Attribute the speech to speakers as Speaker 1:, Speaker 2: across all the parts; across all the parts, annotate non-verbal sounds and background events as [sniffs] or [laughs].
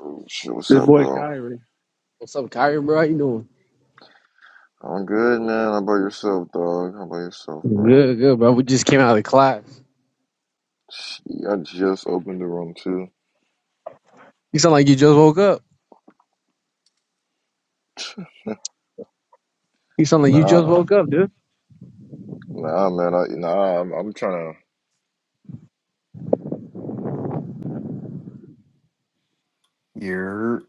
Speaker 1: Oh, shit, what's
Speaker 2: This
Speaker 1: up,
Speaker 2: boy
Speaker 1: bro?
Speaker 2: Kyrie. What's up, Kyrie, bro? How you doing?
Speaker 1: I'm good, man. How about yourself, dog? How about yourself, bro?
Speaker 2: Good, good, bro. We just came out of class.
Speaker 1: Shit, I just opened the room too.
Speaker 2: You sound like you just woke up.
Speaker 1: [laughs]
Speaker 2: You sound like you just
Speaker 1: Nah,
Speaker 2: woke up, dude.
Speaker 1: nah, man. I, nah, I'm, I'm trying to.
Speaker 3: You're.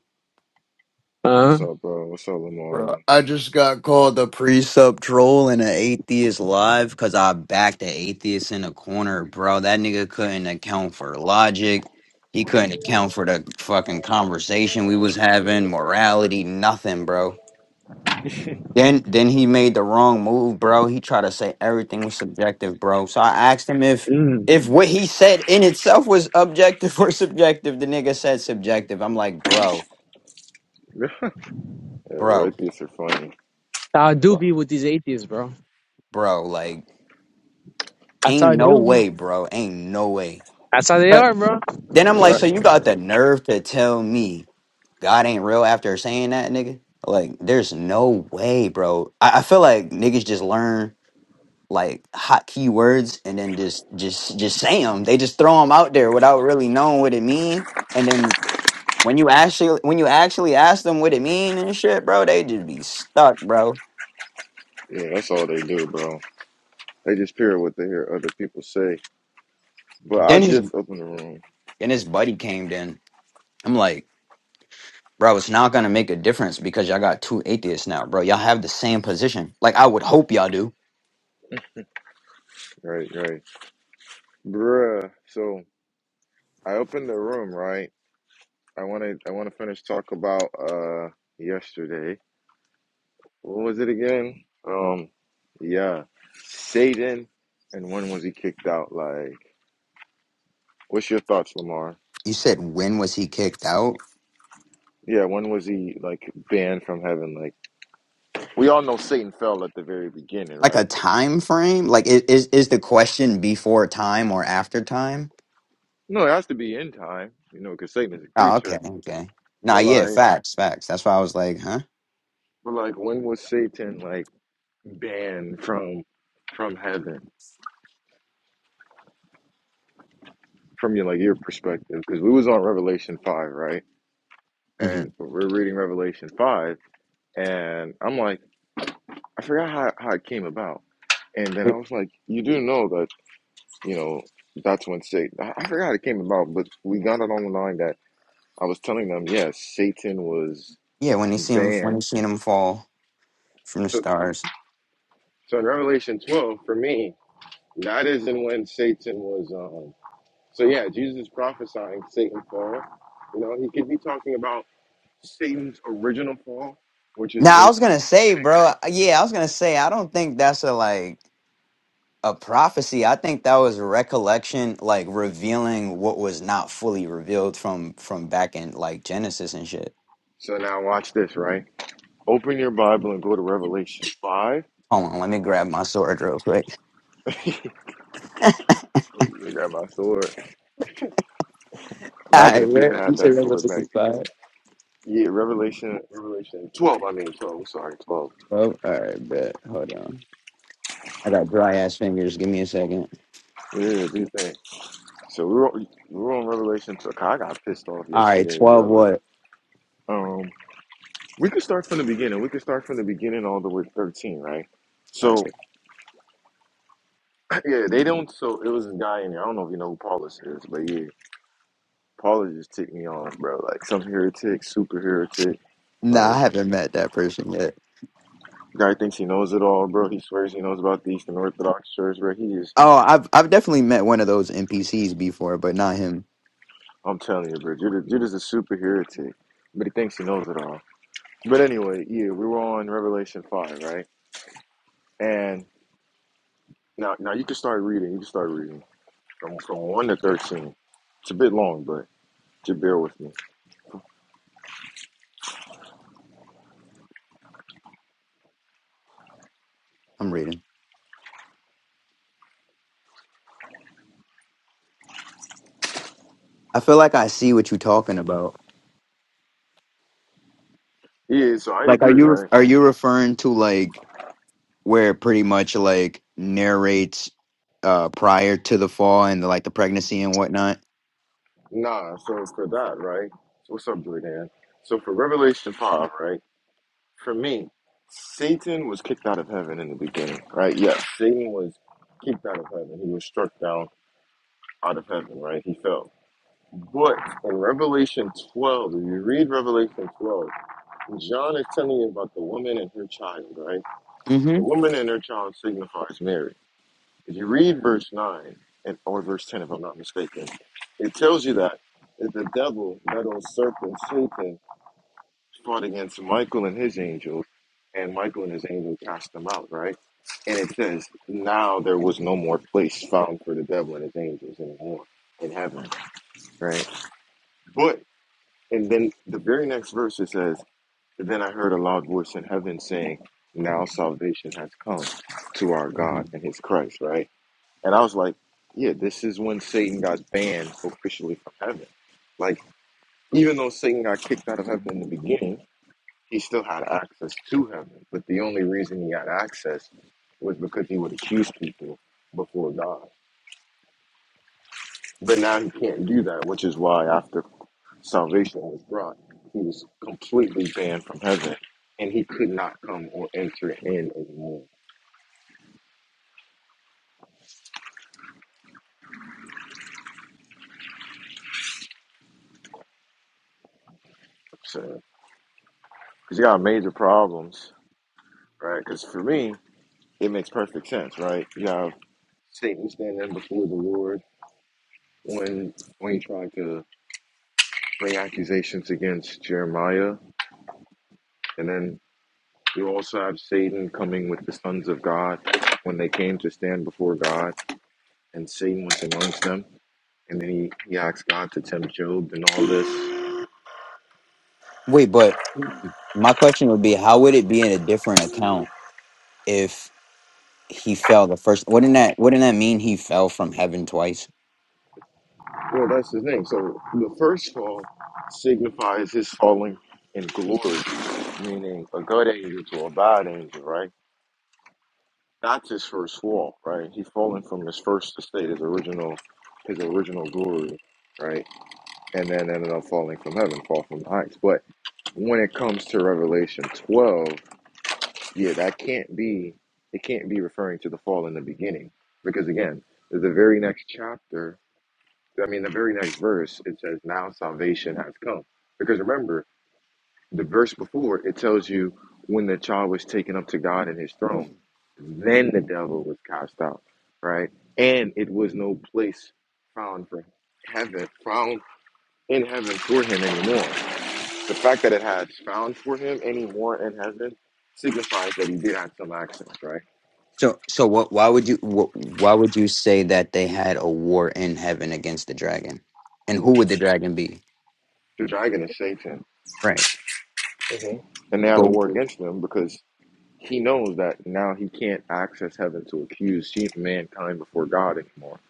Speaker 2: Uh
Speaker 1: What's
Speaker 2: huh.
Speaker 1: up, bro? What's up, Lamar?
Speaker 3: Bro, I just got called a precept troll and an atheist live because I backed an atheist in a corner, bro. That nigga couldn't account for logic. He couldn't account for the fucking conversation we was having, morality, nothing, bro. Then then he made the wrong move, bro. He tried to say everything was subjective, bro. So I asked him if
Speaker 2: Mm.
Speaker 3: if what he said in itself was objective [laughs] or subjective. The nigga said subjective. I'm like, bro,
Speaker 1: [laughs] yeah, right.
Speaker 3: bro,
Speaker 1: These are funny.
Speaker 2: That's how I do
Speaker 1: So,
Speaker 2: be with these atheists, bro.
Speaker 3: bro, like.
Speaker 2: That's how
Speaker 3: Ain't
Speaker 2: I
Speaker 1: so,
Speaker 3: no
Speaker 2: do be.
Speaker 3: way, bro. Ain't no way.
Speaker 2: That's how they
Speaker 3: But
Speaker 2: are, bro.
Speaker 3: then I'm
Speaker 1: so
Speaker 3: like,
Speaker 1: I,
Speaker 3: so you got the nerve to tell me God ain't real after saying that, nigga? Like, there's no way, bro. I, I feel like niggas just learn like hot keywords and then just just just say them. They just throw them out there without really knowing what it mean. And then when you actually when you actually ask them what it mean and shit, bro, they just be stuck, bro.
Speaker 1: yeah, that's all they do, bro. They just hear what they hear other people say. But I
Speaker 3: Then his
Speaker 1: just opened the room.
Speaker 3: then his buddy came. Then I'm like. Bro, it's not gonna make a difference because y'all got two atheists now, bro. Y'all have the same position. Like I would hope y'all do.
Speaker 1: Right, right, bruh. So I opened the room, right? I wanted, I want to finish talk about uh yesterday. What was it again? Um, yeah, Satan. And when was he kicked out? Like, what's your thoughts, Lamar?
Speaker 3: You said when was he kicked out?
Speaker 1: Yeah, when was he like banned from heaven? Like, we all know Satan fell at the very beginning,
Speaker 3: Like a
Speaker 1: right?
Speaker 3: time frame? Like i- is is the question before time or after time?
Speaker 1: No, it has to be in time, you know, because Satan is a
Speaker 3: Oh, okay,
Speaker 1: creature.
Speaker 3: okay. Nah,
Speaker 1: But
Speaker 3: yeah,
Speaker 1: like,
Speaker 3: facts, facts. That's why I was like, huh?
Speaker 1: but like, when was Satan like banned from from heaven? From your like your perspective, because we was on Revelation five, right?
Speaker 3: Mm-hmm.
Speaker 1: And we're reading Revelation five, and I'm like. I forgot how, how it came about. And then I was like, you do know that, you know, that's when Satan, I, I forgot how it came about, but we got it online that I was telling them, yes, Satan was
Speaker 3: Yeah, when you see him, when you
Speaker 1: banned.
Speaker 3: seen him fall from the
Speaker 1: So,
Speaker 3: stars.
Speaker 1: so in Revelation 12, for me, that isn't when Satan was. Um, so yeah, Jesus is prophesying Satan fall. You know, he could be talking about Satan's original fall, which is
Speaker 3: Now I
Speaker 1: when.
Speaker 3: was gonna say, bro. Yeah, I was gonna say. I don't think that's a like. a prophecy i think that was recollection like revealing what was not fully revealed from from back in like genesis and shit
Speaker 1: So now watch this, right? Open your Bible and go to Revelation 5.
Speaker 3: hold on let me grab my sword real quick
Speaker 1: Let me grab my sword.
Speaker 3: [laughs] all
Speaker 1: Imagine
Speaker 3: right
Speaker 1: if Peter
Speaker 3: where, you
Speaker 1: had that
Speaker 3: said
Speaker 1: sword
Speaker 3: Revelation
Speaker 1: back then.
Speaker 3: 5
Speaker 1: Yeah, Revelation, Revelation 12, I mean 12, I'm sorry, 12.
Speaker 3: 12 all right bet hold on i got dry ass fingers give me a second
Speaker 1: Yeah, do you think? So we were, on, we are on Revelation 12. I got pissed off
Speaker 3: all right
Speaker 1: yesterday,
Speaker 3: 12
Speaker 1: bro. Like,
Speaker 3: what
Speaker 1: um, we could start from the beginning. We could start from the beginning all the way to 13, right?
Speaker 3: all right
Speaker 1: So, [clears throat] yeah, they don't, so it was a guy in there. I don't know if you know who Paulus is, but yeah, Paulus just ticked me off, bro. Like, some heretic, super heretic.
Speaker 3: no nah,
Speaker 1: Like,
Speaker 3: i haven't met that person yet
Speaker 1: guy thinks he knows it all, bro. He swears he knows about the Eastern Orthodox Church, bro. He is
Speaker 3: oh i've i've definitely met one of those npcs before but not him
Speaker 1: I'm telling you, bro. Judah, Judah's a super heretic, but he thinks he knows it all. But anyway, yeah, we were on Revelation five, right? And now, now you can start reading. You can start reading from from one to thirteen. It's a bit long, but just bear with me.
Speaker 3: i'm reading i feel like i see what you're talking about
Speaker 1: Yeah, so I
Speaker 3: like are
Speaker 1: agree,
Speaker 3: you
Speaker 1: right?
Speaker 3: are you referring to like where it pretty much like narrates uh prior to the fall and like the pregnancy and whatnot.
Speaker 1: Nah, so for that, right? So What's up, Jordan? So for Revelation five, right? For me, Satan was kicked out of heaven in the beginning, right? Yes, Satan was kicked out of heaven. He was struck down out of heaven, right? He fell. But in Revelation 12, if you read Revelation 12, John is telling you about the woman and her child, right?
Speaker 3: hmm
Speaker 1: The woman and her child signifies Mary. If you read verse 9, and, or verse 10, if I'm not mistaken, it tells you that, that the devil, that old serpent, Satan, fought against Michael and his angels, and Michael and his angel cast them out, right? And it says, now there was no more place found for the devil and his angels anymore in heaven, right? But And then the very next verse it says, Then I heard a loud voice in heaven saying, 'Now salvation has come to our
Speaker 3: hmm
Speaker 1: God and his Christ, right? And I was like, Yeah, this is when Satan got banned officially from heaven. Like, even though Satan got kicked out of heaven in the beginning, he still had access to heaven. But the only reason he had access was because he would accuse people before God. But now he can't do that, which is why after salvation was brought, he was completely banned from heaven, and he could not come or enter in anymore. So, because you got major problems, right? Because for me, it makes perfect sense, right? You have Satan standing before the Lord when when he tried to bring accusations against Jeremiah, and then you also have Satan coming with the sons of God when they came to stand before God, and Satan was amongst them. And then he, he asked God to tempt Job and all this.
Speaker 3: Wait, but my question would be, how would it be in a different account if he fell the first? Wouldn't that wouldn't that mean he fell from heaven twice?
Speaker 1: Well, that's the thing. So the first fall signifies his falling in glory, meaning a good angel to a bad angel, right? That's his first fall, right? He's fallen from his first estate, his original, his original glory, right? And then ended up falling from heaven, fall from the heights. But when it comes to Revelation 12, yeah, that can't be, it can't be referring to the fall in the beginning, because again, the very next chapter I mean, the very next verse, it says, Now salvation has come. Because remember, the verse before, it tells you when the child was taken up to God and his throne, then the devil was cast out, right? And it was no place found for heaven, found in heaven for him anymore. The fact that it has found for him anymore in heaven signifies that he did have some access, right?
Speaker 3: So so what? Why would you wh- why would you say that they had a war in heaven against the dragon? And who would the dragon be?
Speaker 1: The dragon is Satan,
Speaker 3: Right.
Speaker 1: and they had a war
Speaker 3: But
Speaker 1: against them because He knows that now he can't access heaven to accuse she- mankind before God anymore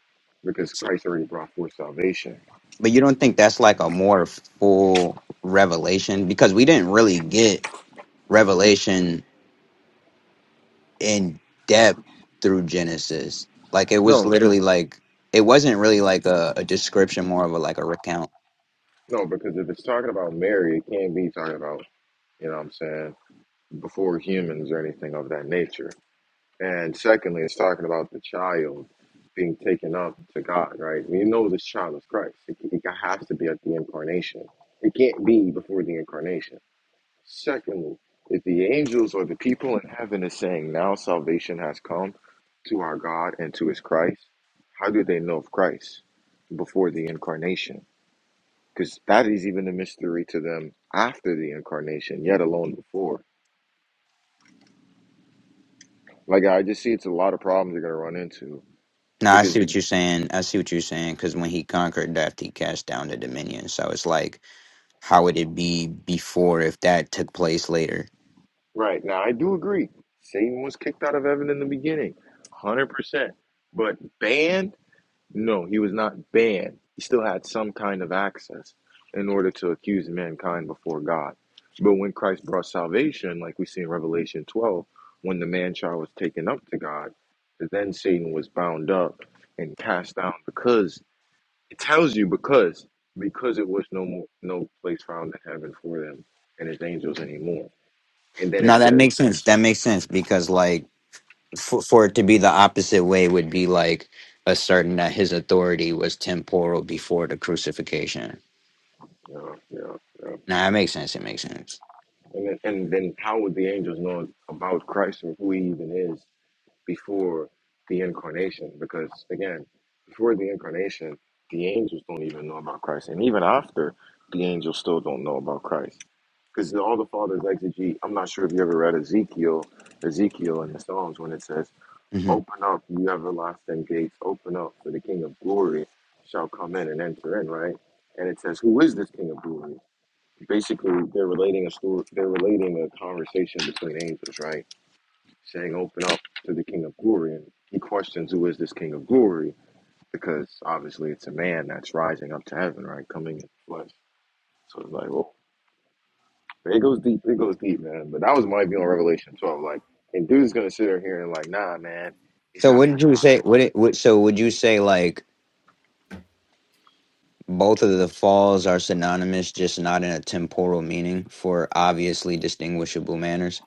Speaker 1: because Christ already brought forth salvation.
Speaker 3: But you don't think that's like a more full revelation because we didn't really get revelation in depth through Genesis. Like it was
Speaker 1: No,
Speaker 3: literally like it wasn't really like a, a description, more of a like a recount.
Speaker 1: no, because if it's talking about Mary, it can't be talking about, you know what I'm saying, before humans or anything of that nature. And secondly, it's talking about the child being taken up to God, right? We know this child is Christ. It, it has to be at the incarnation. It can't be before the incarnation. Secondly, if the angels or the people in heaven is saying, Now salvation has come to our God and to his Christ, how do they know of Christ before the incarnation? Because that is even a mystery to them after the incarnation, yet alone before. Like, I just see it's a lot of problems they're going to run into.
Speaker 3: No, I
Speaker 1: Because,
Speaker 3: see what you're saying. I see what you're saying because when he conquered death, he cast down the dominion. So it's like, how would it be before if that took place later?
Speaker 1: right, now I do agree, Satan was kicked out of heaven in the beginning, 100%. But banned? No, he was not banned. He still had some kind of access in order to accuse mankind before God. But when Christ brought salvation, like we see in Revelation 12, when the man child was taken up to God, then Satan was bound up and cast down because it tells you because because it was no more, no place found in heaven for them and his angels anymore. And then
Speaker 3: No,
Speaker 1: it
Speaker 3: that
Speaker 1: says,
Speaker 3: makes sense. That makes sense because like for, for it to be the opposite way would be like asserting that his authority was temporal before the crucifixion.
Speaker 1: yeah, yeah, yeah.
Speaker 3: Now that makes sense. It makes sense.
Speaker 1: And then, and then how would the angels know about Christ or who he even is before the incarnation because again before the incarnation the angels don't even know about christ and even after the angels still don't know about christ because all the fathers exegete i'm not sure if you ever read ezekiel ezekiel in the psalms when it says
Speaker 3: hmm
Speaker 1: open up you everlasting gates open up for the king of glory shall come in and enter in right and it says who is this king of glory basically they're relating a story they're relating a conversation between angels right saying, Open up to the King of Glory. And he questions, Who is this King of Glory? Because obviously it's a man that's rising up to heaven, right? Coming in flesh. So it's like, Well, it goes deep. It goes deep, man. But that was my view on Revelation 12. Like, and dude's going to sit here here and, like, Nah, man, he's
Speaker 3: So
Speaker 1: not talking
Speaker 3: wouldn't
Speaker 1: about
Speaker 3: you
Speaker 1: an
Speaker 3: say? Would
Speaker 1: order.
Speaker 3: it? Would, so would you say like both of the falls are synonymous, just not in a temporal meaning for obviously distinguishable manners?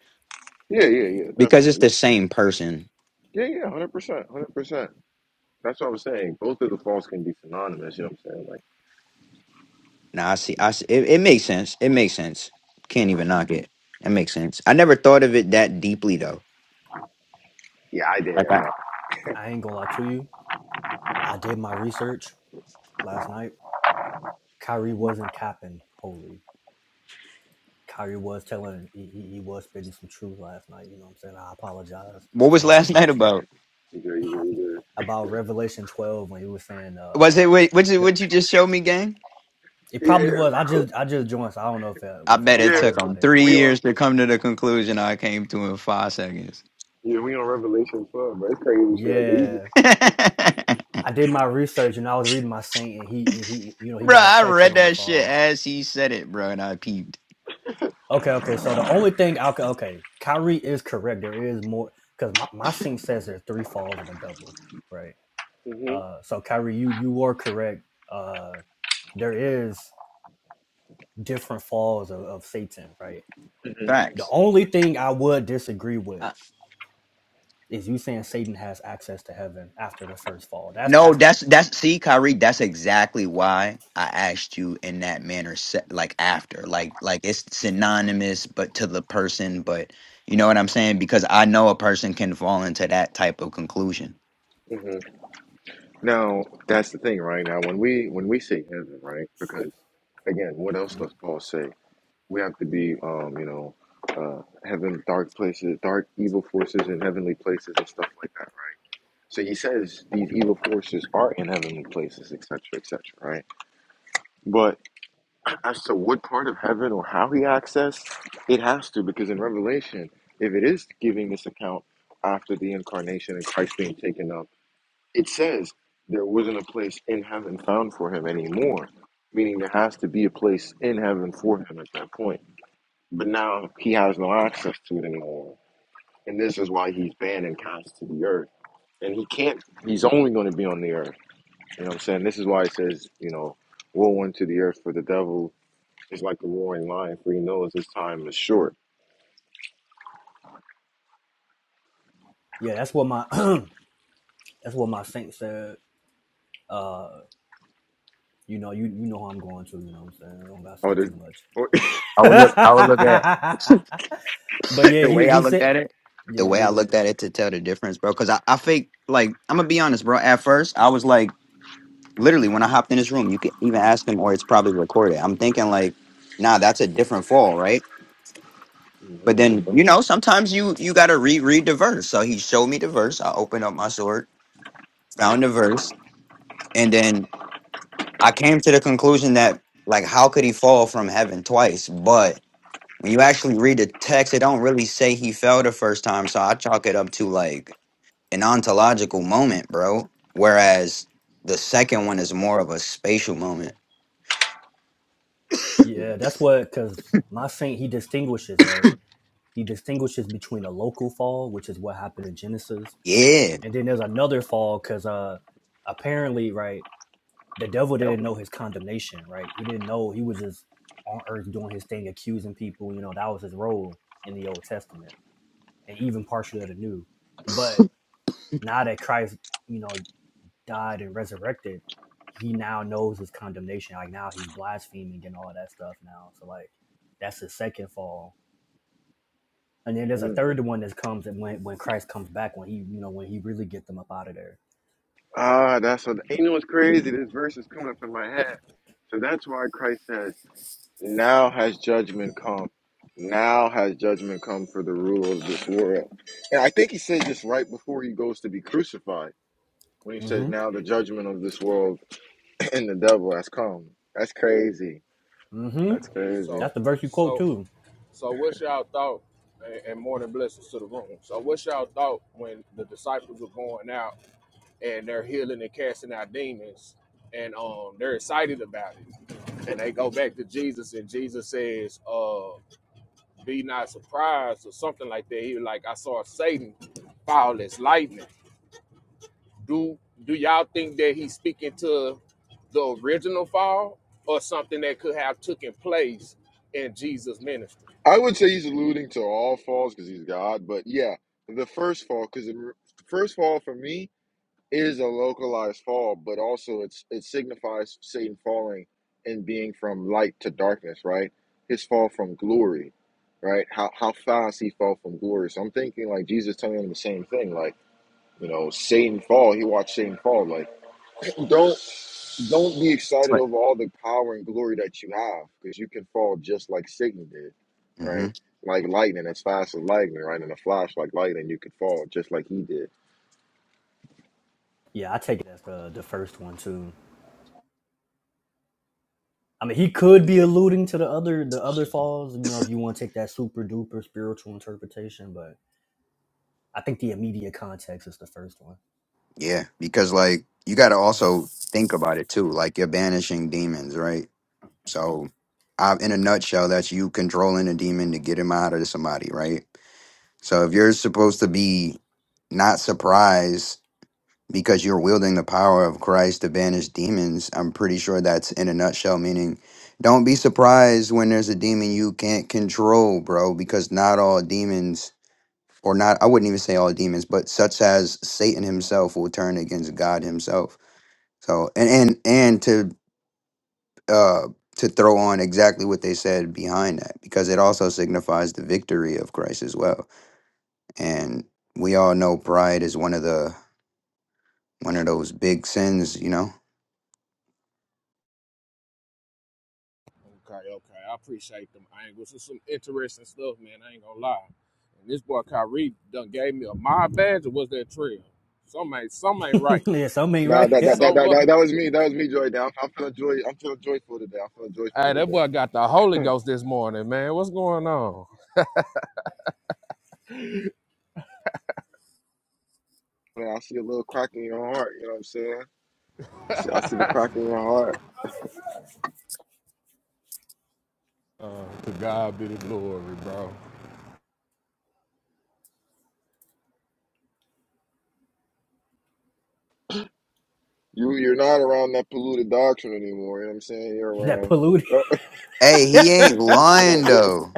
Speaker 1: Yeah, yeah, yeah,
Speaker 3: Because it's
Speaker 1: definitely.
Speaker 3: the same person.
Speaker 1: Yeah, yeah, 100%. 100%. That's what I was saying. Both of the faults can be synonymous. You know what I'm saying? Like,
Speaker 3: Nah, I see. I see. It, it makes sense. It makes sense. Can't even knock it. It makes sense. I never thought of it that deeply though.
Speaker 1: yeah, I did,
Speaker 3: Like, I,
Speaker 1: man.
Speaker 4: I ain't gonna lie to you. I did my research last night. Kyrie wasn't capping wholly. Kyrie was telling he, he, he was spitting some truth last night. You know what I'm saying? I apologize
Speaker 3: what
Speaker 4: for
Speaker 3: was [laughs] last
Speaker 4: laughing
Speaker 3: night
Speaker 4: at you
Speaker 3: about?
Speaker 1: You good, you good, you
Speaker 4: about Revelation 12 when he was saying
Speaker 3: Was
Speaker 4: uh
Speaker 3: it wait? What you
Speaker 4: that
Speaker 3: what you just showed me, gang?
Speaker 4: it
Speaker 1: good.
Speaker 4: probably was. I just I just joined, so I don't know if uh,
Speaker 3: I
Speaker 4: if
Speaker 3: bet
Speaker 4: y'all was
Speaker 3: it
Speaker 1: Yeah, bro. yeah.
Speaker 4: talking
Speaker 3: took them
Speaker 4: about it.
Speaker 3: three
Speaker 1: We on.
Speaker 3: years to come to the conclusion I came to in five seconds.
Speaker 1: Yeah, we on Revelation 12, bro. It's crazy shit right there. You
Speaker 4: Yeah,
Speaker 3: [laughs]
Speaker 1: just-
Speaker 3: bro, I
Speaker 4: I did my research and I was reading my saint and he and he you know he got a section
Speaker 3: read
Speaker 4: on the
Speaker 3: that shit
Speaker 4: fall
Speaker 3: as he said it, bro, and I peeped.
Speaker 4: Okay, okay. So the only thing I could, okay, Kyrie is correct. There is more because my, my sync says there's three falls of the devil, right?
Speaker 1: Mhm,
Speaker 4: Uh, so Kyrie, you you are correct. Uh, there is different falls of, of Satan, right?
Speaker 1: mhm,
Speaker 4: The
Speaker 3: Facts.
Speaker 4: only thing I would disagree with is you saying Satan has access to heaven after the first fall. That's
Speaker 3: No,
Speaker 4: that's
Speaker 3: that's that's see, Kyrie, that's exactly why I asked you in that manner, se- like after, like like it's synonymous, but to the person, but you know what I'm saying? Because I know a person can fall into that type of conclusion.
Speaker 1: mhm. Now, that's the thing, right? Now, when we when we say heaven, right? Because again, what else does Paul say? We have to be, um, you know, uh, heaven, dark places, dark evil forces in heavenly places and stuff like that, right? So he says these evil forces are in heavenly places, etc., etc., right? But. as to what part of heaven or how he accessed, it has to, because in Revelation, if it is giving this account after the incarnation and Christ being taken up, it says there wasn't a place in heaven found for him anymore, meaning there has to be a place in heaven for him at that point. But now he has no access to it anymore. And this is why he's banned and cast to the earth. And he can't, he's only going to be on the earth. You know what I'm saying? This is why it says, you know, woe unto the earth for the devil it's like the roaring lion, for he knows his time is short.
Speaker 4: yeah, that's what my [clears throat] that's what my saint said. Uh, you know, you you know how I'm going to. You know what I'm saying? I don't gotta
Speaker 1: Oh,
Speaker 4: say
Speaker 1: this.
Speaker 4: too much
Speaker 1: Or, [laughs]
Speaker 4: [laughs]
Speaker 3: I would look, I would look at
Speaker 4: but yeah,
Speaker 3: the
Speaker 4: he
Speaker 3: way I
Speaker 4: he
Speaker 3: looked
Speaker 4: said,
Speaker 3: at it. The way I
Speaker 4: yeah,
Speaker 3: looked at it to tell the difference, bro. Because I, I fake, like I'm gonna be honest, bro. At first, I was like, literally, when I hopped in this room, you can even ask him, or it's probably recorded. I'm thinking like, nah, that's a different fall, right? But
Speaker 1: Mhm.
Speaker 3: then you know, sometimes you you gotta reread the verse. So he showed me the verse. I opened up my sword, found the verse, and then I came to the conclusion that like, how could he fall from heaven twice? But when you actually read the text, it don't really say he fell the first time. So I chalk it up to like an ontological moment, bro. Whereas the second one is more of a spatial moment.
Speaker 1: He's
Speaker 4: yeah.
Speaker 1: like,
Speaker 4: That's what because my saint he distinguishes right. He distinguishes between a local fall, which is what happened in Genesis,
Speaker 3: Yeah.
Speaker 4: and then there's another fall because uh apparently right the devil didn't know his condemnation right. He didn't know he was just on earth doing his thing, accusing people. You know that was his role in the Old Testament and even partially of the New. But now that Christ, you know, died and resurrected, he now knows his condemnation. Like now he's blaspheming and all of that stuff now. So like that's his second fall. And then
Speaker 1: [laughs]
Speaker 4: there's a
Speaker 1: mm.
Speaker 4: third one that comes and when when Christ comes back when he you know when he really gets them up out of there.
Speaker 1: Ah, that's what. You know what's crazy? This verse is coming up in my head. So that's why Christ says, "Now has judgment come. Now has judgment come for the ruler of this world." And I think he said this right before he goes to be crucified, when he says,
Speaker 4: Mm-hmm.
Speaker 1: "Now the judgment of this world [clears throat] and the devil has come." That's crazy.
Speaker 4: Mm-hmm.
Speaker 1: That's crazy.
Speaker 5: So,
Speaker 4: That's the verse you quote
Speaker 5: so,
Speaker 4: too.
Speaker 5: so, what's y'all thought? And and morning blessings to the room. So, what's y'all thought when the disciples are going out and they're healing and casting out demons, and um, they're excited about it, and they go back to Jesus, and Jesus says, "Uh, be not surprised," or something like that. He was like, "I saw Satan fall as lightning." Do do y'all think that he's speaking to the original fall or something that could have taken place in Jesus' ministry?
Speaker 1: I would say he's alluding to all falls because he's God, but yeah, the first fall because the first fall for me is a localized fall, but also it's it signifies Satan falling and being from light to darkness, right? His fall from glory, right? How how fast he fell from glory. So I'm thinking like Jesus telling him the same thing, like you know Satan fall. He watched Satan fall, like [clears throat] don't don't be excited
Speaker 3: Right.
Speaker 1: over all the power and glory that you have, because you can fall just like Satan did,
Speaker 3: hmm
Speaker 1: right? Like lightning, as fast as lightning, right? In a flash, like lightning, you could fall just like he did.
Speaker 4: Yeah, I take it as the the first one too. I mean he could be alluding to the other the other falls, you know, if you want to take that super duper spiritual interpretation, but I think the immediate context is the first one.
Speaker 3: Yeah, because like you got to also think about it too. Like you're banishing demons, right? So, I, in a nutshell, that's you controlling a demon to get him out of somebody, right? So, if you're supposed to be not surprised because you're wielding the power of Christ to banish demons, I'm pretty sure that's in a nutshell, meaning don't be surprised when there's a demon you can't control, bro, because not all demons. Or not, I wouldn't even say all demons, but such as Satan himself will turn against God himself. So, and and and to uh, to throw on exactly what they said behind that because it also signifies the victory of Christ as well. And we all know pride is one of the one of those big sins, you know.
Speaker 5: Okay, okay. I appreciate them angles. It's some interesting stuff, man. I ain't gonna lie. And this boy Kyrie done gave me a my badge or was that trail? Some ain't some ain't
Speaker 4: [laughs]
Speaker 5: right.
Speaker 4: yeah, some ain't
Speaker 1: Nah,
Speaker 4: right. [laughs]
Speaker 1: that that
Speaker 4: Yeah.
Speaker 1: that
Speaker 5: So
Speaker 1: that,
Speaker 5: what?
Speaker 1: that, that was me. That was me, Joy. I'm, I'm feeling joy. I'm feeling joyful today. I'm feeling
Speaker 5: hey,
Speaker 1: joyful
Speaker 5: that
Speaker 1: today.
Speaker 5: boy got the Holy Ghost this morning, man. What's going on?
Speaker 1: Man, I see a little crack in your heart. You know what I'm saying? I see, I see the crack in your heart.
Speaker 5: Uh, to God be the glory, bro.
Speaker 1: You you're not around that polluted doctrine anymore. You know what I'm saying? You're
Speaker 4: That
Speaker 1: around.
Speaker 4: polluted.
Speaker 1: [laughs]
Speaker 3: Hey, he
Speaker 4: [laughs]
Speaker 3: ain't
Speaker 1: You know,
Speaker 3: lying
Speaker 1: it-
Speaker 3: though.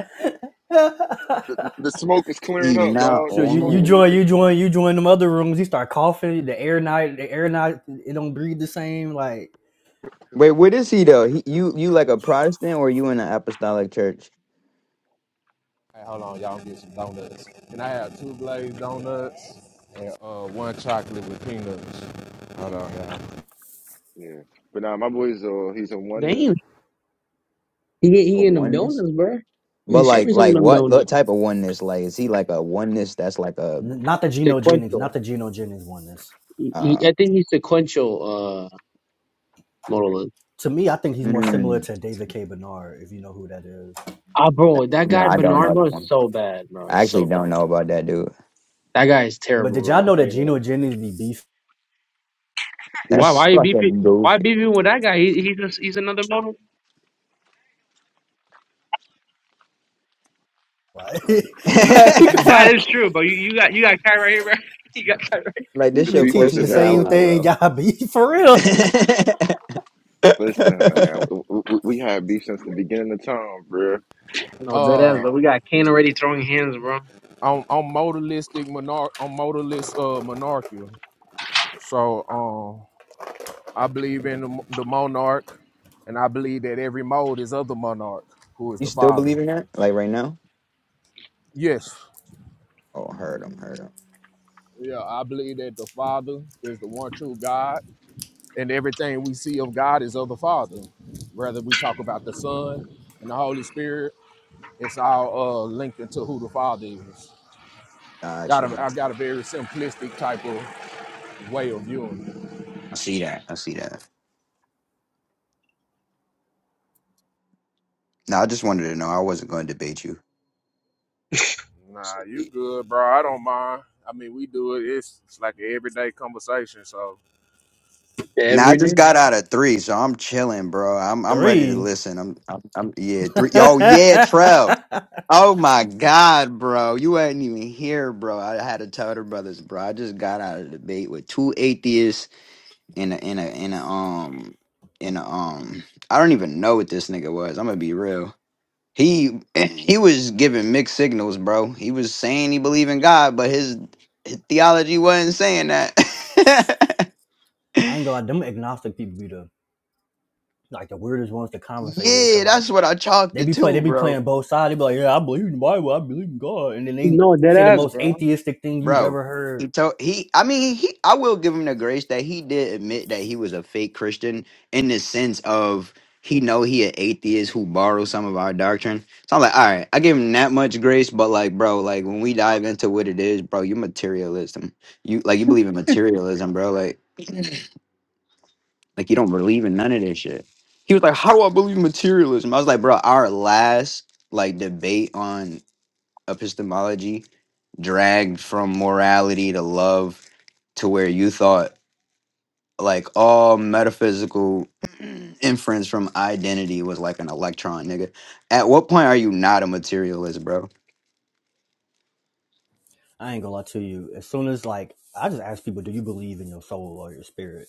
Speaker 4: [laughs]
Speaker 1: the, the smoke is
Speaker 3: He
Speaker 1: clearing up,
Speaker 3: not
Speaker 1: dog.
Speaker 4: so
Speaker 1: The
Speaker 4: you
Speaker 1: smoke
Speaker 4: you
Speaker 1: that
Speaker 3: lying.
Speaker 1: you
Speaker 4: join you join you join them other rooms. You start coughing. The air night the air night it don't breathe the same. Like
Speaker 3: Wait, what is he though? He, you you like a Protestant or you in an apostolic church?
Speaker 5: Hey, hold on, y'all get some donuts. Can I have two glazed donuts and uh one chocolate with peanuts? Hold on, y'all.
Speaker 1: Yeah. But now my boy's uh he's a one
Speaker 2: Damn. He get- he
Speaker 3: A
Speaker 2: getting them
Speaker 3: oneness.
Speaker 2: donuts, bro. Yeah,
Speaker 3: But
Speaker 2: share me
Speaker 3: like
Speaker 2: some of
Speaker 3: like
Speaker 2: them
Speaker 3: what
Speaker 2: donuts.
Speaker 3: what type of oneness? Like is he like a oneness that's like a
Speaker 4: not the Geno Jennings, not
Speaker 2: Sequential.
Speaker 4: the Geno Jennings one. This
Speaker 2: He,
Speaker 3: uh
Speaker 2: he- I think he's sequential. Uh, modalist.
Speaker 4: to me, I think he's more similar
Speaker 3: mm,
Speaker 4: to David K. Bernard if you know who that is.
Speaker 2: Ah, bro, that
Speaker 3: no,
Speaker 2: guy
Speaker 3: I don't
Speaker 2: Bernard
Speaker 3: know
Speaker 2: bro,
Speaker 3: that
Speaker 2: is
Speaker 3: one.
Speaker 2: so bad, bro.
Speaker 3: I
Speaker 2: He's
Speaker 3: actually
Speaker 2: so bad.
Speaker 3: don't know about that dude.
Speaker 2: That guy is
Speaker 4: But
Speaker 2: terrible,
Speaker 4: did y'all
Speaker 2: bro. I'll
Speaker 4: know
Speaker 2: tell
Speaker 4: that
Speaker 2: you that.
Speaker 4: Geno Jennings be beef?
Speaker 2: Why?
Speaker 3: That's
Speaker 2: Why you beefing?
Speaker 3: fucking
Speaker 2: Why
Speaker 3: goofy.
Speaker 2: beefing with that guy? He, he's just, he's another model.
Speaker 4: Like [laughs]
Speaker 3: [laughs]
Speaker 4: yeah, we can
Speaker 2: That
Speaker 4: find
Speaker 2: is true, but you, you got you got Kai right here, bro. [laughs] You got Kai. Right.
Speaker 3: like
Speaker 4: you
Speaker 1: the
Speaker 3: this
Speaker 4: can be
Speaker 3: your
Speaker 1: beef is
Speaker 4: teaching the
Speaker 3: closest
Speaker 4: same
Speaker 3: ally,
Speaker 1: inevitable.
Speaker 4: thing. [laughs]
Speaker 3: bro.
Speaker 4: Y'all be for
Speaker 3: [laughs]
Speaker 4: real
Speaker 1: Listen, man, we, we, we had beef since the beginning of time, bro.
Speaker 2: No, dead ass. But
Speaker 5: Uh
Speaker 2: we got Kane already throwing hands, bro.
Speaker 5: on on modalistic monarch on modalist uh monarchial. So um, I believe in the, the monarch, and I believe that every mode is of the monarch, who is
Speaker 3: you
Speaker 5: the
Speaker 3: still
Speaker 5: father.
Speaker 3: believe in that? Like right now?
Speaker 5: Yes.
Speaker 3: Oh, heard him, heard him.
Speaker 5: Yeah, I believe that the Father is the one true God, and everything we see of God is of the Father. Whether we talk about the Son and the Holy Spirit, it's all uh, linked into who the Father is.
Speaker 3: Got
Speaker 5: Got a,
Speaker 3: you.
Speaker 5: I got a very simplistic type of way of viewing it.
Speaker 3: I see that. I see that. No, I just wanted to know. I wasn't going to debate you.
Speaker 2: [laughs]
Speaker 5: Nah, you good, bro. I don't mind. I mean, we do it. It's, it's like an everyday conversation, so
Speaker 3: Now I
Speaker 2: Every
Speaker 3: just
Speaker 2: day.
Speaker 3: got out of three, so I'm chilling, bro. I'm I'm ready to
Speaker 4: three.
Speaker 3: listen. I'm I'm, I'm yeah
Speaker 4: [laughs] I
Speaker 3: three. Oh yeah, Trev. Oh my God, bro. You ain't even here, bro. I had to tell the brothers, bro. I just got out of debate with two atheists in a in a in a um in a um I don't even know what this nigga was. I'm gonna be real. He [laughs] [clears throat] he was giving mixed signals, bro. He was saying he believed in God, but his, his theology wasn't saying that. [laughs]
Speaker 4: ain't gonna lie, them agnostic people be the like the weirdest ones to conversate with
Speaker 3: yeah,
Speaker 4: because like.
Speaker 3: that's what I chalked
Speaker 4: They
Speaker 3: it
Speaker 4: be play. They
Speaker 3: to,
Speaker 4: be
Speaker 3: bro.
Speaker 4: playing both sides. They be like, "Yeah, I believe in the Bible. I believe in God," and then they
Speaker 2: No, dead
Speaker 4: say the
Speaker 2: ass,
Speaker 4: most
Speaker 2: bro.
Speaker 4: atheistic thing you've
Speaker 3: bro.
Speaker 4: ever
Speaker 3: He
Speaker 4: heard.
Speaker 3: told he. I mean, he. I will give him the grace that he did admit that he was a fake Christian in the sense of he know he an atheist who borrowed some of our doctrine. So I'm like, all right, I give him that much grace, but like, bro, like when we dive into what it is, bro, you materialism. You like you believe in materialism, bro. Like like you don't believe in none of this shit. He was like, how do I believe in materialism? I was like, bro, our last like debate on epistemology dragged from morality to love to where you thought like all metaphysical [clears throat] inference from identity was like an electron, nigga. At what point are you not a materialist, bro?
Speaker 4: I ain't gonna lie to you. As soon as like, I just ask people, "Do you believe in your soul or your spirit?"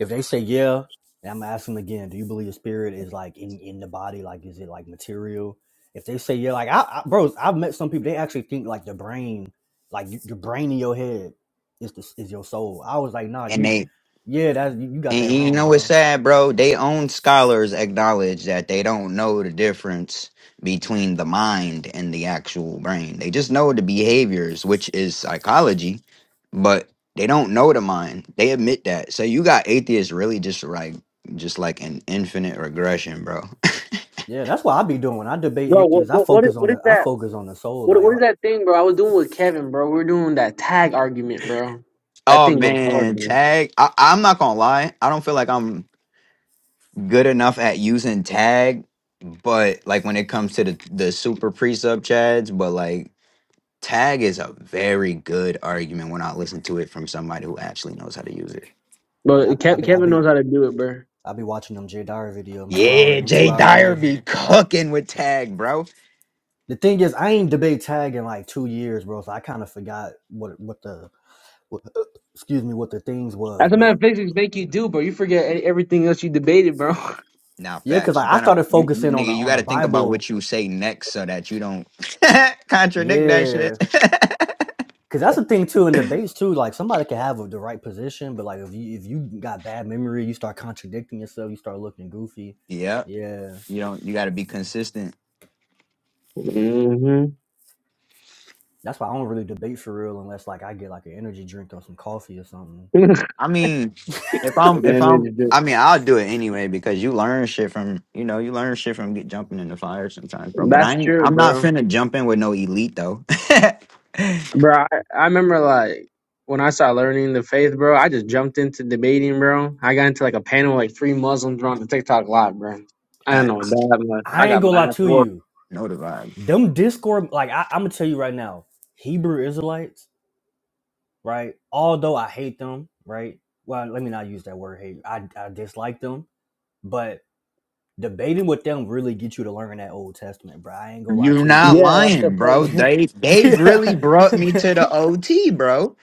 Speaker 4: If they say yeah, then I'm going ask them again, "Do you believe your spirit is like in in the body? Like, is it like material?" If they say yeah, like I, I bros, I've met some people. They actually think like the brain, like y- your brain in your head, is the, is your soul. I was like, nah,
Speaker 3: And
Speaker 4: you,
Speaker 3: they
Speaker 4: yeah, that's you got
Speaker 3: and
Speaker 4: that
Speaker 3: you
Speaker 4: wrong,
Speaker 3: know what's
Speaker 4: bro
Speaker 3: sad, bro? They own scholars acknowledge that they don't know the difference between the mind and the actual brain. They just know the behaviors, which is psychology, but they don't know the mind. They admit that. So you got atheists really just like just like an infinite regression, bro.
Speaker 4: Yeah, that's what I be doing when I debate
Speaker 2: Bro, what
Speaker 4: atheists. I
Speaker 2: what what is,
Speaker 4: focus on
Speaker 2: what is
Speaker 4: the I
Speaker 2: that?
Speaker 4: focus on the soul.
Speaker 2: What
Speaker 4: Like,
Speaker 2: what
Speaker 4: I,
Speaker 2: is that thing, bro? I was doing with Kevin, bro. We were doing that tag argument, bro. That
Speaker 3: Oh
Speaker 2: thing goes hard,
Speaker 3: man,
Speaker 2: bro.
Speaker 3: tag. I, I'm not gonna lie. I don't feel like I'm good enough at using tag, but like when it comes to the the super pre sub chads, but like tag is a very good argument when I listen to it from somebody who actually knows how to use it.
Speaker 2: But
Speaker 4: yeah, I, I
Speaker 2: Kev,
Speaker 4: be I
Speaker 2: Kevin
Speaker 4: be
Speaker 2: knows how to do it, bro.
Speaker 4: I be watching them Jay Dyer video, them two hour
Speaker 3: Yeah,
Speaker 4: them two
Speaker 3: Jay
Speaker 4: hour
Speaker 3: Dyer
Speaker 4: video.
Speaker 3: be cooking with tag, bro.
Speaker 4: The thing is, I ain't debate tag in like two years, bro. So I kind of forgot what what the what, excuse me what the things was,
Speaker 2: That's what man
Speaker 4: but
Speaker 2: physics make you do, bro. You forget e- everything else you debated, bro. [laughs]
Speaker 3: Now,
Speaker 4: yeah, cause
Speaker 3: facts. You
Speaker 4: I, I
Speaker 3: gotta,
Speaker 4: started
Speaker 3: you, you,
Speaker 4: focusing on the
Speaker 3: nigga, you
Speaker 4: on the
Speaker 3: gotta think about
Speaker 4: Bible.
Speaker 3: what you say next so that you don't [laughs] contradict that shit.
Speaker 4: Yeah, cause that's the thing too in debates too. Like somebody can have the right position, but like if you if you got bad memory, you start contradicting yourself, you start looking goofy.
Speaker 3: [laughs] yeah,
Speaker 4: Yeah.
Speaker 3: you don't. You gotta be consistent.
Speaker 2: Mm-hmm.
Speaker 4: That's why I don't really debate for real unless like I get like an energy drink or some coffee or something.
Speaker 2: [laughs]
Speaker 3: I mean, if I'm
Speaker 2: Well,
Speaker 3: if
Speaker 2: then
Speaker 3: I'm
Speaker 2: it's
Speaker 3: I mean, I'll do it anyway because you learn shit from you know you learn shit from get jumping in the fire sometimes, bro. But I
Speaker 2: That's
Speaker 3: ain't
Speaker 2: true,
Speaker 3: I'm not
Speaker 2: bro.
Speaker 3: finna jump in with no elite though. [laughs]
Speaker 2: Bro, I, I remember like when I started learning the faith, bro, I just jumped into debating, bro. I got into like a panel with like three Muslims on the TikTok live, bro. I don't know what
Speaker 3: Facts.
Speaker 2: that much. I
Speaker 4: I ain't
Speaker 2: got
Speaker 4: gonna
Speaker 2: my
Speaker 4: lie
Speaker 2: ass
Speaker 4: to
Speaker 2: whooped.
Speaker 4: you.
Speaker 3: know the vibe.
Speaker 4: Them Discord, like I, I'm gonna tell you right now, Hebrew Israelites, right? Although I hate them, right? Well, let me not use that word hate. I, I dislike them, but debating with them really get you to learn that Old Testament, bro. I ain't gonna lie
Speaker 3: You're
Speaker 4: to
Speaker 3: not
Speaker 4: you.
Speaker 2: Yeah, that's the
Speaker 3: lying, bro.
Speaker 2: premise.
Speaker 4: [laughs]
Speaker 3: They they've really
Speaker 4: Yeah.
Speaker 3: brought me to the OT, bro.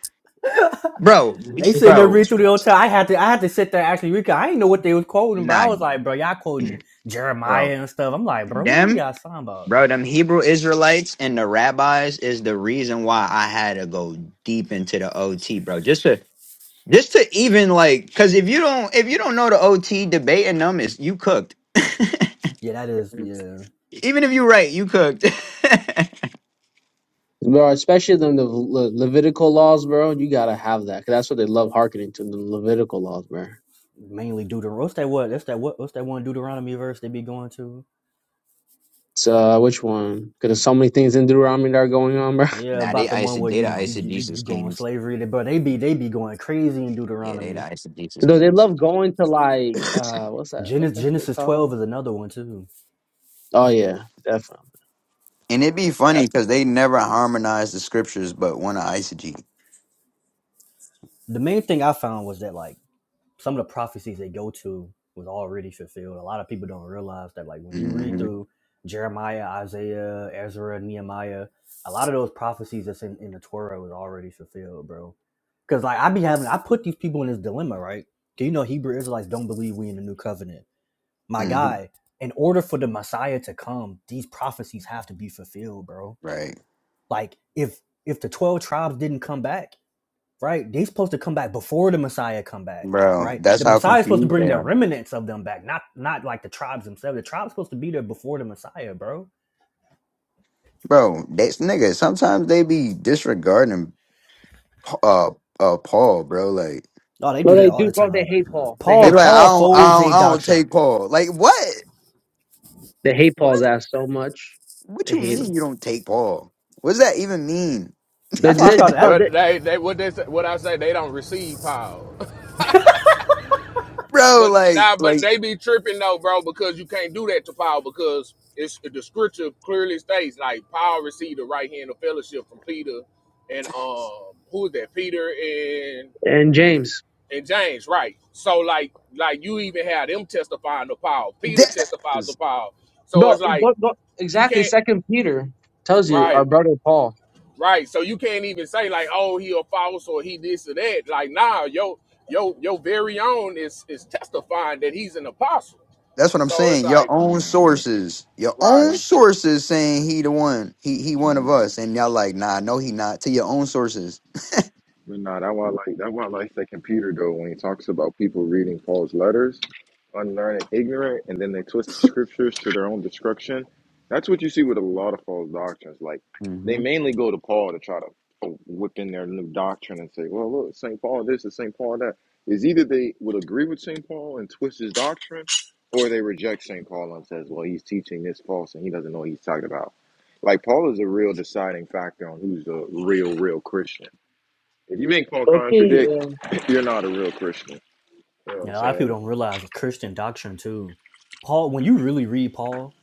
Speaker 3: Bro,
Speaker 4: they sitting there
Speaker 3: bro,
Speaker 4: read through the Old Testament. I had to, I had to sit there and actually read. 'cause I didn't know what they was quoting, bro. I
Speaker 3: nah,
Speaker 4: was like, bro, y'all quoting
Speaker 3: bro.
Speaker 4: Jeremiah and stuff. I'm like, bro, what were
Speaker 3: Them,
Speaker 4: y'all talking about?
Speaker 3: bro, them Hebrew Israelites and the rabbis is the reason why I had to go deep into the OT, bro. Just to Just to even like, because if you don't if you don't know the OT debate and numbers, you cooked.
Speaker 4: Yeah, that is yeah
Speaker 3: Even if you right, you cooked. [laughs]
Speaker 2: Bro, especially the, the Le- Levitical laws, bro. You gotta have that. 'cause that's what they love hearkening to, the Levitical laws, bro.
Speaker 4: mainly Deuteronomy. What's that? What? That's that. What? What's that one Deuteronomy verse they be going to?
Speaker 2: So, uh, which one? 'Cause there's so many things in Deuteronomy that are going on, bro. [laughs]
Speaker 4: Yeah,
Speaker 3: nah, they
Speaker 4: about the one
Speaker 3: iso
Speaker 4: where
Speaker 3: they
Speaker 4: you
Speaker 3: the
Speaker 4: you you, you
Speaker 3: eisegesis
Speaker 4: go on
Speaker 3: kings.
Speaker 4: slavery, They- but they be they be going crazy in
Speaker 3: Yeah, they the
Speaker 4: Deuteronomy.
Speaker 3: eisegesis
Speaker 2: No, they
Speaker 3: kings.
Speaker 2: love going to like, uh, what's that? What's
Speaker 4: Genesis
Speaker 2: that thing
Speaker 4: Genesis
Speaker 2: called?
Speaker 4: twelve is another one too.
Speaker 2: Oh, yeah, definitely.
Speaker 3: And it'd be funny because they never harmonize the scriptures, but want to eisegete.
Speaker 4: The main thing I found was that like some of the prophecies they go to was already fulfilled. A lot of people don't realize that, like when you read
Speaker 3: hmm
Speaker 4: through Jeremiah, Isaiah, Ezra, Nehemiah, a lot of those prophecies that's in, in the Torah was already fulfilled, bro. Because like I be having, I put these people in this dilemma, right? Do you know Hebrew Israelites don't believe we in the new covenant? My
Speaker 3: hmm
Speaker 4: guy, in order for the Messiah to come, these prophecies have to be fulfilled, bro.
Speaker 3: Right,
Speaker 4: Like if if the twelve tribes didn't come back right? They are supposed to come back before the Messiah come back,
Speaker 3: bro.
Speaker 4: right?
Speaker 3: That's
Speaker 4: The
Speaker 3: how
Speaker 4: Messiah is supposed to
Speaker 3: confused
Speaker 4: bring
Speaker 3: they
Speaker 4: the
Speaker 3: are,
Speaker 4: remnants of them back, not not like the tribes themselves. The tribes supposed to be there before the Messiah, bro.
Speaker 3: bro. That's nigga. Sometimes they be disregarding Pa- uh uh Paul, bro. Like
Speaker 4: Oh, they
Speaker 2: No,
Speaker 4: do
Speaker 2: they
Speaker 4: that all
Speaker 2: do,
Speaker 4: the
Speaker 2: bro. They
Speaker 4: time.
Speaker 2: hate Paul. They
Speaker 3: they
Speaker 4: Paul
Speaker 3: be
Speaker 2: hate
Speaker 3: like,
Speaker 2: Paul.
Speaker 3: I
Speaker 4: Paul
Speaker 3: don't, I
Speaker 4: folds
Speaker 3: don't,
Speaker 4: a
Speaker 3: I don't
Speaker 4: doctrine.
Speaker 3: take Paul. Like what?
Speaker 2: They hate Paul's ass so much.
Speaker 3: What
Speaker 2: They
Speaker 3: you
Speaker 2: hate
Speaker 3: mean
Speaker 2: him.
Speaker 3: you don't take Paul? What does that even mean,
Speaker 2: They,
Speaker 4: That's why I
Speaker 2: they,
Speaker 4: started
Speaker 2: bro,
Speaker 4: that.
Speaker 5: What
Speaker 2: they,
Speaker 5: they they what they say, what I say they don't receive power. [laughs]
Speaker 3: bro?
Speaker 5: But
Speaker 3: Like,
Speaker 5: nah, but
Speaker 3: like
Speaker 5: they be tripping though, bro, because you can't do that to power because it's the scripture clearly states like power received the right hand of fellowship from Peter and um who is that? Peter and
Speaker 2: and James.
Speaker 5: and James, right? So like like you even had them testifying the power.
Speaker 3: dead
Speaker 5: Peter testifies the
Speaker 3: ass.
Speaker 5: power. So
Speaker 2: Bro,
Speaker 5: it's like
Speaker 2: go, go,
Speaker 5: you
Speaker 2: exactly.
Speaker 5: can't
Speaker 2: Second Peter tells you
Speaker 5: right.
Speaker 2: our brother Paul.
Speaker 5: Right. So you can't even say like, oh, he a false or he this or that. Like, nah, yo, yo, your very own is is testifying that he's an apostle.
Speaker 3: That's what I'm
Speaker 5: So it's
Speaker 3: saying. Your
Speaker 5: like,
Speaker 3: own
Speaker 1: Nah, but
Speaker 3: sources, your
Speaker 1: but
Speaker 3: own
Speaker 5: right.
Speaker 1: I
Speaker 3: sources saying he the one, he he
Speaker 1: but
Speaker 3: one
Speaker 1: I
Speaker 3: of us, and y'all like, nah, no, he not. To your own sources.
Speaker 1: But nah, that why I like that why I like that computer though when he talks about people reading Paul's letters, unlearned and ignorant, and then they twist the scriptures to their own destruction. That's what you see with a lot of false doctrines. Like they
Speaker 3: Mm-hmm.
Speaker 1: mainly go to Paul to try to whip in their new doctrine and say, "Well, look, Saint Paul this and Saint Paul that." Is either they would agree with Saint Paul and twist his doctrine, or they reject Saint Paul and says, "Well, he's teaching this false and he doesn't know what he's talking about." Like Paul is a real deciding factor on who's a real, real Christian if you ain't gonna
Speaker 2: Okay, yeah.
Speaker 1: contradict, [laughs] you're not a real Christian. You know what I'm
Speaker 4: Yeah, a lot of
Speaker 1: saying?
Speaker 4: people don't realize the Christian doctrine too. Paul, when you really read Paul,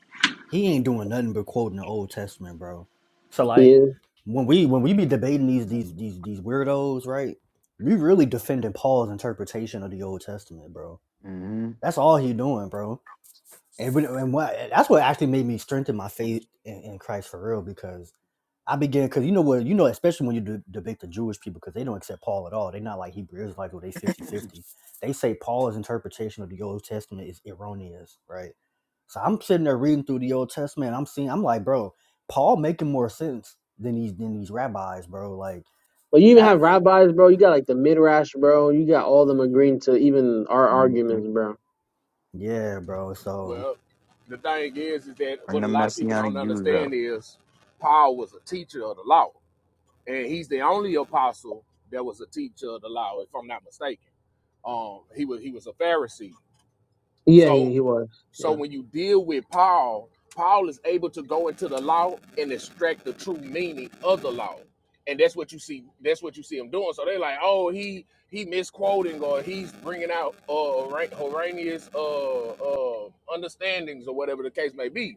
Speaker 4: he ain't doing nothing but quoting the Old Testament, bro. So like
Speaker 2: Yeah.
Speaker 4: when we when we be debating these these these these weirdos, right? We really defending Paul's interpretation of the Old Testament, bro
Speaker 3: Mm-hmm.
Speaker 4: That's all he doing, bro. And, when- and what, that's what actually made me strengthen my faith in, in Christ for real because I began because you know what you know especially when you de- debate the Jewish people because they don't accept Paul at all. They're not like Hebrew Israelites where they fifty fifty They say Paul's interpretation of the Old Testament is erroneous, right? So I'm sitting there reading through the Old Testament. and I'm seeing I'm like, bro, Paul making more sense than these than these rabbis, bro. Like
Speaker 2: But you even
Speaker 4: that,
Speaker 2: have rabbis, bro. You got like the Midrash, bro. You got all them agreeing to even our
Speaker 3: Mm-hmm.
Speaker 2: arguments, bro.
Speaker 4: yeah, bro. So.
Speaker 5: Well, the thing is, is that
Speaker 3: Bring
Speaker 5: what a
Speaker 3: the
Speaker 5: lot of people don't
Speaker 3: messianic Jews up.
Speaker 5: understand is Paul was a teacher of the law, and he's the only apostle that was a teacher of the law, if I'm not mistaken. Um, he was he was a Pharisee.
Speaker 2: Yeah,
Speaker 5: so.
Speaker 2: he, he was.
Speaker 5: So
Speaker 2: Yeah.
Speaker 5: when you deal with Paul, Paul is able to go into the law and extract the true meaning of the law. And that's what you see. That's what you see him doing. So they're like, oh, he he misquoting or he's bringing out uh, hora- Horanius uh, uh, understandings or whatever the case may be.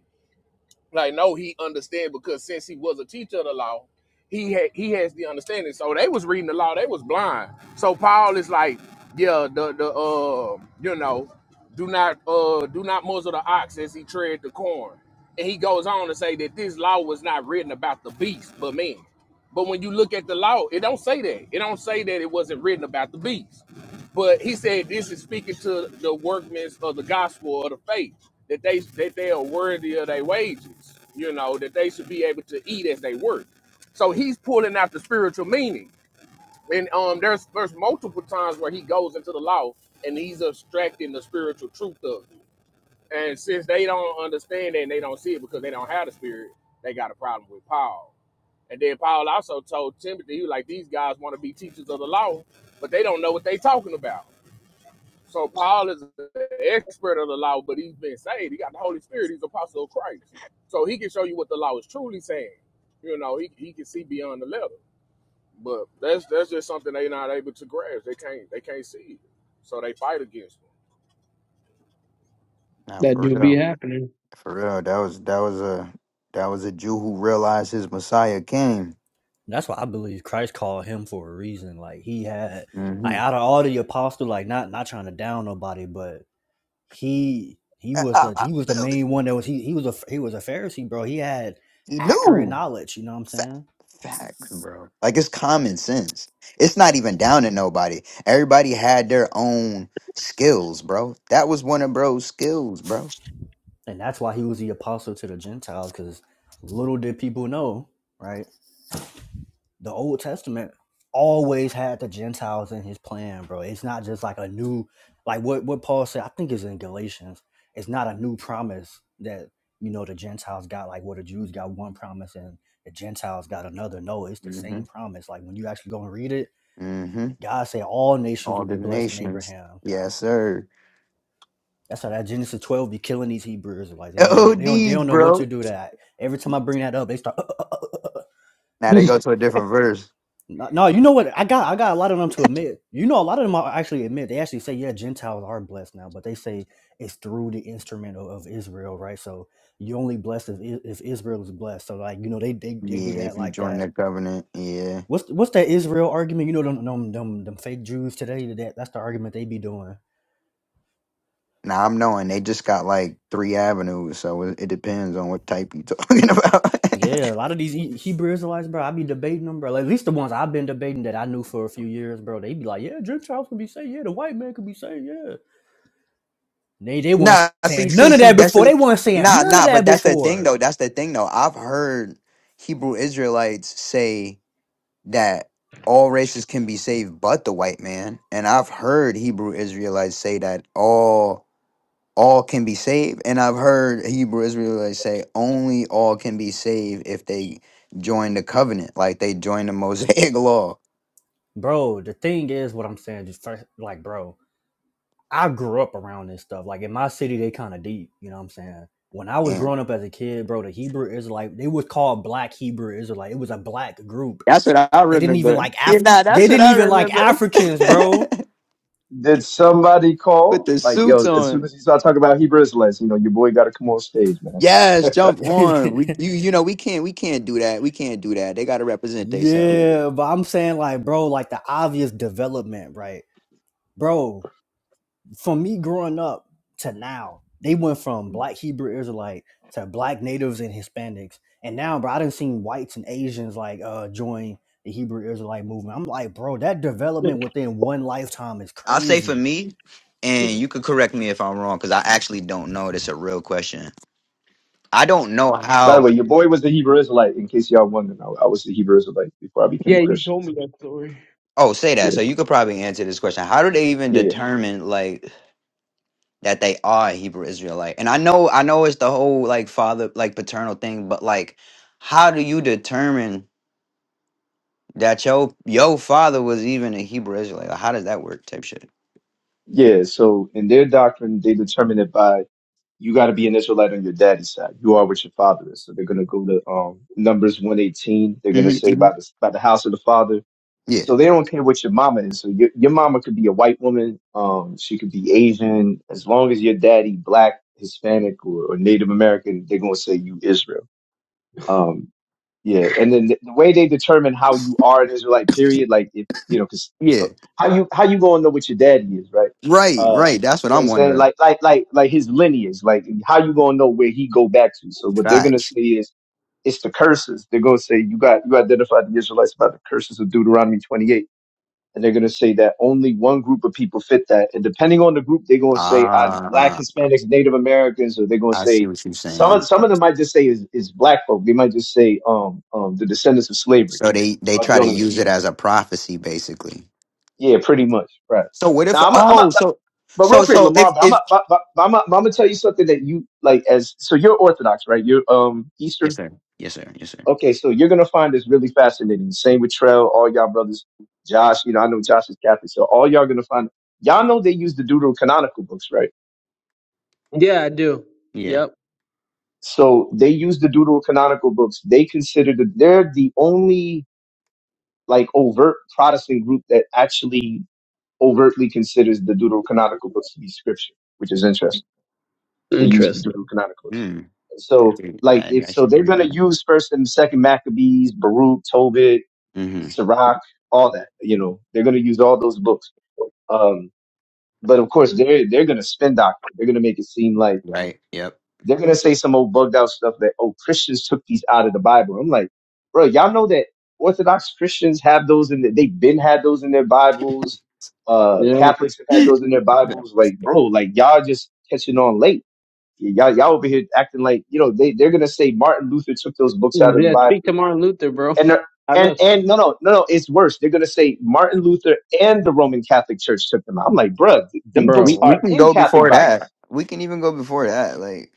Speaker 5: Like, no, he understand because since he was a teacher of the law, he had he has the understanding. So they was reading the law, they was blind. So Paul is like, yeah, the the uh, you know, do not uh do not muzzle the ox as he tread the corn. And he goes on to say that this law was not written about the beast, but man. But when you look at the law, it don't say that. It don't say that it wasn't written about the beast. But he said this is speaking to the workmen of the gospel of the faith that they that they are worthy of their wages. You know that they should be able to eat as they work. So he's pulling out the spiritual meaning, and um, there's there's multiple times where he goes into the law and he's abstracting the spiritual truth of it. And since they don't understand it and they don't see it because they don't have the spirit, they got a problem with Paul. And then Paul also told Timothy, he was like, these guys want to be teachers of the law, but they don't know what they are talking about. So Paul is an expert of the law, but he's been saved. He got the Holy Spirit. He's an apostle of Christ. So he can show you what the law is truly saying. You know, he, he can see beyond the letter. But that's that's just something they not able to grasp. They can't they can't see it. So they fight against them.
Speaker 3: Nah,
Speaker 2: That
Speaker 3: for
Speaker 2: do be
Speaker 3: real,
Speaker 2: happening.
Speaker 3: for real. That was that was a that was a Jew who realized his Messiah came.
Speaker 4: That's why I believe Christ called him for a reason. Like he had, like
Speaker 3: Mm-hmm.
Speaker 4: out of all the apostles, like not not trying to down nobody, but he he
Speaker 3: I,
Speaker 4: was
Speaker 3: I,
Speaker 4: the
Speaker 3: I-
Speaker 4: he was the main one that was he he was a he was a Pharisee, bro. He had
Speaker 3: he
Speaker 4: accurate
Speaker 3: knew.
Speaker 4: knowledge. You know what I'm
Speaker 3: Fact,
Speaker 4: saying?
Speaker 3: fact, bro. Like it's common sense. It's not even down to nobody. Everybody had their own skills, bro. That was one of bro's skills, bro.
Speaker 4: And that's why he was the apostle to the Gentiles, because little did people know, right? the Old Testament always had the Gentiles in his plan, bro. It's not just like a new like what what Paul said, I think is in Galatians. It's not a new promise that, you know, the Gentiles got like where the Jews got one promise and the Gentiles got another. No, it's the
Speaker 3: Mm-hmm.
Speaker 4: same promise. Like when you actually go and read it,
Speaker 3: Mm-hmm.
Speaker 4: God said all nations
Speaker 3: All
Speaker 4: will
Speaker 3: the
Speaker 4: be blessed in
Speaker 3: nations.
Speaker 4: Abraham.
Speaker 3: Yes, sir.
Speaker 4: That's how that Genesis 12 be killing these Hebrews. Like they don't know they don't they don't
Speaker 3: OD,
Speaker 4: know what to
Speaker 3: bro.
Speaker 4: do that. Every time I bring that up, they start [laughs]
Speaker 2: [laughs]
Speaker 3: Now
Speaker 2: yeah,
Speaker 3: they go to a different verse.
Speaker 4: No, no, you know what? I got I got a lot of them to admit. You know, a lot of them are actually admit. They actually say, yeah, Gentiles are blessed now, but they say it's through the instrument of, of Israel, right? So you only blessed if, I- if Israel is blessed. So like, you know, they they, they do
Speaker 3: Yeah,
Speaker 4: that
Speaker 3: if you
Speaker 4: like
Speaker 3: join
Speaker 4: that.
Speaker 3: the covenant, yeah.
Speaker 4: What's what's that Israel argument? You know, them them them, them fake Jews today. That that's the argument they be doing.
Speaker 3: Now I'm knowing they just got like three avenues, so it, it depends on what type you talking [laughs] about.
Speaker 4: Yeah, a lot of these E- Hebrew Israelites, bro. I be debating them, bro. Like, at least the ones I've been debating that I knew for a few years, bro. They be like, yeah, Gentiles can be saved. Yeah, the white man can be saved. Yeah. They they weren't
Speaker 3: Nah, see,
Speaker 4: saying
Speaker 3: see,
Speaker 4: none of
Speaker 3: see.
Speaker 4: that
Speaker 3: That's
Speaker 4: before.
Speaker 3: the
Speaker 4: They weren't saying
Speaker 3: nah,
Speaker 4: none of
Speaker 3: nah. But
Speaker 4: that
Speaker 3: that's the thing,
Speaker 4: before,
Speaker 3: though. That's the thing, though. I've heard Hebrew Israelites say that all races can be saved, but the white man. And I've heard Hebrew Israelites say that all all can be saved. And I've heard Hebrew Israelites say only all can be saved if they join the covenant, like they join the Mosaic [laughs] law.
Speaker 4: bro. The thing is, what I'm saying, just first, like, bro, I grew up around this stuff. Like in my city, they kind of deep. You know what I'm saying? When I was
Speaker 3: And
Speaker 4: growing up as a kid, bro, the Hebrew Israelite, they was called Black Hebrew Israelite. It was a black group.
Speaker 3: that's what I
Speaker 4: They didn't even
Speaker 3: remember.
Speaker 4: like
Speaker 3: Yeah,
Speaker 4: Af.
Speaker 3: nah,
Speaker 4: They
Speaker 3: that's what
Speaker 4: didn't
Speaker 3: I
Speaker 4: even like
Speaker 3: remember.
Speaker 4: Africans, bro.
Speaker 3: [laughs]
Speaker 6: Did somebody
Speaker 3: With
Speaker 6: call?
Speaker 3: the
Speaker 6: Like,
Speaker 3: suits
Speaker 6: yo, as soon
Speaker 3: on.
Speaker 6: as he started talking about Hebrew Israelites, you know, your boy got to come on stage, man.
Speaker 3: Yes,
Speaker 4: [laughs]
Speaker 3: jump on. We you you know we can't we can't do that. We can't do that. They got to represent themselves.
Speaker 6: Yeah,
Speaker 4: yeah, but I'm saying like, bro, like the obvious development, right, bro? For me growing up to now, they went from black Hebrew Israelite to black natives and Hispanics. And now, bro, I done seen whites and Asians like uh join the Hebrew Israelite movement. I'm like, bro, that development within one lifetime is
Speaker 3: I'll say for
Speaker 4: crazy.
Speaker 3: me,
Speaker 6: yeah.
Speaker 3: and you could correct me if I'm wrong because I actually don't know. That's a real question. I don't know
Speaker 6: By the
Speaker 3: how.
Speaker 6: way, your boy was the Hebrew Israelite. In case y'all wondering, I, I was the Hebrew Israelite before I became a
Speaker 2: you
Speaker 6: Christian.
Speaker 2: told me that story.
Speaker 3: Oh, say that.
Speaker 6: Yeah,
Speaker 3: So you could probably answer this question. How do they even
Speaker 6: yeah,
Speaker 3: determine like that they are Hebrew Israelite? And I know I know it's the whole like father like paternal thing, but like how do you determine that your your father was even a Hebrew Israelite? Like, how does that work? Type shit.
Speaker 6: yeah. So in their doctrine, they determine it by you got to be an Israelite on your daddy's side. You are what your father is. So they're going to go to um, Numbers 118. They're going to say
Speaker 3: hmm
Speaker 6: by the, by the house of the father.
Speaker 3: Yeah.
Speaker 6: So they don't care what your mama is. So your, your mama could be a white woman. Um, she could be Asian. As long as your daddy, black, Hispanic, or, or Native American, they're going to say you Israel. Um, yeah, and then the, the way they determine how you are an Israelite, period, like if you know, because
Speaker 3: Yeah.
Speaker 6: how you how you gonna know what your daddy is, right?
Speaker 3: Right,
Speaker 6: Uh,
Speaker 3: right. That's what
Speaker 6: you know what I'm
Speaker 3: I'm
Speaker 6: saying?
Speaker 3: wondering.
Speaker 6: Like like like like his lineage, like how you gonna know where he go back to? So what they're gonna
Speaker 3: Facts.
Speaker 6: say is it's the curses. They're gonna say you got you identified the Israelites by the curses of Deuteronomy 28 and they're going to say that only one group of people fit that. And depending on the group, they're going to say either black
Speaker 3: Ah,
Speaker 6: Hispanics, Native Americans, or they're going to
Speaker 3: I see
Speaker 6: say
Speaker 3: what you're
Speaker 6: some
Speaker 3: saying.
Speaker 6: of some of them might just say is, is black folk. They might just say um um the descendants of slavery
Speaker 3: So they they
Speaker 6: are
Speaker 3: try
Speaker 6: the
Speaker 3: to
Speaker 6: only ones.
Speaker 3: use it as a prophecy, basically.
Speaker 6: Yeah, pretty much right.
Speaker 3: So what if?
Speaker 6: Now I'm a, I'm a,
Speaker 3: Oh, so
Speaker 6: but
Speaker 3: so
Speaker 6: real quick,
Speaker 3: so if
Speaker 6: Lamar, but I'm a,
Speaker 3: if
Speaker 6: but, but, but I'm a, I'm gonna tell you something that you like as so you're Orthodox, right? You're um Eastern.
Speaker 3: yes sir, yes sir, yes sir.
Speaker 6: Okay, so you're gonna find this really fascinating. Same with Trell, all y'all brothers, Josh. You know, I know Josh is Catholic, so all y'all gonna find. Y'all know they use the Deuterocanonical books, right?
Speaker 2: Yeah, I do.
Speaker 3: Yeah.
Speaker 2: Yep.
Speaker 6: So they use the Deuterocanonical books. They consider that they're the only like overt Protestant group that actually overtly considers the Deuterocanonical books to be scripture, which is interesting. They use the
Speaker 2: Interesting.
Speaker 6: Deuterocanonical books.
Speaker 3: Mm.
Speaker 6: So
Speaker 3: Actually,
Speaker 6: like
Speaker 3: I
Speaker 6: if so,
Speaker 3: actually
Speaker 6: they're
Speaker 3: didn't
Speaker 6: gonna
Speaker 3: know.
Speaker 6: use First and Second Maccabees, Baruch, Tobit
Speaker 3: Mm-hmm.
Speaker 6: Sirach, all that. You know, they're going to use all those books. Um, but of course, they're they're going to spin doctor. They're going to make it seem like
Speaker 3: Right. Yep.
Speaker 6: they're going to say some old bugged out stuff that oh Christians took these out of the Bible. I'm like, bro, y'all know that Orthodox Christians have those in. The, they've been had those in their Bibles. Uh,
Speaker 2: Yeah.
Speaker 6: Catholics have
Speaker 3: [laughs]
Speaker 6: had those in their Bibles. Like, bro, like y'all just catching on late. Y'all y'all over here acting like you know they they're going to say Martin Luther took those books out of the
Speaker 2: Yeah,
Speaker 6: Bible
Speaker 2: speak to Martin Luther, bro.
Speaker 6: and
Speaker 2: [laughs] I
Speaker 6: and
Speaker 2: does,
Speaker 6: and no no no no it's worse they're gonna say martin luther and the roman catholic church took them out i'm like bruh th- them books
Speaker 3: we
Speaker 6: are
Speaker 3: we
Speaker 2: bro.
Speaker 3: can
Speaker 6: in
Speaker 3: go
Speaker 6: catholic
Speaker 3: before
Speaker 6: bibles
Speaker 3: that. We can even go before that. Like.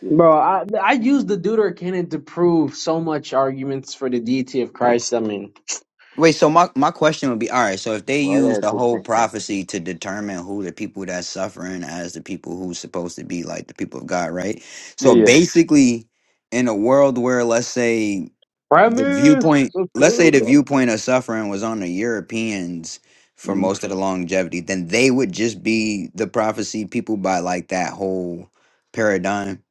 Speaker 6: Yeah,
Speaker 2: Bro, I I use the Deutercanon to prove so much arguments for the deity of Christ. I mean,
Speaker 3: Wait, so my, my question would be all right, so if they
Speaker 1: Well, I
Speaker 3: use
Speaker 1: got a
Speaker 3: the
Speaker 1: quick
Speaker 3: whole
Speaker 1: question.
Speaker 3: prophecy to determine who the people that's suffering as the people who's supposed to be like the people of God, right?
Speaker 6: yeah,
Speaker 3: So
Speaker 6: yeah.
Speaker 3: basically in a world where let's say the
Speaker 2: premise.
Speaker 3: viewpoint
Speaker 2: What's
Speaker 3: let's say
Speaker 2: good,
Speaker 3: the
Speaker 2: bro?
Speaker 3: viewpoint of suffering was on the Europeans for
Speaker 6: hmm
Speaker 3: most of the longevity, then they would just be the prophecy people by like that whole paradigm.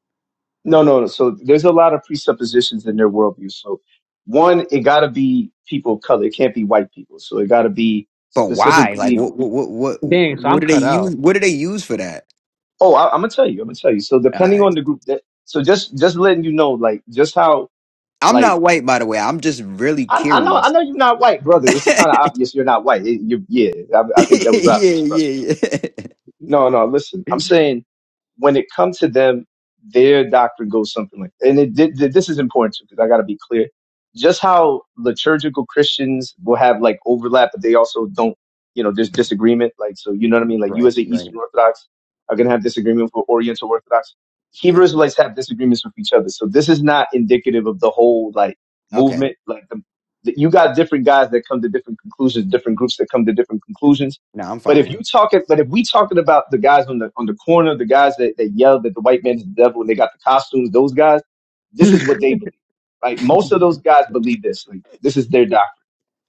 Speaker 6: no no no so there's a lot of presuppositions in their worldview so one it gotta be people of color it can't be white people so it gotta be
Speaker 3: But why? Like
Speaker 6: specifically
Speaker 3: what what what what,
Speaker 2: Dang, so
Speaker 3: what
Speaker 2: I'm
Speaker 3: do they
Speaker 2: cut out.
Speaker 3: use what do they use for that?
Speaker 6: oh I, i'm gonna tell you i'm gonna tell you so depending on the group that so just just letting you know like just how
Speaker 3: I'm not
Speaker 6: like
Speaker 3: white, by the way. I'm just really
Speaker 6: I, I know I
Speaker 3: curious.
Speaker 6: know you're not white, brother.
Speaker 3: [laughs]
Speaker 6: It's kind
Speaker 3: yeah,
Speaker 6: of obvious you're not white. It, you, yeah, I, I think that was obvious, brother
Speaker 3: yeah, yeah. [laughs]
Speaker 6: No, no, listen. I'm saying when it comes to them, their doctrine goes something like, and it did, th- this is important too because I got to be clear. Just how liturgical Christians will have like overlap, but they also don't, you know, there's disagreement. Like, so you know what I mean? Like, you
Speaker 3: Right,
Speaker 6: as an
Speaker 3: right.
Speaker 6: Eastern Orthodox are gonna have disagreement with Oriental Orthodox.
Speaker 3: Yeah.
Speaker 6: Hebrew Israelites have disagreements with each other, so this is not indicative of the whole like
Speaker 3: Okay.
Speaker 6: movement. Like, the, the, you got different guys that come to different conclusions, different groups that come to different conclusions
Speaker 3: Now I'm
Speaker 6: but if you
Speaker 3: following.
Speaker 6: talking, but if we talking about the guys on the on the corner, the guys that, that yelled that the white man is the devil and they got the costumes, those guys,
Speaker 2: [laughs]
Speaker 6: this is what they believe. Like most of those guys believe this. Like this is their doctrine.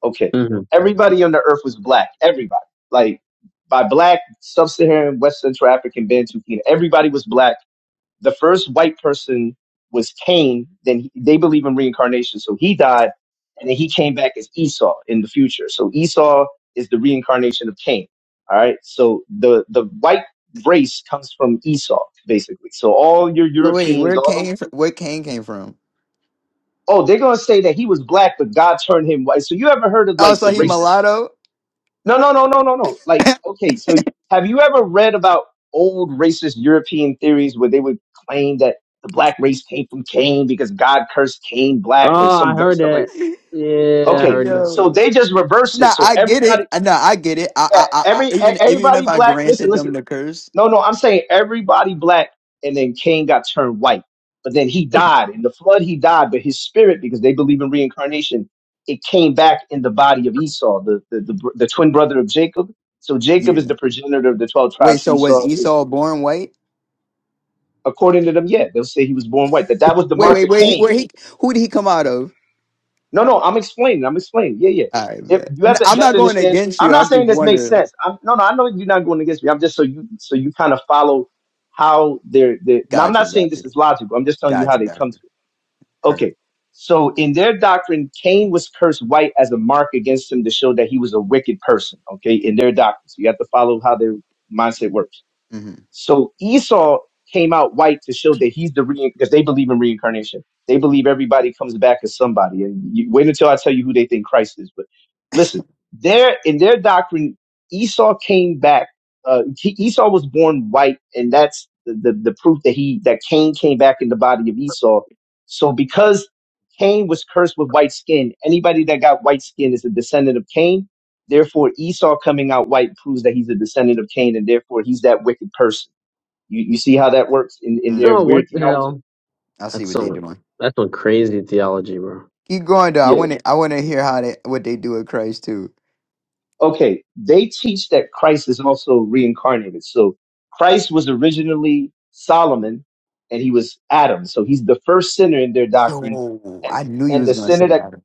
Speaker 6: Okay,
Speaker 2: hmm
Speaker 6: everybody on the earth was black. Everybody, like by black, sub-Saharan, West Central African, Bantu, Kena, everybody was black the first white person was Cain. Then he, they believe in reincarnation, so he died, and then he came back as Esau in the future. So Esau is the reincarnation of Cain. All right. So the the white race comes from Esau, basically. So all your
Speaker 3: But wait,
Speaker 6: Europeans,
Speaker 3: where
Speaker 6: all them.
Speaker 3: Kane? fr- Where Kane came from?
Speaker 6: Oh, they're gonna say that he was black, but God turned him white. So you ever heard of
Speaker 3: Oh,
Speaker 6: like the
Speaker 3: so he
Speaker 6: racist
Speaker 3: mulatto?
Speaker 6: No, no, no, no, no, no. Like, okay, so have you ever read about old racist European theories where they would claim that the black race came from Cain because God cursed Cain black or
Speaker 2: Oh, I
Speaker 6: some dumb
Speaker 2: heard
Speaker 6: stuff
Speaker 2: that.
Speaker 6: like?
Speaker 3: [laughs]
Speaker 2: Yeah, I
Speaker 6: Okay,
Speaker 2: heard that.
Speaker 6: so
Speaker 3: Yo.
Speaker 6: they just reverse it.
Speaker 3: Nah,
Speaker 6: So
Speaker 3: I get it.
Speaker 6: everybody,
Speaker 3: Uh, Nah, I get it. I,
Speaker 6: yeah,
Speaker 3: I, I, I
Speaker 6: every e-
Speaker 3: even even
Speaker 6: everybody
Speaker 3: if I
Speaker 6: black. Listen,
Speaker 3: granted
Speaker 6: listen.
Speaker 3: them the curse.
Speaker 6: No, no, I'm saying everybody black, and then Cain got turned white. But then he died in the flood. He died, but his spirit, because they believe in reincarnation, it came back in the body of Esau, the the the, br- the twin brother of Jacob. So Jacob
Speaker 3: Yeah.
Speaker 6: is the progenitor of the twelve
Speaker 3: Wait.
Speaker 6: tribes.
Speaker 3: So was
Speaker 6: Esau is,
Speaker 3: Esau born white?
Speaker 6: according to them, yeah, they'll say he was born white. That that was the
Speaker 3: Wait,
Speaker 6: mark
Speaker 3: wait,
Speaker 6: of
Speaker 3: wait.
Speaker 6: Cain.
Speaker 3: Where he? Who did he come out of?
Speaker 6: No, no, I'm explaining. I'm explaining. Yeah, yeah.
Speaker 3: All right,
Speaker 6: If-
Speaker 3: bet.
Speaker 6: You
Speaker 3: N-
Speaker 6: have to
Speaker 3: I'm
Speaker 6: you have
Speaker 3: not
Speaker 6: to
Speaker 3: going
Speaker 6: understand.
Speaker 3: against
Speaker 6: I'm
Speaker 3: you. I'm
Speaker 6: not
Speaker 3: just
Speaker 6: saying this makes
Speaker 3: wondering.
Speaker 6: sense. I'm, no, no, I know you're not going against me. I'm just so you so you kind of follow how they're they. Now, I'm
Speaker 3: Got you.
Speaker 6: not
Speaker 3: Got
Speaker 6: saying
Speaker 3: you.
Speaker 6: this is logical. I'm just telling you
Speaker 3: Got
Speaker 6: how
Speaker 3: you.
Speaker 6: they
Speaker 3: Got
Speaker 6: come
Speaker 3: you.
Speaker 6: to it.
Speaker 3: Her.
Speaker 6: Okay. So in their doctrine, Cain was cursed white as a mark against him to show that he was a wicked person. Okay, in their doctrine, so you have to follow how their mindset works.
Speaker 3: Mm-hmm.
Speaker 6: So Esau came out white to show that he's the re because they believe in reincarnation. They believe everybody comes back as somebody. And you, wait until I tell you who they think Christ is. But listen, their in their doctrine, Esau came back. Uh, he, Esau was born white, and that's the, the the proof that he that Cain came back in the body of Esau. So because Cain was cursed with white skin, anybody that got white skin is a descendant of Cain. Therefore, Esau coming out white proves that he's a descendant of Cain, and therefore he's that wicked person. You, you see how that works in, in their
Speaker 3: Mm-hmm.
Speaker 2: Oh, what
Speaker 6: weird
Speaker 2: the
Speaker 6: theology?
Speaker 2: hell?
Speaker 3: I see
Speaker 2: That's
Speaker 3: what they
Speaker 2: some
Speaker 3: doing.
Speaker 2: that's some crazy theology, bro.
Speaker 3: Keep going though. I
Speaker 6: Yeah.
Speaker 3: wanna I wanna hear how they what they do with Christ too.
Speaker 6: Okay. They teach that Christ is also reincarnated. So Christ was originally Solomon and he was Adam. So he's the first sinner in their doctrine.
Speaker 3: Yo,
Speaker 6: And,
Speaker 3: I knew you
Speaker 6: and
Speaker 3: was
Speaker 6: the
Speaker 3: gonna
Speaker 6: sinner
Speaker 3: say
Speaker 6: that
Speaker 3: Adam.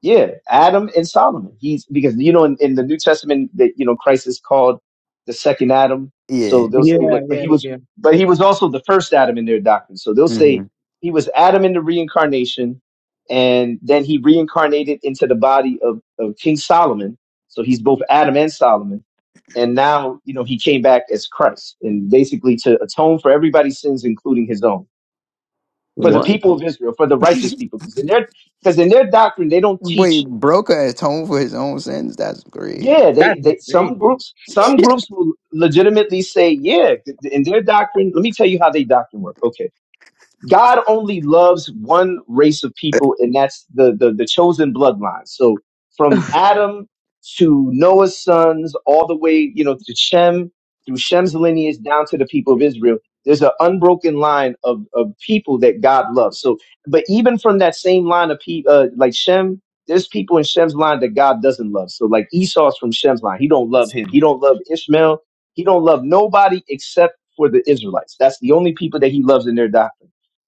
Speaker 6: Yeah, Adam and Solomon. He's because you know in, in the New Testament that you know Christ is called the second Adam.
Speaker 3: Yeah.
Speaker 6: So they'll say,
Speaker 2: Yeah,
Speaker 6: but, but
Speaker 2: yeah,
Speaker 6: he was,
Speaker 2: yeah.
Speaker 6: but he was also the first Adam in their doctrine. So they'll say
Speaker 3: Mm-hmm.
Speaker 6: he was Adam in the reincarnation, and then he reincarnated into the body of, of King Solomon. So he's both Adam and Solomon, and now you know he came back as Christ, and basically to atone for everybody's sins, including his own, for the
Speaker 2: What?
Speaker 6: people of Israel, for the righteous people, because in their because in their doctrine they don't teach
Speaker 3: Wait, broke her atone for his own sins? That's crazy.
Speaker 6: Yeah, they,
Speaker 2: That's
Speaker 6: they some
Speaker 2: insane.
Speaker 6: groups some groups will legitimately say, yeah, in their doctrine. Let me tell you how they doctrine work. Okay, God only loves one race of people, and that's the, the, the chosen bloodline. So from Adam to Noah's sons, all the way, you know, to Shem, through Shem's lineage down to the people of Israel, there's an unbroken line of, of people that God loves. So, but even from that same line of people, uh, like Shem, there's people in Shem's line that God doesn't love. So like Esau's from Shem's line. He don't love him. He don't love Ishmael. He don't love nobody except for the Israelites. That's the only people that he loves in their doctrine.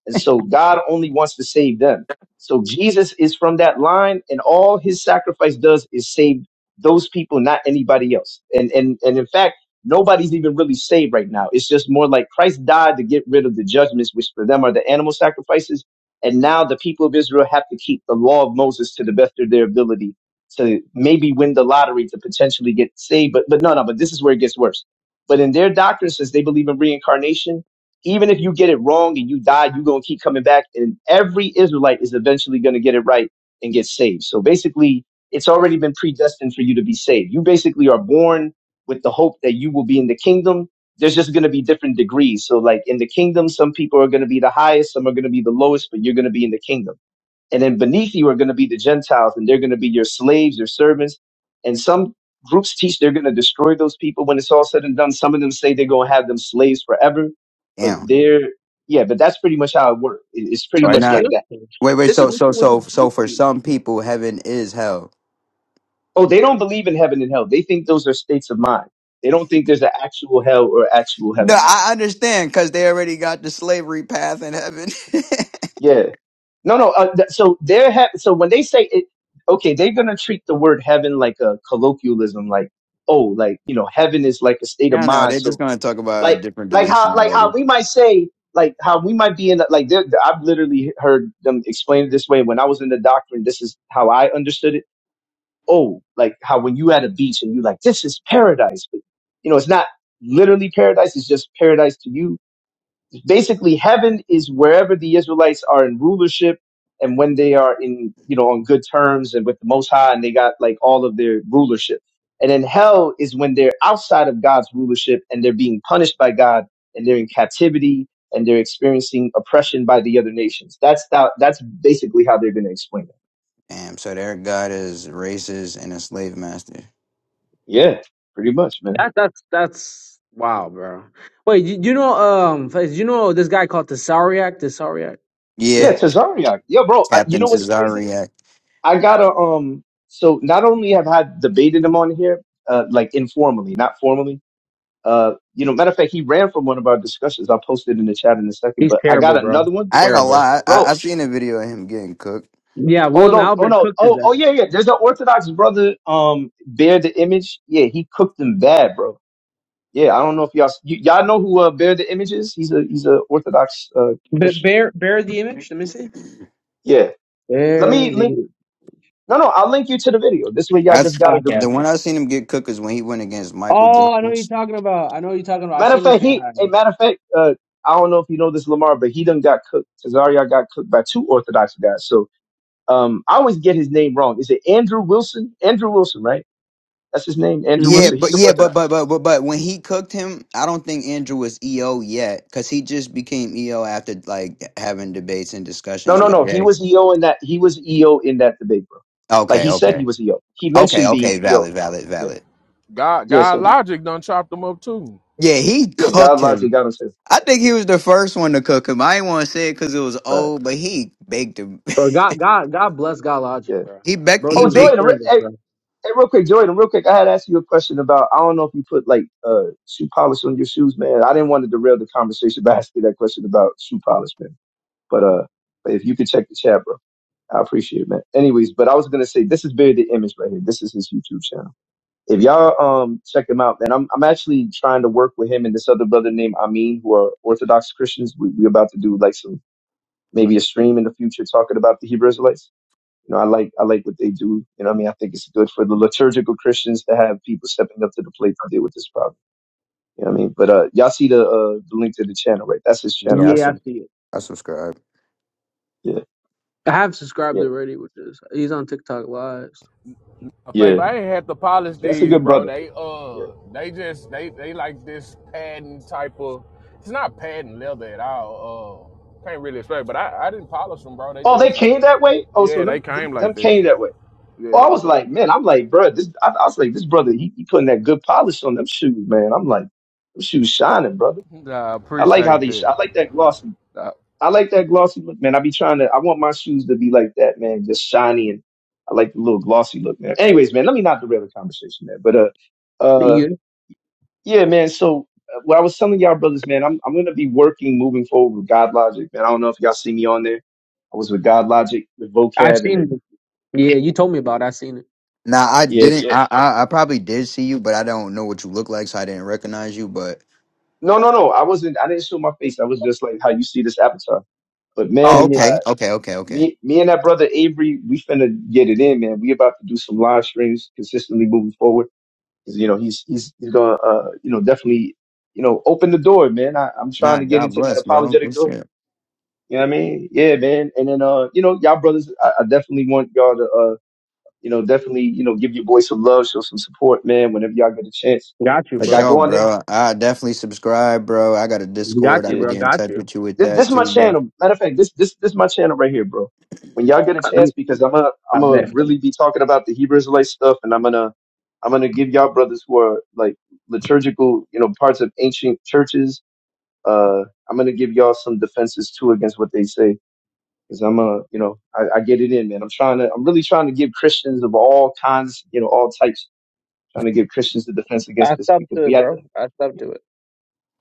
Speaker 6: And so God only wants to save them. So Jesus is from that line, and all his sacrifice does is save those people, not anybody else. And and and in fact, nobody's even really saved right now. It's just more like Christ died to get rid of the judgments, which for them are the animal sacrifices. And now the people of Israel have to keep the law of Moses to the best of their ability to maybe win the lottery to potentially get saved. But but no, no, but this is where it gets worse. But in their doctrine, since they believe in reincarnation, even if you get it wrong and you die, you're going to keep coming back. And every Israelite is eventually going to get it right and get saved. So basically, it's already been predestined for you to be saved. You basically are born with the hope that you will be in the kingdom. There's just going to be different degrees. So, like in the kingdom, some people are going to be the highest, some are going to be the lowest, but you're going to be in the kingdom and then beneath you are going to be the Gentiles, and they're going to be your slaves, your servants. And some groups teach they're going to destroy those people when it's all said and done. Some of them say they're going to have them slaves forever, but
Speaker 3: Damn.
Speaker 6: they're, yeah, but that's pretty much how it works. It's
Speaker 2: That's
Speaker 6: pretty
Speaker 2: what
Speaker 3: Why
Speaker 2: the
Speaker 6: much
Speaker 3: not?
Speaker 6: like
Speaker 2: juice
Speaker 6: that.
Speaker 2: is.
Speaker 3: Wait, wait,
Speaker 2: This is
Speaker 3: so
Speaker 2: literally
Speaker 3: so
Speaker 2: what the
Speaker 3: so so
Speaker 2: juice
Speaker 3: for
Speaker 2: is.
Speaker 3: some people heaven is hell.
Speaker 6: Oh, they don't believe in heaven and hell. They think those are states of mind. They don't think there's an actual hell or actual
Speaker 3: No,
Speaker 6: heaven.
Speaker 3: I understand because they already got the slavery path in heaven. [laughs]
Speaker 6: Yeah. No, no. Uh, th- so they're, ha- so when they say it, okay, they're going to treat the word heaven like a colloquialism, like, oh, like, you know, heaven is like a state
Speaker 3: no,
Speaker 6: of
Speaker 3: no,
Speaker 6: mind.
Speaker 3: they're
Speaker 6: So
Speaker 3: just gonna talk about a
Speaker 6: like
Speaker 3: different
Speaker 6: like how like how
Speaker 3: dimensionality.
Speaker 6: we might say like how we might be in the, like there- there- I've literally heard them explain it this way when I was in the doctrine. This is how I understood it. Oh, like how when you at a beach and you like this is paradise, but you know it's not literally paradise. It's just paradise to you basically heaven is wherever the Israelites are in rulership and when they are in you know on good terms and with the most high and they got like all of their rulership. And then hell is when they're outside of God's rulership and they're being punished by God and they're in captivity and they're experiencing oppression by the other nations. That's that, that's basically how they're going to explain it.
Speaker 3: Damn, so their god is racist and a slave master.
Speaker 6: Yeah, pretty much, man.
Speaker 2: That that's that's wow, bro. Wait, you, you know um Faiz, you know this guy called Tesariak? Tesariak?
Speaker 3: Yeah,
Speaker 6: Yeah,
Speaker 2: This
Speaker 6: Tazariak. Yeah, bro. I, you
Speaker 3: Captain
Speaker 6: know what's crazy?
Speaker 3: Cesario.
Speaker 6: I gotta um. So not only have I debated him on here, uh, like informally, not formally. Uh, you know, matter of fact, he ran from one of our discussions. I'll post it in the chat in a second.
Speaker 2: he's
Speaker 6: But I got
Speaker 2: terrible, bro.
Speaker 6: another one,
Speaker 3: I ain't gonna
Speaker 2: Terrible.
Speaker 3: lie, I, I
Speaker 6: bro.
Speaker 3: seen a video of him getting cooked.
Speaker 2: Yeah,
Speaker 6: Oh
Speaker 2: William
Speaker 6: no, oh
Speaker 2: Albert
Speaker 6: no,
Speaker 2: cooked his
Speaker 6: oh oh
Speaker 2: ass.
Speaker 6: yeah, yeah. There's an Orthodox brother. Um, bear the image. Yeah, he cooked them bad, bro. Yeah, I don't know if y'all you, y'all know who uh, bear the image is. He's a he's a Orthodox uh,
Speaker 2: But
Speaker 6: Christian.
Speaker 2: bear bear the image. Let me see.
Speaker 6: Yeah. Let me
Speaker 2: Where's
Speaker 6: link.
Speaker 2: he?
Speaker 6: No, no, I'll link you to the video. This way, y'all just
Speaker 3: That's
Speaker 6: got a
Speaker 2: Okay.
Speaker 6: direct
Speaker 3: the
Speaker 6: link.
Speaker 3: one I seen him get cooked is when he went against Michael
Speaker 2: Oh, I know what you're
Speaker 3: Jones.
Speaker 2: talking about. I know what you're talking about. I
Speaker 6: Matter
Speaker 2: seen
Speaker 6: of
Speaker 2: this
Speaker 6: fact,
Speaker 2: guy.
Speaker 6: he a matter of fact, uh, I don't know if you know this Lamar, but he done got cooked. Cesario got cooked by two Orthodox guys. So um, I always get his name wrong. Is it Andrew Wilson? Andrew Wilson, right? That's his name, Andrew
Speaker 2: Mm-hmm.
Speaker 3: Yeah,
Speaker 6: Wilson.
Speaker 3: but
Speaker 6: He's an
Speaker 3: yeah, but but
Speaker 6: Orthodox.
Speaker 3: but but but when he cooked him, I don't think Andrew was EO yet because he just became EO after like having debates and
Speaker 6: No,
Speaker 3: discussions
Speaker 6: no,
Speaker 3: with
Speaker 6: no. He
Speaker 3: Jay.
Speaker 6: was EO in that. He was EO in that debate, bro. Like
Speaker 3: Okay,
Speaker 6: he said, he
Speaker 3: okay,
Speaker 6: was EO. He
Speaker 3: okay,
Speaker 6: mentioned being
Speaker 3: okay,
Speaker 6: EO.
Speaker 3: valid, valid,
Speaker 6: Yeah,
Speaker 3: valid.
Speaker 5: God
Speaker 6: yeah.
Speaker 5: God
Speaker 6: So he,
Speaker 5: logic done chopped them up too.
Speaker 3: Yeah, he
Speaker 6: yeah,
Speaker 3: cooked
Speaker 6: God loves you,
Speaker 3: him.
Speaker 6: God himself.
Speaker 3: I think he was the first one to cook him. I ain't want to say it because it was
Speaker 6: Right.
Speaker 3: old, but he baked him.
Speaker 2: Bro, God, God, God bless God Logic,
Speaker 6: Yeah.
Speaker 2: bro.
Speaker 3: [laughs] He
Speaker 2: The
Speaker 3: baked.
Speaker 2: bro
Speaker 3: He
Speaker 6: Oh,
Speaker 2: did good
Speaker 6: Joy,
Speaker 3: baked.
Speaker 2: service,
Speaker 6: the,
Speaker 2: bro.
Speaker 6: Hey, real quick, Jordan, real quick, I had asked you a question about I don't know if you put like uh shoe polish on your shoes, man. I didn't want to derail the conversation [laughs] by asking that question about shoe polish, man. But uh but if you could check the chat, bro. I appreciate it, man. Anyways, but I was gonna say this is Barry the Image right here. This is his YouTube channel. If y'all um check him out, man, I'm I'm actually trying to work with him and this other brother named Amin, who are Orthodox Christians. We we about to do like some maybe a stream in the future talking about the Hebrew Israelites. You know, I like I like what they do. You know, what I mean, I think it's good for the liturgical Christians to have people stepping up to the plate to deal with this problem. You know, what I mean, but uh, y'all see the uh the link to the channel, right? That's his
Speaker 3: Yeah,
Speaker 6: channel right
Speaker 2: Yeah, I see it.
Speaker 3: I subscribe.
Speaker 6: there.
Speaker 2: I have subscribed
Speaker 6: Yeah,
Speaker 2: already with this. He's on TikTok Lives.
Speaker 6: yeah,
Speaker 5: Uh, Faith,
Speaker 6: yeah.
Speaker 5: I ain't had to polish
Speaker 6: That's a
Speaker 5: these,
Speaker 6: good
Speaker 5: bro.
Speaker 6: brother.
Speaker 5: They
Speaker 6: Yeah.
Speaker 5: uh they just they they like this patent type of it's not patent leather at all. Uh can't really explain, but I, I didn't polish them, bro. They
Speaker 6: Oh, they
Speaker 5: just
Speaker 6: came that way. Oh, so
Speaker 5: Yeah, they
Speaker 6: them them,
Speaker 5: came like
Speaker 6: them
Speaker 5: that.
Speaker 6: came that way.
Speaker 5: Yeah,
Speaker 6: Oh, I was like, man, I'm like, bro, this. I, I was like, this brother, he, he putting that good polish on them shoes, man. I'm like, them shoes shining, brother.
Speaker 5: Nah, I
Speaker 6: I like how
Speaker 5: appreciate
Speaker 6: they. sh-
Speaker 5: that.
Speaker 6: I like that glossy.
Speaker 5: I,
Speaker 6: I like that glossy look, man. I be trying to. I want my shoes to be like that, man, just shiny and I like the little glossy look, man. Anyways, man, let me not derail the conversation, man. But uh, uh,
Speaker 2: Yeah,
Speaker 6: yeah, man. So uh, what I was telling y'all brothers, man, I'm I'm gonna be working moving forward with God Logic, man. I don't know if y'all see me on there. I was with God Logic with
Speaker 2: I've
Speaker 6: vocab, and
Speaker 2: seen
Speaker 6: then
Speaker 2: it. Yeah, you told me about. it. I seen it.
Speaker 3: Now I
Speaker 6: yeah,
Speaker 3: didn't.
Speaker 6: so
Speaker 3: I, I I probably did see you, but I don't know what you look like, so I didn't recognize you. But
Speaker 6: no, no, no. I wasn't. I didn't show my face. I was just like how you see this avatar. But
Speaker 3: oh,
Speaker 6: man,
Speaker 2: Yeah,
Speaker 6: I,
Speaker 3: okay, okay, okay, okay.
Speaker 6: me, me and that brother Avery, we finna get it in, man. We about to do some live streams consistently moving forward 'Cause, you know he's he's he's gonna uh, you know definitely you know open the door, man. I, I'm trying
Speaker 3: Nah,
Speaker 6: to get
Speaker 3: God
Speaker 6: into that
Speaker 3: bless, bro.
Speaker 6: apologetic
Speaker 3: Good
Speaker 6: door.
Speaker 3: shit
Speaker 6: You know what I mean? Yeah, man. And then uh, you know, y'all brothers, I, I definitely want y'all to uh, you know, definitely you know give your boy some love, show some support, man. Whenever y'all get a chance,
Speaker 2: got you,
Speaker 3: for
Speaker 6: like I
Speaker 2: bro.
Speaker 6: go
Speaker 3: sure,
Speaker 6: on there.
Speaker 3: bro. I definitely subscribe, bro. I got a
Speaker 2: Got
Speaker 3: Discord. I
Speaker 2: you,
Speaker 6: Yeah,
Speaker 3: could
Speaker 2: bro.
Speaker 3: get in
Speaker 2: Got
Speaker 3: touch
Speaker 2: you.
Speaker 3: with you with
Speaker 6: this this
Speaker 3: that
Speaker 6: is my
Speaker 3: too, bro.
Speaker 6: channel. Matter of fact, this this this is my channel right here, bro. When y'all get a
Speaker 2: I, let
Speaker 6: chance,
Speaker 2: me.
Speaker 6: because I'm gonna I'm
Speaker 2: I
Speaker 6: gonna
Speaker 2: bet.
Speaker 6: really be talking about the Hebrew Israelite stuff, and I'm gonna I'm gonna give y'all brothers who are like liturgical, you know, parts of ancient churches Uh, I'm gonna give y'all some defenses too against what they say, because I'm gonna, you know, I, I get it in, man. I'm trying to, I'm really trying to give Christians of all kinds, you know, all types, trying to give Christians the defense
Speaker 2: I
Speaker 6: against this
Speaker 2: stuck
Speaker 6: because
Speaker 2: to
Speaker 6: we
Speaker 2: it,
Speaker 6: have to
Speaker 2: bro. I stuck to it.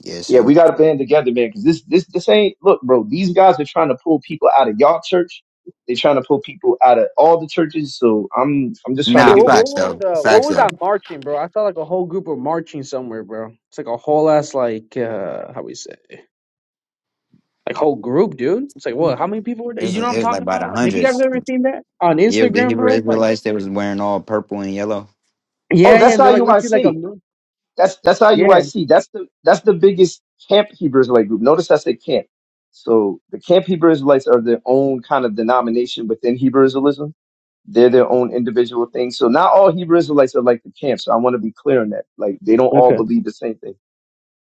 Speaker 3: Yeah,
Speaker 6: yeah, we
Speaker 3: same.
Speaker 6: got to band together, man. Because this, this, this ain't look, bro. These guys are trying to pull people out of y'all church. They're trying to pull people out of all the churches. So I'm, I'm just trying to
Speaker 2: Yeah,
Speaker 3: Nah,
Speaker 6: give a
Speaker 2: what what
Speaker 3: facts
Speaker 6: defense.
Speaker 2: was
Speaker 3: though.
Speaker 2: uh what
Speaker 3: Facts
Speaker 2: was
Speaker 3: though.
Speaker 2: that marching, bro? I saw like a whole group of marching somewhere, bro. It's like a whole ass like uh how we say like whole group, dude. It's like what? How many people were
Speaker 3: It
Speaker 2: there?
Speaker 3: was
Speaker 2: You know what
Speaker 3: it
Speaker 2: I'm
Speaker 3: was like
Speaker 2: talking
Speaker 3: by the
Speaker 2: about? Like, have you guys
Speaker 3: hundreds.
Speaker 2: ever seen that on
Speaker 3: Yeah, the
Speaker 2: Instagram,
Speaker 3: Hebrew
Speaker 2: bro? Like,
Speaker 3: Israelites they was wearing all purple and yellow.
Speaker 6: Oh,
Speaker 2: yeah, yeah,
Speaker 6: that's
Speaker 2: and they're like literally like a
Speaker 6: IUIC.
Speaker 2: mil-
Speaker 6: That's that's
Speaker 2: yeah.
Speaker 6: IUIC. That's the that's the biggest camp Hebrew Israelite group. Notice I said camp. So the camp Hebrew Israelites are their own kind of denomination within Hebrew Israelism. They're their own individual thing. So not all Hebrew Israelites are like the camp. So I want to be clear on that. Like they don't all
Speaker 2: Okay,
Speaker 6: believe the same thing.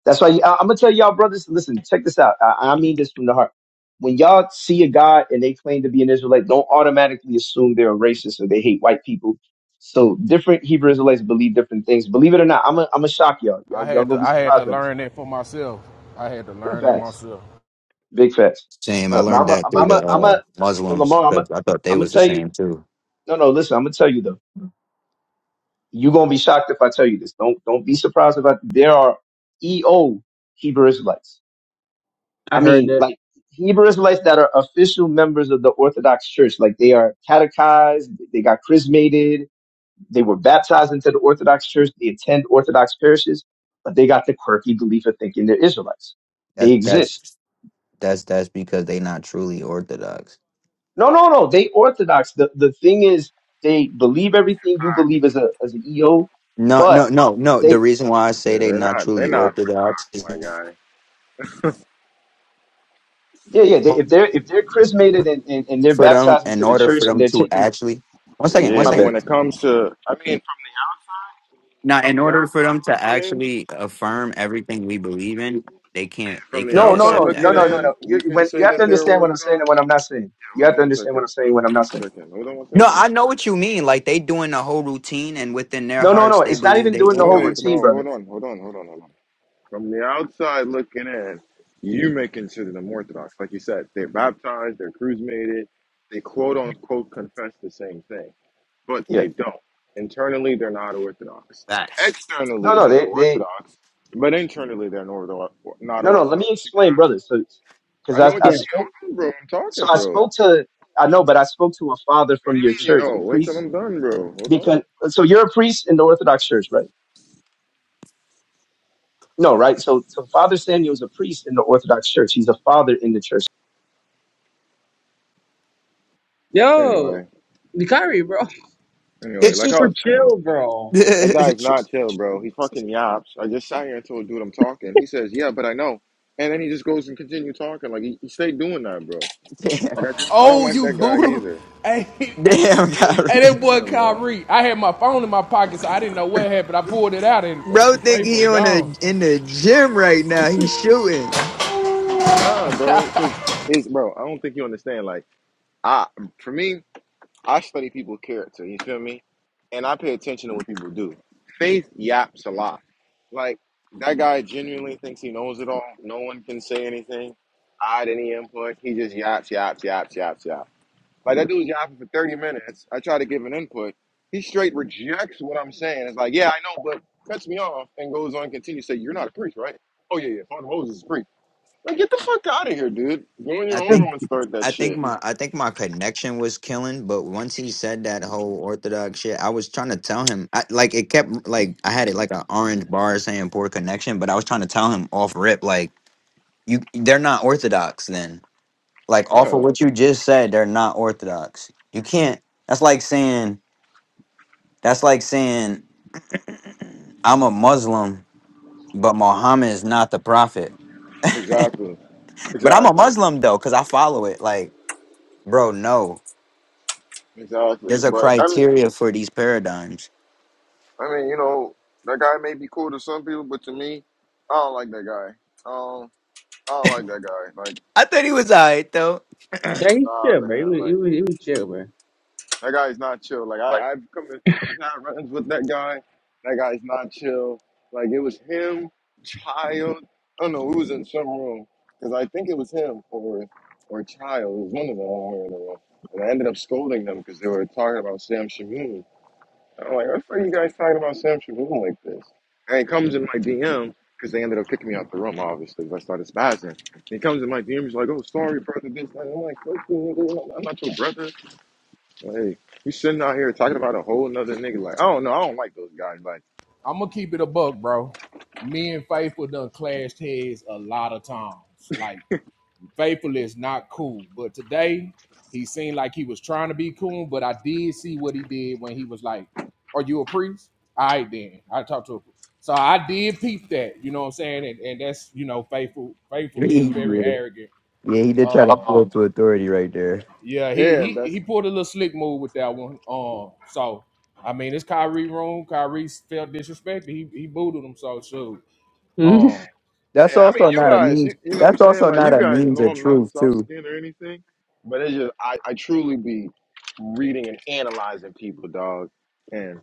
Speaker 6: That's why I, I'm gonna tell y'all, brothers. Listen, check this out. I, I mean this from the heart. When y'all see a guy and they claim to be an Israelite, don't automatically assume they're a racist or they hate white people. So different Hebrew Israelites believe different things. Believe it or not, I'm gonna I'm gonna shock y'all. y'all.
Speaker 5: I
Speaker 6: Y'all
Speaker 5: had
Speaker 6: gonna
Speaker 5: to,
Speaker 6: be
Speaker 5: I had
Speaker 6: surprised
Speaker 5: to
Speaker 6: by this.
Speaker 5: learn that for myself. I had to learn that
Speaker 6: Facts,
Speaker 5: myself.
Speaker 6: big facts.
Speaker 3: Same. I
Speaker 6: But, but
Speaker 3: learned
Speaker 6: I'm a,
Speaker 3: that through
Speaker 6: am a,
Speaker 3: the
Speaker 6: I'm
Speaker 3: uh,
Speaker 6: a, but
Speaker 3: Muslims.
Speaker 6: Lamar. I'm a,
Speaker 3: 'cause I thought they
Speaker 6: I'm gonna
Speaker 3: was the
Speaker 6: tell you.
Speaker 3: same too.
Speaker 6: No, no. Listen, I'm gonna tell you though. You're gonna be shocked if I tell you this. Don't don't be surprised about. There are EO Hebrew Israelites.
Speaker 2: I
Speaker 6: I
Speaker 2: heard
Speaker 6: mean,
Speaker 2: that.
Speaker 6: like Hebrew Israelites that are official members of the Orthodox Church, like they are catechized, they got chrismated, they were baptized into the Orthodox Church, they attend Orthodox parishes, but they got the quirky belief of thinking they're Israelites.
Speaker 3: That's
Speaker 6: They exist.
Speaker 3: that's That's that's because they not truly orthodox.
Speaker 6: No, no, no. They Orthodox. The the thing is, they believe everything you believe as a as an EO,
Speaker 3: No, no,
Speaker 6: but
Speaker 3: no, no. The
Speaker 6: they
Speaker 3: reason why I
Speaker 1: Yeah,
Speaker 3: say they
Speaker 1: they're
Speaker 3: not
Speaker 1: not. They're
Speaker 3: truly
Speaker 1: not
Speaker 3: orthodox is
Speaker 1: my guy.
Speaker 6: yeah yeah. They,
Speaker 3: for
Speaker 6: if they're if they're chrismated and, and and they're
Speaker 3: them
Speaker 6: baptized
Speaker 3: in
Speaker 6: into the
Speaker 3: order for
Speaker 6: church and
Speaker 3: them
Speaker 6: they're
Speaker 3: to
Speaker 6: taking
Speaker 3: actually one second, one
Speaker 1: Yeah,
Speaker 6: my
Speaker 1: but
Speaker 6: bad
Speaker 1: when
Speaker 3: second.
Speaker 1: it comes to, I mean, [laughs]
Speaker 3: Now,
Speaker 1: from, from
Speaker 3: in
Speaker 1: the
Speaker 3: order for them to
Speaker 1: outside looking in,
Speaker 3: actually affirm everything we believe in, they can't they
Speaker 1: from the
Speaker 6: No,
Speaker 3: can't
Speaker 6: no,
Speaker 1: outside
Speaker 6: no,
Speaker 3: accept
Speaker 6: no,
Speaker 3: that,
Speaker 1: looking
Speaker 6: no,
Speaker 3: bro.
Speaker 6: no,
Speaker 1: in,
Speaker 6: no.
Speaker 1: you
Speaker 6: You
Speaker 1: can
Speaker 6: when you
Speaker 1: say
Speaker 6: have to
Speaker 1: that they're
Speaker 6: understand what I'm saying and
Speaker 1: Orthodox.
Speaker 6: what I'm not saying.
Speaker 1: Yeah,
Speaker 6: You
Speaker 1: hold
Speaker 6: have
Speaker 1: on
Speaker 6: to
Speaker 1: one
Speaker 6: understand what
Speaker 1: second.
Speaker 6: I'm saying,
Speaker 1: Hold
Speaker 6: what I'm
Speaker 1: on
Speaker 6: not
Speaker 1: one
Speaker 6: saying.
Speaker 1: second. Hold on one
Speaker 3: No,
Speaker 1: second.
Speaker 3: I know what you mean. Like they doing the whole routine, and within their
Speaker 6: No, no,
Speaker 3: hearts,
Speaker 6: no.
Speaker 3: they
Speaker 6: It's not
Speaker 3: believe
Speaker 6: even
Speaker 3: they
Speaker 6: doing the
Speaker 1: Wait,
Speaker 3: even
Speaker 6: whole
Speaker 1: wait, bro.
Speaker 6: routine,
Speaker 3: orthodox.
Speaker 1: Hold
Speaker 6: brother.
Speaker 1: on. Hold on. Hold on. Hold on. From the outside looking in, you may consider them Orthodox. Like you said, they're baptized. They're cruise mated. They quote unquote confess the same thing. but
Speaker 6: Yeah.
Speaker 1: they don't. Internally, they're not Orthodox.
Speaker 3: Facts.
Speaker 6: No,
Speaker 1: Externally,
Speaker 6: no,
Speaker 1: they're
Speaker 6: they, they,
Speaker 1: Orthodox, but internally, they're not Ortho- not
Speaker 6: no, no. Let me
Speaker 1: Orthodox. You
Speaker 6: explain, brother. So,
Speaker 1: can,
Speaker 6: because
Speaker 1: I
Speaker 6: I,
Speaker 1: know what
Speaker 6: I
Speaker 1: you
Speaker 2: Yeah,
Speaker 1: mean.
Speaker 6: spoke,
Speaker 1: Hold on, bro. I'm talking,
Speaker 6: so I
Speaker 1: bro.
Speaker 6: spoke
Speaker 1: What
Speaker 6: to, I know, but I spoke to a father from your
Speaker 1: do you mean you
Speaker 6: church,
Speaker 1: know?
Speaker 6: a
Speaker 1: Wait till
Speaker 6: priest,
Speaker 1: I'm done, bro. Hold on.
Speaker 6: because so you're a priest in the Orthodox Church, right? No, right. So, so Father Samuel is a priest in the Orthodox Church. He's a father in the church.
Speaker 2: yo,
Speaker 1: Anyway,
Speaker 2: Kyrie, bro, [laughs]
Speaker 3: [laughs]
Speaker 1: anyway,
Speaker 2: he's
Speaker 1: like I
Speaker 2: super
Speaker 1: was saying,
Speaker 2: chill, bro. [laughs]
Speaker 1: that
Speaker 3: Damn,
Speaker 1: guy's not chill, bro. He fucking yaps. I just sat here and told dude I'm talking. He says, yeah, but I know. And then he just goes and continue talking. Like, he, he stayed doing that, bro.
Speaker 3: [laughs]
Speaker 1: Like, I just, I don't
Speaker 5: Oh,
Speaker 1: like
Speaker 5: you
Speaker 1: that guy
Speaker 5: boodle!
Speaker 1: either.
Speaker 5: Hey, [laughs] hey,
Speaker 3: damn, Kyrie.
Speaker 5: that boy
Speaker 1: Yeah, bro.
Speaker 5: Kyrie. I had my phone in my pocket, so I didn't know what happened. I pulled it out, and I
Speaker 3: Bro,
Speaker 5: see
Speaker 3: think
Speaker 5: Faithful
Speaker 3: he on
Speaker 5: gone.
Speaker 3: the in the gym right now. He's shooting.
Speaker 1: Nah, bro. Because, it's, bro, I don't think you understand. Like, I for me, I study people's character. You feel me? And I pay attention to what people do. Faith yaps a lot. Like that guy genuinely thinks he knows it all. No one can say anything, add any input. He just yaps, yaps, yaps, yaps, yaps. Like that dude was yapping for thirty minutes. I try to give an input. He straight rejects what I'm saying. It's like, yeah, I know, but cuts me off and goes on. Continue to say, you're not a priest, right? Oh yeah, yeah. Father Moses is a priest. Like, get the fuck out of here, dude. Go in your
Speaker 3: I
Speaker 1: own
Speaker 3: think
Speaker 1: room and start that
Speaker 3: I think
Speaker 1: shit.
Speaker 3: my I think my connection was killing, but once he said that whole orthodox shit, I was trying to tell him I, like it kept like I had it like an orange bar saying poor connection, but I was trying to tell him off rip like you they're not orthodox then. Like off of
Speaker 1: Yeah,
Speaker 3: what you just said, they're not orthodox. You can't that's like saying that's like saying I'm a Muslim, but Muhammad is not the prophet.
Speaker 1: exactly.
Speaker 3: But I'm a
Speaker 1: Exactly.
Speaker 3: Muslim though, because I follow it. Like, bro, no.
Speaker 1: Exactly.
Speaker 3: There's a
Speaker 1: But I mean,
Speaker 3: criteria for these paradigms.
Speaker 1: I mean, you know, that guy may be cool to some people, but to me, I don't like that guy. Um, I don't like that guy. Like,
Speaker 3: I thought he was alright though.
Speaker 2: Yeah, Yeah, he's
Speaker 1: nah,
Speaker 2: chill, bro. He
Speaker 1: man.
Speaker 2: was he was,
Speaker 1: Like,
Speaker 2: he was chill, bro.
Speaker 1: that guy's not chill. Like,
Speaker 3: Like-
Speaker 1: I, I've come in, I've had runs with that guy. That guy's not chill. Like, it was him, child. I don't know who was in some room because I think it was him or or child. It was one of them. I don't remember. And I ended up scolding them because they were talking about Sam Shamoon. I'm like, what the fuck you guys talking about Sam Shaboom like this? And he comes in my DM, because they ended up kicking me out the room, obviously, because I started spazzing. And he comes in my DM, he's like, oh, sorry, brother, this, that. I'm like, "Fuck you, nigga. I'm not your brother. Like, hey, you sitting out here talking about a whole nother nigga. Like, I don't know, I don't like those guys. Like,
Speaker 5: I'm gonna keep it a buck, bro. Me and Faithful done clashed heads a lot of times. Like Faithful is not cool. But today, he seemed like he was trying to be cool, but I did see what he did when he was like, Are you a priest? All right, then. I talked to a priest. So I did peep that, you know what I'm saying? And, and that's, you know, faithful.
Speaker 3: [laughs] yeah,
Speaker 5: Faithful is very arrogant.
Speaker 3: yeah, he did try to
Speaker 5: Uh
Speaker 3: pull up to authority right there.
Speaker 5: yeah, he
Speaker 1: yeah,
Speaker 5: he he
Speaker 1: that's,
Speaker 5: pulled a little slick move with that one. Um, so I mean it's Kyrie room. Kyrie felt disrespected. He he booted him so shoot.
Speaker 2: [laughs]
Speaker 5: Um,
Speaker 3: That's
Speaker 1: yeah, I mean,
Speaker 3: also
Speaker 1: you
Speaker 3: not a
Speaker 1: guys, you,
Speaker 3: means.
Speaker 1: you know what I'm
Speaker 3: That's
Speaker 1: saying?
Speaker 3: also
Speaker 1: Like,
Speaker 3: not
Speaker 1: you
Speaker 3: a
Speaker 1: guys
Speaker 3: means
Speaker 1: know
Speaker 3: of
Speaker 1: I'm not
Speaker 3: truth too.
Speaker 1: soft-skinned or anything, but it's just, I, I truly be reading and analyzing people, dog. and.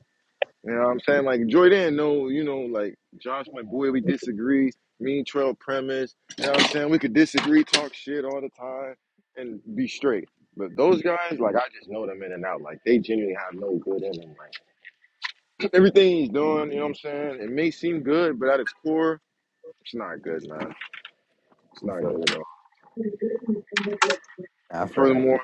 Speaker 1: You know what I'm saying? Like Jordan, no, you know, like Josh, my boy, we disagree. Me and Trell premise. You know what I'm saying? We could disagree, talk shit all the time, and be straight. But those guys, like I just know them in and out. Like they genuinely have no good in them. Like [clears throat] everything he's doing, you know what I'm saying? It may seem good, but at its core, it's not good, man. It's
Speaker 3: I
Speaker 1: not
Speaker 3: feel
Speaker 1: good
Speaker 3: that.
Speaker 1: at all.
Speaker 3: I
Speaker 1: And
Speaker 3: feel that.
Speaker 1: furthermore,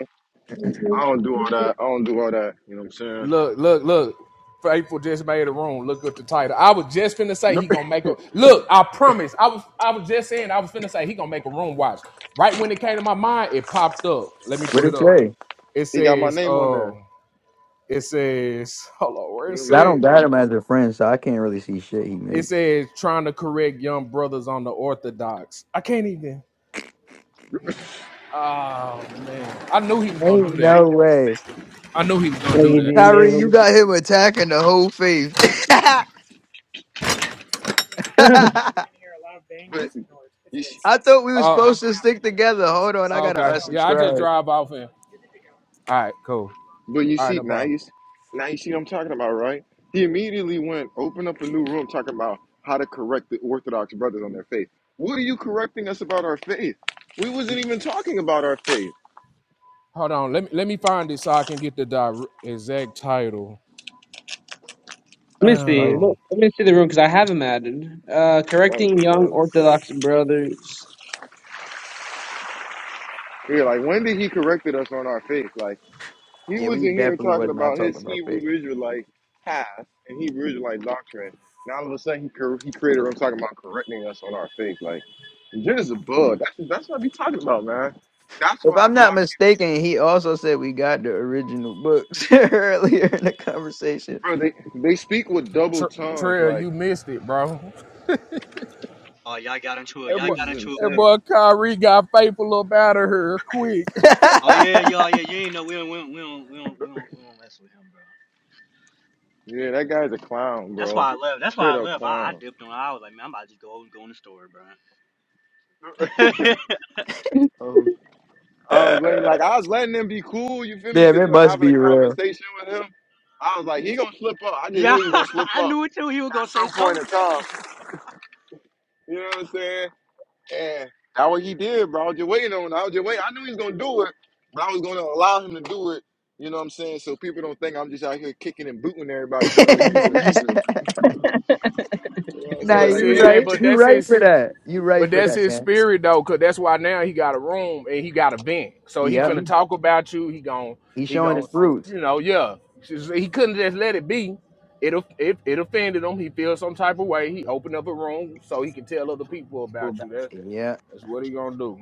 Speaker 2: Mhm.
Speaker 1: I don't do all that. I don't do all that. You know what
Speaker 5: Look, look, look. Faithful just made a room. Look at the title. I was just finna say
Speaker 1: I'm
Speaker 5: he
Speaker 1: saying? [laughs]
Speaker 5: gonna make a look. I promise. I was I was just saying I was finna say he gonna make a room watch. Right when it came to my mind, it popped up. Let me
Speaker 3: What
Speaker 5: pull it
Speaker 3: did
Speaker 5: up.
Speaker 3: Trey?
Speaker 5: It
Speaker 1: He got my
Speaker 5: says,
Speaker 1: name on there.
Speaker 5: um, it says, hold on, where
Speaker 1: You're
Speaker 5: is
Speaker 1: gonna be
Speaker 3: But I
Speaker 1: talking
Speaker 3: don't
Speaker 5: it?
Speaker 1: shit
Speaker 3: got him as a
Speaker 1: about
Speaker 3: friend, so I can't really see shit he
Speaker 5: It
Speaker 3: made.
Speaker 5: says trying to correct young brothers on the orthodox. I can't even.
Speaker 1: me.
Speaker 5: Oh man. I knew he was gonna
Speaker 3: Ain't
Speaker 5: do that.
Speaker 3: no way,
Speaker 5: I knew he was gonna
Speaker 2: Like,
Speaker 5: do
Speaker 2: he,
Speaker 5: that.
Speaker 2: he made a
Speaker 3: Tyree. You
Speaker 2: room.
Speaker 3: got him attacking the whole faith. [laughs]
Speaker 2: [laughs]
Speaker 3: I
Speaker 1: [laughs] But you,
Speaker 3: thought we were supposed to stick together. Hold on, I
Speaker 5: Oh,
Speaker 3: gotta
Speaker 5: okay. Yeah, I just
Speaker 3: unsubscribe.
Speaker 5: drive off and all right, cool.
Speaker 1: But you
Speaker 5: All right,
Speaker 1: see,
Speaker 5: no
Speaker 1: now
Speaker 5: problem.
Speaker 1: you, s- now you see what I'm talking about, right? He immediately went, opened up a new room talking about how to correct the Orthodox brothers on their faith. What are you correcting us about our faith? We wasn't
Speaker 5: Mm,
Speaker 1: even talking about our faith.
Speaker 5: Hold on. Let me let me find it so I can get the direct, exact title.
Speaker 2: Let me
Speaker 1: That
Speaker 2: see.
Speaker 1: is,
Speaker 2: Let
Speaker 5: Um,
Speaker 2: let me see the room because I have him added. Uh,
Speaker 1: that
Speaker 2: correcting
Speaker 1: is a
Speaker 2: young
Speaker 1: blow.
Speaker 2: Orthodox brothers.
Speaker 1: Yeah, like when did he corrected us on our faith? Like he
Speaker 3: Yeah, we
Speaker 1: wasn't here
Speaker 3: definitely
Speaker 1: talking
Speaker 3: was not
Speaker 1: about his
Speaker 3: talking about fake.
Speaker 1: Hebrew Israelite path and Hebrew Israelite doctrine. Now all of a sudden he cor- he created him talking about correcting us on our faith. Like Jen is a bug. That's that's what I be talking about, man. That's
Speaker 3: If
Speaker 1: why I
Speaker 3: I'm
Speaker 1: block.
Speaker 3: not mistaken, he also said we got the original books [laughs] earlier in the conversation.
Speaker 1: Bro, they they speak with double
Speaker 5: Tr-
Speaker 1: tongues.
Speaker 5: Trail,
Speaker 1: Like
Speaker 5: you missed it, bro.
Speaker 4: Oh, y'all got into it.
Speaker 5: That
Speaker 4: Y'all
Speaker 5: boy,
Speaker 1: this
Speaker 4: got
Speaker 1: is
Speaker 4: into it
Speaker 5: that
Speaker 4: with.
Speaker 1: insane.
Speaker 5: boy Kyrie got faithful up out of here quick. [laughs]
Speaker 3: [laughs]
Speaker 4: Oh yeah, y'all. Yeah, you ain't know we don't, we don't, we don't, we don't, we don't, we don't mess with him, bro.
Speaker 1: Yeah, that guy's a clown,
Speaker 4: That's
Speaker 1: bro.
Speaker 4: why I left. That's why
Speaker 1: Straight
Speaker 4: I
Speaker 1: up
Speaker 4: left. I, I
Speaker 1: clown.
Speaker 4: dipped on. I was like, man, I'm about to just go go in the store, bro. [laughs]
Speaker 2: [laughs]
Speaker 1: Um, I don't blame. Like I was letting them be cool. You feel me?
Speaker 3: Damn,
Speaker 1: Because
Speaker 3: it
Speaker 1: they were
Speaker 3: must
Speaker 1: having
Speaker 3: be
Speaker 1: a
Speaker 3: real.
Speaker 1: conversation with him. I was like, he gonna slip up. I just knew
Speaker 4: yeah,
Speaker 1: he was
Speaker 4: [laughs]
Speaker 1: gonna slip
Speaker 4: I
Speaker 1: up
Speaker 4: knew it too. He was gonna
Speaker 1: at
Speaker 4: say
Speaker 1: some point
Speaker 4: something
Speaker 1: in time.
Speaker 4: crazy.
Speaker 1: You know what I'm saying? And that's what he did, bro. I was just waiting on. it. I was just waiting. I knew he was gonna do it, but I was gonna allow him to do it. You know what I'm saying? So people don't think I'm just out here kicking and booting everybody for no
Speaker 3: [laughs]
Speaker 1: reason. You know what I'm
Speaker 3: nah,
Speaker 1: saying?
Speaker 5: But
Speaker 1: Like,
Speaker 3: you
Speaker 5: see
Speaker 1: damn,
Speaker 5: that,
Speaker 3: right.
Speaker 1: nigga.
Speaker 5: but
Speaker 1: [laughs]
Speaker 3: You
Speaker 5: that's
Speaker 3: right for
Speaker 5: his,
Speaker 3: that. You right
Speaker 5: but
Speaker 3: for
Speaker 5: that's
Speaker 3: that,
Speaker 5: his
Speaker 3: man.
Speaker 5: spirit though, cause that's why now he got a room and he got a vent. So he
Speaker 3: Yeah,
Speaker 5: finna talk about you. He gon'
Speaker 3: He's
Speaker 5: he
Speaker 3: showing his
Speaker 5: gon'
Speaker 3: fruits.
Speaker 5: you know, yeah. Just- He couldn't just let it be. It off- it, it offended him. He feels some type of way. He opened up a room so he can tell other people about you.
Speaker 3: Yeah.
Speaker 5: That's what he gonna do.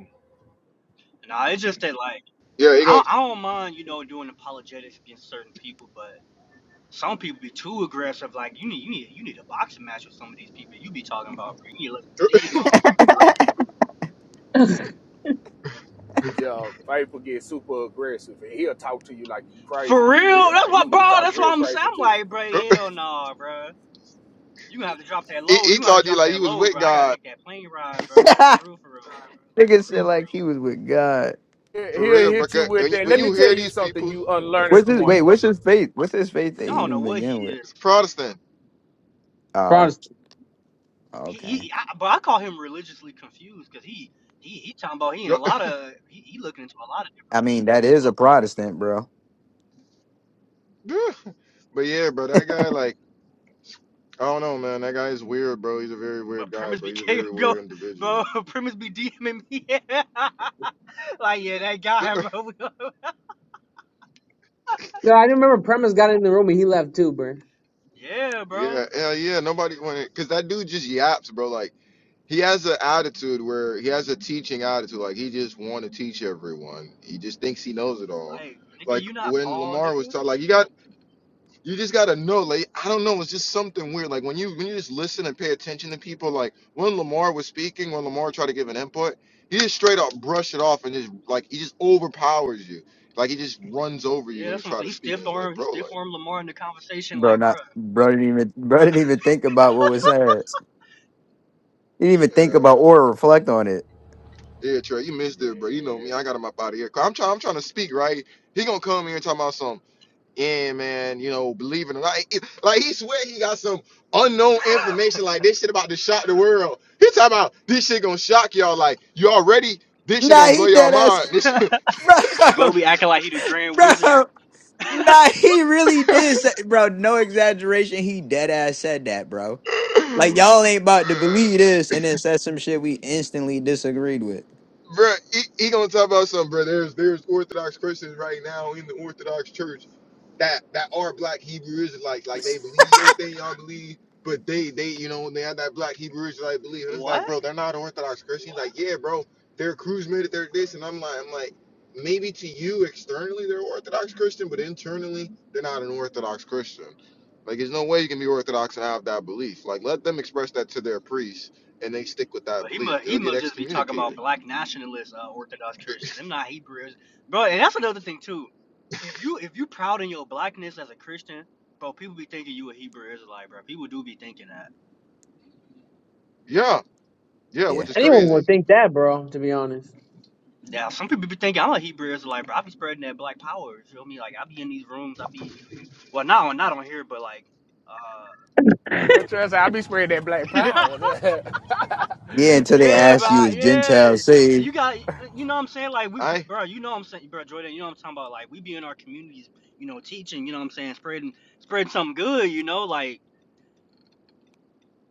Speaker 4: Nah, it's just that like.
Speaker 1: Yeah, he
Speaker 4: I,
Speaker 1: gonna.
Speaker 4: I don't mind, you know, doing apologetics against certain people, but some people be too aggressive. Like you need, you need, you need a boxing match with some of these people you be talking about. Bro. You need to let some steam off.
Speaker 5: Yeah, Faithful gets super aggressive and he'll talk to you like you crazy
Speaker 4: For
Speaker 5: for
Speaker 4: real,
Speaker 5: real.
Speaker 4: that's
Speaker 5: Like he,
Speaker 4: what,
Speaker 5: he
Speaker 4: bro.
Speaker 5: talk
Speaker 4: That's why
Speaker 5: real
Speaker 4: I'm saying.
Speaker 5: crazy
Speaker 4: I'm
Speaker 5: to you.
Speaker 4: like, bro, hell nah, bro. You gonna have to drop that
Speaker 1: He,
Speaker 4: load.
Speaker 1: he
Speaker 4: You gonna have to
Speaker 1: talked to you
Speaker 4: drop
Speaker 1: like he
Speaker 4: that
Speaker 1: was
Speaker 4: load,
Speaker 1: with
Speaker 4: bro. I gotta
Speaker 1: God
Speaker 4: take that plane ride,
Speaker 3: [laughs]
Speaker 4: bro. Like
Speaker 3: Nigga
Speaker 4: for real, for real.
Speaker 3: said like he was with God.
Speaker 5: He-
Speaker 1: for
Speaker 5: He'll
Speaker 1: real, bro.
Speaker 5: hit you
Speaker 1: 'Cause
Speaker 5: with
Speaker 1: When you,
Speaker 5: that.
Speaker 1: when
Speaker 5: Let me
Speaker 1: you
Speaker 5: tell
Speaker 1: hear
Speaker 5: you
Speaker 1: these
Speaker 5: something,
Speaker 1: people,
Speaker 5: you
Speaker 3: What's
Speaker 5: unlearned
Speaker 3: his wait,
Speaker 5: one.
Speaker 3: what's his faith? What's his faith they
Speaker 4: I don't know
Speaker 3: even
Speaker 4: what he
Speaker 3: begin with?
Speaker 4: is.
Speaker 1: he's a Protestant.
Speaker 3: Oh,
Speaker 2: Protestant.
Speaker 4: He,
Speaker 3: okay.
Speaker 4: he I, but I call him religiously confused because he, he, he talking about he in
Speaker 1: Yo-
Speaker 4: a lot of, he, he looking into a lot of.
Speaker 3: I mean, that is a Protestant, bro.
Speaker 1: [laughs] but yeah, bro, that guy like I don't know, man. That guy is weird, bro. He's a very
Speaker 4: Well,
Speaker 1: weird guy,
Speaker 4: premise
Speaker 1: bro.
Speaker 4: be
Speaker 1: He's a
Speaker 4: [laughs] K,
Speaker 1: very
Speaker 4: bro,
Speaker 1: weird
Speaker 4: bro.
Speaker 1: individual.
Speaker 4: Premise be DMing me. [laughs] Yeah. like, yeah, that
Speaker 1: [laughs]
Speaker 4: guy, bro. [laughs]
Speaker 2: No, I remember Premise got in the room and he left too, bro.
Speaker 4: yeah,
Speaker 1: Yeah,
Speaker 4: bro.
Speaker 1: hell yeah. Nobody wanted because that dude just yaps, bro. Like he has an attitude where he has a teaching attitude. Like he just want to teach everyone. He just thinks he knows it all.
Speaker 4: Like, nigga,
Speaker 1: Like
Speaker 4: you not
Speaker 1: when
Speaker 4: Paul,
Speaker 1: Lamar was
Speaker 4: nigga.
Speaker 1: talking, like you got you just gotta know, like I don't know, it's just something weird. Like when you when you just listen and pay attention to people, like when Lamar was speaking, when Lamar tried to give an input, he just straight up brush it off and just like he just overpowers you. Like he just runs over you
Speaker 4: Yeah,
Speaker 1: when you
Speaker 4: that's what I'm
Speaker 1: try
Speaker 4: saying.
Speaker 1: to
Speaker 4: He
Speaker 1: speak, and
Speaker 4: stiff
Speaker 1: it's like,
Speaker 4: arm, he
Speaker 1: bro,
Speaker 4: stiff
Speaker 1: like,
Speaker 4: arm Lamar in the conversation,
Speaker 3: Bro,
Speaker 4: like,
Speaker 3: not
Speaker 4: bro.
Speaker 3: bro didn't even [laughs] bro didn't even think about what was said. He didn't even think
Speaker 1: yeah,
Speaker 3: about or reflect on it.
Speaker 1: yeah, Trey, you missed
Speaker 5: Yeah.
Speaker 1: it, bro. You know me, I got him up out of here. i I'm trying, I'm trying to speak, right? He gonna come here and talk about some. Yeah, man. You know, believe it or not, It- like he swear he got some unknown information, like this shit about to shock the world. He talking about this shit gonna shock y'all. Like you already, this shit
Speaker 3: Nah,
Speaker 1: gonna blow
Speaker 3: he
Speaker 1: y'all
Speaker 3: dead ass,
Speaker 1: mind.
Speaker 3: [laughs]
Speaker 1: This
Speaker 4: [laughs]
Speaker 3: bro,
Speaker 4: bro be acting like he the Grand Wizard.
Speaker 3: bro.
Speaker 4: [laughs]
Speaker 3: Nah, he really
Speaker 1: shit.
Speaker 3: did say, bro. No exaggeration, he dead ass said that, bro. Like
Speaker 1: [laughs]
Speaker 3: y'all ain't about to believe this, and then said some shit we instantly disagreed with.
Speaker 1: bro. He, he gonna talk about something, bro. There's there's Orthodox Christians right now in the Orthodox Church that that are Black Hebrew Israelites. Like they believe everything y'all believe, but they they you know they have that Black Hebrew Israelite belief. And it's like,
Speaker 4: what?
Speaker 1: bro, they're not Orthodox Christians. Like, yeah, bro, they're cruise made it. They're this, and I'm like, I'm like, maybe to you externally they're Orthodox Christian, but internally they're not an Orthodox Christian. Like, there's no way you can be Orthodox and have that belief. Like, let them express that to their priest, and they stick with that
Speaker 4: But he
Speaker 1: belief.
Speaker 4: must, he
Speaker 1: They'll get
Speaker 4: must just be talking
Speaker 1: excommunicated.
Speaker 4: about black nationalist uh, Orthodox Christians. Them not Hebrews, bro. And that's another thing too. If you if you proud in your blackness as a Christian, bro, people be thinking you a Hebrew Israelite, bro. People do be thinking that.
Speaker 1: Yeah, Yeah, which
Speaker 3: Yeah,
Speaker 1: is
Speaker 2: Anyone
Speaker 1: crazy.
Speaker 2: would think that, bro. To be honest,
Speaker 4: Yeah, some people be thinking I'm a Hebrew Israelite, bro. I be spreading that black power. You feel me? Like I be in these rooms. I be well, not on not on here, but like, uh,
Speaker 5: Well, trust me, i be spreading that black
Speaker 4: [laughs]
Speaker 5: power. [laughs]
Speaker 3: yeah. Until they
Speaker 4: yeah,
Speaker 3: ask
Speaker 4: bro,
Speaker 3: you, is
Speaker 4: yeah.
Speaker 3: Gentile
Speaker 4: Cause
Speaker 3: saved?
Speaker 4: you got, you know what I'm saying? Like we,
Speaker 1: I
Speaker 4: bro, you know what I'm saying, bro, Jordan. You know what I'm talking about? Like we be in our communities, you know, teaching. You know what I'm saying? Spreading, spreading something good. You know, like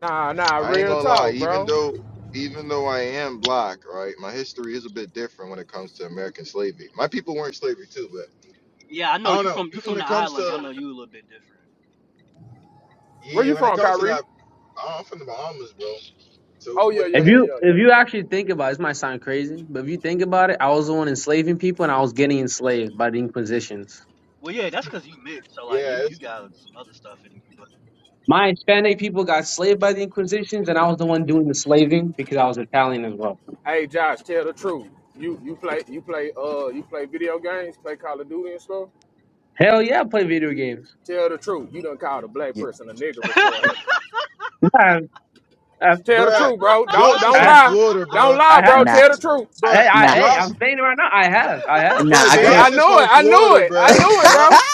Speaker 5: nah, nah,
Speaker 1: I ain't
Speaker 5: real
Speaker 1: gonna lie.
Speaker 5: talk,
Speaker 1: Even
Speaker 5: bro.
Speaker 1: though even though I am black, right, my history is a bit different when it comes to American slavery. My people were in slavery too, but
Speaker 4: yeah, I
Speaker 1: I
Speaker 4: know
Speaker 1: don't
Speaker 4: you
Speaker 1: know.
Speaker 4: from you
Speaker 1: [clears throat] when
Speaker 4: from
Speaker 1: it
Speaker 4: the
Speaker 1: comes
Speaker 4: islands. I
Speaker 1: to
Speaker 4: know you a little bit different.
Speaker 5: Where
Speaker 1: yeah,
Speaker 5: you
Speaker 1: when it
Speaker 5: from,
Speaker 1: comes to
Speaker 5: Kyrie?
Speaker 1: that, oh, I'm from the Bahamas, bro. So
Speaker 5: Oh
Speaker 1: when
Speaker 5: yeah,
Speaker 1: it-
Speaker 5: yeah,
Speaker 2: if
Speaker 1: when it
Speaker 5: yeah,
Speaker 2: you
Speaker 5: yeah, yeah.
Speaker 2: if you actually think about it, this might sound crazy, but if you think about it, I was the one enslaving people and I was getting enslaved by the Inquisitions.
Speaker 4: Well, yeah, that's cause you mixed. So like
Speaker 1: yeah,
Speaker 4: you you
Speaker 1: it's
Speaker 4: got some other stuff in you, but.
Speaker 2: My Hispanic people got slaved by the Inquisitions, and I was the one doing the slaving because I was Italian as well.
Speaker 5: Hey Josh, tell the truth. You you play you play uh you play video games, play Call of Duty and stuff.
Speaker 2: Hell yeah, I play video games.
Speaker 5: Tell the truth. You done called a black
Speaker 3: Yeah.
Speaker 5: person a nigger before it happened.
Speaker 2: Yeah, I, I,
Speaker 5: Tell the
Speaker 1: bruh.
Speaker 5: truth, bro. Don't
Speaker 1: Josh is
Speaker 5: don't
Speaker 2: I,
Speaker 1: from
Speaker 5: lie.
Speaker 1: Florida,
Speaker 5: Don't
Speaker 1: bruh.
Speaker 2: I
Speaker 5: lie,
Speaker 2: have.
Speaker 5: bro.
Speaker 3: Nah,
Speaker 5: Tell the truth.
Speaker 2: Hey, I,
Speaker 1: Bruh,
Speaker 3: nah.
Speaker 2: hey,
Speaker 1: Josh,
Speaker 2: I'm saying it right now. I have, I
Speaker 4: [laughs]
Speaker 2: have,
Speaker 3: Nah, I
Speaker 1: bruh,
Speaker 2: I
Speaker 5: See,
Speaker 2: have,
Speaker 5: I
Speaker 3: can't.
Speaker 1: Josh
Speaker 5: knew
Speaker 1: is
Speaker 5: it.
Speaker 1: from
Speaker 5: I knew
Speaker 1: Florida,
Speaker 5: it. I
Speaker 3: [laughs]
Speaker 1: bruh.
Speaker 5: knew it,
Speaker 1: Josh.
Speaker 5: bro.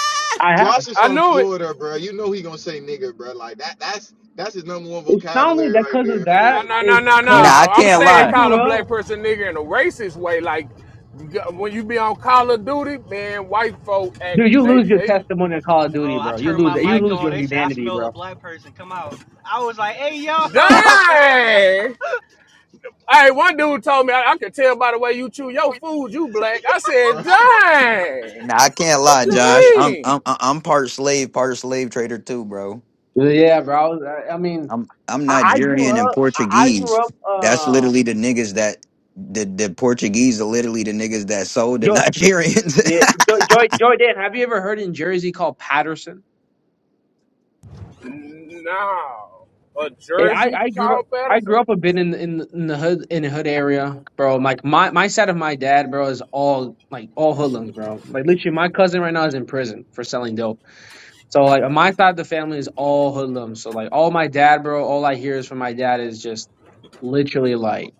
Speaker 2: I have.
Speaker 1: Josh is
Speaker 5: I
Speaker 1: from
Speaker 5: knew it.
Speaker 1: Florida, bruh. You know he gonna say nigga, bruh. Like that. That's that's his number one
Speaker 2: It's not only
Speaker 1: vocabulary
Speaker 2: that
Speaker 1: right
Speaker 2: because
Speaker 1: there
Speaker 2: of
Speaker 1: in
Speaker 5: Nah,
Speaker 2: that.
Speaker 1: Florida,
Speaker 5: nah, nah,
Speaker 2: It's
Speaker 1: bruh.
Speaker 5: nah,
Speaker 3: nah,
Speaker 2: because
Speaker 3: I
Speaker 5: nah. I'm
Speaker 2: I,
Speaker 3: can't
Speaker 5: saying
Speaker 2: I
Speaker 3: lie.
Speaker 5: call
Speaker 2: grew
Speaker 5: a
Speaker 2: up.
Speaker 5: black person nigger in a racist way. Like when you be on Call of Duty, man, white folk act
Speaker 2: Dude, you
Speaker 5: they
Speaker 2: lose your
Speaker 5: they
Speaker 2: testimony in Call of
Speaker 4: Bro,
Speaker 2: Duty,
Speaker 4: I
Speaker 2: bro. You
Speaker 4: turned
Speaker 2: lose
Speaker 4: my
Speaker 2: it. You
Speaker 4: mic
Speaker 2: lose
Speaker 4: on.
Speaker 2: your
Speaker 4: They said I
Speaker 2: humanity,
Speaker 4: smell a
Speaker 2: bro.
Speaker 4: black person come out. I was like, hey yo. [laughs]
Speaker 5: dang. Hey, one dude told me I, I could tell by the way you chew your food, you black. I
Speaker 1: [laughs]
Speaker 5: said,
Speaker 1: Bruh,
Speaker 5: dang.
Speaker 3: Nah, I can't
Speaker 5: What
Speaker 3: lie,
Speaker 5: you
Speaker 3: Josh. I'm
Speaker 5: mean?
Speaker 3: I'm I'm I'm part slave, part slave trader too, bro.
Speaker 2: Yeah, bro. I, I mean,
Speaker 3: I'm I'm
Speaker 2: I, I grew
Speaker 3: Nigerian and
Speaker 2: up. I, I
Speaker 3: Portuguese.
Speaker 2: grew up.
Speaker 3: That's
Speaker 2: Uh,
Speaker 3: literally the niggas that the the Portuguese are literally the niggas that sold the
Speaker 2: Joy,
Speaker 3: Nigerians.
Speaker 2: yeah, Joy, Joy, Joy Dan. Have you ever heard in Jersey called Patterson?
Speaker 5: No. A
Speaker 2: Yeah,
Speaker 5: jersey,
Speaker 2: I, I grew up.
Speaker 5: Carl
Speaker 2: I grew
Speaker 5: Patterson?
Speaker 2: up a bit in in in the hood in the hood area, bro. Like my my side of my dad, bro, is all like all hoodlums, bro. Like literally, my cousin right now is in prison for selling dope. So like on my side of the family is all hoodlums. So like all my dad, bro, all I hear is from my dad is just literally like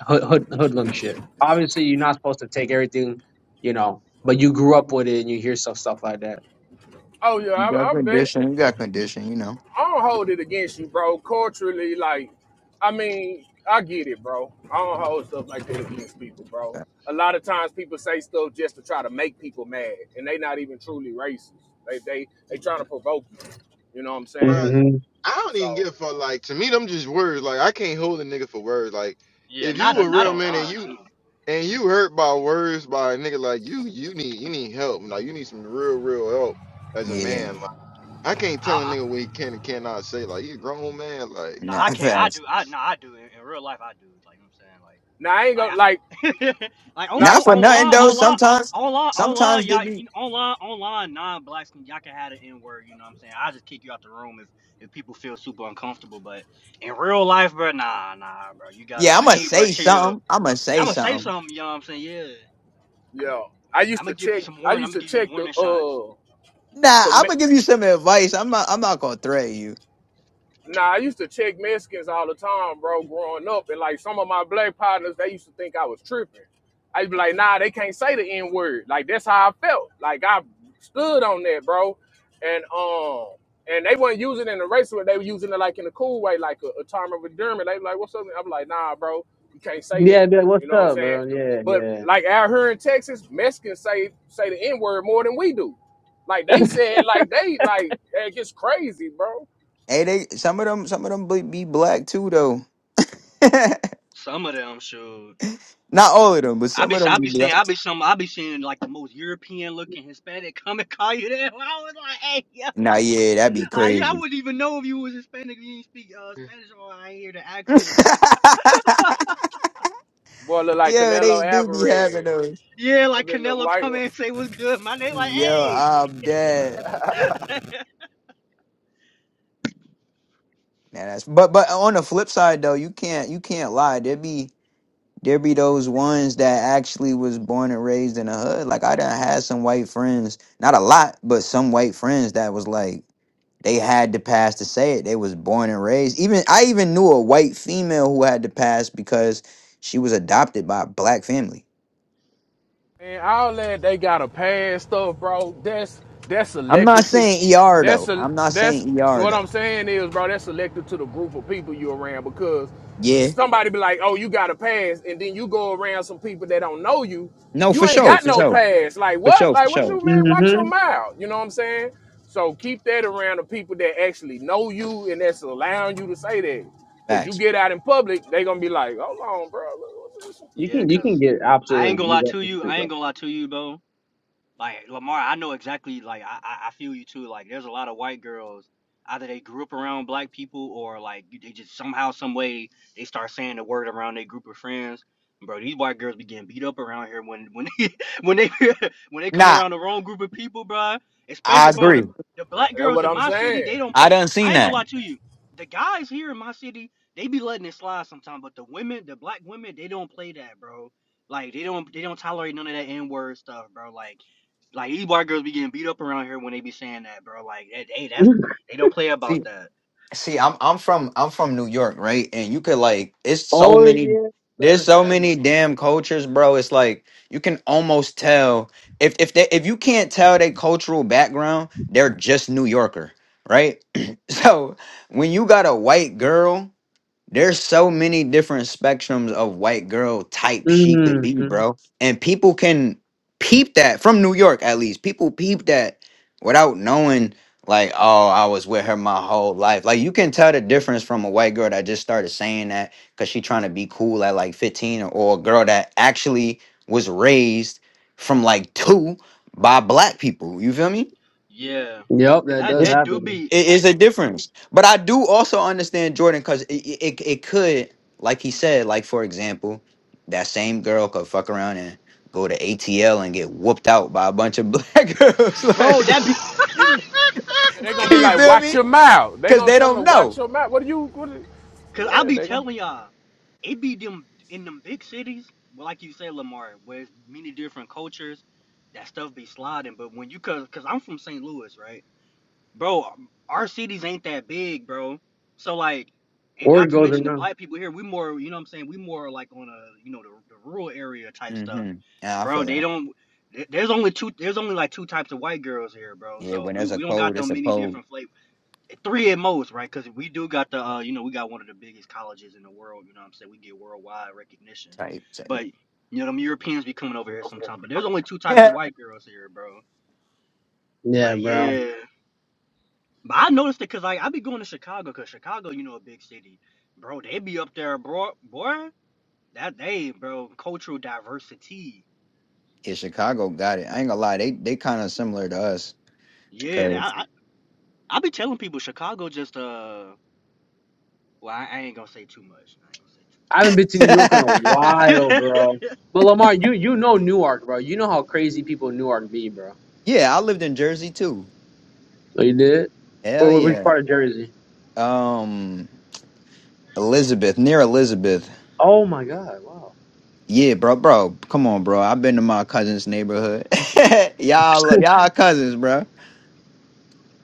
Speaker 2: hood, hood hoodlum shit. Obviously, you're not supposed to take everything, you know, but you grew up with it and you hear stuff stuff like that.
Speaker 5: Oh yeah,
Speaker 3: [laughs] you got
Speaker 5: I, I bet.
Speaker 3: condition. You got condition. You know.
Speaker 5: I don't hold it against you, bro. Culturally, like, I mean, I get it, bro. I don't hold stuff like that against people, bro. A lot of times people say stuff just to try to make people mad, and they not even truly racist. They they they trying to provoke you. You know what I'm saying?
Speaker 1: bruh,
Speaker 2: hmm
Speaker 1: I don't even
Speaker 5: So
Speaker 1: get for like to me them just words. Like I can't hold a nigga for words. Like
Speaker 4: yeah,
Speaker 1: if you a
Speaker 4: not not
Speaker 1: real man and
Speaker 4: online
Speaker 1: you
Speaker 4: too.
Speaker 1: and you hurt by words by a nigga, like you you need you need help. Like you need some real real help as a
Speaker 3: Yeah.
Speaker 1: man. Like I can't
Speaker 4: I,
Speaker 1: tell a
Speaker 4: I
Speaker 1: nigga what he can and cannot say. Like you a grown man. Like
Speaker 4: no,
Speaker 3: Not
Speaker 4: I can't. I
Speaker 3: fast.
Speaker 4: do.
Speaker 3: [laughs]
Speaker 4: I no, I do. In, in real life, I do. Like you know
Speaker 5: now I ain't
Speaker 4: what
Speaker 5: gonna like
Speaker 4: I'm saying, like like I, [laughs] like on,
Speaker 5: not
Speaker 4: on
Speaker 3: Not for nothing
Speaker 4: online
Speaker 3: though.
Speaker 4: online.
Speaker 3: Sometimes,
Speaker 4: Online, online,
Speaker 3: sometimes they
Speaker 4: y'all,
Speaker 3: be.
Speaker 4: you know, online, online, non-blacks, can- y'all can have the N-word. You know what I'm saying? I'll just kick you out the room if if people feel super uncomfortable. But in real life, bro, nah, nah, bro, you gotta
Speaker 3: Yeah,
Speaker 4: like,
Speaker 3: I'ma
Speaker 4: hey, bro,
Speaker 3: say
Speaker 4: chill.
Speaker 3: something. I'ma
Speaker 4: Y'all
Speaker 3: say
Speaker 4: gonna say
Speaker 3: something.
Speaker 4: something. You know what I'm saying? Yeah.
Speaker 5: yeah. I
Speaker 4: I'm
Speaker 5: used
Speaker 4: gonna
Speaker 5: to
Speaker 4: give you
Speaker 5: check.
Speaker 4: some
Speaker 5: I
Speaker 4: warning. I'm
Speaker 5: used
Speaker 4: gonna
Speaker 5: to
Speaker 4: give you
Speaker 5: check the
Speaker 4: warning shots.
Speaker 5: uh.
Speaker 3: Nah,
Speaker 5: com-
Speaker 3: I'm gonna give you some advice. I'm not. I'm not gonna threaten you.
Speaker 5: Nah, I used to check Mexicans all the time, bro, growing up. And like some of my black partners, they used to think I was tripping. I'd be like, nah, they can't say the N word. Like that's how I felt. Like I stood on that, bro. And um and they weren't using it in a racial way, they were using it like in a cool way, like a, a term of endearment. They were like, what's up? I'm like, nah, bro, you can't say that.
Speaker 2: Yeah, be like,
Speaker 5: You
Speaker 2: what's
Speaker 5: know what I'm
Speaker 2: up,
Speaker 5: saying?
Speaker 2: bro?
Speaker 5: But
Speaker 2: Yeah,
Speaker 5: like out here in Texas, Mexicans say say the N word more than we do. Like they said, like they like it gets crazy, bro.
Speaker 3: Hey, they some of them. Some of them be, be black too, though.
Speaker 4: Some of them should.
Speaker 3: [laughs] not all of them, but
Speaker 4: I
Speaker 3: some of
Speaker 4: be
Speaker 3: them
Speaker 4: I
Speaker 3: be
Speaker 4: be seeing
Speaker 3: black.
Speaker 4: I be some I be seeing like the most European looking Hispanic coming [laughs] call you that. [laughs] I was like, hey, yeah,
Speaker 3: Nah, yeah, that'd be
Speaker 4: like, yeah, I
Speaker 3: crazy.
Speaker 4: wouldn't even know if you was Hispanic. if You didn't speak uh, Spanish or I ain't hear the
Speaker 3: [laughs] yeah,
Speaker 4: accent, bro.
Speaker 5: Boy look like
Speaker 3: they
Speaker 5: Canelo
Speaker 3: do be having
Speaker 5: Alvarez.
Speaker 3: those.
Speaker 4: Yeah,
Speaker 5: I've
Speaker 4: like
Speaker 5: been the
Speaker 4: Canelo come
Speaker 5: white.
Speaker 4: in and say what's good. My name like,
Speaker 3: Yo,
Speaker 4: hey.
Speaker 3: I'm dead.
Speaker 4: [laughs]
Speaker 3: Nah, that's but but on the flip side though, you can't you can't lie. There be there be those ones that actually was born and raised in the hood. Like I done had some white friends, not a lot, but some white friends that was like. They had the past to say it. They was born and raised. Even I even knew a white female who had the past because she was adopted by a black family.
Speaker 5: And all that they got a pass stuff, bro. That's that's
Speaker 3: I'm not
Speaker 5: selective to
Speaker 3: saying ER
Speaker 5: that's
Speaker 3: though.
Speaker 5: a
Speaker 3: I'm not
Speaker 5: that's
Speaker 3: saying ER
Speaker 5: what I'm
Speaker 3: though.
Speaker 5: saying is, bro, that's selective to the group of people you around because
Speaker 3: Yeah.
Speaker 5: somebody be like, Oh, you got a pass, and then you go around some people that don't know you,
Speaker 3: No,
Speaker 5: you
Speaker 3: for
Speaker 5: ain't
Speaker 3: sure.
Speaker 5: got
Speaker 3: For
Speaker 5: no
Speaker 3: sure.
Speaker 5: pass. Like
Speaker 3: For
Speaker 5: what?
Speaker 3: sure. For
Speaker 5: Like what do
Speaker 3: sure.
Speaker 5: you mean? Watch
Speaker 2: yeah.
Speaker 5: your mouth. You know what I'm saying? So keep that around the people that actually know you and that's allowing you to say that. Cause you
Speaker 3: Facts.
Speaker 5: get out in public, they gonna be like, Hold on, bro. Look, what this-
Speaker 2: You
Speaker 4: Yeah,
Speaker 2: can you can
Speaker 4: cause
Speaker 2: get
Speaker 4: I
Speaker 2: absolutely
Speaker 4: ain't
Speaker 2: like,
Speaker 4: gonna lie
Speaker 2: beat up
Speaker 4: to
Speaker 2: in the
Speaker 4: you.
Speaker 2: street,
Speaker 4: I ain't
Speaker 2: bro.
Speaker 4: gonna lie to you, bro. Like Lamar, I know exactly. Like I, I I feel you too. Like there's a lot of white girls. Either they grew up around black people, or like you- they just somehow, some way, they start saying the word around their group of friends. Bro, these white girls be getting beat up around here when when [laughs] they, when they [laughs] when they come
Speaker 3: Nah,
Speaker 4: around the wrong group of people, bro.
Speaker 3: I
Speaker 4: Especially, bro,
Speaker 3: agree.
Speaker 4: the the
Speaker 5: that-
Speaker 4: black
Speaker 5: That's
Speaker 4: girls
Speaker 5: what
Speaker 4: in
Speaker 5: I'm
Speaker 4: my city,
Speaker 5: saying.
Speaker 4: they don't
Speaker 3: I
Speaker 4: play.
Speaker 3: done
Speaker 4: I
Speaker 3: seen
Speaker 4: ain't gonna
Speaker 3: that.
Speaker 4: lie to you. The guys here in my city, they be letting it slide sometimes, but the women, the black women, they don't play that, bro. Like they don't they don't tolerate none of that N word stuff, bro. Like like these white girls be getting beat up around here when they be saying that, bro. Like, that, hey, that's
Speaker 2: [laughs]
Speaker 4: they don't play
Speaker 3: See.
Speaker 4: about that.
Speaker 3: See, I'm I'm from I'm from New York, right? And you could like it's so
Speaker 2: oh
Speaker 3: many
Speaker 2: yeah,
Speaker 3: there's
Speaker 2: sir.
Speaker 3: so
Speaker 2: Oh my
Speaker 3: many damn cultures, bro. It's like you can almost tell if if they if you can't tell their cultural background, they're just New Yorker, right? [clears throat] so when you got a white girl there's so many different spectrums of white girl type she could
Speaker 2: goodness.
Speaker 3: be,
Speaker 2: hmm
Speaker 3: bro. And people can peep that from New York at least. People peep that without knowing like, oh, I was with her my whole life. Like you can tell the difference from a white girl that just started saying that cuz she trying to be cool at like 15 or, or a girl that actually was raised from like 2 by black people. You feel me?
Speaker 4: Yeah,
Speaker 2: Yep,
Speaker 4: cause
Speaker 2: that
Speaker 4: that
Speaker 2: does
Speaker 4: that do
Speaker 2: happen.
Speaker 4: be,
Speaker 3: it is a difference. But I do also understand Jordan because it, it it could, like he said, like for example, that same girl could fuck around and go to ATL and get whooped out by a bunch of [laughs] black girls.
Speaker 4: bro.
Speaker 3: like,
Speaker 4: That be,
Speaker 5: Yeah, they gonna be
Speaker 3: can you
Speaker 5: like,
Speaker 4: [laughs]
Speaker 3: feel
Speaker 5: watch
Speaker 3: me?
Speaker 5: your mouth. They
Speaker 3: Because
Speaker 5: gonna
Speaker 3: they
Speaker 5: tell them to
Speaker 3: don't
Speaker 5: watch
Speaker 3: know.
Speaker 5: your mouth. What do you? What? do-
Speaker 4: cause I
Speaker 5: yeah,
Speaker 4: be
Speaker 5: they gonna
Speaker 4: telling y'all, it be them in them big cities, well, like you said, Lamar, where it's many different cultures. That stuff be sliding, but when you cause, cause I'm from St. Louis, right? bro, um, our cities ain't that big, bro. So like, and not
Speaker 2: Word
Speaker 4: to
Speaker 2: goes
Speaker 4: mention the
Speaker 2: around.
Speaker 4: black people here, we more, you know what I'm saying? We more like on a, you know, the, the rural area type stuff,
Speaker 3: Mm-hmm. Yeah, I
Speaker 4: bro.
Speaker 3: feel
Speaker 4: They
Speaker 3: that.
Speaker 4: don't. there- There's only two. There's only like two types of white girls here, bro.
Speaker 3: Yeah,
Speaker 4: So
Speaker 3: when
Speaker 4: we,
Speaker 3: there's a
Speaker 4: we don't got
Speaker 3: cold, it's
Speaker 4: them
Speaker 3: a
Speaker 4: many
Speaker 3: cold
Speaker 4: different flavors. Three at most, right? Because we do got the, uh, you know, we got one of the biggest colleges in the world. You know what I'm saying? We get worldwide recognition.
Speaker 3: type. type.
Speaker 4: But you know, them Europeans be coming over here sometime. But
Speaker 3: [laughs]
Speaker 4: there's only two types of
Speaker 3: Yeah.
Speaker 4: white girls here, bro.
Speaker 2: Yeah,
Speaker 4: Like
Speaker 2: bro.
Speaker 4: yeah. But I noticed it because like I be going to Chicago because Chicago, you know, a big city, bro. They be up there, bro. Boy, that they, bro, cultural diversity.
Speaker 3: yeah, Chicago got it. I ain't gonna lie, they they kind of similar to us.
Speaker 4: Yeah, that-
Speaker 3: 'cause-
Speaker 4: I, I I be telling people Chicago just uh, well, I, I ain't gonna say too much. I
Speaker 2: I haven't been to
Speaker 3: [laughs]
Speaker 2: New York in a
Speaker 3: yeah,
Speaker 4: ain't
Speaker 2: while,
Speaker 4: gonna say too much.
Speaker 2: bro. But Lamar, you you know Newark, bro. You know how crazy people in Newark be, bro.
Speaker 3: I lived in Jersey too.
Speaker 2: Oh, you did?
Speaker 3: Hell
Speaker 2: Or wh- which
Speaker 3: yeah.
Speaker 2: part of Jersey?
Speaker 3: Um, Elizabeth, near Elizabeth.
Speaker 2: Oh my God! Wow.
Speaker 3: Yeah, bro, bro, come on, bro. I've been to my cousin's neighborhood. [laughs]
Speaker 2: [laughs]
Speaker 3: y'all, y'all cousins, bro.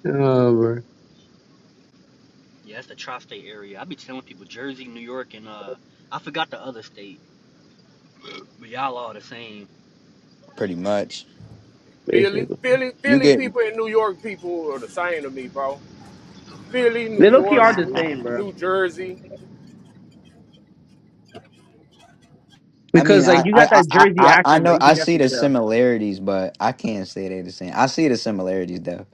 Speaker 2: oh, bro.
Speaker 4: [laughs] yeah, that's the tri-state area. I be telling people Jersey, New York, and uh, I forgot the other state, but y'all all the same.
Speaker 3: Pretty much.
Speaker 5: Philly,
Speaker 2: Basically,
Speaker 5: Philly,
Speaker 3: You
Speaker 5: Philly
Speaker 3: get.
Speaker 5: people and New York people are the same to me, bro. Philly, New
Speaker 2: they low key
Speaker 5: York,
Speaker 2: are the
Speaker 5: New,
Speaker 2: same, bro.
Speaker 5: New Jersey,
Speaker 3: I mean,
Speaker 2: Because like
Speaker 3: I,
Speaker 2: you got
Speaker 3: I,
Speaker 2: that
Speaker 3: I,
Speaker 2: Jersey
Speaker 3: I, I
Speaker 2: accent, but
Speaker 3: know
Speaker 2: you
Speaker 3: I
Speaker 2: can
Speaker 3: see
Speaker 2: definitely
Speaker 3: the
Speaker 2: tell.
Speaker 3: similarities, but I can't say they're the same. I see the similarities though,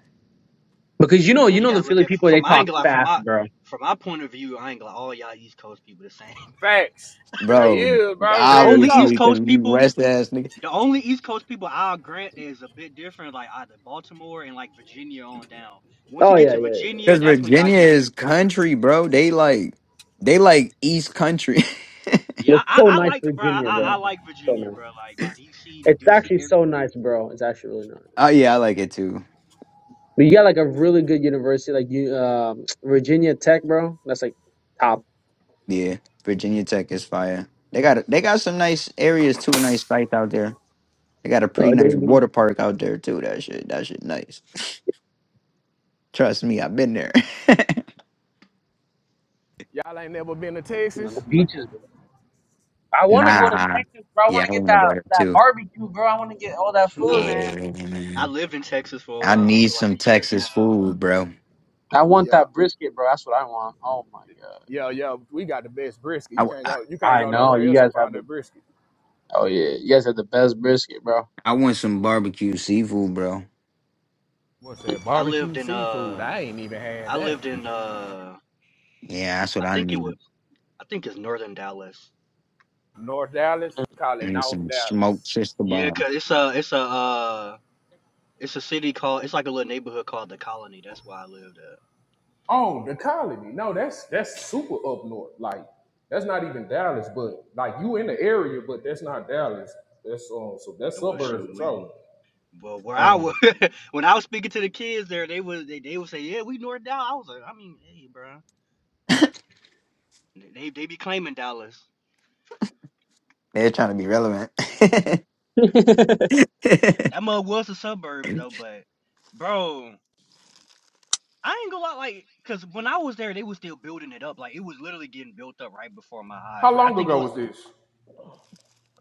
Speaker 2: Because you know,
Speaker 4: Now
Speaker 2: you
Speaker 4: you
Speaker 2: know
Speaker 4: gotta
Speaker 2: the
Speaker 4: look
Speaker 2: Philly
Speaker 4: at
Speaker 2: people, they
Speaker 4: from my
Speaker 2: talk
Speaker 4: angle, like, from
Speaker 2: fast,
Speaker 4: my
Speaker 2: bro.
Speaker 4: from my point of view, I ain't gonna lie, all y'all East Coast people the same. [laughs]
Speaker 5: facts. They
Speaker 3: bro.
Speaker 5: is, bro.
Speaker 4: The
Speaker 5: Real
Speaker 4: only East
Speaker 5: talk.
Speaker 3: Obviously,
Speaker 4: Coast
Speaker 3: because you
Speaker 4: people.
Speaker 3: West ass nigga.
Speaker 4: The only East Coast people I'll grant that is a bit different, like either Baltimore and like Virginia on down. Once you
Speaker 2: Oh
Speaker 4: get
Speaker 2: yeah,
Speaker 4: to
Speaker 2: yeah, yeah.
Speaker 4: Virginia,
Speaker 3: Because
Speaker 4: that's when y'all
Speaker 3: Virginia
Speaker 4: get
Speaker 3: is
Speaker 4: different.
Speaker 3: country, bro. They like, they like East Country.
Speaker 4: Yeah, I,
Speaker 2: Looks
Speaker 4: I,
Speaker 2: so
Speaker 4: I
Speaker 2: nice,
Speaker 4: like, bro, I,
Speaker 2: Virginia,
Speaker 4: I
Speaker 2: bro.
Speaker 4: like
Speaker 3: [laughs]
Speaker 2: So
Speaker 4: Virginia,
Speaker 2: nice.
Speaker 4: bro. Like DC, the
Speaker 2: It's
Speaker 4: DC
Speaker 2: actually
Speaker 4: area.
Speaker 2: so nice, bro. It's actually really nice.
Speaker 3: oh yeah, I like it too.
Speaker 2: But you got like a really good university, like you, um, [tsk] Virginia Tech, bro. That's like top.
Speaker 3: Yeah, Virginia Tech is fire. They got they got some nice areas too, nice sites out there. They got a
Speaker 2: Uh,
Speaker 3: pretty nice
Speaker 2: the
Speaker 3: water park out there too. That shit, that shit nice. [laughs] Trust me, I've been there. [laughs]
Speaker 5: Y'all ain't never been to
Speaker 2: no, the
Speaker 5: Texas.
Speaker 4: Bro,
Speaker 2: beaches, bro. I want to go to
Speaker 3: Nah,
Speaker 2: Texas, bro. I want
Speaker 3: yeah,
Speaker 2: to
Speaker 3: I
Speaker 2: get
Speaker 3: want to
Speaker 2: that
Speaker 3: go there
Speaker 2: that
Speaker 3: too.
Speaker 2: barbecue, bro. I want to get all that
Speaker 4: [laughs]
Speaker 2: food,
Speaker 4: nah,
Speaker 2: man.
Speaker 3: Yeah,
Speaker 4: I
Speaker 3: man.
Speaker 4: lived in Texas for a
Speaker 3: I
Speaker 4: while,
Speaker 3: need
Speaker 4: for like
Speaker 3: some
Speaker 4: a year and a
Speaker 3: Texas
Speaker 4: half.
Speaker 3: food, bro.
Speaker 2: I want
Speaker 5: Yeah,
Speaker 2: that brisket, bro. That's what I want. Oh my god.
Speaker 5: yeah, yeah. We got the best brisket. You
Speaker 3: I,
Speaker 5: can't
Speaker 3: I,
Speaker 5: go. You can't
Speaker 2: I
Speaker 5: go
Speaker 2: know
Speaker 5: nowhere
Speaker 2: you
Speaker 5: else and
Speaker 2: guys have
Speaker 5: find
Speaker 2: the.
Speaker 5: that brisket.
Speaker 2: Oh yeah, you guys have the best brisket, bro.
Speaker 3: I want some barbecue seafood, bro.
Speaker 5: What's that?
Speaker 4: I
Speaker 5: Barbecue
Speaker 4: lived in
Speaker 5: seafood.
Speaker 4: uh,
Speaker 5: I ain't even had
Speaker 4: I
Speaker 5: that.
Speaker 4: lived in uh,
Speaker 3: Yeah, that's what
Speaker 4: I
Speaker 3: I
Speaker 4: think it
Speaker 3: need.
Speaker 4: was, I think it's northern Dallas.
Speaker 5: North Dallas, call
Speaker 3: I
Speaker 5: it
Speaker 3: need
Speaker 5: North
Speaker 3: some smoked
Speaker 5: Dallas.
Speaker 3: shish
Speaker 4: Yeah,
Speaker 3: kebab.
Speaker 4: cause it's a, it's a, uh, it's a city called, it's like a little neighborhood called the Colony. That's why I lived at.
Speaker 5: Oh, the colony. No, that's that's super up north. Like that's not even Dallas, but like you in the area, but that's not Dallas. That's um so that's
Speaker 4: It was
Speaker 5: suburbs
Speaker 4: shoot,
Speaker 5: for sure.
Speaker 4: we Well, where I
Speaker 5: Um
Speaker 4: was [laughs] when I was speaking to the kids there, they would they, they would say, "Yeah, we North Dallas." I was like, "I mean, hey, bro, they they be claiming Dallas.
Speaker 3: They're trying to be relevant.
Speaker 2: [laughs]
Speaker 4: That mug was the suburbs though, but bro, I ain't gonna lie, like, cause when I was there, they was still building it up. Like, it was literally getting built up right before my eyes.
Speaker 5: how
Speaker 4: Like, I
Speaker 5: long
Speaker 4: think it
Speaker 5: ago
Speaker 4: was
Speaker 5: was this?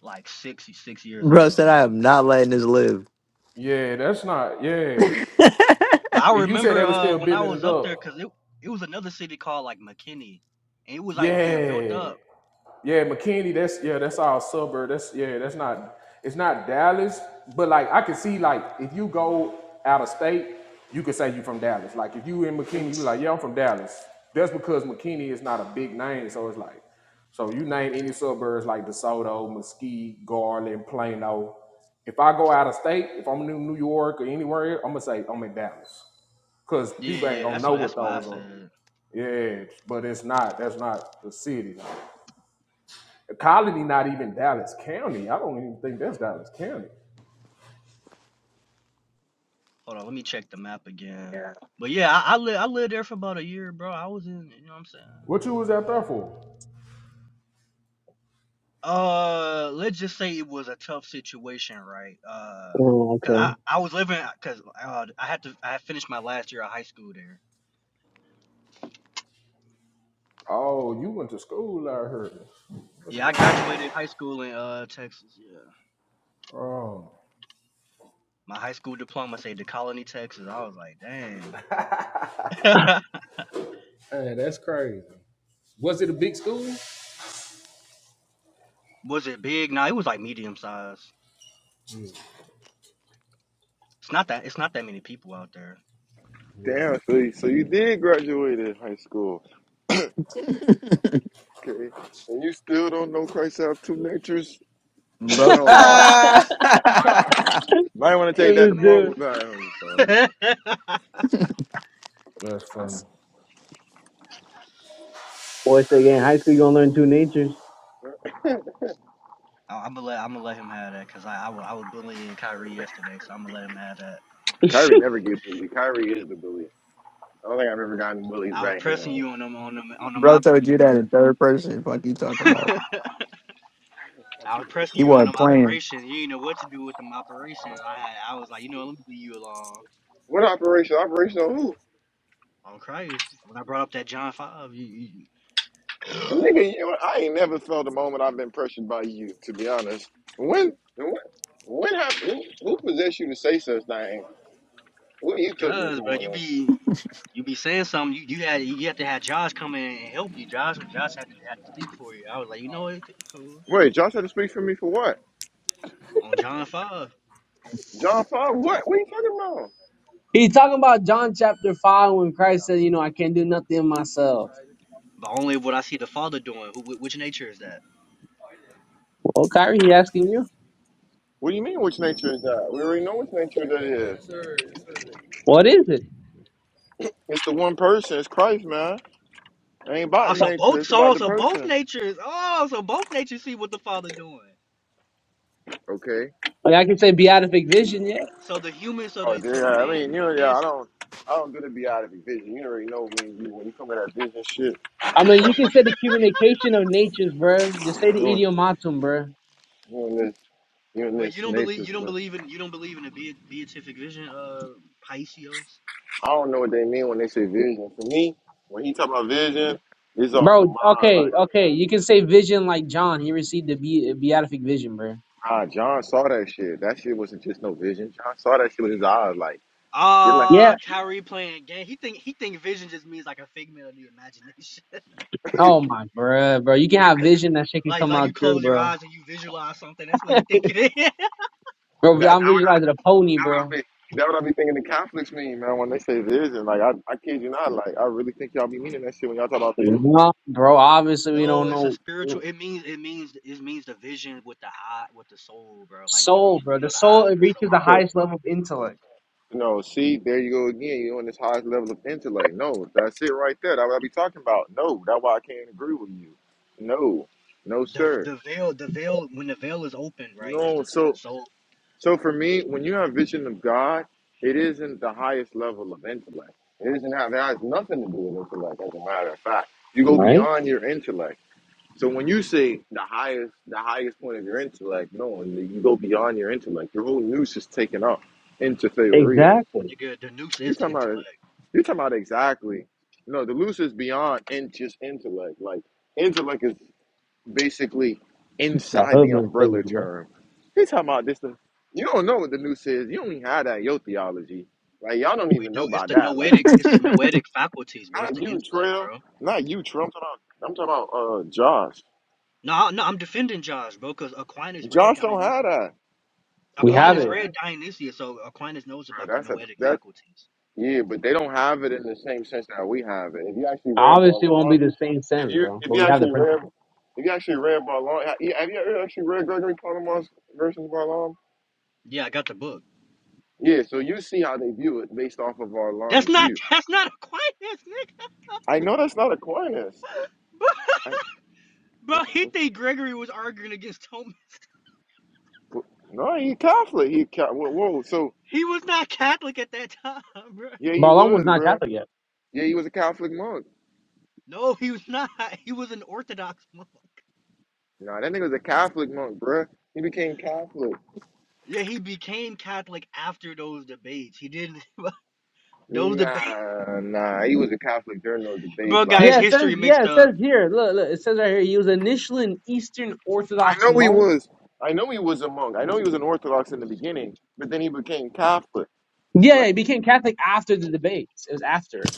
Speaker 4: like six six
Speaker 3: [laughs]
Speaker 4: years
Speaker 3: Bro
Speaker 4: ago.
Speaker 3: said I am not letting this live.
Speaker 5: Yeah, that's not yeah.
Speaker 4: But I
Speaker 5: If you said
Speaker 4: remember
Speaker 5: they were
Speaker 4: uh
Speaker 5: still
Speaker 4: when I
Speaker 5: building
Speaker 4: was
Speaker 5: it
Speaker 4: up there, cause
Speaker 5: up,
Speaker 4: it it was another city called like McKinney, and it was like being built
Speaker 5: yeah.
Speaker 4: up.
Speaker 5: Yeah, McKinney. That's yeah. That's our suburb. That's yeah. That's not. It's not Dallas, but like I can see like if you go out of state, you could say you from Dallas. Like if you in McKinney, you like yeah, I'm from Dallas. That's because McKinney is not a big name, so it's like so you name any suburbs like DeSoto, Mesquite, Garland, Plano. If I go out of state, if I'm in New York or anywhere, I'm gonna say I'm in Dallas because
Speaker 4: Yeah,
Speaker 5: people ain't
Speaker 4: yeah,
Speaker 5: gonna
Speaker 4: that's
Speaker 5: know
Speaker 4: what
Speaker 5: what
Speaker 4: that's why I
Speaker 5: those are.
Speaker 4: said.
Speaker 5: Yeah, but it's not. That's not the city. Colony, not even Dallas County. I don't even think that's Dallas County.
Speaker 4: Hold on, let me check the map again. But yeah, I, I lived I lived there for about a year, bro. I was in, you know what I'm saying?
Speaker 5: What you was out there for?
Speaker 4: Uh, let's just say it was a tough situation, right? Uh,
Speaker 2: oh
Speaker 4: cause I,
Speaker 2: okay.
Speaker 4: I was living, cause uh, I had to I had finished my last year of high school there.
Speaker 5: Oh, you went to school, I heard.
Speaker 4: Yeah, I graduated high school in uh Texas. Yeah,
Speaker 5: Oh,
Speaker 4: my high school diploma said the Colony, Texas. I was like, dang.
Speaker 5: Hey, that's crazy. Was it a big school?
Speaker 4: [laughs] was it big? Nah, it was like medium size. It's not that it's not that many people out there.
Speaker 5: Yeah.
Speaker 1: Damn, so you, so you did graduate in high school,
Speaker 3: [laughs] [laughs]
Speaker 1: okay? And you still don't know Christ have two natures? I don't
Speaker 3: Bro,
Speaker 1: know,
Speaker 2: [laughs]
Speaker 5: cha,
Speaker 1: man.
Speaker 3: ah!
Speaker 5: cha.
Speaker 3: [laughs]
Speaker 1: Might want to take
Speaker 4: Hey
Speaker 1: that
Speaker 2: this dude.
Speaker 1: diploma back.
Speaker 4: man. [laughs]
Speaker 5: That's funny.
Speaker 2: Boy, say in high school you gonna learn two natures.
Speaker 1: [laughs]
Speaker 4: I, I'm gonna let I'm gonna let him have that because I I was, I was bullying Kyrie yesterday, so I'm gonna let him have that.
Speaker 1: Kyrie never gets bullied. Kyrie is the bully. I don't think I've ever gotten bullied
Speaker 4: I was
Speaker 1: back
Speaker 4: pressing
Speaker 1: anyway.
Speaker 4: you on them on them on them
Speaker 3: bro
Speaker 4: op-
Speaker 3: told you that in third person. Fuck you
Speaker 4: [laughs]
Speaker 3: talking about?
Speaker 4: I was pressing
Speaker 3: He
Speaker 4: you on
Speaker 3: wasn't
Speaker 4: them
Speaker 3: playing.
Speaker 4: operations. You didn't know what to do with them operations. I had I was like, you know, let me leave you alone.
Speaker 1: What operation? Operation who?
Speaker 4: On Christ, when I brought up that John five, you, you [sniffs] [clears throat]
Speaker 1: Nigga, you know, I ain't never felt a moment I've been pressured by you, to be honest. When, when, when happened, who, who possessed you to say such things? What you took this
Speaker 4: cause but you
Speaker 1: morning?
Speaker 4: be you be saying something. You you had you had to have Josh come in and help you. Josh Josh had to had to speak for you. I was like, you know, it's cool
Speaker 1: Wait, John tried to speak for me for what?
Speaker 4: on John five,
Speaker 1: John Paul, what? What are you talking about?
Speaker 2: He's talking about John chapter 5 when Christ said, you know, I can't do nothing myself.
Speaker 4: but only what I see the Father doing. Who which nature is that?
Speaker 2: Well, Kyrie, he asking you,
Speaker 1: What do you mean, which nature is that? We already know which nature that is.
Speaker 2: what is it?
Speaker 1: It's the one person. It's Christ, man. It ain't about
Speaker 4: Oh,
Speaker 1: the
Speaker 4: so
Speaker 1: nature.
Speaker 4: both
Speaker 1: It's about
Speaker 4: so
Speaker 1: the
Speaker 4: so both
Speaker 1: person.
Speaker 4: natures. Oh, so both natures see what the father doing.
Speaker 1: Okay.
Speaker 2: Like, I can say beatific vision, yeah.
Speaker 4: So the human, so
Speaker 1: Oh,
Speaker 4: the
Speaker 1: dude,
Speaker 4: so
Speaker 1: yeah.
Speaker 4: the
Speaker 1: I
Speaker 4: man, so
Speaker 1: mean, you know,
Speaker 4: the
Speaker 1: yeah,
Speaker 4: man.
Speaker 1: I
Speaker 4: See,
Speaker 1: don't, I don't do the be out of your vision. You already know me you when you come with that vision shit.
Speaker 2: I mean, you
Speaker 1: Um,
Speaker 2: can say the communication of natures, bruh. Just say the
Speaker 1: you and
Speaker 2: idiomatum, bruh.
Speaker 1: this, doing
Speaker 4: wait, you
Speaker 1: this
Speaker 4: don't believe
Speaker 1: nature
Speaker 4: you don't
Speaker 1: stuff.
Speaker 4: believe in you don't believe in a be- beatific vision, uh, Pisces.
Speaker 1: I don't know what they mean when they say vision. For me, when he talk about vision, it's on the
Speaker 2: Bro,
Speaker 1: mind.
Speaker 2: okay,
Speaker 1: Like,
Speaker 2: okay. You can say vision like John. He received the be- beatific vision, bruh.
Speaker 1: ah, John saw that shit. That shit wasn't just no vision. John saw that shit with his eyes. Like, just like
Speaker 4: Ah,
Speaker 2: Yeah.
Speaker 4: uh, Kyrie playing game. He think he think vision just means like a figment of the imagination. [laughs]
Speaker 2: Oh, my, bruh, bro. You can have vision. That shit can
Speaker 4: like
Speaker 2: come
Speaker 4: like
Speaker 2: out
Speaker 4: you
Speaker 2: true,
Speaker 4: close your
Speaker 2: bro.
Speaker 4: eyes and you visualize something. That's what
Speaker 2: [laughs]
Speaker 4: he think it is.
Speaker 2: Bro,
Speaker 1: that. That's
Speaker 2: I'm visualizing a pony,
Speaker 1: what I
Speaker 2: bro.
Speaker 1: be. That's what I be thinking. The Catholics mean, man, when they say vision. Like, I, I kid you not. Like, I really think y'all be meaning that shit when y'all talk about vision.
Speaker 2: No, bro, obviously
Speaker 4: [laughs]
Speaker 2: we
Speaker 4: no,
Speaker 2: don't
Speaker 4: it's a
Speaker 2: know.
Speaker 4: spiritual. It means it means it means the vision with the eye with the soul, bro. Like you you
Speaker 2: Soul, bro.
Speaker 4: you know
Speaker 2: The
Speaker 4: the
Speaker 2: soul
Speaker 4: eyes of
Speaker 2: it
Speaker 4: the soul.
Speaker 2: reaches the
Speaker 1: Okay.
Speaker 2: highest level of intellect.
Speaker 1: No, see, there you go again. You're on this highest level of intellect. No, that's it right there. That's what I be talking about. No, that's why I can't agree with you. No, no,
Speaker 4: the
Speaker 1: sir.
Speaker 4: the veil the veil when the veil is open right it's
Speaker 1: No,
Speaker 4: the it's the
Speaker 1: so
Speaker 4: soul
Speaker 1: so for me, when you have vision of God, it isn't the highest level of intellect. It isn't have it has nothing to do with intellect, as a matter of fact. You go
Speaker 2: Right?
Speaker 1: beyond your intellect. So when you say the highest the highest point of your intellect, no, you go beyond your intellect. Your whole noose is taken up into theoria.
Speaker 2: Exactly.
Speaker 4: nigga the noose
Speaker 1: You
Speaker 4: is the
Speaker 1: talking about it?
Speaker 4: intellect
Speaker 1: You talking about exactly? No, the loose is beyond in, just intellect. Like intellect is basically
Speaker 2: That
Speaker 1: inside
Speaker 2: hood
Speaker 1: the umbrella
Speaker 2: mentality, bro.
Speaker 1: term. You talking about this? The, you don't know what the noose is. You don't even have that in your theology. Like y'all don't
Speaker 4: we
Speaker 1: even know
Speaker 4: do it's
Speaker 1: about
Speaker 4: the
Speaker 1: that. Like
Speaker 4: noetic it's the
Speaker 3: [laughs]
Speaker 4: noetic faculties bro it's
Speaker 1: not
Speaker 4: the
Speaker 1: you,
Speaker 4: intellect
Speaker 1: Trail.
Speaker 4: bro
Speaker 1: Not you, Trump. I'm talking about, I'm talking about uh, Josh.
Speaker 4: no I- no I'm defending Josh bro because Aquinas read
Speaker 1: Josh don't have
Speaker 4: Dionysius
Speaker 1: that.
Speaker 2: We
Speaker 1: Josh
Speaker 2: have
Speaker 1: don't
Speaker 4: Aquinas
Speaker 2: it.
Speaker 1: have
Speaker 4: read
Speaker 1: it.
Speaker 4: Dionysius so Aquinas knows about
Speaker 1: Bro,
Speaker 4: the
Speaker 1: that's a
Speaker 4: noetic
Speaker 1: that.
Speaker 4: faculties
Speaker 1: Yeah, but they don't have it in the same sense that we have it. If you actually read
Speaker 2: Obviously, it won't
Speaker 1: Balaam
Speaker 2: be the same
Speaker 1: If
Speaker 2: sense,
Speaker 1: you
Speaker 2: bro.
Speaker 1: if
Speaker 2: But
Speaker 1: you
Speaker 2: we have the
Speaker 1: actually read
Speaker 2: principle.
Speaker 1: if you actually read Barlam, have you ever actually read Gregory Palamas versus Barlam?
Speaker 4: yeah I got the book
Speaker 1: Yeah, so you see how they view it based off of
Speaker 4: that's
Speaker 1: Barlam's
Speaker 4: not
Speaker 1: view.
Speaker 4: that's not Aquinas nigga
Speaker 1: I know that's not Aquinas.
Speaker 4: [laughs] bro,
Speaker 1: I,
Speaker 4: bro
Speaker 1: what's,
Speaker 4: he
Speaker 1: what's,
Speaker 4: think Gregory was arguing against Thomas
Speaker 1: what, no, he Catholic. He Ca- whoa, whoa. So
Speaker 4: he was not Catholic at that time [laughs] bro
Speaker 1: yeah, he
Speaker 2: Marlon was
Speaker 1: was,
Speaker 2: not
Speaker 1: bruh.
Speaker 2: Catholic yet.
Speaker 1: Yeah, he was a Catholic monk.
Speaker 4: no he was not he was an Orthodox monk
Speaker 1: Nah, that nigga was a Catholic monk, bruh. He became Catholic.
Speaker 4: Yeah, he became Catholic after those debates. He didn't. [laughs] those debates,
Speaker 1: Nah, nah, he was a Catholic during those debates.
Speaker 4: bro, got
Speaker 1: like.
Speaker 4: his
Speaker 2: Yeah, it says.
Speaker 4: history
Speaker 2: Yeah,
Speaker 4: mixed
Speaker 2: it
Speaker 4: up.
Speaker 2: says here. Look, look. It says right here. He was initially an Eastern
Speaker 1: I
Speaker 2: Orthodox
Speaker 1: know he
Speaker 2: monk.
Speaker 1: was. I know he was a monk. I know he was an Orthodox in the beginning, but then he became Catholic.
Speaker 2: Yeah, yeah,
Speaker 1: Like,
Speaker 2: he became Catholic after the debates. It was after.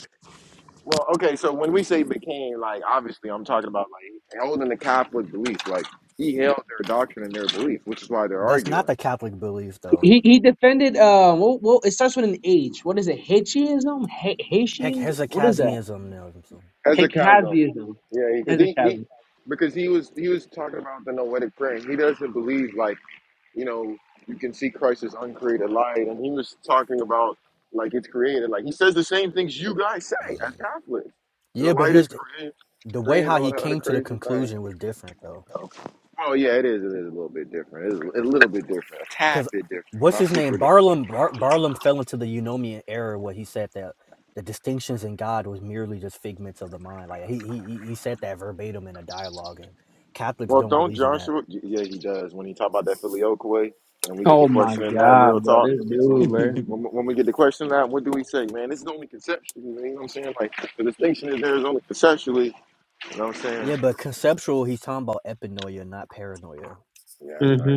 Speaker 1: well, okay. So when we say became, like, obviously, I'm talking about like holding the Catholic belief. Like, he held their doctrine and their belief, which is why they're
Speaker 4: That's not
Speaker 1: arguing.
Speaker 4: the Catholic belief, though.
Speaker 2: He he defended. Uh, well, well it starts with an H. What is it? Haitianism? Ha-
Speaker 4: Heck,
Speaker 2: Haitians? What is that?
Speaker 4: Hezekiahism now.
Speaker 1: As a chasm,
Speaker 2: Hecaziism.
Speaker 1: yeah, because he, he because he was he was talking about the noetic prayer. He doesn't believe like you know you can see Christ's uncreated light, and he was talking about like it's created. Like he says the same things you guys say as Catholics. The
Speaker 4: Yeah, but
Speaker 1: light is
Speaker 4: his
Speaker 1: created
Speaker 4: the way
Speaker 1: Green, and
Speaker 4: how
Speaker 1: all
Speaker 4: he
Speaker 1: that other
Speaker 4: came to the
Speaker 1: crazy thing.
Speaker 4: conclusion was different, though.
Speaker 1: Oh yeah, it is. It is a little bit different. It's a little bit different. A tad
Speaker 4: Cause
Speaker 1: bit different.
Speaker 4: what's
Speaker 1: Not
Speaker 4: his
Speaker 1: super
Speaker 4: name?
Speaker 1: different.
Speaker 4: Barlam Bar- Barlam fell into the Eunomian error where he said that the distinctions in God was merely just figments of the mind. Like he he he said that verbatim in a dialogue, and Catholics
Speaker 1: Well,
Speaker 4: don't
Speaker 1: don't
Speaker 4: believe in that.
Speaker 1: Joshua? Yeah, he does. When he talk about that Filioque, way, and we get the
Speaker 2: Oh my
Speaker 1: question in that
Speaker 2: god,
Speaker 1: real
Speaker 2: bro,
Speaker 1: talk.
Speaker 2: this dude,
Speaker 1: When,
Speaker 2: bro.
Speaker 1: when, when we get the question in that, what do we say, man? This is only conceptually. you know what I'm saying? Like the distinction is there is only conceptually. You know what I'm saying?
Speaker 4: Yeah, but conceptual, he's talking about epinoia, not paranoia.
Speaker 1: Yeah, I
Speaker 2: hmm
Speaker 1: know.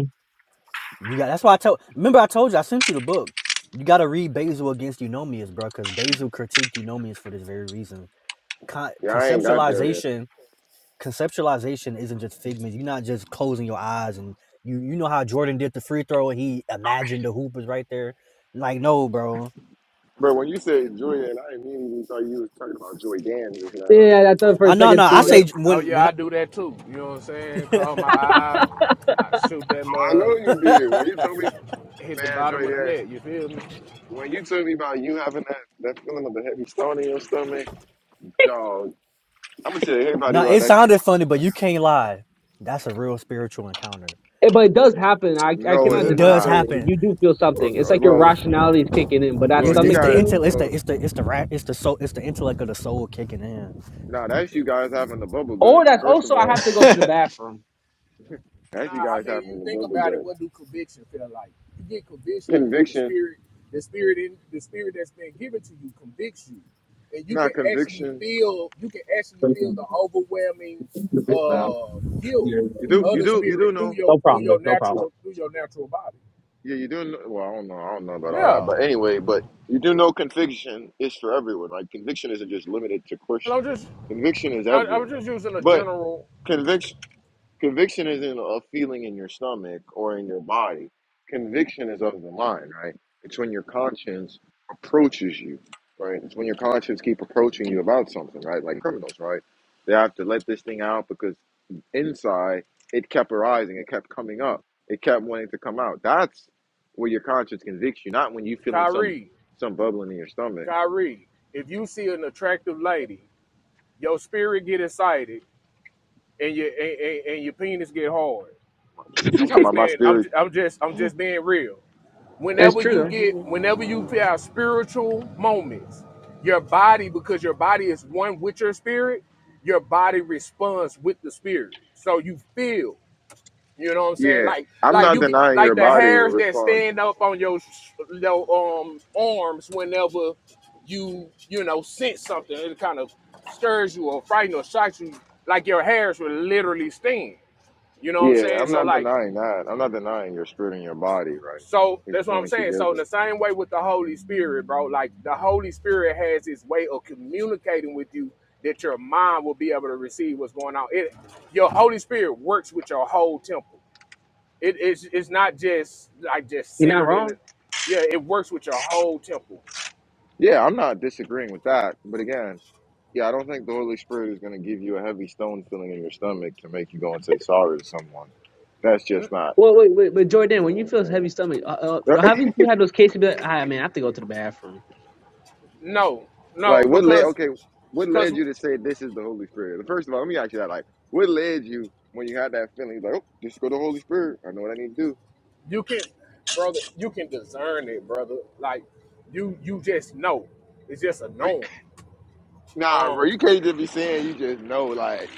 Speaker 4: You got that's why I told remember I told you I sent you the book. You gotta read Basil against Eunomius, bro, because Basil critiqued Eunomius for this very reason. Con-
Speaker 1: Yeah, I ain't got there yet.
Speaker 4: conceptualization conceptualization isn't just figments. You're not just closing your eyes and you you know how Jordan did the free throw and he imagined the hoop was right there. Like no, bro.
Speaker 1: Bro, when you said Julian, I immediately thought you was talking about Joy Dan just now.
Speaker 2: Yeah, I thought for
Speaker 4: I
Speaker 2: a
Speaker 4: no no.
Speaker 2: second
Speaker 4: I
Speaker 2: too,
Speaker 5: Oh
Speaker 2: bro.
Speaker 5: yeah,
Speaker 4: say j-
Speaker 5: oh
Speaker 4: when
Speaker 5: yeah,
Speaker 4: when
Speaker 5: I do that too. You know what I'm saying?
Speaker 4: I,
Speaker 5: Close my eye, I shoot that
Speaker 1: Oh, I know
Speaker 5: mug,
Speaker 1: you did. When you told me,
Speaker 5: hit the
Speaker 1: man, Joy
Speaker 5: bottom of the
Speaker 1: Dan.
Speaker 5: net. You feel me?
Speaker 1: When you tell me about you having that, that feeling of the heavy stone in your stomach, dog, I'm gonna tell
Speaker 4: [laughs]
Speaker 1: everybody
Speaker 4: no,
Speaker 1: about
Speaker 4: it
Speaker 1: that shit
Speaker 4: sounded
Speaker 1: when I
Speaker 4: funny,
Speaker 1: go
Speaker 4: but you
Speaker 1: in
Speaker 4: can't lie. That's a real spiritual encounter.
Speaker 2: Eh, but it does happen. I
Speaker 1: heaven.
Speaker 2: I
Speaker 1: No,
Speaker 4: Yeah,
Speaker 2: cannot
Speaker 1: it
Speaker 4: it
Speaker 1: is
Speaker 2: deny
Speaker 4: does
Speaker 1: not.
Speaker 2: fully.
Speaker 4: happen.
Speaker 2: You do feel
Speaker 1: Well,
Speaker 2: something. It's
Speaker 1: uh,
Speaker 2: like your
Speaker 1: well,
Speaker 2: rationality is kicking in, but that
Speaker 4: Yeah,
Speaker 1: well,
Speaker 4: it's the
Speaker 1: you
Speaker 4: it's
Speaker 2: stomach
Speaker 4: the
Speaker 1: guys,
Speaker 2: thing,
Speaker 4: intel it's the
Speaker 1: well,
Speaker 4: it's the it's the rat it's the soul it's the intellect of the soul kicking in.
Speaker 1: nah, that's you guys having the bubble
Speaker 2: or
Speaker 1: guts.
Speaker 2: that's
Speaker 1: First of
Speaker 2: also I
Speaker 1: all,
Speaker 2: have to go to the bathroom.
Speaker 1: that's
Speaker 5: Nah,
Speaker 1: you
Speaker 5: I
Speaker 1: guys
Speaker 5: mean,
Speaker 1: having
Speaker 5: you
Speaker 1: the
Speaker 5: think
Speaker 1: bubble
Speaker 5: about it.
Speaker 1: guts.
Speaker 5: What do conviction feel like? You get conviction because the
Speaker 1: Conviction,
Speaker 5: spirit, the spirit in the spirit that's been given to you, convicts you, and you can
Speaker 1: not
Speaker 5: actually
Speaker 1: conviction.
Speaker 5: feel. You can actually
Speaker 2: No
Speaker 5: feel the overwhelming uh, guilt
Speaker 1: You do,
Speaker 5: of
Speaker 1: you
Speaker 5: the
Speaker 1: do, you
Speaker 5: spirit
Speaker 1: do
Speaker 5: through
Speaker 1: know.
Speaker 5: your through
Speaker 2: problem, man.
Speaker 5: your
Speaker 2: No problem.
Speaker 5: natural through your natural body.
Speaker 1: Yeah, you do know. Well, I don't know. I don't know about all that,
Speaker 5: Yeah,
Speaker 1: but anyway, but you do know conviction is for everyone. Like conviction isn't just limited to
Speaker 5: and
Speaker 1: Christian.
Speaker 5: I'm just
Speaker 1: Conviction is
Speaker 5: I, I was
Speaker 1: everyone,
Speaker 5: just using a
Speaker 1: but
Speaker 5: general
Speaker 1: conviction. Conviction isn't a feeling in your stomach or in your body. Conviction is of the mind, right? It's when your conscience approaches you, right? It's when your conscience keep approaching you about something, right? Like criminals, right? They have to let this thing out because inside it kept arising, it kept coming up, it kept wanting to come out. That's where your conscience convicts you, not when you feeling some
Speaker 5: Kyrie.
Speaker 1: some bubbling in your stomach.
Speaker 5: Kyrie, if you see an attractive lady, your spirit get excited and your and, and, and your penis get hard.
Speaker 1: She's
Speaker 5: I'm
Speaker 1: talking
Speaker 5: just
Speaker 1: about my
Speaker 5: being I'm
Speaker 1: spirit.
Speaker 5: ju- I'm just I'm just being real.
Speaker 2: It's
Speaker 5: Whenever
Speaker 2: true
Speaker 5: you
Speaker 2: though.
Speaker 5: get whenever you have spiritual moments, your body because your body is one with your spirit, your body responds with the spirit. So you feel, you know what I'm saying?
Speaker 1: Yeah,
Speaker 5: Like
Speaker 1: I'm
Speaker 5: like
Speaker 1: not
Speaker 5: you get
Speaker 1: denying your
Speaker 5: like the
Speaker 1: body
Speaker 5: hairs that
Speaker 1: responds
Speaker 5: stand up on your sh- your um arms whenever you you know sense something it kind of stirs you or frightens or shocks you like your hairs will literally stand. You know what I'm
Speaker 1: Yeah,
Speaker 5: saying?
Speaker 1: I'm
Speaker 5: So
Speaker 1: not
Speaker 5: like
Speaker 1: denying that. I'm not denying your spirit and your body, right?
Speaker 5: So
Speaker 1: It's
Speaker 5: that's what I'm
Speaker 1: joined
Speaker 5: saying. So in
Speaker 1: together.
Speaker 5: the same way with the Holy Spirit, bro, like the Holy Spirit has his way of communicating with you that your mind will be able to receive what's going on. It your Holy Spirit works with your whole temple. It is it's not just like just
Speaker 2: You're not
Speaker 5: centered in
Speaker 2: wrong.
Speaker 5: it. Yeah, it works with your whole temple.
Speaker 1: Yeah, I'm not disagreeing with that. But again, yeah, I don't think the Holy Spirit is going to give you a heavy stone feeling in your stomach to make you go and say sorry to someone. That's
Speaker 5: N-
Speaker 1: just not,
Speaker 2: Well, wait, wait, but
Speaker 1: you
Speaker 2: Jordan, when you
Speaker 1: know
Speaker 2: feel heavy
Speaker 1: what
Speaker 2: stomach, uh,
Speaker 1: I'm
Speaker 2: uh,
Speaker 1: saying?
Speaker 2: haven't you had those cases? Be like, ah, man, I have to go to the bathroom.
Speaker 5: No,
Speaker 1: [laughs]
Speaker 5: no,
Speaker 1: like, what led,
Speaker 5: because
Speaker 1: okay, what
Speaker 5: because
Speaker 1: led you to say this is the Holy Spirit? First of all, let me ask you that. Like, what led you when you had that feeling, like, oh, just go to the Holy Spirit. I know what I need to do.
Speaker 5: you can, brother, you can discern it, brother. Like you you just know. It's just a knowing.
Speaker 1: Nah, bro, you can't just be saying you just know. Like,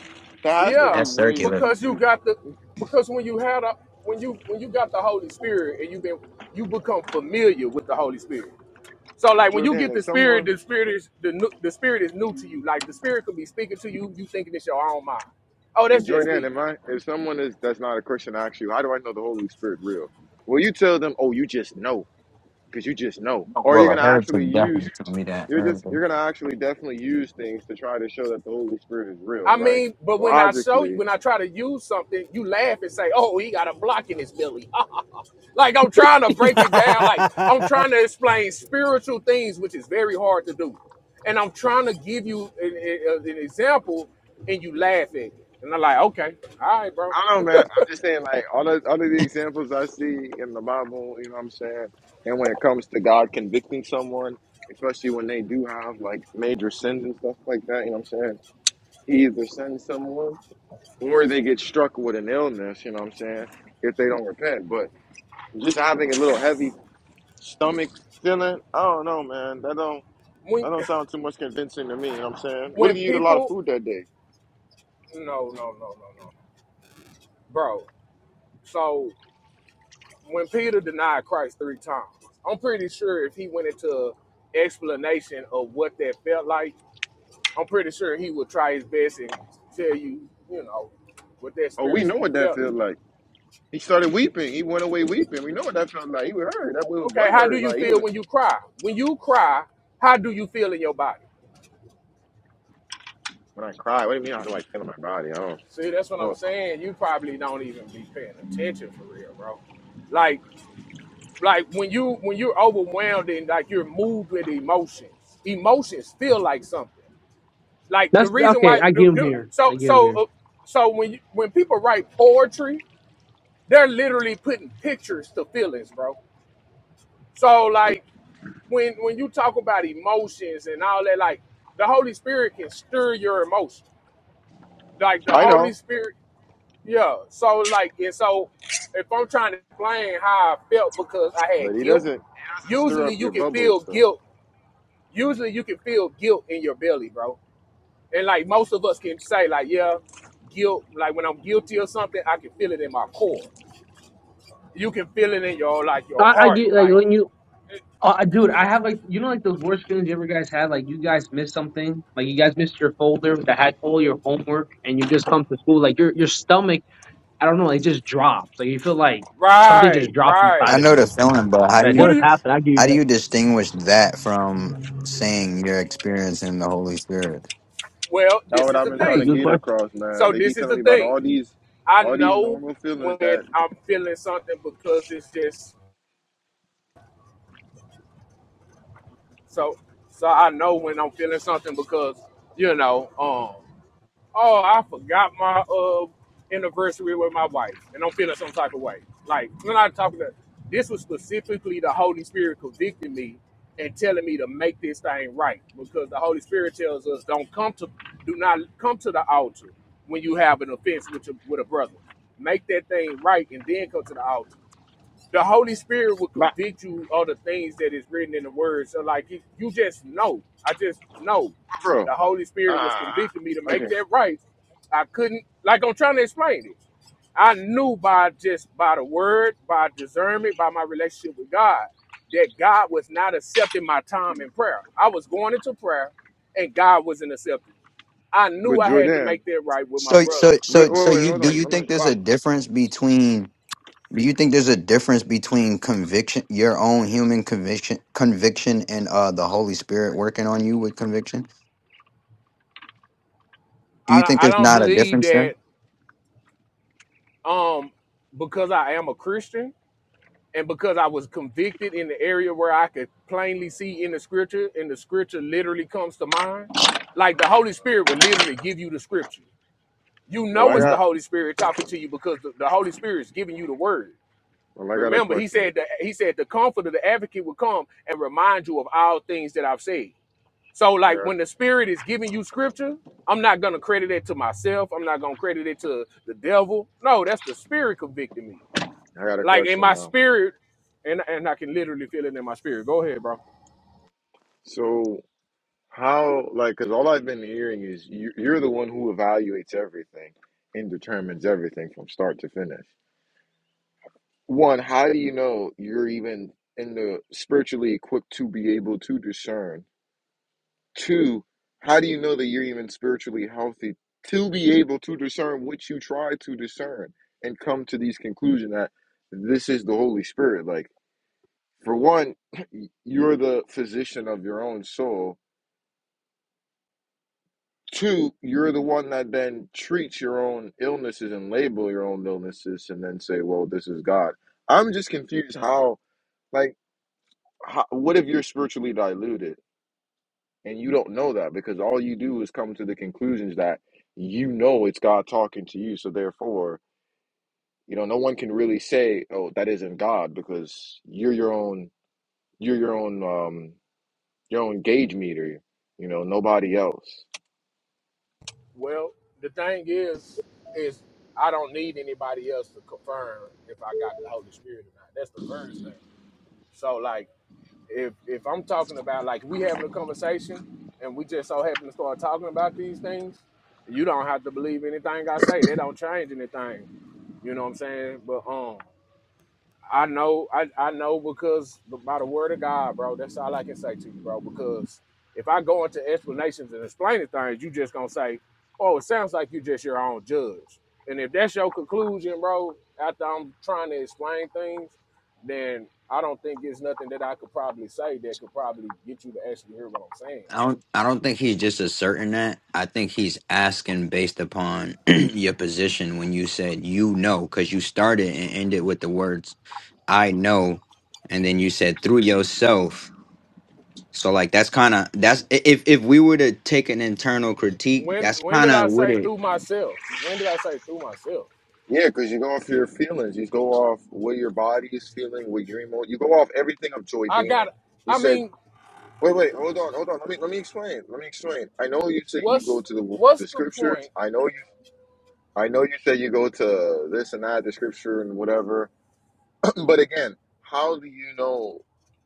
Speaker 1: there has to be
Speaker 5: Yeah,
Speaker 3: That's
Speaker 1: ways
Speaker 3: circular.
Speaker 1: you
Speaker 5: because you
Speaker 1: do
Speaker 5: got the because when you had a when you when you got the Holy Spirit and you been you become familiar with the Holy Spirit. So like when you
Speaker 1: Jordan,
Speaker 5: get
Speaker 1: if
Speaker 5: the Spirit,
Speaker 1: someone
Speaker 5: the Spirit is the new- the Spirit is new to you. Like the Spirit could be speaking to you, you thinking it's your own mind. Oh, that's just
Speaker 1: Jordan,
Speaker 5: me.
Speaker 1: am I if someone is that's not a Christian asks you, how do I know the Holy Spirit real? Well, you tell them, oh, you just know, because you just know. Or you're
Speaker 3: Well, a
Speaker 1: gonna actually
Speaker 3: heritage
Speaker 1: use
Speaker 3: definitely told me that
Speaker 1: you're just
Speaker 3: earlier.
Speaker 1: you're gonna actually definitely use things to try to show that the Holy Spirit is real,
Speaker 5: I
Speaker 1: right?
Speaker 5: mean, but when I show you,
Speaker 1: Logically.
Speaker 5: when I try to use something, you laugh and say, "Oh, he got a block in his belly." Like I'm trying to break it down. Like I'm
Speaker 4: [laughs]
Speaker 5: trying to explain spiritual things, which is very hard to do. And I'm trying to give you an, an an example, and you laugh at it. And I'm like, okay, all right, bro.
Speaker 1: I don't
Speaker 5: [laughs]
Speaker 1: know, man. I'm just saying like all the all of the examples I see in the Bible, you know what I'm saying? And when it comes to God convicting someone, especially when they do have like major sins and stuff like that, you know what I'm saying? He either sends someone or they get struck with an illness, you know what I'm saying, if they don't repent. But just having a little heavy stomach feeling, I don't know, man. That don't
Speaker 5: When
Speaker 1: that don't sound too much convincing to me, you know what I'm saying? What
Speaker 5: when
Speaker 1: if you eat a lot of
Speaker 5: people,
Speaker 1: food that day?
Speaker 5: no, no, no, no, no, bro. So when Peter denied Christ three times, I'm pretty sure if he went into explanation of what that felt like, I'm pretty sure he would try his best and tell you, you know, what that
Speaker 1: Oh, we know
Speaker 5: spiritually
Speaker 1: what that
Speaker 5: felt.
Speaker 1: feels like. He started weeping. He went away weeping. We know what that felt like. He was hurt. That boy was
Speaker 5: Okay,
Speaker 1: butt
Speaker 5: how do
Speaker 1: hurt.
Speaker 5: you
Speaker 1: Like he
Speaker 5: feel
Speaker 1: was
Speaker 5: when you cry? When you cry, how do you feel in your body?
Speaker 1: when I cried. What do you mean I was like feeling my body? I don't
Speaker 5: See, that's what I'm
Speaker 1: know.
Speaker 5: saying. You probably don't even be paying attention for real, bro. Like, like when you when you're overwhelmed and like you're moved with emotions, emotions feel like something. Like the
Speaker 2: That's
Speaker 5: reason
Speaker 2: okay.
Speaker 5: why,
Speaker 2: I
Speaker 5: the,
Speaker 2: give him
Speaker 5: the-
Speaker 2: here.
Speaker 5: so
Speaker 2: I give him
Speaker 5: so
Speaker 2: here.
Speaker 5: uh, so when you, when people write poetry, they're literally putting pictures to feelings, bro. So like when when you talk about emotions and all that, like the Holy Spirit can stir your emotions. Like the
Speaker 1: I
Speaker 5: Holy
Speaker 1: know.
Speaker 5: Spirit, yeah. So like and so if I'm trying to explain how I felt because I
Speaker 1: But
Speaker 5: had
Speaker 1: he
Speaker 5: guilt,
Speaker 1: doesn't he doesn't stir
Speaker 5: usually
Speaker 1: up
Speaker 5: you
Speaker 1: your
Speaker 5: can
Speaker 1: bubbles
Speaker 5: feel
Speaker 1: though.
Speaker 5: guilt. Usually you can feel guilt in your belly, bro. And like most of us can say, like, yeah, guilt, like when I'm guilty or something, I can feel it in my core. You can feel it in your like your
Speaker 2: I, I
Speaker 5: heart.
Speaker 2: get like
Speaker 5: Like
Speaker 2: when you Oh, I- dude, I have like you know like those worst feelings you ever guys had. Like you guys missed something. Like you guys missed your folder that had all your homework, and you just come to school like your your stomach. I don't know. It just drops. Like you feel like something just
Speaker 5: right,
Speaker 2: dropped
Speaker 5: right.
Speaker 3: I
Speaker 2: inside of
Speaker 3: know the
Speaker 2: you.
Speaker 3: feeling, but how do
Speaker 2: That
Speaker 5: What
Speaker 3: you
Speaker 2: does
Speaker 5: do you
Speaker 2: happen. I give you
Speaker 3: how do
Speaker 2: that.
Speaker 3: you distinguish that from saying you're experiencing the Holy Spirit?
Speaker 5: well,
Speaker 1: That's
Speaker 5: this
Speaker 1: what
Speaker 5: is
Speaker 1: I've
Speaker 5: the
Speaker 1: been
Speaker 2: That's
Speaker 1: trying
Speaker 2: a
Speaker 1: to
Speaker 5: thing.
Speaker 2: good
Speaker 1: get
Speaker 2: question.
Speaker 1: across, man.
Speaker 5: So
Speaker 1: They
Speaker 5: this
Speaker 1: keep
Speaker 5: is
Speaker 1: telling
Speaker 5: the
Speaker 1: me about
Speaker 5: thing.
Speaker 1: all these
Speaker 5: I
Speaker 1: all these
Speaker 5: know
Speaker 1: normal feelings
Speaker 5: when
Speaker 1: that
Speaker 5: I'm feeling something because it's just so so I know when I'm feeling something because you know, um oh, I forgot my uh anniversary with my wife, and I'm feeling some type of way. Like we're not talking about this was specifically the Holy Spirit convicting me and telling me to make this thing right because the Holy Spirit tells us don't come to do not come to the altar when you have an offense with your, with a brother. Make that thing right and then come to the altar the Holy Spirit will
Speaker 1: But
Speaker 5: convict you of the things that is written in the Word. So, like, if you just know, I just know
Speaker 1: bro,
Speaker 5: the Holy Spirit was
Speaker 1: ah,
Speaker 5: convicting me to
Speaker 1: okay.
Speaker 5: make that right. I couldn't, like, I'm trying to explain it. I knew by just by the Word, by discernment, by my relationship with God, that God was not accepting my time in prayer. I was going into prayer, and God wasn't accepting. it. I
Speaker 1: But
Speaker 5: knew I had to
Speaker 1: Jordan,
Speaker 5: make that right with my
Speaker 3: So,
Speaker 5: brother.
Speaker 3: so,
Speaker 1: but
Speaker 3: so,
Speaker 1: wait,
Speaker 3: so
Speaker 1: wait,
Speaker 3: you
Speaker 1: hold
Speaker 3: do
Speaker 1: on.
Speaker 3: you
Speaker 1: Let
Speaker 3: think
Speaker 1: me.
Speaker 3: there's
Speaker 5: Well,
Speaker 3: a difference between? Do you think there's a difference between conviction, your own human conviction, conviction, and uh, the Holy Spirit working on you with conviction? Do you
Speaker 5: I,
Speaker 3: think
Speaker 5: I
Speaker 3: there's
Speaker 5: don't
Speaker 3: not a
Speaker 5: believe
Speaker 3: difference there?
Speaker 5: that um because I am a Christian. and because I was convicted in the area where I could plainly see in the scripture, and the scripture literally comes to mind, like the Holy Spirit would literally give you the scripture. You
Speaker 1: Well,
Speaker 5: know
Speaker 1: I
Speaker 5: it's
Speaker 3: Mhm.
Speaker 5: the
Speaker 1: got,
Speaker 5: Holy Spirit talking to you because the, the Holy Spirit is giving you the word.
Speaker 1: well, I got a
Speaker 5: Remember, he
Speaker 1: question.
Speaker 5: said that he said the Comforter, the advocate will come and remind you of all things that I've said. So,
Speaker 1: I
Speaker 5: like when the
Speaker 1: got,
Speaker 5: Spirit is giving you scripture, I'm not gonna credit it to myself. I'm not gonna credit it to the devil. No, that's the Spirit convicting me.
Speaker 1: I got a
Speaker 5: Like in
Speaker 1: question
Speaker 5: my
Speaker 1: now.
Speaker 5: spirit, and and I can literally feel it in my spirit. Go ahead, bro.
Speaker 1: So how, like, because all I've been hearing is you, you're the one who evaluates everything and determines everything from start to finish. One, how do you know you're even in the spiritually equipped to be able to discern? Two, how do you know that you're even spiritually healthy to be able to discern what you try to discern and come to these conclusions that this is the Holy Spirit? Like, for one, [clears throat] you're the physician of your own soul. Two, you're the one that then treats your own illnesses and label your own illnesses and then say, well, this is God. I'm just confused how, like, how, what if you're spiritually diluted? And you don't know that because all you do is come to the conclusions that you know it's God talking to you. So therefore, you know, no one can really say, "Oh, that isn't God," because you're your own, you're your own, um, your own gauge meter. You know, nobody else.
Speaker 5: Well, the thing is, is I don't need anybody else to confirm if I got the Holy Spirit or not. That's the first thing. So like, if if I'm talking about like we having a conversation and we just so happen to start talking about these things, you don't have to believe anything I say. They don't change anything. You know what I'm saying? But um. I know, I, I know because by the word of God, bro, that's all I can say to you, bro. Because if I go into explanations and explaining things, you just gonna say, Oh, it sounds like you just your own judge. And if that's your conclusion, bro, after I'm trying to explain things, then I don't think it's nothing that I could probably say that could probably get you to actually hear what I'm saying.
Speaker 3: I don't I don't think he's just asserting that. I think he's asking based upon [clears throat] your position when you said you know cuz you started and ended with the words I know and then you said through yourself. So like that's kind of that's i- if if we were to take an internal critique,
Speaker 5: When
Speaker 3: that's
Speaker 5: when
Speaker 3: kind
Speaker 5: did
Speaker 3: of
Speaker 5: I
Speaker 3: what
Speaker 5: say
Speaker 3: it
Speaker 5: through myself? When did I say through myself?
Speaker 1: Yeah, because you go off your feelings. You go off what your body is feeling, what your emo. You go off everything of Joy
Speaker 5: I
Speaker 1: Dan.
Speaker 5: got
Speaker 1: You
Speaker 5: I
Speaker 1: said,
Speaker 5: mean,
Speaker 1: "Wait, wait, hold on, hold on. Let me let me explain. Let me explain. I know you say you go
Speaker 5: what's
Speaker 1: to the
Speaker 5: what's
Speaker 1: the
Speaker 5: the
Speaker 1: scriptures.
Speaker 5: point
Speaker 1: I know you I know you say you go to this and that, the scripture and whatever, [clears throat] but again, how do you know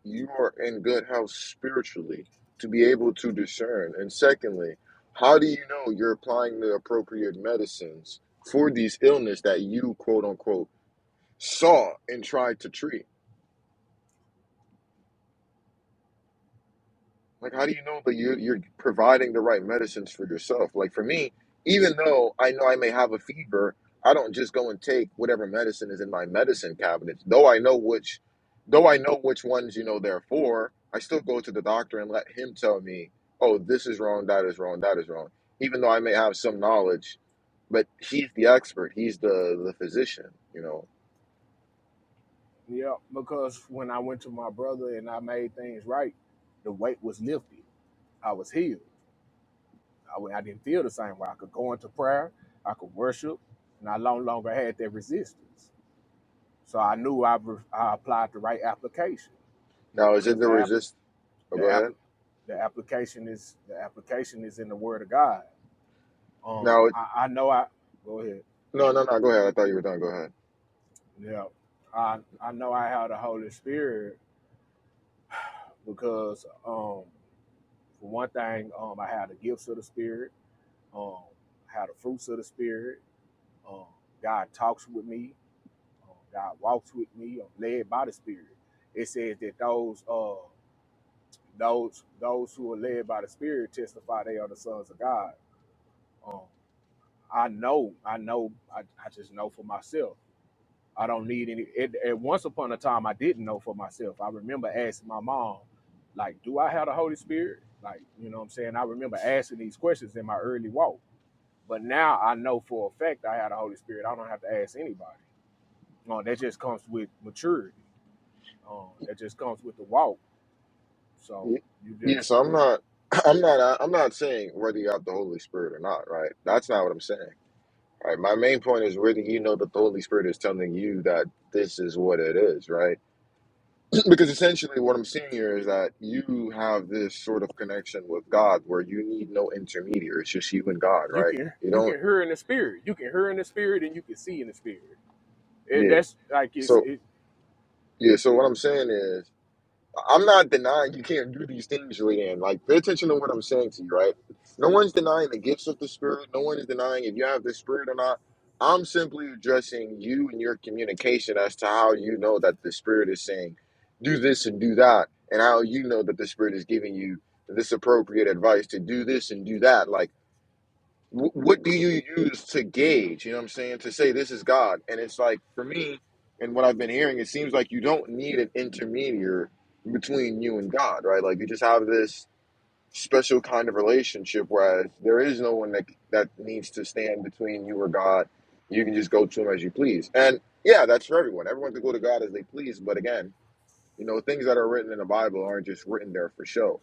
Speaker 1: you are in good health spiritually to be able to discern? And secondly, how do you know you're applying the appropriate medicines for these illness that you quote unquote saw and tried to treat? Like, how do you know that you're you're providing the right medicines for yourself? Like for me, even though I know I may have a fever, I don't just go and take whatever medicine is in my medicine cabinet. Though I know which, though I know which ones you know they're for, I still go to the doctor and let him tell me, oh, this is wrong, that is wrong, that is wrong. Even though I may have some knowledge, but he's the expert, he's the the physician, you know.
Speaker 5: Yeah, because when I went to my brother and I made things right, the weight was lifted. I was healed. I, wa- I didn't feel the same way. I could go into prayer, I could worship, and I no longer had that resistance. So I knew I, re- I applied the right application
Speaker 1: Now, is it
Speaker 5: because
Speaker 1: the
Speaker 5: the app,
Speaker 1: resist? Oh,
Speaker 5: the
Speaker 1: go
Speaker 5: app,
Speaker 1: ahead.
Speaker 5: the application is the application is in the Word of God. Um,
Speaker 1: Now, it,
Speaker 5: I, I know I go ahead.
Speaker 1: no, no, no. Go ahead. I thought you were done. Go ahead.
Speaker 5: Yeah, I I know I have the Holy Spirit because um For one thing, um, I have the gifts of the Spirit. Um, I have the fruits of the Spirit. Um, God talks with me. Um, God walks with me. I'm led by the Spirit. It says that those uh, those those who are led by the Spirit testify they are the sons of God. Um, I know. I know. I, I just know for myself. I don't need any. It, at once upon a time, I didn't know for myself. I remember asking my mom, like, do I have the Holy Spirit? Like, you know what I'm saying? I remember asking these questions in my early walk. But now I know for a fact I have the Holy Spirit. I don't have to ask anybody. No, that just comes with maturity. Um, that just comes with the walk. So
Speaker 1: Y-
Speaker 5: you
Speaker 1: Yeah,
Speaker 5: just
Speaker 1: so I'm not, [clears throat] I'm not, I'm not saying whether you have the Holy Spirit or not, right? That's not what I'm saying. Right? My main point is whether you know that the Holy Spirit is telling you that this is what it is, right? [clears throat] Because essentially, what I'm seeing here is that you have this sort of connection with God where you need no intermediary. It's just you and God,
Speaker 5: you
Speaker 1: right?
Speaker 5: can
Speaker 1: You
Speaker 5: you can
Speaker 1: don't,
Speaker 5: hear in the spirit. You can hear in the spirit and you can see in the spirit. It,
Speaker 1: yeah.
Speaker 5: that's like it's
Speaker 1: So
Speaker 5: it
Speaker 1: yeah, so what I'm saying is. I'm not denying you can't do these things, Julianne. Like, pay attention to what I'm saying to you, right? No one's denying the gifts of the Spirit. No one is denying if you have the Spirit or not. I'm simply addressing you and your communication as to how you know that the Spirit is saying, do this and do that, and how you know that the Spirit is giving you this appropriate advice to do this and do that. Like, wh- what do you use to gauge you know what i'm saying to say this is god and it's like for me and what i've been hearing it seems like you don't need an intermediary between you and god right like you just have this special kind of relationship whereas there is no one that that needs to stand between you or god you can just go to him as you please and yeah that's for everyone everyone can go to god as they please but again you know things that are written in the bible aren't just written there for show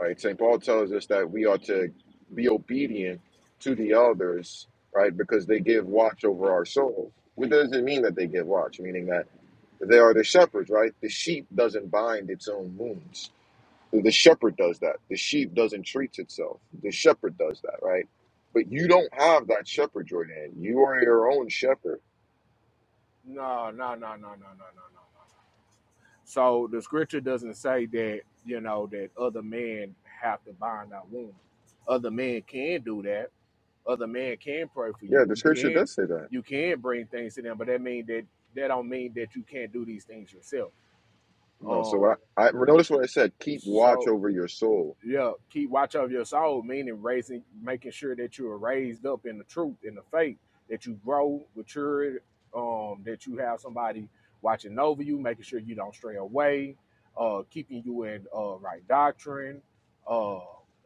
Speaker 1: right? St. Paul tells us that we ought to be obedient to the elders, right? Because they give watch over our soul. What does it mean that they give watch? Meaning that they are the shepherds, right? The sheep doesn't bind its own wounds. The shepherd does that. The sheep doesn't treat itself. The shepherd does that, right? But you don't have that shepherd, Jordan. You are your own shepherd.
Speaker 5: no no no no no no no no no. So the scripture doesn't say that, you know, that other men have to bind our wounds. Other men can do that, other man can pray for
Speaker 1: Yeah,
Speaker 5: you.
Speaker 1: the
Speaker 5: You
Speaker 1: scripture
Speaker 5: can
Speaker 1: does say that.
Speaker 5: you can bring things to them, but that mean that that don't mean that you can't do these things yourself.
Speaker 1: No,
Speaker 5: Um
Speaker 1: so I, I notice what I said. Keep watch
Speaker 5: so
Speaker 1: over your soul.
Speaker 5: yeah, keep watch of your soul, meaning raising making sure that you are raised up in the truth, in the faith, that you grow, mature, um, that you have somebody watching over you, making sure you don't stray away, uh keeping you in uh right doctrine, uh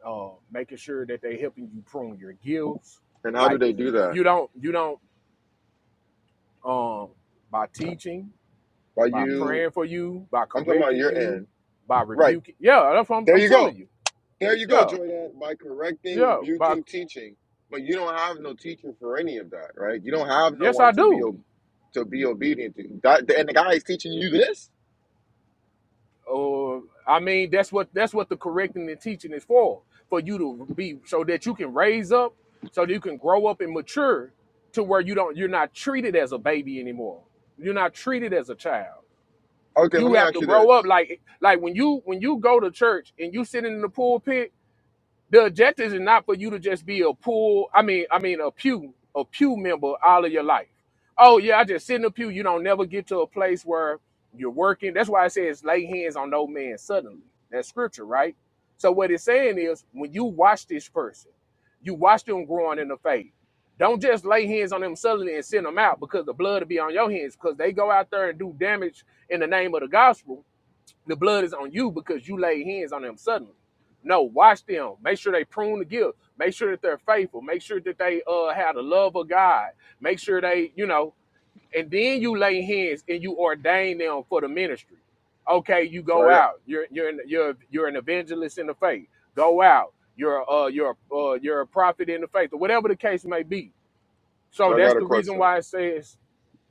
Speaker 5: uh making sure that they helping you prune your gifts.
Speaker 1: And how do
Speaker 5: Like
Speaker 1: they do that?
Speaker 5: you don't you don't um, by teaching,
Speaker 1: By
Speaker 5: by
Speaker 1: you.
Speaker 5: praying for you, by
Speaker 1: I'm talking about
Speaker 5: correcting
Speaker 1: your
Speaker 5: you,
Speaker 1: end.
Speaker 5: by
Speaker 1: Right.
Speaker 5: rebuking. Yeah, that's what I'm,
Speaker 1: There
Speaker 5: I'm
Speaker 1: you go.
Speaker 5: telling you.
Speaker 1: There you go,
Speaker 5: Yeah,
Speaker 1: Jordan. By correcting,
Speaker 5: yeah. By
Speaker 1: rebuking, teaching. But you don't have no teacher for any of that, right? You don't have no
Speaker 5: yes,
Speaker 1: one
Speaker 5: I
Speaker 1: to be
Speaker 5: do.
Speaker 1: o- to be obedient to. That, and the guy is teaching you this?
Speaker 5: Or I mean, that's what that's what the correcting and teaching is for, for you to be so that you can raise up, so that you can grow up and mature to where you don't you're not treated as a baby anymore. You're not treated as a child.
Speaker 1: Okay, let
Speaker 5: You
Speaker 1: me
Speaker 5: have
Speaker 1: ask
Speaker 5: to
Speaker 1: you
Speaker 5: grow up
Speaker 1: this.
Speaker 5: like like when you when you go to church and you sitting in the pulpit the objective is not for you to just be a pool. I mean, I mean a pew, a pew member all of your life. Oh yeah, I just sit in a pew. You don't never get to a place where you're working. That's why it says lay hands on no man suddenly. That's scripture, right? So what it's saying is when you watch this person, you watch them growing in the faith. Don't just lay hands on them suddenly and send them out because the blood will be on your hands because they go out there and do damage in the name of the gospel the blood is on you because you laid hands on them suddenly. No, watch them. Make sure they prune the gift. Make sure that they're faithful. Make sure that they uh have the love of God. Make sure they, you know, and then you lay hands and you ordain them for the ministry. Okay, you
Speaker 1: So
Speaker 5: go
Speaker 1: I got
Speaker 5: out. You're you're an, you're you're an evangelist in the faith. Go out. You're uh you're uh you're a prophet in the faith or whatever the case may be. So
Speaker 1: so I
Speaker 5: that's
Speaker 1: got a
Speaker 5: the reason
Speaker 1: question.
Speaker 5: why it says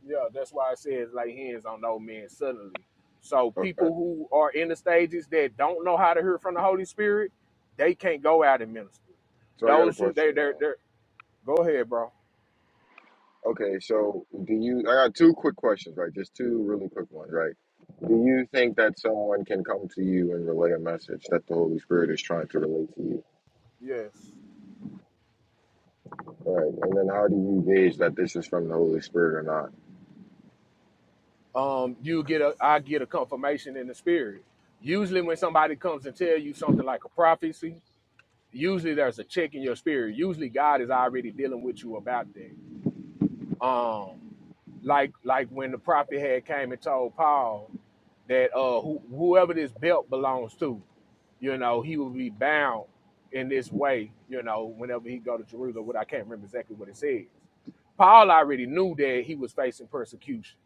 Speaker 5: yeah, that's why I said lay hands on no man suddenly. So people
Speaker 1: Okay.
Speaker 5: who are in the stages that don't know how to hear from the Holy Spirit, they can't go out and minister.
Speaker 1: So I got a
Speaker 5: Those who they
Speaker 1: question
Speaker 5: they're,
Speaker 1: now.
Speaker 5: they're go ahead, bro.
Speaker 1: Okay, so do you I got two quick questions, right? Just two really quick ones, right? Do you think that someone can come to you and relay a message that the Holy Spirit is trying to relate to you?
Speaker 5: Yes.
Speaker 1: Right. And then how do you gauge that this is from the Holy Spirit or not?
Speaker 5: Um, you get a I get a confirmation in the spirit. Usually when somebody comes and tell you something like a prophecy, usually there's a check in your spirit. Usually God is already dealing with you about that. Um. like like when the prophet had came and told Paul that uh who, whoever this belt belongs to, you know, he will be bound in this way, you know, whenever he go to Jerusalem. What I can't remember exactly what it says. Paul already knew that he was facing persecution,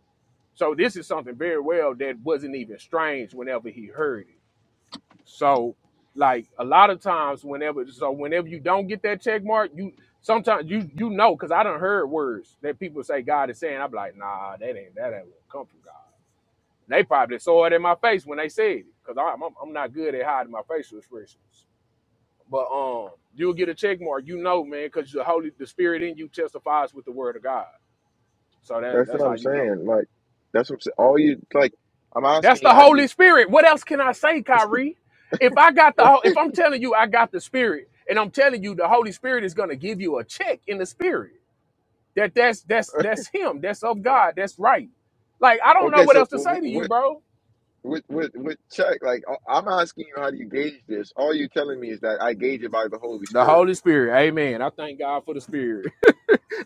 Speaker 5: so this is something very well that wasn't even strange whenever he heard it. So like a lot of times whenever so whenever you don't get that check mark, you sometimes you you know because I done heard words that people say God is saying. I'm like, nah, that ain't that ain't what come from God. They probably saw it in my face when they said it because I'm, I'm I'm not good at hiding my facial expressions. But um, you'll get a check mark, you know, man, because the holy the spirit in you testifies with the word of God. So that
Speaker 1: That's what
Speaker 5: that's how
Speaker 1: I'm
Speaker 5: you know.
Speaker 1: saying. Like, that's what I'm saying. All you, like, I'm
Speaker 5: That's
Speaker 1: asking you,
Speaker 5: the
Speaker 1: how do
Speaker 5: Holy
Speaker 1: you,
Speaker 5: Spirit. What else can I say, Kyrie? If I got the
Speaker 1: [laughs]
Speaker 5: if I'm telling you I got the Spirit, and I'm telling you the Holy Spirit is going to give you a check in the Spirit that that's that's that's Him, that's of God, that's right. Like I don't know
Speaker 1: okay,
Speaker 5: what
Speaker 1: so
Speaker 5: else to say to you,
Speaker 1: what,
Speaker 5: bro.
Speaker 1: with with with check? Like, I- I'm asking you, how do you gauge this? All you telling me is that I gauge it by the Holy
Speaker 5: The
Speaker 1: Spirit.
Speaker 5: Holy Spirit, Amen. I thank God for the Spirit. [laughs]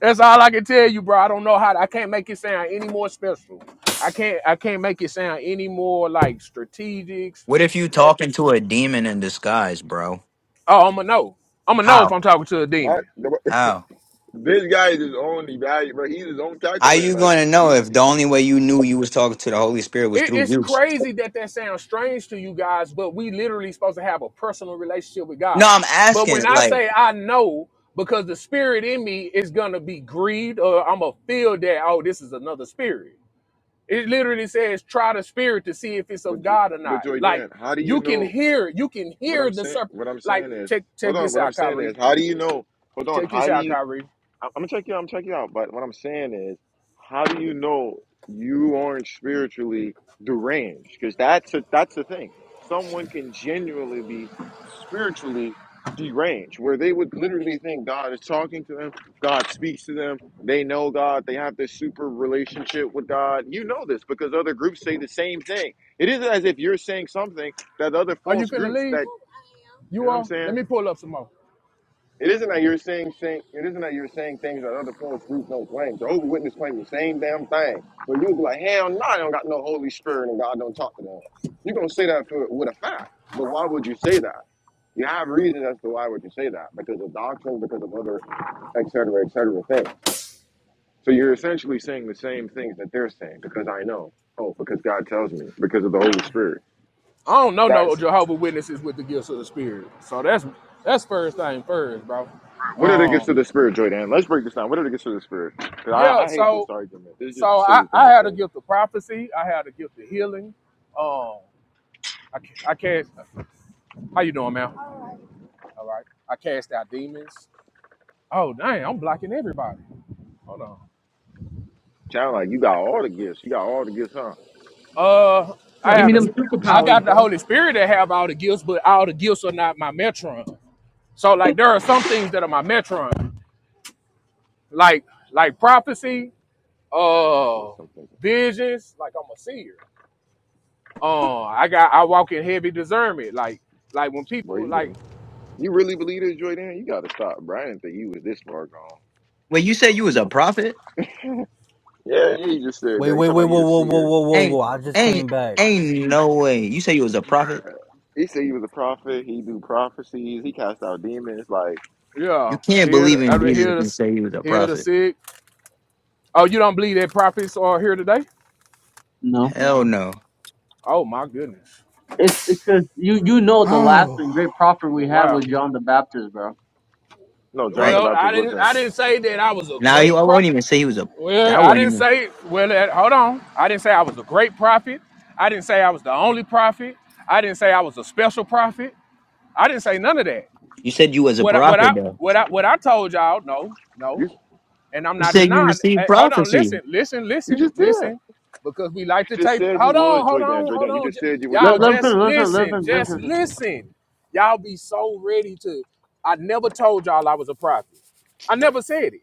Speaker 5: That's all I can tell you, bro. I don't know how I can't make it sound any more special. I can't I can't make it sound any more like strategics
Speaker 3: What if you talking
Speaker 5: packaged.
Speaker 3: to a demon in disguise, bro?
Speaker 5: Oh, I'm gonna know. I'm gonna know if
Speaker 3: How?
Speaker 5: I'm talking to a demon.
Speaker 1: Not the,
Speaker 3: How?
Speaker 1: [laughs] this guy is his own value, but he's his own
Speaker 3: How
Speaker 1: calculator.
Speaker 3: you
Speaker 1: Like,
Speaker 3: gonna know
Speaker 1: he,
Speaker 3: if the only way you knew you was talking to the Holy Spirit was
Speaker 5: It,
Speaker 3: through
Speaker 5: it's
Speaker 3: you?
Speaker 5: crazy that that sounds strange to you guys, but we literally supposed to have a personal relationship with
Speaker 3: No,
Speaker 5: God.
Speaker 3: I'm
Speaker 5: But
Speaker 3: asking,
Speaker 5: when I
Speaker 3: like,
Speaker 5: say I know, because the spirit in me is gonna be grieved, or I'm gonna feel that oh, this is another spirit. It literally says try the spirit to see if it's
Speaker 1: but,
Speaker 5: of
Speaker 1: Jo-
Speaker 5: God or
Speaker 1: but
Speaker 5: not.
Speaker 1: Joy
Speaker 5: Like
Speaker 1: Dan, how do you
Speaker 5: you can
Speaker 1: know
Speaker 5: hear, you can
Speaker 1: what
Speaker 5: hear
Speaker 1: I'm
Speaker 5: the
Speaker 1: saying?
Speaker 5: serpent.
Speaker 1: What I'm
Speaker 5: Like
Speaker 1: saying is,
Speaker 5: check
Speaker 1: hold
Speaker 5: check
Speaker 1: on,
Speaker 5: this
Speaker 1: what I'm
Speaker 5: out,
Speaker 1: saying
Speaker 5: Kyrie.
Speaker 1: is, how do you know? Hold on,
Speaker 5: Check
Speaker 1: how
Speaker 5: this
Speaker 1: do
Speaker 5: out,
Speaker 1: you
Speaker 5: Kyrie.
Speaker 1: I'm gonna check you out. I'm going check you out. But what I'm saying is, how do you know you aren't spiritually deranged? Because that's a, that's the thing. Someone can genuinely be spiritually deranged, where they would literally think God is talking to them, God speaks to them, they know God, they have this super relationship with God. You know this because other groups say the same thing. It isn't as if you're saying something that other
Speaker 5: Are you
Speaker 1: false
Speaker 5: finna
Speaker 1: groups
Speaker 5: leave?
Speaker 1: that you
Speaker 5: You
Speaker 1: know what I'm
Speaker 5: are.
Speaker 1: saying
Speaker 5: Let me pull up some more.
Speaker 1: it isn't that you're saying saying it isn't that you're saying things that other false groups don't claim. Jehovah's Witness claim the same damn thing. But you'll be like, hell no, I don't got no Holy Spirit and God don't talk to them. You're gonna say that for with a fact. But why would you say that? You have reasons as to why would you say that? Because of doctrine, because of other et cetera, et cetera things. So you're essentially saying the same things that they're saying, because I know. Oh, because God tells me, because of the Holy Spirit.
Speaker 5: I don't know no
Speaker 1: That's
Speaker 5: Jehovah Witnesses with the gifts of the Spirit. So that's that's first thing first, bro.
Speaker 1: What are the gifts
Speaker 5: Um,
Speaker 1: of the spirit, Jordan? Let's break this down. What are the gifts of the spirit? Because I,
Speaker 5: yeah.
Speaker 1: I hate this
Speaker 5: So
Speaker 1: argument. This is just a
Speaker 5: so I,
Speaker 1: silly thing
Speaker 5: I
Speaker 1: to
Speaker 5: had a
Speaker 1: say.
Speaker 5: gift of prophecy. I had a gift of healing. Um, I ca- I cast. How you doing, man? All right. I cast out demons. Oh dang, I'm blocking everybody. Hold on.
Speaker 1: Sound like you got all the gifts. You got all the gifts, huh?
Speaker 5: Uh, I
Speaker 3: bro,
Speaker 2: Give
Speaker 3: the
Speaker 5: have
Speaker 2: me
Speaker 5: the,
Speaker 2: them
Speaker 3: miracles.
Speaker 5: I
Speaker 2: superpowers,
Speaker 5: got the
Speaker 2: bro.
Speaker 5: Holy Spirit that have all the gifts, but all the gifts are not my metron. So like, there are some things that are my metron, like like prophecy
Speaker 1: He said
Speaker 5: uh
Speaker 1: something.
Speaker 5: visions like i'm a seer uh i got i walk in heavy discernment like like when
Speaker 1: Boy,
Speaker 5: people like
Speaker 1: you you really believe this, Jordan? You got to stop, bro. I didn't think you was this far gone.
Speaker 3: Wait, you said you was a prophet?
Speaker 1: Yeah, yeah. He just said that.
Speaker 4: Wait,
Speaker 1: He
Speaker 4: wait,
Speaker 1: talking
Speaker 4: wait,
Speaker 1: about he
Speaker 4: whoa,
Speaker 1: a
Speaker 4: whoa, whoa,
Speaker 1: seer.
Speaker 4: whoa, whoa,
Speaker 3: Ain't,
Speaker 4: whoa! I just
Speaker 3: ain't,
Speaker 4: came back,
Speaker 3: ain't no way. You say you was a prophet?
Speaker 1: He said he was a prophet. He do prophecies. He cast out demons. Like
Speaker 3: You
Speaker 5: yeah
Speaker 3: can't
Speaker 5: hear the,
Speaker 3: believe
Speaker 5: I
Speaker 3: in
Speaker 5: mean,
Speaker 3: Jesus
Speaker 5: hear the
Speaker 3: and
Speaker 5: s-
Speaker 3: say he was a
Speaker 5: hear the
Speaker 3: prophet.
Speaker 5: sick oh you don't believe that prophets are here today
Speaker 2: No.
Speaker 3: Hell no.
Speaker 5: oh my goodness
Speaker 2: It's because you you know the last and great prophet we had was
Speaker 5: wow
Speaker 2: John the Baptist, bro.
Speaker 1: no, John the
Speaker 3: Right
Speaker 5: well
Speaker 1: Baptist
Speaker 5: i didn't
Speaker 1: wasn't.
Speaker 5: i didn't say that i was a
Speaker 3: now, you I
Speaker 5: great
Speaker 3: won't
Speaker 5: prophet
Speaker 3: even say he was a.
Speaker 5: well
Speaker 3: I
Speaker 5: i
Speaker 3: wouldn't
Speaker 5: didn't
Speaker 3: even.
Speaker 5: say well that, hold on i didn't say i was a great prophet i didn't say i was the only prophet i didn't say i was a special prophet i didn't say none of that
Speaker 3: You said you was a
Speaker 5: What I, what
Speaker 3: prophet
Speaker 5: I
Speaker 3: though.
Speaker 5: what I what I told y'all, no, no,
Speaker 1: You
Speaker 5: and I'm
Speaker 3: You
Speaker 5: not
Speaker 3: said you
Speaker 5: denying.
Speaker 3: received
Speaker 5: eh, hold on,
Speaker 3: prophecy,
Speaker 5: listen, listen,
Speaker 1: you
Speaker 5: listen,
Speaker 1: just did.
Speaker 5: listen,
Speaker 1: You
Speaker 5: because we like to
Speaker 1: just
Speaker 5: tape.
Speaker 1: said you
Speaker 5: Hold
Speaker 1: was
Speaker 5: on, hold
Speaker 1: Jordan.
Speaker 5: on, hold
Speaker 1: Jordan. You
Speaker 5: on,
Speaker 1: just
Speaker 5: J-
Speaker 1: said you was a
Speaker 2: Let,
Speaker 5: y'all.
Speaker 2: let him
Speaker 1: prophet.
Speaker 2: finish,
Speaker 5: Just
Speaker 2: let him finish, let him
Speaker 5: listen,
Speaker 2: finish, let
Speaker 5: just
Speaker 2: him finish.
Speaker 5: listen. Y'all be so ready to. I never told y'all I was a prophet. I never said it.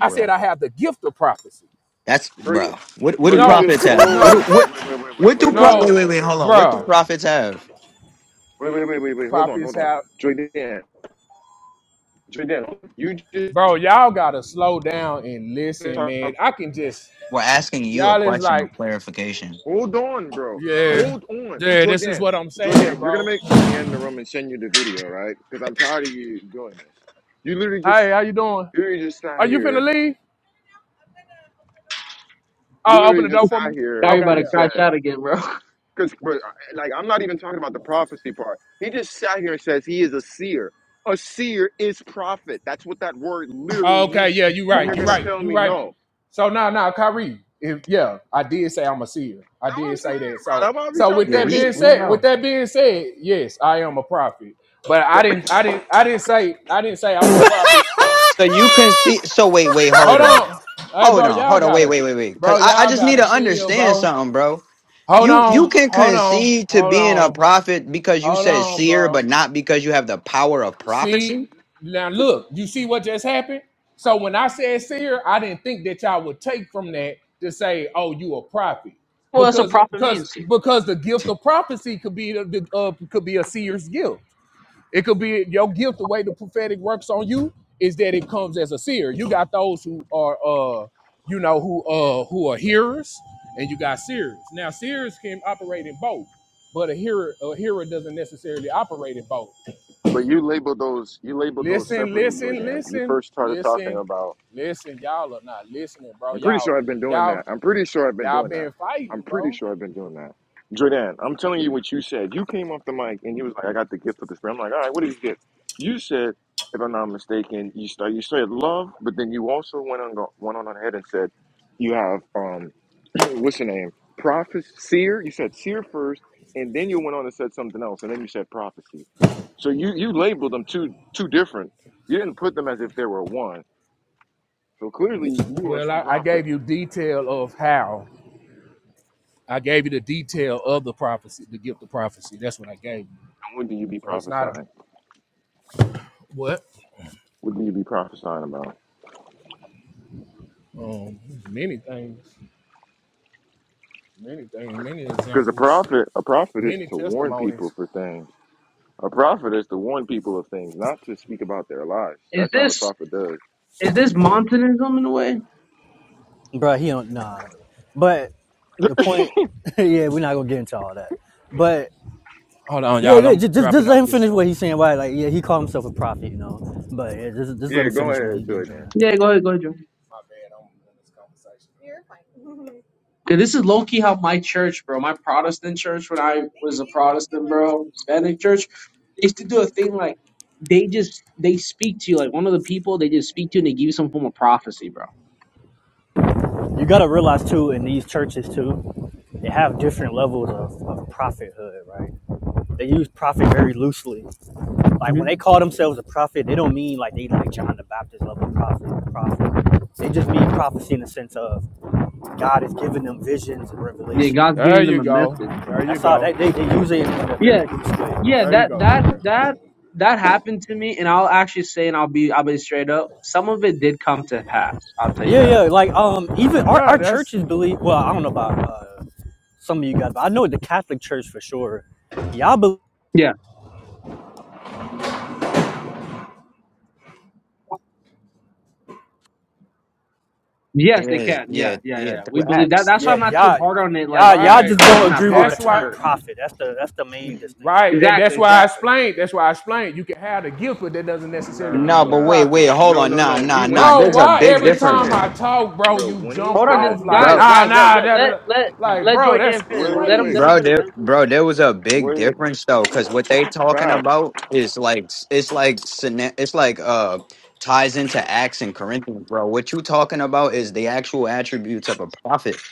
Speaker 5: I said I have the gift of prophecy.
Speaker 3: That's
Speaker 1: Bro, you,
Speaker 3: bro. What what
Speaker 1: bro,
Speaker 3: do
Speaker 1: you
Speaker 5: No,
Speaker 1: just.
Speaker 3: prophets have? What
Speaker 5: no,
Speaker 3: do
Speaker 1: Oh,
Speaker 3: what
Speaker 1: wait, wait, wait, wait,
Speaker 3: what do
Speaker 1: wait, wait, wait,
Speaker 3: pro?
Speaker 1: wait,
Speaker 3: Wait
Speaker 5: no,
Speaker 1: wait,
Speaker 3: wait
Speaker 1: wait, wait,
Speaker 3: wait. Hold
Speaker 1: wait,
Speaker 3: on.
Speaker 1: wait, wait, wait,
Speaker 3: What
Speaker 1: wait,
Speaker 3: do
Speaker 5: bro.
Speaker 3: prophets have?
Speaker 1: wait, wait, wait, wait. wait Hold on,
Speaker 5: Prophets
Speaker 1: hold on.
Speaker 5: have,
Speaker 1: Joydan, Joydan, you just.
Speaker 5: bro. Y'all gotta slow down and listen, man. I can just
Speaker 3: We're asking you a
Speaker 5: y'all is
Speaker 3: question of
Speaker 5: like.
Speaker 3: clarification.
Speaker 1: Hold on, bro.
Speaker 5: Yeah.
Speaker 1: Hold on,
Speaker 5: Yeah, this is
Speaker 1: Joydan,
Speaker 5: what I'm saying,
Speaker 1: Joydan. You're gonna
Speaker 5: bro.
Speaker 1: make me in the room and send you the video, right? Because I'm tired of you doing this. You literally just,
Speaker 5: Hey, how you doing?
Speaker 1: you literally just sat
Speaker 5: Are you finna
Speaker 1: here.
Speaker 5: leave?
Speaker 1: You
Speaker 5: Oh, open
Speaker 1: literally
Speaker 5: the
Speaker 1: just
Speaker 5: door for
Speaker 1: sat
Speaker 5: me.
Speaker 2: Now
Speaker 1: here
Speaker 2: you're
Speaker 5: Okay,
Speaker 2: about to
Speaker 1: and
Speaker 5: yeah.
Speaker 2: crash
Speaker 1: said.
Speaker 2: out again, bro. [laughs]
Speaker 1: Because, like, I'm not even talking about the prophecy part. He just sat here and says he is a seer. A seer is prophet. That's what that word literally
Speaker 5: Okay,
Speaker 1: means.
Speaker 5: yeah, you
Speaker 1: And
Speaker 5: right.
Speaker 1: you're
Speaker 5: You
Speaker 1: gonna
Speaker 3: Yes.
Speaker 5: right.
Speaker 1: tell
Speaker 5: You
Speaker 1: me
Speaker 5: right.
Speaker 1: no.
Speaker 5: So now, now, Kyrie, if yeah, I did say I'm a seer. I
Speaker 1: That's what I'm
Speaker 5: did say that.
Speaker 1: saying, bro.
Speaker 5: So
Speaker 1: That's what I be
Speaker 5: so
Speaker 1: trying
Speaker 5: with
Speaker 1: to
Speaker 3: Yeah,
Speaker 5: that
Speaker 1: tell you.
Speaker 3: we
Speaker 5: being
Speaker 1: Just
Speaker 3: we
Speaker 1: slow down.
Speaker 5: said,
Speaker 1: [laughs]
Speaker 5: with
Speaker 3: know.
Speaker 5: that being said, yes, I am a prophet. But I
Speaker 1: No.
Speaker 5: didn't I didn't I didn't say I didn't say
Speaker 4: [laughs]
Speaker 5: I'm a prophet.
Speaker 3: So you can see. So wait wait hold
Speaker 5: Hold
Speaker 3: on,
Speaker 5: on. Hey
Speaker 3: hold
Speaker 5: bro,
Speaker 3: on
Speaker 5: y'all
Speaker 3: hold on wait
Speaker 5: gotta
Speaker 3: wait wait wait. Cause
Speaker 5: bro,
Speaker 3: I I
Speaker 5: y'all
Speaker 3: just need
Speaker 5: gotta
Speaker 3: to
Speaker 5: chill,
Speaker 3: understand
Speaker 5: bro.
Speaker 3: something, bro.
Speaker 5: Hold
Speaker 3: You you
Speaker 5: on,
Speaker 3: can
Speaker 5: hold on,
Speaker 3: concede to
Speaker 5: hold
Speaker 3: being a
Speaker 5: on,
Speaker 3: prophet because you
Speaker 5: hold
Speaker 3: said
Speaker 5: on,
Speaker 3: seer,
Speaker 5: bro.
Speaker 3: but not because you have the power of
Speaker 5: See,
Speaker 3: prophecy.
Speaker 5: now look, you see what just happened? So when I said seer, I didn't think that y'all would take from that to say, oh, you a prophet.
Speaker 2: well, that's what
Speaker 5: Because
Speaker 2: prophet
Speaker 5: because
Speaker 2: means, see.
Speaker 5: because the gift of prophecy could be the, the, uh, could be a seer's gift. It could be your gift, the way the prophetic works on you is that it comes as a seer. You got those who are uh you know who uh who are hearers and you got seers. Now seers can operate in both, but a hearer a hearer doesn't necessarily operate in both.
Speaker 1: [laughs] but you labeled those. You labeled those
Speaker 5: Listen,
Speaker 1: separately, Joydan.
Speaker 5: listen,
Speaker 1: You
Speaker 5: listen,
Speaker 1: first started talking
Speaker 5: listen,
Speaker 1: about.
Speaker 5: listen. Y'all are not listening, bro.
Speaker 1: I'm pretty
Speaker 5: Y'all,
Speaker 1: sure I've been doing
Speaker 5: y'all,
Speaker 1: that. I'm pretty sure I've been
Speaker 5: y'all
Speaker 1: doing that.
Speaker 5: been
Speaker 1: I'm
Speaker 5: fighting,
Speaker 1: pretty
Speaker 5: bro.
Speaker 1: sure I've been doing that. Jordan, I'm telling you what you said. You came off the mic and you was like, I got the gift of the spirit. I'm like, all right, what did you get? You said, if I'm not mistaken, you start you said love, but then you also went on go- went on ahead and said you have um [clears throat] what's the name? Prophet seer. You said seer first, and then you went on and said something else, and then you said prophecy. So you you labeled them two two different. You didn't put them as if they were one. So clearly you are
Speaker 5: Well,
Speaker 1: some
Speaker 5: I, I
Speaker 1: prophet.
Speaker 5: gave you detail of how. I gave you the detail of the prophecy, the gift of prophecy. That's what I gave you.
Speaker 1: What do you be
Speaker 5: So it's not a
Speaker 1: prophesying?
Speaker 5: what?
Speaker 1: What do you be prophesying about?
Speaker 5: Um, there's many things, many things, many
Speaker 1: Because a
Speaker 5: examples,
Speaker 1: prophet, a prophet is
Speaker 5: many
Speaker 1: to warn
Speaker 5: testimonies.
Speaker 1: people for things. A prophet is to warn people of things, not to speak about their lives.
Speaker 2: Is
Speaker 1: That's not what
Speaker 2: this?
Speaker 1: prophet does.
Speaker 2: Is this Montanism in a way?
Speaker 4: Bruh, He don't nah, nah. but the point, [laughs] yeah, we're not gonna get into all that. But
Speaker 5: Hold on,
Speaker 4: yeah,
Speaker 5: y'all.
Speaker 4: yeah,
Speaker 5: I'm
Speaker 4: ju- just
Speaker 5: dropping
Speaker 4: just let
Speaker 5: out
Speaker 4: him
Speaker 5: this.
Speaker 4: finish
Speaker 5: Uh,
Speaker 4: what he's saying. Why, like, yeah, he called himself a prophet, you know. But yeah, just just let
Speaker 1: Yeah,
Speaker 4: him
Speaker 1: go
Speaker 4: finish when
Speaker 1: ahead,
Speaker 4: he get
Speaker 1: Jordan.
Speaker 4: done.
Speaker 2: Yeah, go ahead, go ahead, Joe.
Speaker 5: my bad. I'm in this conversation.
Speaker 2: 'Cause this is low key how my church, bro, my Protestant church when I was a Protestant, bro, Hispanic church, they used to do a thing like they just they speak to you like one of the people they just speak to and they give you some form of prophecy, bro.
Speaker 4: You gotta realize too, in these churches too, they have different levels of, of prophethood, right? They use prophet very loosely. Like when
Speaker 2: hmm
Speaker 4: they call themselves a prophet, they don't mean like they like John the Baptist level prophet. Prophet. They just mean prophecy in the sense of God is giving them visions and
Speaker 2: Yeah,
Speaker 4: revelation.
Speaker 2: God's
Speaker 5: There
Speaker 2: giving
Speaker 5: you
Speaker 2: them a
Speaker 5: go.
Speaker 2: message.
Speaker 5: There you
Speaker 4: That's how they,
Speaker 5: go.
Speaker 4: they, they use it in a very
Speaker 2: Yeah,
Speaker 4: loose
Speaker 2: yeah,
Speaker 4: way.
Speaker 5: There you
Speaker 2: that
Speaker 5: go,
Speaker 2: that
Speaker 5: Trey.
Speaker 2: that that happened to me, and I'll actually say, and I'll be I'll be straight up. Some of it did come to pass. I'll tell you
Speaker 4: Yeah, yeah.
Speaker 2: that.
Speaker 4: Like um, even our,
Speaker 5: Yeah,
Speaker 4: our
Speaker 5: that's
Speaker 4: churches believe. Well, I don't know about uh, some of you guys, but I know the Catholic Church for sure. Y'all believe.
Speaker 2: Yeah. Yes, they
Speaker 3: Yes,
Speaker 2: can.
Speaker 3: yeah,
Speaker 2: Yeah, yeah, yeah.
Speaker 3: yeah,
Speaker 2: yeah.
Speaker 3: through
Speaker 2: We believe that.
Speaker 3: acts.
Speaker 2: That's why
Speaker 4: Yeah,
Speaker 2: I'm not too
Speaker 4: y'all,
Speaker 2: hard on it. Like
Speaker 4: y'all, y'all
Speaker 2: when
Speaker 5: Right.
Speaker 2: I
Speaker 4: just
Speaker 2: was
Speaker 4: don't
Speaker 2: in that
Speaker 4: agree with the
Speaker 5: That's
Speaker 2: Protestant
Speaker 5: why.
Speaker 4: term
Speaker 2: church.
Speaker 4: profit. That's the that's the main distinction.
Speaker 5: Right. And
Speaker 2: Exactly,
Speaker 5: that's why I
Speaker 2: exactly.
Speaker 5: explained. That's why I explained. You can have the gift, but that doesn't necessarily mean
Speaker 3: No,
Speaker 1: Nah,
Speaker 5: you're a
Speaker 3: but wait,
Speaker 1: nah,
Speaker 3: wait,
Speaker 5: prophet.
Speaker 3: hold
Speaker 1: no,
Speaker 3: on,
Speaker 1: no, no.
Speaker 3: nah,
Speaker 1: He
Speaker 3: nah,
Speaker 1: when he
Speaker 3: nah.
Speaker 5: Bro,
Speaker 3: There's
Speaker 1: said,
Speaker 3: a
Speaker 5: why
Speaker 3: big
Speaker 1: when
Speaker 5: every
Speaker 1: he
Speaker 3: difference.
Speaker 5: time
Speaker 1: said,
Speaker 5: I talk, bro,
Speaker 1: bro,
Speaker 5: you
Speaker 1: when he
Speaker 5: jump
Speaker 2: Hold on, just
Speaker 1: said,
Speaker 5: off like,
Speaker 2: guys,
Speaker 3: Bro,
Speaker 5: nah,
Speaker 2: guys. Let
Speaker 5: nah,
Speaker 2: let
Speaker 5: da, da.
Speaker 2: let
Speaker 5: da?
Speaker 2: let
Speaker 5: Like,
Speaker 2: let
Speaker 5: bro,
Speaker 2: Joy
Speaker 5: that's
Speaker 2: Dan finish.
Speaker 1: wait, wait,
Speaker 2: Let him
Speaker 1: wait,
Speaker 2: let him
Speaker 3: bro,
Speaker 5: crazy.
Speaker 2: finish.
Speaker 3: there,
Speaker 2: Let him finish.
Speaker 3: bro, there was a big
Speaker 1: wait,
Speaker 3: difference though, because what they talking
Speaker 1: facts.
Speaker 3: about is like it's like syna- it's like uh ties into Acts and Corinthians, bro. What you talking about is the actual attributes of a prophet.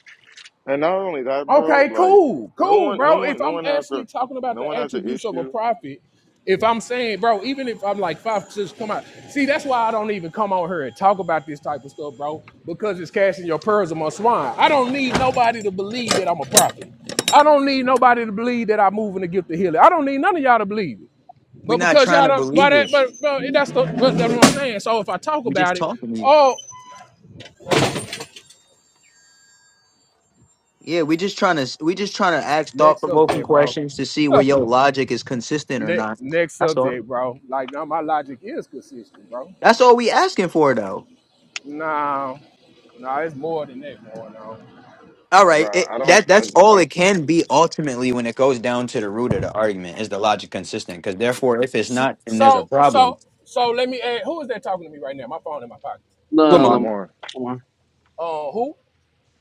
Speaker 1: And not only that, bro,
Speaker 5: Okay,
Speaker 1: like
Speaker 5: cool,
Speaker 1: no
Speaker 5: cool,
Speaker 1: one, no
Speaker 5: bro. If
Speaker 1: one, no
Speaker 5: I'm
Speaker 1: one has the,
Speaker 5: actually talking about
Speaker 1: no
Speaker 5: the
Speaker 1: one has the
Speaker 5: attributes of a
Speaker 1: issue.
Speaker 5: prophet, if I'm saying, bro, even if I'm like five, just come out. See, that's why I don't even come on here and talk about this type of stuff, bro, because it's casting your pearls among swine. I don't need nobody to believe that I'm a prophet. I don't need nobody to believe that I move in the gift of healing. I don't need none of y'all to believe it.
Speaker 3: We're
Speaker 5: But
Speaker 3: not
Speaker 5: because
Speaker 3: trying
Speaker 5: y'all
Speaker 3: to
Speaker 5: don't, why
Speaker 3: believe
Speaker 5: that,
Speaker 3: it.
Speaker 5: but, but that's the, that's what I'm saying. So if I talk
Speaker 3: We just
Speaker 5: about it,
Speaker 3: talking to you.
Speaker 5: oh,
Speaker 3: Yeah, we just trying to we just trying to ask thought
Speaker 5: next up
Speaker 3: provoking
Speaker 5: there, bro.
Speaker 3: questions to see where your logic is consistent or
Speaker 5: Ne-
Speaker 3: not.
Speaker 5: next
Speaker 3: That's all.
Speaker 5: subject, bro. Like now, my logic is consistent, bro.
Speaker 3: That's all we asking for though.
Speaker 5: Nah, nah, it's more than that going on.
Speaker 3: All right,
Speaker 1: Right,
Speaker 3: it,
Speaker 1: I don't.
Speaker 3: that
Speaker 1: I,
Speaker 3: that's all
Speaker 1: I,
Speaker 3: it can be ultimately when it goes down to the root of the argument is the logic consistent? Because therefore, if it's
Speaker 5: So,
Speaker 3: not, then there's a
Speaker 5: so,
Speaker 3: problem.
Speaker 5: so, so let me. Add, who is that talking to me right now? My phone in my pocket.
Speaker 2: La,
Speaker 1: it's
Speaker 3: Lamont,
Speaker 2: Lam-
Speaker 1: Lamar.
Speaker 2: Lamar,
Speaker 5: Uh, who?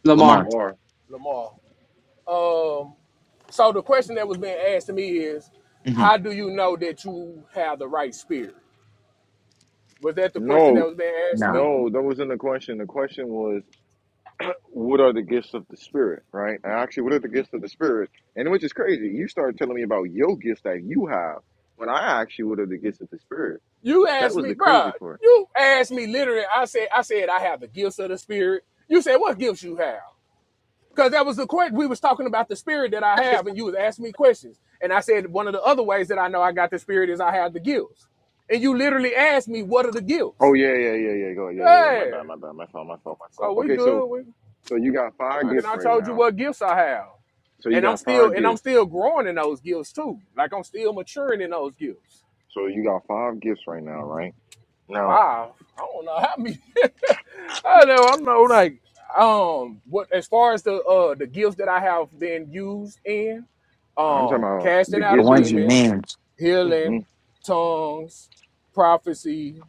Speaker 2: Lamar.
Speaker 3: Lamont,
Speaker 1: Lamar.
Speaker 5: Lamar. Um. So the question that was being asked to me is,
Speaker 3: hmm
Speaker 5: how do you know that you have the right spirit? Was that the question that
Speaker 1: No,
Speaker 5: was being asked to
Speaker 3: no,
Speaker 5: me?
Speaker 1: no, that wasn't the question. The question was, what are the gifts of the spirit, right? And actually, what are the gifts of the spirit? And which is crazy. You started telling me about your gifts that you have when I asked you what are the gifts of the spirit.
Speaker 5: You
Speaker 1: That
Speaker 5: asked
Speaker 1: was
Speaker 5: me,
Speaker 1: the crazy
Speaker 5: bruh,
Speaker 1: part.
Speaker 5: you asked me literally, I said, I said I have the gifts of the spirit. You said, what gifts you have? Because that was the question we was talking about the spirit that I have, and you was asking me questions, and I said one of the other ways that I know I got the spirit is I have the gifts, and you literally asked me what are the
Speaker 1: Oh
Speaker 5: gifts?
Speaker 1: yeah, yeah, yeah, yeah. Go, yeah, yeah, yeah. My
Speaker 5: Yeah,
Speaker 1: bad, my bad, my fault, my fault, my
Speaker 5: so
Speaker 1: fault.
Speaker 5: we
Speaker 1: Okay, so
Speaker 5: good. We like,
Speaker 1: so you got five
Speaker 5: and
Speaker 1: gifts
Speaker 5: I
Speaker 1: right
Speaker 5: told you
Speaker 1: now.
Speaker 5: what gifts I have,
Speaker 1: So you
Speaker 5: and I'm
Speaker 1: got
Speaker 5: still
Speaker 1: five
Speaker 5: and I'm
Speaker 1: gifts.
Speaker 5: still growing in those gifts too. Like I'm still maturing in those gifts.
Speaker 1: So you got five gifts right now, right? Now
Speaker 5: five. I don't know how many. [laughs] I know. I know. Like um, what as far as the uh the gifts that I have been used in,
Speaker 1: I'm talking
Speaker 5: um,
Speaker 1: about
Speaker 5: casting
Speaker 1: the
Speaker 3: the
Speaker 5: out of
Speaker 1: gifts
Speaker 3: ones
Speaker 1: with
Speaker 3: you
Speaker 1: you
Speaker 5: demons,
Speaker 3: named.
Speaker 1: Mhm.
Speaker 5: healing, tongues, prophecy,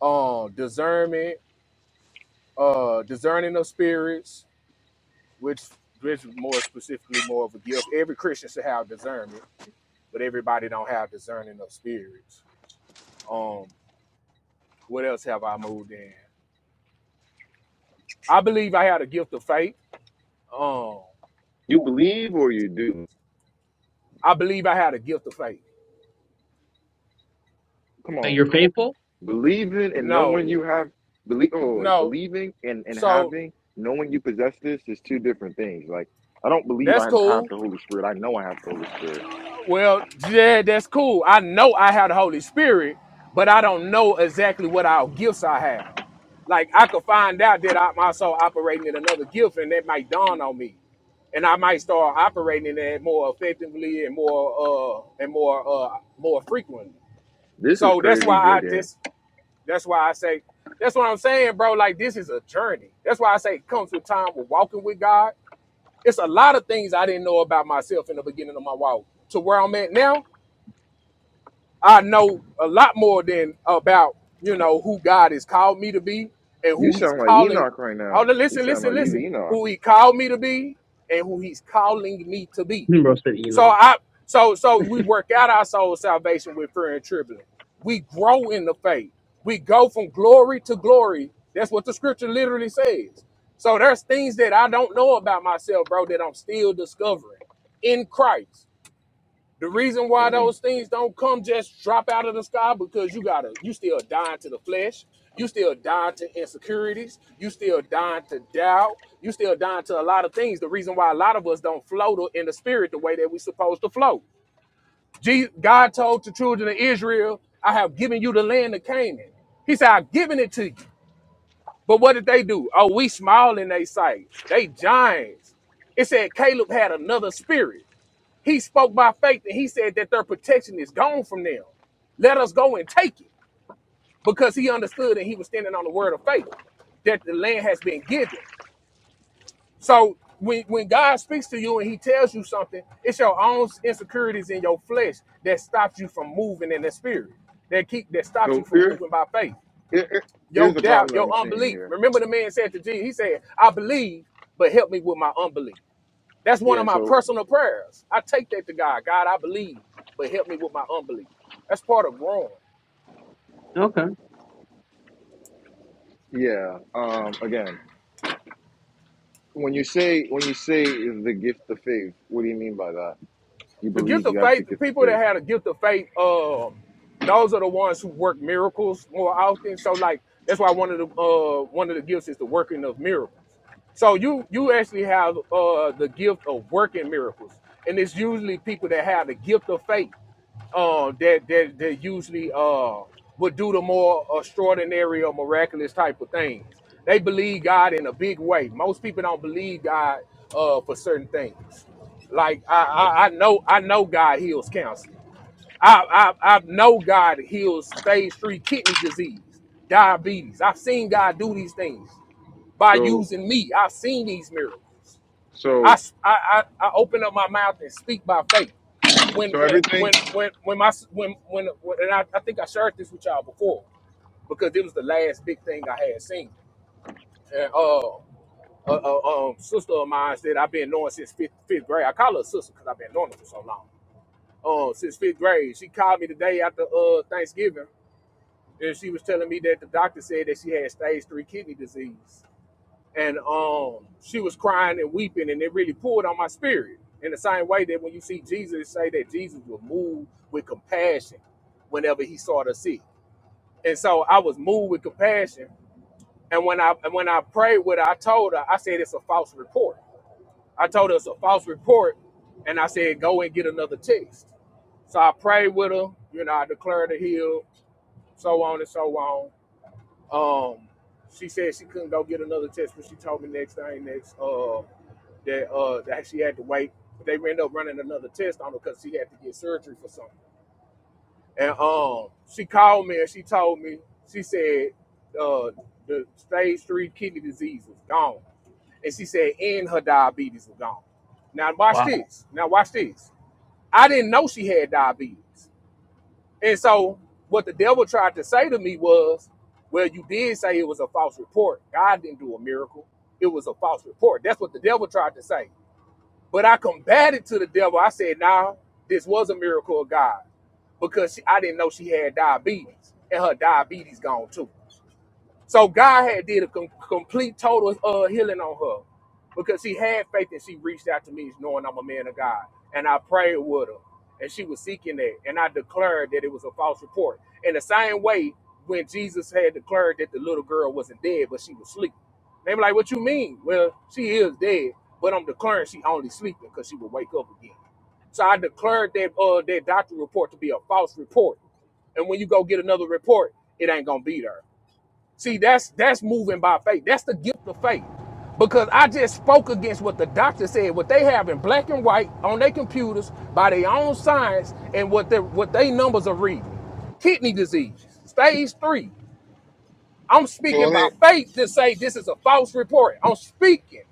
Speaker 5: um, discernment, uh, discerning of spirits, which which is more specifically more of a gift. Every Christian should have discernment, but everybody don't have discerning of spirits. Um, what else have I moved in? I believe I had a gift of faith Um,
Speaker 1: you believe or you do.
Speaker 5: I believe I had a gift of faith.
Speaker 1: Come
Speaker 2: That you're
Speaker 1: on.
Speaker 2: faithful.
Speaker 1: Believing and
Speaker 5: No,
Speaker 1: knowing you have believe oh
Speaker 5: no.
Speaker 1: believing and, and
Speaker 5: So
Speaker 1: having knowing you possess this is two different things. Like I don't believe I
Speaker 5: that's
Speaker 1: have
Speaker 5: cool.
Speaker 1: the Holy Spirit. I know I have the Holy Spirit.
Speaker 5: Well, yeah, that's cool. I know I have the Holy Spirit, but I don't know exactly what our gifts I have. Like I could find out that I'm also operating in another gift, and that might dawn on me, and I might start operating in that more effectively and more uh and more uh more frequently.
Speaker 1: This is
Speaker 5: So that's why
Speaker 1: crazy, Joy
Speaker 5: I
Speaker 1: Dan.
Speaker 5: just That's why I say, that's what I'm saying, bro. Like this is a journey. That's why I say it comes with time with walking with God. It's a lot of things I didn't know about myself in the beginning of my walk. To where I'm at now, I know a lot more than about, you know, who God has called me to be and
Speaker 1: You
Speaker 5: who he's
Speaker 1: sound like
Speaker 5: calling.
Speaker 1: Enoch right now.
Speaker 5: Hold on,
Speaker 1: You
Speaker 5: listen,
Speaker 1: sound
Speaker 5: listen,
Speaker 1: like you
Speaker 5: listen.
Speaker 1: Enoch.
Speaker 5: Who he called me to be and who he's calling me to be.
Speaker 2: Hmm, Bro said, you
Speaker 5: So
Speaker 2: know.
Speaker 5: I so so we work out our soul salvation with fear and trembling. We grow in the faith. We go from glory to glory. That's what the scripture literally says. So there's things that I don't know about myself, bro, that I'm still discovering in Christ. The reason why
Speaker 1: Mhm.
Speaker 5: those things don't come just drop out of the sky because you gotta you still dying to the flesh, you still dying to insecurities, you still dying to doubt, you still dying to a lot of things. The reason why a lot of us don't float in the spirit the way that we supposed to float. Jesus, God told the children of Israel, I have given you the land of Canaan. He said, I've given it to you. But what did they do? Oh, we small in their sight. They giants. It said Caleb had another spirit. He spoke by faith and he said that their protection is gone from them. Let us go and take it because he understood and he was standing on the word of faith that the land has been given. So when, when God speaks to you and he tells you something, it's your own insecurities in your flesh that stops you from moving in the spirit, that keep that stops you
Speaker 1: So
Speaker 5: from
Speaker 1: here,
Speaker 5: moving by faith.
Speaker 1: here, here-
Speaker 5: Your
Speaker 1: here's the problem
Speaker 5: doubt,
Speaker 1: that
Speaker 5: your
Speaker 1: I'm seeing
Speaker 5: unbelief.
Speaker 1: here.
Speaker 5: Remember the man said to Jesus, he said, I believe, but help me with my unbelief. That's one
Speaker 1: Yeah.
Speaker 5: of my
Speaker 1: So
Speaker 5: personal prayers. I take that to God. God, I believe, but help me with my unbelief. That's part of growing.
Speaker 2: Okay.
Speaker 1: yeah. Um. Again, when you say when you say the gift of faith, what do you mean by that? You
Speaker 5: The
Speaker 1: believe
Speaker 5: gift
Speaker 1: you
Speaker 5: of
Speaker 1: have the
Speaker 5: faith, the
Speaker 1: gift of
Speaker 5: people that
Speaker 1: faith.
Speaker 5: had a gift of faith, um, those are the ones who work miracles more often. So like that's why one of the uh one of the gifts is the working of miracles. So you you actually have uh the gift of working miracles. And it's usually people that have the gift of faith. uh, that that that usually uh would do the more extraordinary or miraculous type of things. They believe God in a big way. Most people don't believe God uh for certain things. Like I
Speaker 1: Okay.
Speaker 5: I, I know I know God heals cancer. I, I I know God heals stage three kidney disease, diabetes. I've seen God do these things by
Speaker 1: So
Speaker 5: using me. I've seen these miracles. I I I
Speaker 1: so
Speaker 5: open up my mouth and speak by faith. When
Speaker 1: so
Speaker 5: when
Speaker 1: everything
Speaker 5: when when when my when when, when and I, I think I shared this with y'all before because it was the last big thing I had seen. And uh, a, a, um, sister of mine said I've been knowing since fifth, fifth grade. I call her a sister because I've been knowing her for so long. Um, since fifth grade, she called me the day after uh Thanksgiving, and she was telling me that the doctor said that she had stage three kidney disease. and um, she was crying and weeping, and it really pulled on my spirit. In the same way that when you see Jesus say that Jesus was moved with compassion whenever he saw the sick, and so I was moved with compassion. And when I and when I prayed with her, I told her, I said it's a false report. I told her it's a false report, and I said go and get another test. So I prayed with her, you know, I declared her healed, so on and so on. Um, she said she couldn't go get another test, but she told me next thing next. Uh, that uh that she had to wait. But they ended up running another test on her because she had to get surgery for something. And um, she called me and she told me she said uh the stage three kidney disease was gone, and she said and her diabetes was gone. Now watch
Speaker 2: Wow.
Speaker 5: this. Now watch this. I didn't know she had diabetes, and so what the devil tried to say to me was, "Well, you did say it was a false report. God didn't do a miracle. It was a false report." That's what the devil tried to say. But I combated to the devil. I said, "No, this was a miracle of God because she, I didn't know she had diabetes, and her diabetes gone too." So God had did a com- complete total uh, healing on her because she had faith and she reached out to me knowing I'm a man of God. And I prayed with her and she was seeking that. And I declared that it was a false report. In the same way, when Jesus had declared that the little girl wasn't dead, but she was asleep. They were like, what you mean? Well, she is dead, but I'm declaring she only sleeping because she will wake up again. So I declared that uh, that doctor report to be a false report. And when you go get another report, it ain't gonna be there. See, that's that's moving by faith. That's the gift of faith. Because I just spoke against what the doctor said, what they have in black and white on their computers by their own science and what their what they numbers are reading. Kidney disease, stage three. I'm
Speaker 1: So
Speaker 5: speaking
Speaker 1: let
Speaker 5: by
Speaker 1: me
Speaker 5: faith to say this is a false report. I'm speaking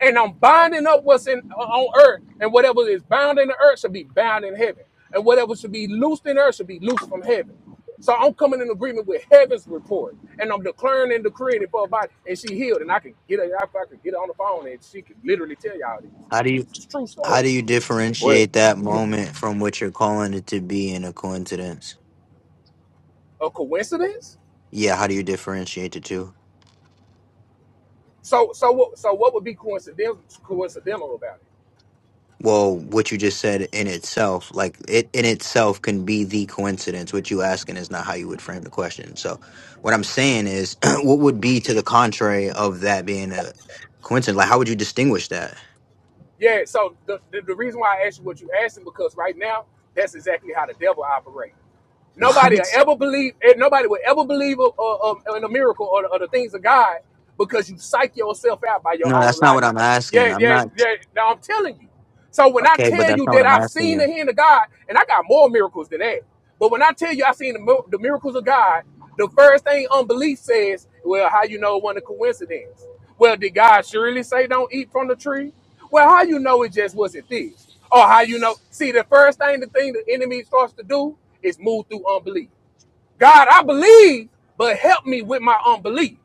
Speaker 5: and I'm binding up what's in uh, on earth, and whatever is bound in the earth should be bound in heaven, and whatever should be loosed in earth should be loosed from heaven. So I'm coming in agreement with heaven's report, and I'm declaring and decreeing it for her body, and she healed, and I can get her. If I could get her on the phone, and she could literally tell y'all this.
Speaker 3: How do you
Speaker 5: It's a true
Speaker 3: how
Speaker 5: story.
Speaker 3: do you
Speaker 1: wait,
Speaker 3: differentiate that moment from what you're calling it to be in a coincidence?
Speaker 5: A coincidence?
Speaker 3: Yeah, how do you differentiate the two?
Speaker 5: So so what? So what would be coincidental coincidental about it?
Speaker 3: Well, what you just said in itself, like it in itself can be the coincidence. What you asking is not how you would frame the question. So what I'm saying is [clears throat] what would be to the contrary of that being a coincidence? Like how would you distinguish that? [laughs]
Speaker 5: Yeah, so the, the, the reason why I asked you what you asking because right now that's exactly how the devil operates. Nobody will
Speaker 3: What?
Speaker 5: ever believe, eh, nobody will ever believe of, of, of- in a miracle or, the- or the things of God because you psych yourself out by your
Speaker 3: No,
Speaker 5: own
Speaker 3: that's not what I'm
Speaker 5: logic.
Speaker 3: asking.
Speaker 5: Yeah,
Speaker 3: I'm
Speaker 5: yeah,
Speaker 3: not
Speaker 5: yeah. Now I'm telling you. So when I
Speaker 3: okay, but
Speaker 5: tell
Speaker 3: that's
Speaker 5: you
Speaker 3: not what
Speaker 5: that
Speaker 3: I'm
Speaker 5: I've
Speaker 3: asking
Speaker 5: seen the
Speaker 3: you.
Speaker 5: hand of God, and I got more miracles than that, but when I tell you I've seen the, mi- the miracles of God, the first thing unbelief says, well, how you know it wasn't a coincidence? Well, did God surely say don't eat from the tree? Well, how you know it just wasn't this? Or how you know? See, the first thing the thing the enemy starts to do is move through unbelief. God, I believe, but help me with my unbelief.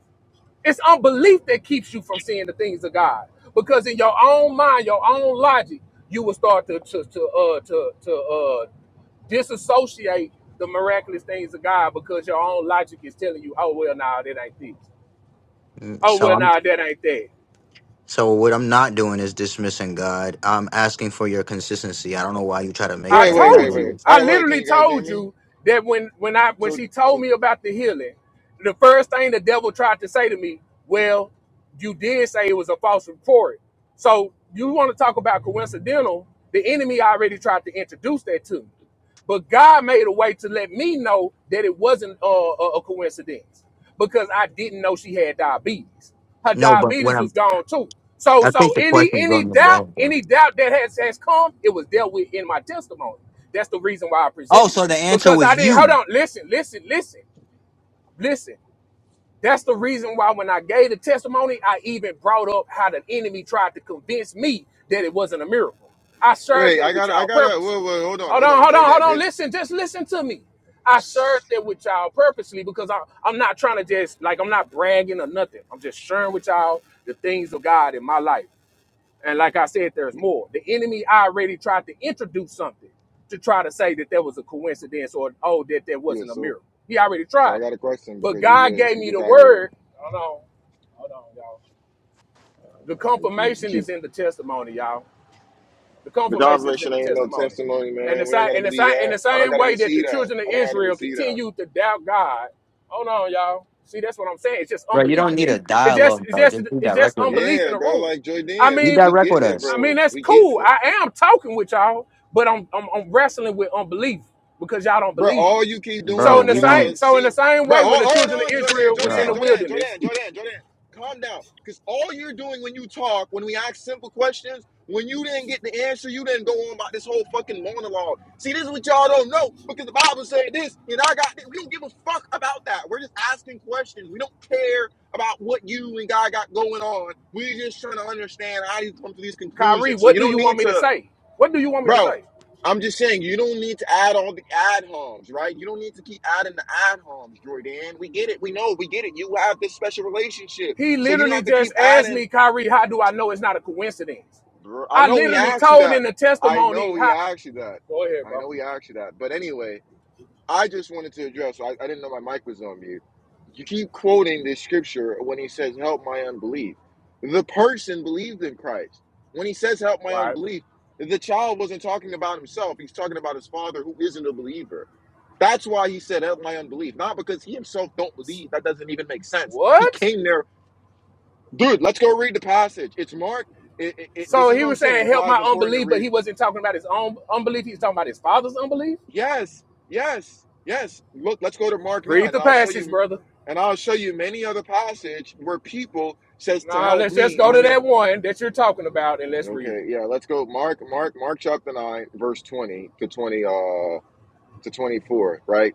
Speaker 5: It's unbelief that keeps you from seeing the things of God. Because in your own mind, your own logic, you will start to to to uh to to uh disassociate the miraculous things of God because your own logic is telling you, oh well, nah, that ain't this.
Speaker 3: Mm,
Speaker 5: Oh
Speaker 3: So
Speaker 5: well,
Speaker 3: I'm
Speaker 5: nah, that ain't that.
Speaker 3: so what I'm not doing is dismissing God. I'm asking for your consistency. I don't know why you try to make
Speaker 5: I
Speaker 1: wait,
Speaker 3: that
Speaker 1: wait, wait,
Speaker 5: told
Speaker 1: wait.
Speaker 5: you.
Speaker 3: analogous.
Speaker 1: All
Speaker 5: I
Speaker 1: right, wait. Can
Speaker 5: literally
Speaker 1: you guys hear
Speaker 5: told
Speaker 1: me?
Speaker 5: you that when when I when
Speaker 1: So,
Speaker 5: she told
Speaker 1: so
Speaker 5: me about the healing, the first thing the devil tried to say to me, well, you did say it was a false report. So you want to talk about coincidental? The enemy already tried to introduce that to me, but God made a way to let me know that it wasn't uh, a, a coincidence because I didn't know she had diabetes. Her
Speaker 3: No, but what
Speaker 5: diabetes
Speaker 3: I'm
Speaker 5: was gone too. So
Speaker 3: I think
Speaker 5: so
Speaker 3: the
Speaker 5: any
Speaker 3: question's
Speaker 5: any
Speaker 3: going over your
Speaker 5: doubt,
Speaker 3: head, bro.
Speaker 5: any doubt that has has come, it was dealt with in my testimony. That's the reason why I
Speaker 3: Oh,
Speaker 5: presented it.
Speaker 3: so the answer
Speaker 5: Because
Speaker 3: was
Speaker 5: I didn't hold
Speaker 3: you.
Speaker 5: on, listen, listen, listen, listen. That's the reason why when I gave the testimony, I even brought up how the enemy tried to convince me that it wasn't a miracle. I shared
Speaker 1: wait.
Speaker 5: that
Speaker 1: I
Speaker 5: with
Speaker 1: gotta, I
Speaker 5: y'all
Speaker 1: gotta.
Speaker 5: purposely.
Speaker 1: Wait, wait. Hold on,
Speaker 5: Hold
Speaker 1: hold
Speaker 5: on,
Speaker 1: on,
Speaker 5: hold on, hold
Speaker 1: Jordan.
Speaker 5: on.
Speaker 1: Cause
Speaker 5: Listen, just listen to me. I shared that with y'all purposely because I, I'm not trying to just, like, I'm not bragging or nothing. I'm just sharing with y'all the things of God in my life. And like I said, there's more. The enemy already tried to introduce something to try to say that there was a coincidence or, oh, that there
Speaker 1: yeah.
Speaker 5: wasn't a
Speaker 1: So,
Speaker 5: miracle. He already
Speaker 1: so I
Speaker 5: tried. it.
Speaker 1: got a question
Speaker 5: But
Speaker 1: because you
Speaker 5: God
Speaker 1: just,
Speaker 5: gave
Speaker 1: you
Speaker 5: me
Speaker 1: just
Speaker 5: the
Speaker 1: out here.
Speaker 5: word. Hold on. Hold on, y'all. The
Speaker 1: Man, you keep,
Speaker 5: confirmation
Speaker 1: keep-
Speaker 5: is in the testimony, y'all. The
Speaker 1: the
Speaker 5: confirmation is in
Speaker 1: confirmation
Speaker 5: the
Speaker 1: ain't no
Speaker 5: testimony.
Speaker 1: testimony,
Speaker 5: And
Speaker 1: man.
Speaker 5: the
Speaker 1: We don't
Speaker 5: same
Speaker 1: gotta
Speaker 5: in the
Speaker 1: believe
Speaker 5: same in
Speaker 1: that.
Speaker 5: the
Speaker 1: I don't
Speaker 5: same
Speaker 1: gotta
Speaker 5: way that the
Speaker 1: receive that.
Speaker 5: children of
Speaker 1: I don't gotta
Speaker 5: Israel
Speaker 1: receive that.
Speaker 5: continued to doubt God. Hold on, y'all. See, that's what I'm saying. It's just
Speaker 3: Bro, you
Speaker 5: unbelief
Speaker 3: don't
Speaker 5: in
Speaker 3: need
Speaker 5: this.
Speaker 3: a
Speaker 5: It's just
Speaker 3: dialogue,
Speaker 5: it's
Speaker 3: bro.
Speaker 5: just
Speaker 3: Just be
Speaker 5: it's
Speaker 3: direct
Speaker 5: just
Speaker 3: with us.
Speaker 5: unbelief
Speaker 1: Yeah,
Speaker 5: in the
Speaker 1: bro.
Speaker 5: room.
Speaker 1: Like
Speaker 5: I
Speaker 1: Jordan,
Speaker 3: Be
Speaker 1: we,
Speaker 5: mean,
Speaker 1: we
Speaker 3: direct
Speaker 1: get
Speaker 3: with
Speaker 1: it,
Speaker 3: us,
Speaker 5: I mean,
Speaker 1: bro.
Speaker 5: that's
Speaker 1: We get
Speaker 5: cool.
Speaker 1: it.
Speaker 5: I am talking with y'all, but I'm I'm, I'm wrestling with unbelief because y'all don't
Speaker 1: Bro,
Speaker 5: believe me.
Speaker 1: all you keep doing
Speaker 5: So
Speaker 3: bro.
Speaker 1: is
Speaker 5: in the
Speaker 3: We
Speaker 1: telling
Speaker 5: same
Speaker 3: don't,
Speaker 1: us,
Speaker 5: so in the
Speaker 1: see,
Speaker 5: same
Speaker 1: bro,
Speaker 5: way,
Speaker 1: hold,
Speaker 5: when the children
Speaker 1: hold on,
Speaker 5: of
Speaker 1: Jordan,
Speaker 5: Israel
Speaker 1: Jordan,
Speaker 5: was in the
Speaker 3: bro.
Speaker 1: Jordan,
Speaker 5: wilderness,
Speaker 1: Jordan, Jordan, Jordan. Calm down. Because all you're doing when you talk, when we ask simple questions, when you didn't get the answer, you didn't go on about this whole fucking monologue. See, this is what y'all don't know because the Bible said this, and I got this. We don't give a fuck about that. We're just asking questions. We don't care about what you and God got going on. We're just trying to understand how you come to these
Speaker 5: Kyrie,
Speaker 1: conclusions. So you
Speaker 5: what do
Speaker 1: don't
Speaker 5: you
Speaker 1: need
Speaker 5: want me to
Speaker 1: to.
Speaker 5: say? What do you want me to
Speaker 1: Bro,
Speaker 5: say?
Speaker 1: I'm just saying you don't need to add all the ad homs, right? You don't need to keep adding the ad homs, Jordan. We get it. We know. We get it. You have this special relationship,
Speaker 5: He
Speaker 1: so you don't
Speaker 5: literally
Speaker 1: have to keep
Speaker 5: just asked
Speaker 1: adding.
Speaker 5: me, Kyrie, how do I know it's not a coincidence?
Speaker 1: Bro, I
Speaker 5: I
Speaker 1: know he
Speaker 5: literally
Speaker 1: asked you
Speaker 5: told in
Speaker 1: that.
Speaker 5: the
Speaker 1: I
Speaker 5: testimony,
Speaker 1: know
Speaker 5: how,
Speaker 1: he asked you that.
Speaker 5: go ahead,
Speaker 1: I
Speaker 5: bro.
Speaker 1: know he asked you that. But anyway. I just wanted to address. I, I didn't know my mic was on mute. You keep quoting this scripture when he says, "Help my unbelief." The person believed in Christ. When he says, "Help my
Speaker 5: Right.
Speaker 1: unbelief," the child wasn't talking about himself. He's talking about his father, who isn't a believer. That's why he said, "Help my unbelief," not because he himself don't believe. That doesn't even make sense. He
Speaker 5: What?
Speaker 1: came there, dude. Let's go read the passage. It's Mark. It, it, it, this
Speaker 5: So
Speaker 1: is
Speaker 5: he
Speaker 1: what I'm
Speaker 5: was
Speaker 1: saying.
Speaker 5: saying,
Speaker 1: It's
Speaker 5: help
Speaker 1: why
Speaker 5: my
Speaker 1: it's important to
Speaker 5: unbelief, but
Speaker 1: read
Speaker 5: he wasn't talking about his own unbelief. He was talking about his father's unbelief.
Speaker 1: Yes, yes, yes. Look, let's go to Mark 9
Speaker 5: Read
Speaker 1: and
Speaker 5: the
Speaker 1: I'll show
Speaker 5: passage,
Speaker 1: you
Speaker 5: brother.
Speaker 1: and I'll show you many other passage where people says to
Speaker 5: Nah,
Speaker 1: help
Speaker 5: let's just
Speaker 1: me
Speaker 5: go to
Speaker 1: when they're
Speaker 5: that one that you're talking about and let's read
Speaker 1: Okay,
Speaker 5: it.
Speaker 1: yeah, let's go Mark Mark Mark chapter 9 verse 20 to 20 uh to 24, right?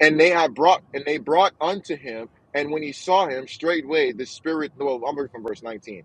Speaker 1: and they had brought and they brought unto him and when he saw him straightway the spirit well i'm reading from verse 19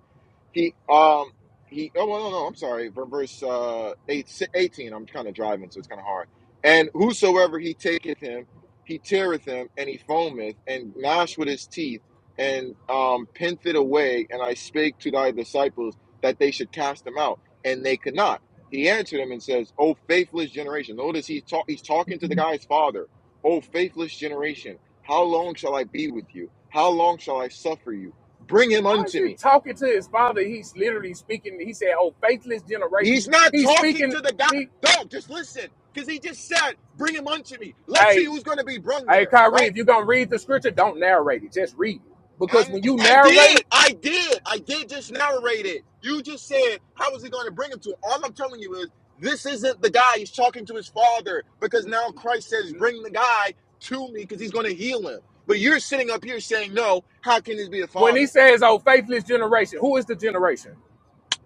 Speaker 1: he um he oh well, no no i'm sorry from verse uh 8 si- eighteen. i'm kind of driving so it's kind of hard and whosoever he taketh him he teareth him and he foameth and gnash with his teeth and um pinteth away and i spake to thy disciples that they should cast him out and they could not he answered him and says, "O faithless generation." Notice he's, talk- he's talking to the guy's father O faithless generation, how long shall I be with you? How long shall I suffer you? Bring him
Speaker 5: Why is
Speaker 1: unto
Speaker 5: he
Speaker 1: me.
Speaker 5: talking to his father? He's literally speaking. He said, "Oh, faithless generation."
Speaker 1: He's not
Speaker 5: He's
Speaker 1: talking
Speaker 5: speaking.
Speaker 1: to the guy.
Speaker 5: He,
Speaker 1: Don't just listen, because he just said, "Bring him unto me." Let's see
Speaker 5: hey,
Speaker 1: who's going to be brung
Speaker 5: Hey,
Speaker 1: there,
Speaker 5: Kyrie,
Speaker 1: right?
Speaker 5: if you're gonna read the scripture, don't narrate it. Just read it. Because
Speaker 1: I'm.
Speaker 5: when you
Speaker 1: I did.
Speaker 5: narrate,
Speaker 1: I did. I did just narrate it. You just said, "How is he going to bring him to?" Him? All I'm telling you is, this isn't the guy. He's talking to his father because now Christ says, "Bring the guy to me," because he's going to heal him. But you're sitting up here saying, "No, how can this be a
Speaker 5: when he
Speaker 1: father?"
Speaker 5: says, "Oh, faithless generation," who is the generation?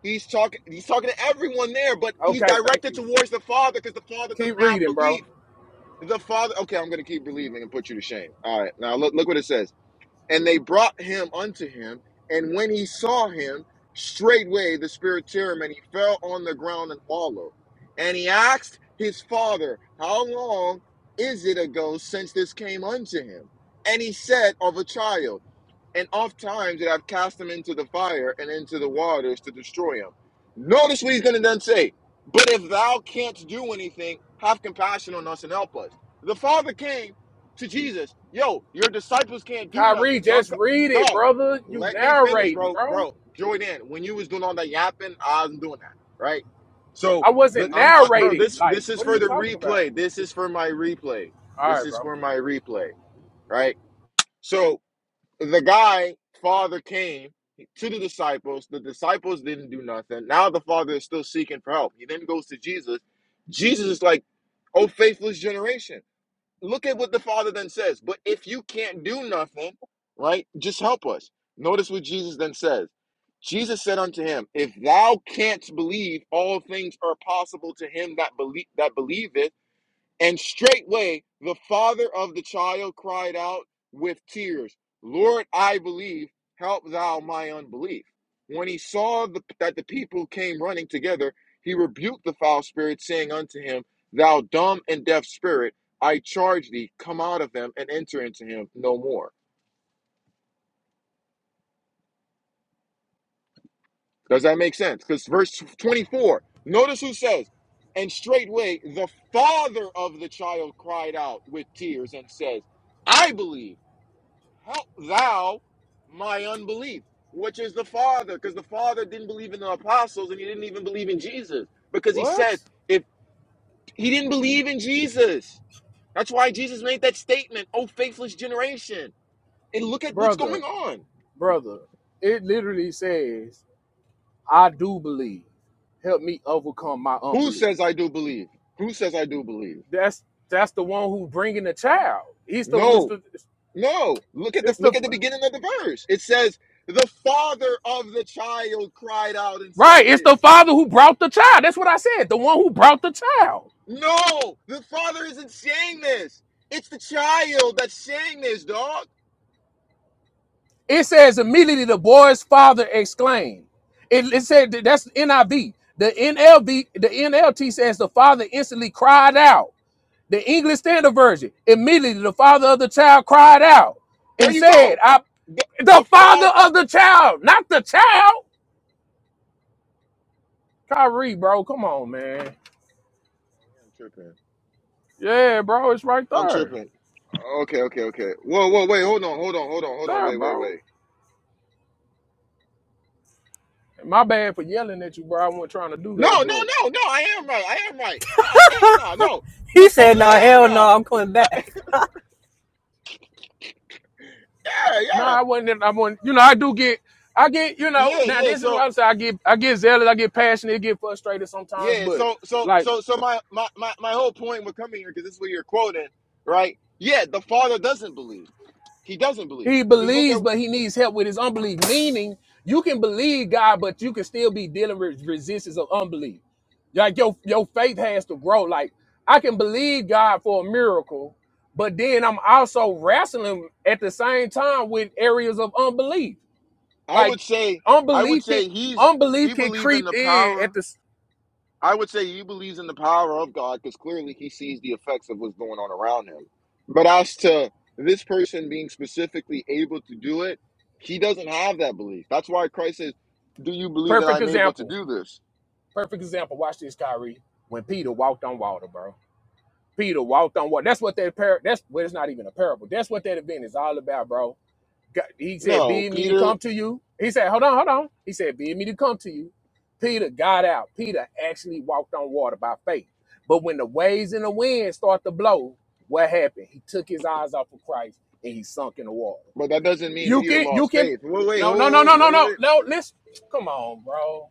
Speaker 1: He's talking. He's talking to everyone there, but he's
Speaker 5: Okay, thank
Speaker 1: directed
Speaker 5: you.
Speaker 1: towards the father because the father doesn't
Speaker 5: Keep
Speaker 1: have
Speaker 5: reading,
Speaker 1: belief.
Speaker 5: bro.
Speaker 1: The father. Okay, I'm going to keep believing and put you to shame. All right. Now look. Look what it says. And they brought him unto him, and when he saw him, straightway the spirit tear him, and he fell on the ground and wallowed. And he asked his father, How long is it ago since this came unto him? And he said, Of a child and oft times that I've cast them into the fire and into the waters to destroy them. Notice what he's going to then say, but if thou canst do anything, have compassion on us and help us. The Father came to Jesus, yo, your disciples can't do
Speaker 5: Kyrie,
Speaker 1: nothing. So I'm,
Speaker 5: just
Speaker 1: co-
Speaker 5: read it,
Speaker 1: dog,
Speaker 5: brother. You
Speaker 1: let me finish,
Speaker 5: narrating,
Speaker 1: bro.
Speaker 5: bro.
Speaker 1: Bro, Jordan, when you was doing all that yapping, I wasn't doing that, right? So,
Speaker 5: I
Speaker 1: but
Speaker 5: wasn't
Speaker 1: I'm, I, bro,
Speaker 5: narrating.
Speaker 1: this
Speaker 5: Like,
Speaker 1: this is
Speaker 5: what are
Speaker 1: for
Speaker 5: you
Speaker 1: the
Speaker 5: talking about?
Speaker 1: replay. This is for my replay.
Speaker 5: All
Speaker 1: This
Speaker 5: right,
Speaker 1: is
Speaker 5: bro.
Speaker 1: for my replay, right? So, the guy father came to the disciples the disciples didn't do nothing now the father is still seeking for help he then goes to jesus jesus is like oh faithless generation look at what the father then says but if you can't do nothing right just help us notice what jesus then says jesus said unto him if thou canst believe all things are possible to him that believe that believeth and straightway the father of the child cried out with tears, Lord, I believe, help thou my unbelief. When he saw the, that the people came running together, he rebuked the foul spirit, saying unto him, Thou dumb and deaf spirit, I charge thee, come out of them and enter into him no more. Does that make sense? Because verse 24, notice who says, And straightway the father of the child cried out with tears and says, I believe. help thou my unbelief, which is the Father, because the Father didn't believe in the apostles and he didn't even believe in Jesus because he
Speaker 5: What,
Speaker 1: said, if he didn't believe in Jesus, that's why Jesus made that statement, oh, faithless generation. And look at what's going
Speaker 5: brother,
Speaker 1: on.
Speaker 5: brother? It literally says, "I do believe. Help me overcome my
Speaker 1: Who
Speaker 5: unbelief."
Speaker 1: says I do believe? Who says I do believe?
Speaker 5: That's that's the one who's bringing the child. He's the one.
Speaker 1: No, no. Look at the
Speaker 5: It's
Speaker 1: look
Speaker 5: the
Speaker 1: at the beginning of the verse. It says, the father of the child cried out and says
Speaker 5: right. It's the
Speaker 1: this.
Speaker 5: father who brought the child. That's what I said. The one who brought the child.
Speaker 1: No, the father isn't saying this. It's the child that's saying this, dog.
Speaker 5: It says immediately the boy's father exclaimed. It, it said that's NIV. The NLV, the NLT says the father instantly cried out. The English Standard Version immediately the father of the child cried out
Speaker 1: There
Speaker 5: and
Speaker 1: you
Speaker 5: said,
Speaker 1: go.
Speaker 5: "I."
Speaker 1: The,
Speaker 5: The
Speaker 1: the
Speaker 5: father
Speaker 1: father.
Speaker 5: of the child, not the child. Kyrie, bro, come on, man.
Speaker 1: I'm tripping.
Speaker 5: Yeah, bro, it's right
Speaker 1: I'm
Speaker 5: there.
Speaker 1: tripping. Okay, okay, okay. Whoa, whoa, wait, hold on, hold on, hold on, hold on,
Speaker 5: There,
Speaker 1: wait, wait,
Speaker 5: bro.
Speaker 1: wait.
Speaker 5: And My bad for yelling at you, bro. I wasn't trying to do
Speaker 1: No,
Speaker 5: that,
Speaker 1: no,
Speaker 5: but
Speaker 1: no, no. I am right. I am right. Huh, I am not. No,
Speaker 4: [laughs]
Speaker 1: the
Speaker 4: He
Speaker 1: father.
Speaker 4: said, "No,
Speaker 1: Hell
Speaker 4: hell no,
Speaker 1: no.
Speaker 4: I'm coming back."
Speaker 1: Yeah,
Speaker 5: no, nah,
Speaker 1: yeah,
Speaker 5: I wasn't. I wasn't. You know, I do get, I get. You know,
Speaker 1: yeah,
Speaker 5: now
Speaker 1: yeah.
Speaker 5: this is what
Speaker 1: So,
Speaker 5: I'm saying. I get, I get zealous. I get passionate. Get frustrated sometimes,
Speaker 1: yeah,
Speaker 5: but
Speaker 1: so, so,
Speaker 5: like
Speaker 1: so, so my, my, my, my whole point with coming here because this is what you're quoting, right? Yeah, the father doesn't believe. He doesn't believe.
Speaker 5: he
Speaker 1: Because look at
Speaker 5: believes, but he needs help with his unbelief. Meaning, you can believe God, but you can still be dealing with resistance of unbelief. Like your your faith has to grow. Like I can believe God for a miracle, but then I'm also wrestling at the same time with areas of unbelief.
Speaker 1: I
Speaker 5: Like
Speaker 1: would say I would
Speaker 5: unbelief can
Speaker 1: say he's he
Speaker 5: unbelief can
Speaker 1: believe in
Speaker 5: creep
Speaker 1: the
Speaker 5: in at
Speaker 1: power.
Speaker 5: this
Speaker 1: I would say he believes in the power of God because clearly he sees the effects of what's going on around him. But as to this person being specifically able to do it, he doesn't have that belief. That's why Christ says, "Do you believe that
Speaker 5: perfect
Speaker 1: I'm able to
Speaker 5: example.
Speaker 1: do this?"
Speaker 5: Perfect example. Watch this, Kyrie. When Peter walked on water, bro. Peter walked on water. That's what that par. That's well, it's not even a parable. That's what that event is all about, bro. God, he said,
Speaker 1: No,
Speaker 5: "Bid me to
Speaker 1: Peter.
Speaker 5: come to you." He said, "Hold on, hold on." He said, "Bid me to come to you." Peter got out. Peter actually walked on water by faith. But when the waves and the wind start to blow, what happened? He took his eyes off of Christ and he sunk in the water.
Speaker 1: But that doesn't mean
Speaker 5: You
Speaker 1: Peter
Speaker 5: can you
Speaker 1: lost
Speaker 5: can
Speaker 1: faith. Wait, wait,
Speaker 5: no
Speaker 1: hold,
Speaker 5: no no no
Speaker 1: hold,
Speaker 5: no
Speaker 1: wait, wait.
Speaker 5: no
Speaker 1: wait.
Speaker 5: no listen. Come on, bro.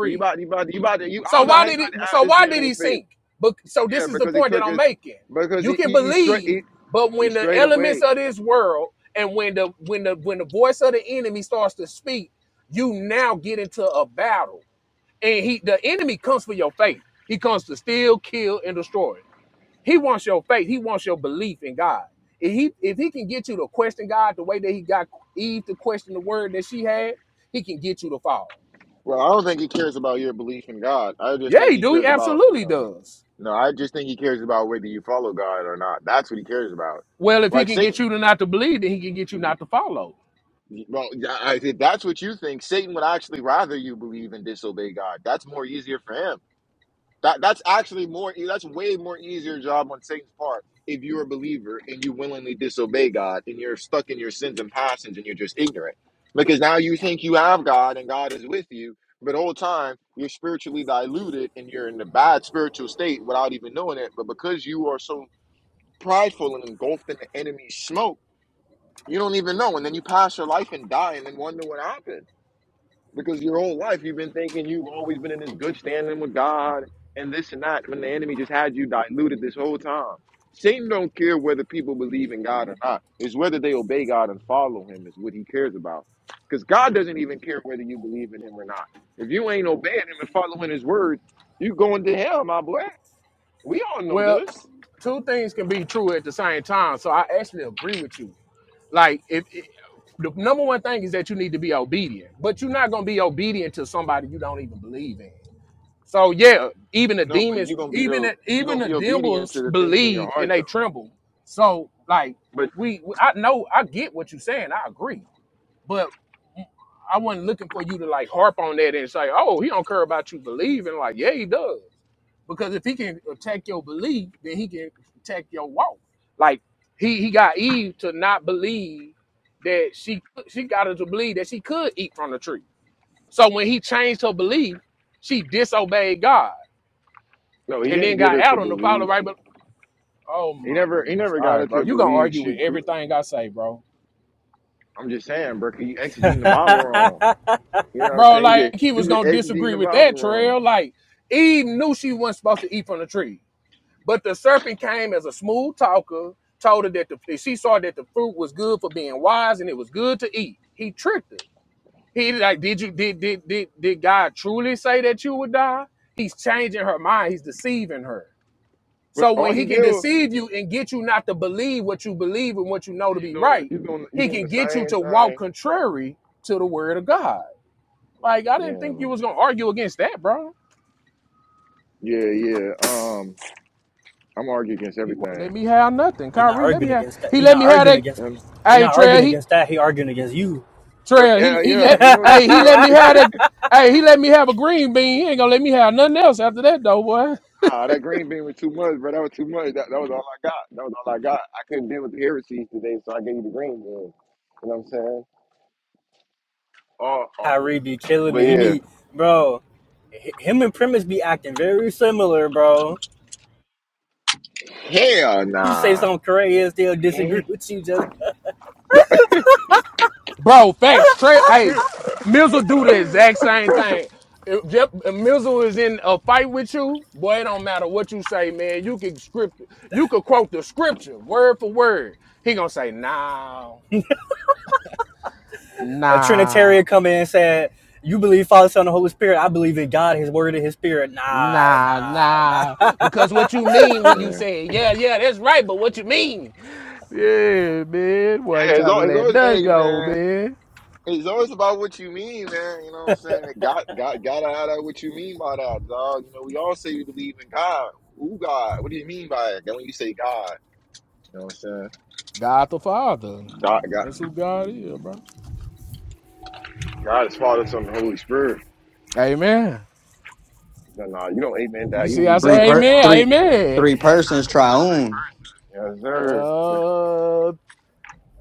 Speaker 1: 'Cause you about, you about, you about to, you. I
Speaker 5: So
Speaker 1: don't know
Speaker 5: why
Speaker 1: how you
Speaker 5: did
Speaker 1: about
Speaker 5: he
Speaker 1: to
Speaker 5: so
Speaker 1: add
Speaker 5: why
Speaker 1: this in
Speaker 5: did
Speaker 1: with
Speaker 5: he
Speaker 1: faith.
Speaker 5: sink? But so
Speaker 1: Yeah,
Speaker 5: this is the
Speaker 1: because he
Speaker 5: point that
Speaker 1: took
Speaker 5: I'm
Speaker 1: his,
Speaker 5: making.
Speaker 1: because
Speaker 5: You
Speaker 1: he
Speaker 5: can
Speaker 1: he, he straight
Speaker 5: believe,
Speaker 1: he,
Speaker 5: but
Speaker 1: he
Speaker 5: when the
Speaker 1: strayed away.
Speaker 5: elements of this world and when the when the when the voice of the enemy starts to speak, you now get into a battle. And he the enemy comes for your faith. He comes to steal, kill, and destroy. He wants your faith. He wants your belief in God. If he if he can get you to question God the way that he got Eve to question the word that she had, he can get you to fall.
Speaker 1: Well, I don't think he cares about your belief in God. I just
Speaker 5: Yeah,
Speaker 1: think
Speaker 5: he
Speaker 1: he
Speaker 5: do. He
Speaker 1: cares about you
Speaker 5: absolutely
Speaker 1: know.
Speaker 5: does.
Speaker 1: No, I just think he cares about whether you follow God or not. That's what he cares about.
Speaker 5: Well, if he
Speaker 1: Like
Speaker 5: can get
Speaker 1: Satan.
Speaker 5: you to not to believe, then he can get you not to follow.
Speaker 1: Well, I, if that's what you think, Satan would actually rather you believe and disobey God. That's more easier for him. That that's actually more. e, That's way more easier job on Satan's part if you're a believer and you willingly disobey God and you're stuck in your sins and passions and you're just ignorant. Because now you think you have God and God is with you, but all the time you're spiritually diluted and you're in a bad spiritual state without even knowing it. But because you are so prideful and engulfed in the enemy's smoke, you don't even know, and then you pass your life and die, and then wonder what happened. Because your whole life you've been thinking you've always been in this good standing with God and this and that when the enemy just had you diluted this whole time. Satan don't care whether people believe in God or not. It's whether they obey God and follow him is what he cares about. Because God doesn't even care whether you believe in him or not. If you ain't obeying him and following his word, you going to hell, my boy. We all know
Speaker 5: Well,
Speaker 1: this.
Speaker 5: two things can be true at the same time. So I actually agree with you. Like if if- the number one thing is that you need to be obedient, but you're not gonna be obedient to somebody you don't even believe in. So yeah, even the
Speaker 1: No, but
Speaker 5: demons,
Speaker 1: you're gonna be
Speaker 5: even
Speaker 1: the
Speaker 5: the,
Speaker 1: you're
Speaker 5: even
Speaker 1: gonna
Speaker 5: the
Speaker 1: be obedient to
Speaker 5: demons
Speaker 1: the things in your
Speaker 5: believe and
Speaker 1: heart
Speaker 5: they
Speaker 1: though.
Speaker 5: tremble. So like
Speaker 1: But
Speaker 5: we, we- I know I get what you're saying. I agree, but I wasn't looking for you to like harp on that and say, oh, he don't care about you believing. Like yeah, he does. Because if he can attack your belief, then he can attack your walk. Like he he got Eve to not believe that she she got her to believe that she could eat from the tree. So when he changed her belief, she disobeyed God
Speaker 1: no, he
Speaker 5: and
Speaker 1: didn't
Speaker 5: then
Speaker 1: get
Speaker 5: got
Speaker 1: her to
Speaker 5: out on the follow right.
Speaker 1: believe.
Speaker 5: But oh
Speaker 1: He
Speaker 5: my
Speaker 1: never he
Speaker 5: goodness,
Speaker 1: never
Speaker 5: all
Speaker 1: got
Speaker 5: right,
Speaker 1: her
Speaker 5: bro,
Speaker 1: to
Speaker 5: you gonna
Speaker 1: believe
Speaker 5: argue
Speaker 1: she.
Speaker 5: with
Speaker 1: cru-
Speaker 5: everything I say, bro,
Speaker 1: I'm just saying, bro. 'Cause You exegeting the Bible wrong.
Speaker 4: [laughs]
Speaker 1: You know what I'm
Speaker 5: bro?
Speaker 1: saying? You
Speaker 5: Like
Speaker 1: just
Speaker 5: he
Speaker 1: you
Speaker 5: was
Speaker 1: just
Speaker 5: gonna
Speaker 1: exegeting
Speaker 5: disagree
Speaker 1: the
Speaker 5: with
Speaker 1: Bible
Speaker 5: that
Speaker 1: wrong.
Speaker 5: trail. Like Eve knew she wasn't supposed to eat from the tree, but the serpent came as a smooth talker, told her that the she saw that the fruit was good for being wise and it was good to eat. He tricked her. He like, did you did did did did God truly say that you would die? He's changing her mind. He's deceiving her.
Speaker 1: But
Speaker 5: So
Speaker 1: all
Speaker 5: when
Speaker 1: he
Speaker 5: he can
Speaker 1: did was
Speaker 5: deceive you and get you not to believe what you believe and what you know to
Speaker 1: you
Speaker 5: be
Speaker 1: doing
Speaker 5: right,
Speaker 1: you doing you
Speaker 5: he
Speaker 1: doing
Speaker 5: can
Speaker 1: the
Speaker 5: get you
Speaker 1: same
Speaker 5: to walk
Speaker 1: thing.
Speaker 5: contrary to the word of God. Like I
Speaker 1: Yeah,
Speaker 5: didn't think you
Speaker 1: man.
Speaker 5: was gonna argue against that, bro.
Speaker 1: Yeah, yeah. Um, I'm arguing against
Speaker 5: He won't let
Speaker 1: everything.
Speaker 5: me have nothing.
Speaker 4: he not
Speaker 5: Kyrie, let me
Speaker 4: arguing
Speaker 5: have
Speaker 4: against that.
Speaker 5: he
Speaker 4: He
Speaker 5: let
Speaker 4: not
Speaker 5: me have
Speaker 4: arguing
Speaker 5: that.
Speaker 4: against.
Speaker 1: And,
Speaker 4: He
Speaker 5: Hey
Speaker 4: not
Speaker 5: Trey,
Speaker 4: arguing
Speaker 5: he
Speaker 4: against that. He arguing against you.
Speaker 5: Trey, he
Speaker 1: yeah,
Speaker 5: he
Speaker 1: yeah.
Speaker 5: let
Speaker 1: He know that
Speaker 5: hey he let
Speaker 1: trail.
Speaker 5: me
Speaker 1: [laughs]
Speaker 5: have that. Hey, he let me have a green bean. He ain't gonna let me have nothing else after that though, boy.
Speaker 1: Nah, that green bean was too much, bro. That was too much. That, that was all I got. That was all I got. I couldn't deal with the heresies today, so I gave you the green bean. You know what I'm saying? Oh, oh.
Speaker 4: Kyrie be killing me. He be
Speaker 1: but
Speaker 4: bro. h- Him and Premise be acting very similar, bro.
Speaker 1: yeah. Hell
Speaker 4: You say
Speaker 1: nah.
Speaker 4: something crazy and still disagree [laughs] with you. Just
Speaker 1: No.
Speaker 5: Bro, facts. Trey, hey, Mizzle do the
Speaker 1: [laughs]
Speaker 5: exact same thing. If, Jeff, if Mizzle is in a fight with you, boy, it don't matter what you say, man. You can script, you could quote the scripture word for word. He gonna say, nah,
Speaker 4: [laughs] a
Speaker 5: nah,
Speaker 4: Trinitarian come in and said, "You believe Father, Son, and Holy Spirit. I believe in God, His Word, and His Spirit." Nah,
Speaker 5: nah,
Speaker 4: nah, nah.
Speaker 5: nah,
Speaker 4: [laughs]
Speaker 5: because what you mean when you
Speaker 1: Yeah.
Speaker 5: say, yeah, yeah, that's right, but what you mean? Yeah, man, boy,
Speaker 1: Yeah, it's
Speaker 5: try to
Speaker 1: always, it's
Speaker 5: let
Speaker 1: always,
Speaker 5: nothing
Speaker 1: hey
Speaker 5: go,
Speaker 1: man,
Speaker 5: man.
Speaker 1: it's always about what you mean, man. You know what I'm saying? God, God, gotta have that. What you mean by that, dog? You know, we all say we believe in God. Who God? What do you mean by it? Then when you say God, you know what I'm saying?
Speaker 5: God the Father,
Speaker 1: God,
Speaker 5: that's
Speaker 1: God.
Speaker 5: who God is, bro.
Speaker 1: God is Father, Son, and Holy Spirit.
Speaker 5: Amen.
Speaker 1: No, nah, you don't amen
Speaker 5: You
Speaker 1: that. You
Speaker 5: see, I
Speaker 1: believe
Speaker 3: Three
Speaker 1: God is
Speaker 5: say
Speaker 3: per
Speaker 5: amen,
Speaker 3: three
Speaker 5: amen.
Speaker 3: three persons triune.
Speaker 1: yes, sir.
Speaker 5: Uh,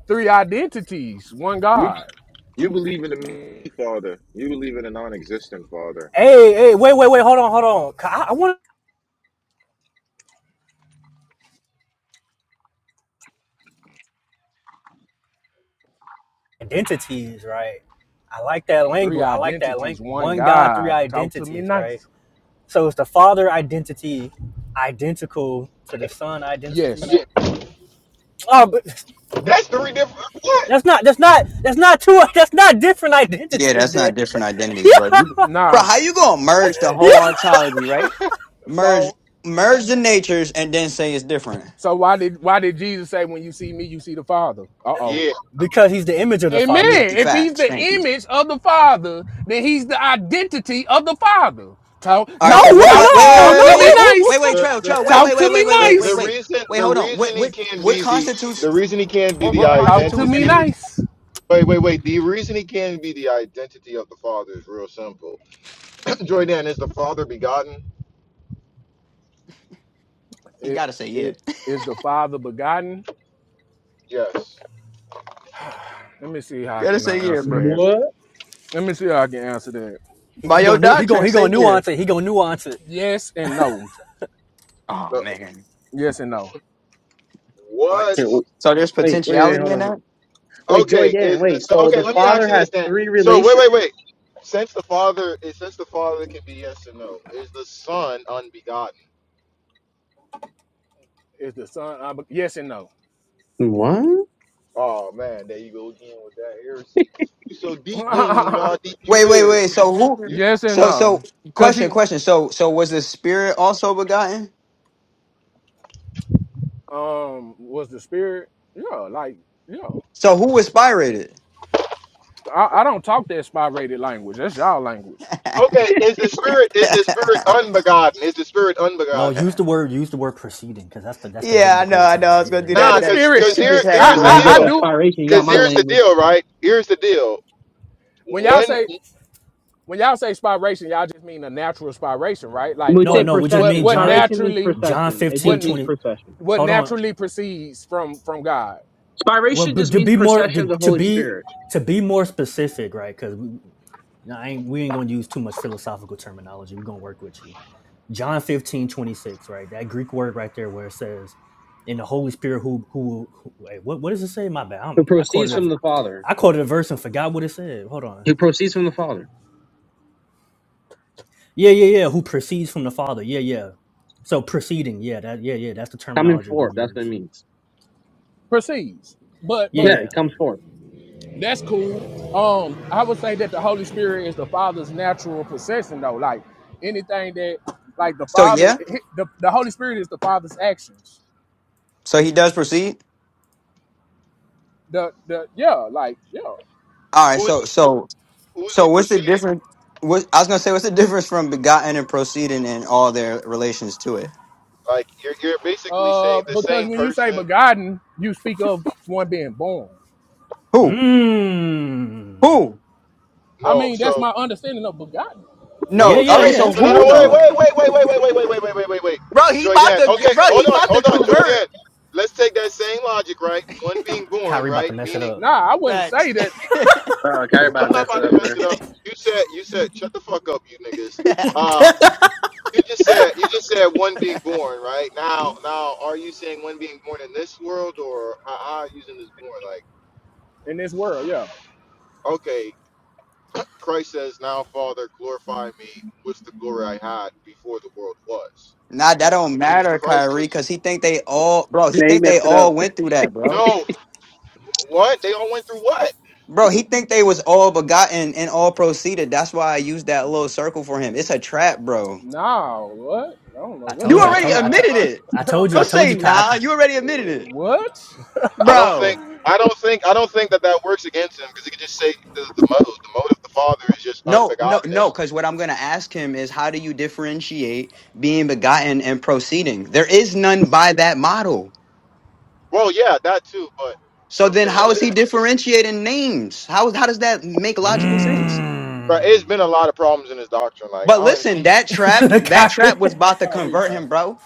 Speaker 5: three identities, one
Speaker 1: You,
Speaker 5: God.
Speaker 1: you believe in the me, Father. You believe in a non-existent Father.
Speaker 4: Hey, hey, wait, wait, wait, hold on, hold on. 'Cause I, I want identities, right? I like that
Speaker 5: Three
Speaker 4: language. I like that
Speaker 5: identities,
Speaker 4: language.
Speaker 5: one
Speaker 4: One God, three
Speaker 5: God. Talk to me
Speaker 4: identities, right?
Speaker 5: nice.
Speaker 4: So is the Father identity identical to the Son identity?
Speaker 5: Yes.
Speaker 4: Oh, but
Speaker 1: That's three different.
Speaker 4: [laughs] that's not that's not that's not two [laughs] that's not different
Speaker 3: Yeah,
Speaker 4: identities
Speaker 3: that's
Speaker 4: there.
Speaker 3: not different
Speaker 4: [laughs]
Speaker 3: identities,
Speaker 4: yeah,
Speaker 3: bro. You, bro,
Speaker 5: Nah.
Speaker 3: how you gonna merge the
Speaker 4: yeah.
Speaker 3: whole ontology, right? Merge
Speaker 5: So
Speaker 3: merge the natures and then say it's different.
Speaker 5: so why did why did Jesus say when you see me, you see the Father? Uh-oh.
Speaker 4: Because he's the image of the
Speaker 5: Amen.
Speaker 3: Yeah,
Speaker 4: Father.
Speaker 5: If he's
Speaker 3: facts.
Speaker 5: the
Speaker 3: Thank you.
Speaker 5: image of the Father, then he's the identity of the Father. Talk,
Speaker 3: All
Speaker 4: No,
Speaker 3: right, so
Speaker 5: talk,
Speaker 3: what con- wait, wait,
Speaker 5: talk,
Speaker 4: what? no,
Speaker 5: talk
Speaker 3: wait,
Speaker 5: to
Speaker 3: wait,
Speaker 5: me
Speaker 3: wait, wait,
Speaker 5: nice.
Speaker 4: no.
Speaker 3: wait,
Speaker 4: [laughs]
Speaker 1: Yeah,
Speaker 3: trail, trail, wait,
Speaker 5: Talk
Speaker 3: wait,
Speaker 5: to
Speaker 3: wait, wait,
Speaker 5: me
Speaker 3: wait,
Speaker 1: the
Speaker 3: wait, wait,
Speaker 1: the
Speaker 5: nice.
Speaker 3: wait,
Speaker 1: reason
Speaker 3: wait,
Speaker 1: the
Speaker 3: hold on. What
Speaker 1: reason he
Speaker 3: what
Speaker 1: can't
Speaker 3: what
Speaker 1: be the the
Speaker 3: constitutes
Speaker 1: reason he can't be the
Speaker 3: what
Speaker 5: Talk to
Speaker 3: constitutes
Speaker 5: me
Speaker 3: image?
Speaker 1: identity
Speaker 5: nice.
Speaker 1: wait wait wait the reason he can't be the identity of the father is real simple [clears throat] Joydan is the father begotten
Speaker 3: You
Speaker 5: It,
Speaker 3: gotta say yeah.
Speaker 5: it,
Speaker 3: [laughs]
Speaker 5: is the Father begotten?
Speaker 1: yes
Speaker 5: Let me see how I
Speaker 3: Gotta
Speaker 5: can
Speaker 3: say
Speaker 5: I
Speaker 3: yeah,
Speaker 5: answer
Speaker 3: bro.
Speaker 5: that.
Speaker 2: What?
Speaker 5: Let me see how I can answer that.
Speaker 4: He,
Speaker 3: By
Speaker 4: he
Speaker 3: your
Speaker 4: gonna nu- he
Speaker 3: doctrine,
Speaker 4: gonna he gonna
Speaker 3: stay here.
Speaker 4: nuance it. He gonna
Speaker 5: Y-
Speaker 4: nuance it.
Speaker 5: yes and no.
Speaker 3: Oh
Speaker 1: The-
Speaker 3: man,
Speaker 5: Yes and no.
Speaker 3: what?
Speaker 2: Okay,
Speaker 1: what
Speaker 3: So there's
Speaker 2: Wait, wait, wait,
Speaker 3: potentiality in
Speaker 2: hold
Speaker 3: that.
Speaker 2: on. Wait, Joy
Speaker 1: okay
Speaker 2: Dan,
Speaker 1: is the
Speaker 2: wait.
Speaker 1: so
Speaker 2: So
Speaker 1: okay
Speaker 2: the
Speaker 1: let me ask
Speaker 2: father
Speaker 1: you
Speaker 2: has
Speaker 1: this then
Speaker 2: three
Speaker 1: so wait
Speaker 2: relations?
Speaker 1: wait wait since the father is since the father can be yes and no is the son unbegotten
Speaker 5: Is the son? ob- yes and no.
Speaker 2: What? You
Speaker 1: oh man there you go again with that heresy you so deep you don't even know
Speaker 5: [laughs]
Speaker 1: how deep you
Speaker 3: Wait, wait, wait.
Speaker 1: is
Speaker 3: So who?
Speaker 5: yes and
Speaker 3: So so
Speaker 5: no. Cause
Speaker 3: question,
Speaker 5: he
Speaker 3: question. So so was the spirit also begotten?
Speaker 5: um was the spirit. Yeah, like yeah.
Speaker 3: So who inspired it?
Speaker 5: I, I don't talk that spy rated language. That's y'all language.
Speaker 3: [laughs]
Speaker 1: Okay, is the spirit is the spirit unbegotten? Is the spirit
Speaker 4: No,
Speaker 1: unbegotten?
Speaker 4: use the word use the word proceeding because that's the that's the biblical term. right? Yeah.
Speaker 5: Yeah,
Speaker 1: Nah,
Speaker 5: the
Speaker 1: cause
Speaker 5: spirit.
Speaker 1: cause here here's the
Speaker 2: know, he
Speaker 5: I, I
Speaker 2: got
Speaker 5: I
Speaker 1: deal.
Speaker 2: that
Speaker 5: do.
Speaker 2: spiration. He got
Speaker 1: Cause
Speaker 2: my
Speaker 1: here's the
Speaker 2: language.
Speaker 1: deal, right? Here's the deal.
Speaker 5: When y'all
Speaker 1: When
Speaker 5: say when y'all say spiration, y'all just mean a natural spiration, right?
Speaker 2: When
Speaker 5: Like
Speaker 2: we
Speaker 4: No,
Speaker 2: say
Speaker 5: what
Speaker 4: no, we just
Speaker 5: what
Speaker 2: procession,
Speaker 4: mean
Speaker 5: what
Speaker 4: John
Speaker 2: spiration means
Speaker 5: naturally
Speaker 4: John
Speaker 2: procession. It
Speaker 5: what
Speaker 4: 15
Speaker 2: just means
Speaker 4: 20.
Speaker 2: procession.
Speaker 5: what
Speaker 4: Hold on.
Speaker 5: naturally proceeds from from God.
Speaker 4: Well,
Speaker 2: Spiration
Speaker 4: but
Speaker 2: just
Speaker 4: to
Speaker 2: means
Speaker 4: be more
Speaker 2: procession
Speaker 4: to,
Speaker 2: of the
Speaker 4: to
Speaker 2: Holy
Speaker 4: be
Speaker 2: Spirit,
Speaker 4: to be more specific, right? Because we, nah, I ain't, we ain't gonna use too much philosophical terminology. We're gonna work with you. John 15 26. right? That Greek word right there where it says, in the Holy Spirit who who, who wait, what what does it say? My bad.
Speaker 2: who
Speaker 4: I'm, I
Speaker 2: proceeds
Speaker 4: quoted a
Speaker 2: from the Father.
Speaker 4: I quoted a verse and forgot what it said. Hold on.
Speaker 2: Who proceeds from the Father.
Speaker 4: Yeah, yeah, yeah. Who proceeds from the Father. Yeah, yeah. So proceeding, yeah, that yeah, yeah, that's the
Speaker 2: Coming
Speaker 4: terminology we're
Speaker 2: forth,
Speaker 4: gonna
Speaker 2: that's what it
Speaker 4: use.
Speaker 2: means.
Speaker 5: proceeds. But
Speaker 4: Yeah,
Speaker 2: Yeah,
Speaker 5: but
Speaker 4: yeah.
Speaker 2: it comes forth.
Speaker 5: that's cool. Um, I would say that the Holy Spirit is the Father's natural possession, though. Like anything that, like the
Speaker 3: So
Speaker 5: Father,
Speaker 3: yeah.
Speaker 5: the, the Holy Spirit is the Father's actions.
Speaker 3: So he does proceed.
Speaker 5: The the yeah, like yeah.
Speaker 3: All right.
Speaker 1: who's
Speaker 3: So
Speaker 1: he
Speaker 3: so
Speaker 1: who's he
Speaker 3: so what's the
Speaker 1: preceded?
Speaker 3: difference? What I was gonna say? What's the difference from begotten and proceeding and all their relations to it?
Speaker 1: Like you're you're basically saying
Speaker 5: Uh,
Speaker 1: the same
Speaker 5: because when you say
Speaker 1: person.
Speaker 5: begotten, you speak of one being born.
Speaker 3: Who?
Speaker 4: Mmm.
Speaker 3: Who?
Speaker 5: I
Speaker 1: No,
Speaker 5: mean, that's
Speaker 1: so
Speaker 5: my understanding of begotten.
Speaker 3: No.
Speaker 4: Yeah,
Speaker 1: no,
Speaker 3: All
Speaker 4: yeah,
Speaker 3: right.
Speaker 1: so
Speaker 4: yeah.
Speaker 3: So
Speaker 4: That's
Speaker 1: no
Speaker 4: cool.
Speaker 1: no no
Speaker 3: who
Speaker 4: That's
Speaker 1: wait
Speaker 3: though?
Speaker 4: cool.
Speaker 1: wait wait wait wait wait wait wait wait wait wait wait. wait,
Speaker 3: Bro, he
Speaker 1: Joy
Speaker 3: about
Speaker 1: Dan.
Speaker 3: to
Speaker 1: Okay,
Speaker 3: bro,
Speaker 1: hold
Speaker 3: he
Speaker 1: on,
Speaker 3: about to
Speaker 1: hold on, Joy
Speaker 3: convert.
Speaker 1: Dan. Let's take that same logic, right? One being born,
Speaker 4: Kyrie about
Speaker 1: right?
Speaker 4: to mess it
Speaker 1: Meaning
Speaker 4: up.
Speaker 5: Nah, I wouldn't say
Speaker 3: Facts.
Speaker 5: that
Speaker 2: Oh, Kyrie about
Speaker 1: I'm
Speaker 2: to
Speaker 1: not
Speaker 2: mess it
Speaker 1: about to
Speaker 2: up, bro.
Speaker 1: mess it up. You said you said shut the fuck up, you niggas.
Speaker 3: [laughs]
Speaker 4: [laughs]
Speaker 1: Uh,
Speaker 4: I
Speaker 1: You just said you just said one being born, right? Now, now, are you saying one being born in this world, or how how are you using this born? Like,
Speaker 5: in this world. Yeah.
Speaker 1: okay, Christ says, "Now, Father, glorify me with the glory I had before the world was."
Speaker 3: Nah, that don't
Speaker 1: Meaning,
Speaker 3: matter,
Speaker 1: Christ
Speaker 3: Kyrie,
Speaker 1: was
Speaker 3: cause he think they all, bro. He
Speaker 2: Yeah, he
Speaker 3: think they
Speaker 2: messed it up.
Speaker 3: all went through that, bro.
Speaker 1: no what they all went through. What?
Speaker 3: Bro, he think they was all begotten and all proceeded. That's why I used that little circle for him. It's a trap, bro.
Speaker 5: Nah, what? I don't know what
Speaker 3: You
Speaker 4: told
Speaker 5: you
Speaker 4: you. I
Speaker 1: What?
Speaker 3: already
Speaker 1: No,
Speaker 5: talking
Speaker 4: told. I
Speaker 5: about.
Speaker 1: it's
Speaker 4: told.
Speaker 3: admitted
Speaker 1: not.
Speaker 3: it.
Speaker 4: I told you. I
Speaker 3: Don't
Speaker 4: told
Speaker 3: say
Speaker 4: you.
Speaker 3: nah.
Speaker 4: Kyrie.
Speaker 3: You already
Speaker 5: [laughs]
Speaker 3: admitted it,
Speaker 1: I don't
Speaker 3: bro.
Speaker 1: think.
Speaker 5: what? [laughs]
Speaker 1: I don't think. I don't think that that works against him because he could just say the, the mode. The mode of the Father is just
Speaker 3: No, no, no.
Speaker 1: unbegottenness.
Speaker 3: Cause what I'm gonna ask him is, how do you differentiate being begotten and proceeding? There is none by that model.
Speaker 1: Well, yeah, that too. But you know
Speaker 3: So
Speaker 1: what I'm
Speaker 3: then,
Speaker 1: saying? So
Speaker 3: how is
Speaker 1: Like. then,
Speaker 3: he differentiating names? How how does that make logical sense?
Speaker 1: Bro, it's
Speaker 4: Mmm.
Speaker 1: been a lot of problems in his doctrine. Like I
Speaker 3: But
Speaker 1: don't even
Speaker 3: listen, that trap,
Speaker 4: [laughs]
Speaker 3: that trap
Speaker 4: Kyrie,
Speaker 3: was about to
Speaker 5: Call
Speaker 3: convert
Speaker 5: replay.
Speaker 3: him, bro.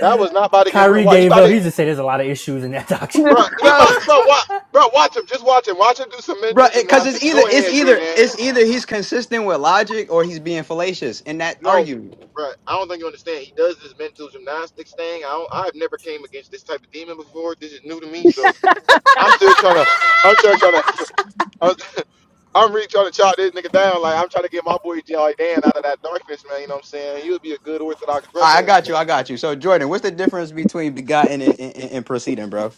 Speaker 1: That was not about to convert.
Speaker 4: Kyrie
Speaker 1: Why he
Speaker 4: gave
Speaker 1: about
Speaker 4: up.
Speaker 1: to,
Speaker 4: He just said there's a lot of issues in that doctrine.
Speaker 2: [laughs]
Speaker 1: bro? He
Speaker 3: Bro,
Speaker 1: about, bro? Watch, bro. Watch him. Just watch him. Watch him do some
Speaker 3: bro,
Speaker 1: mental
Speaker 3: because it's
Speaker 1: gymnastics.
Speaker 3: either
Speaker 1: Go
Speaker 3: it's
Speaker 1: ahead,
Speaker 3: either
Speaker 1: Jordan.
Speaker 3: it's either he's consistent with logic or he's being fallacious in that
Speaker 1: No,
Speaker 3: argument.
Speaker 1: bro. I don't think you understand. He does this mental gymnastics thing. I don't, I've never came against this type of demon before. This is new to me. So I'm still trying to. I'm still trying to. I'm, I'm really trying to chop this nigga down. Like I'm trying to get my boy J.R. Dan out of that darkness, man. You know what I'm saying? He would be a good Orthodox
Speaker 3: All right, I
Speaker 1: brother.
Speaker 3: got you, I got you. So Jordan, what's the difference between begotten and, and, and proceeding, bro?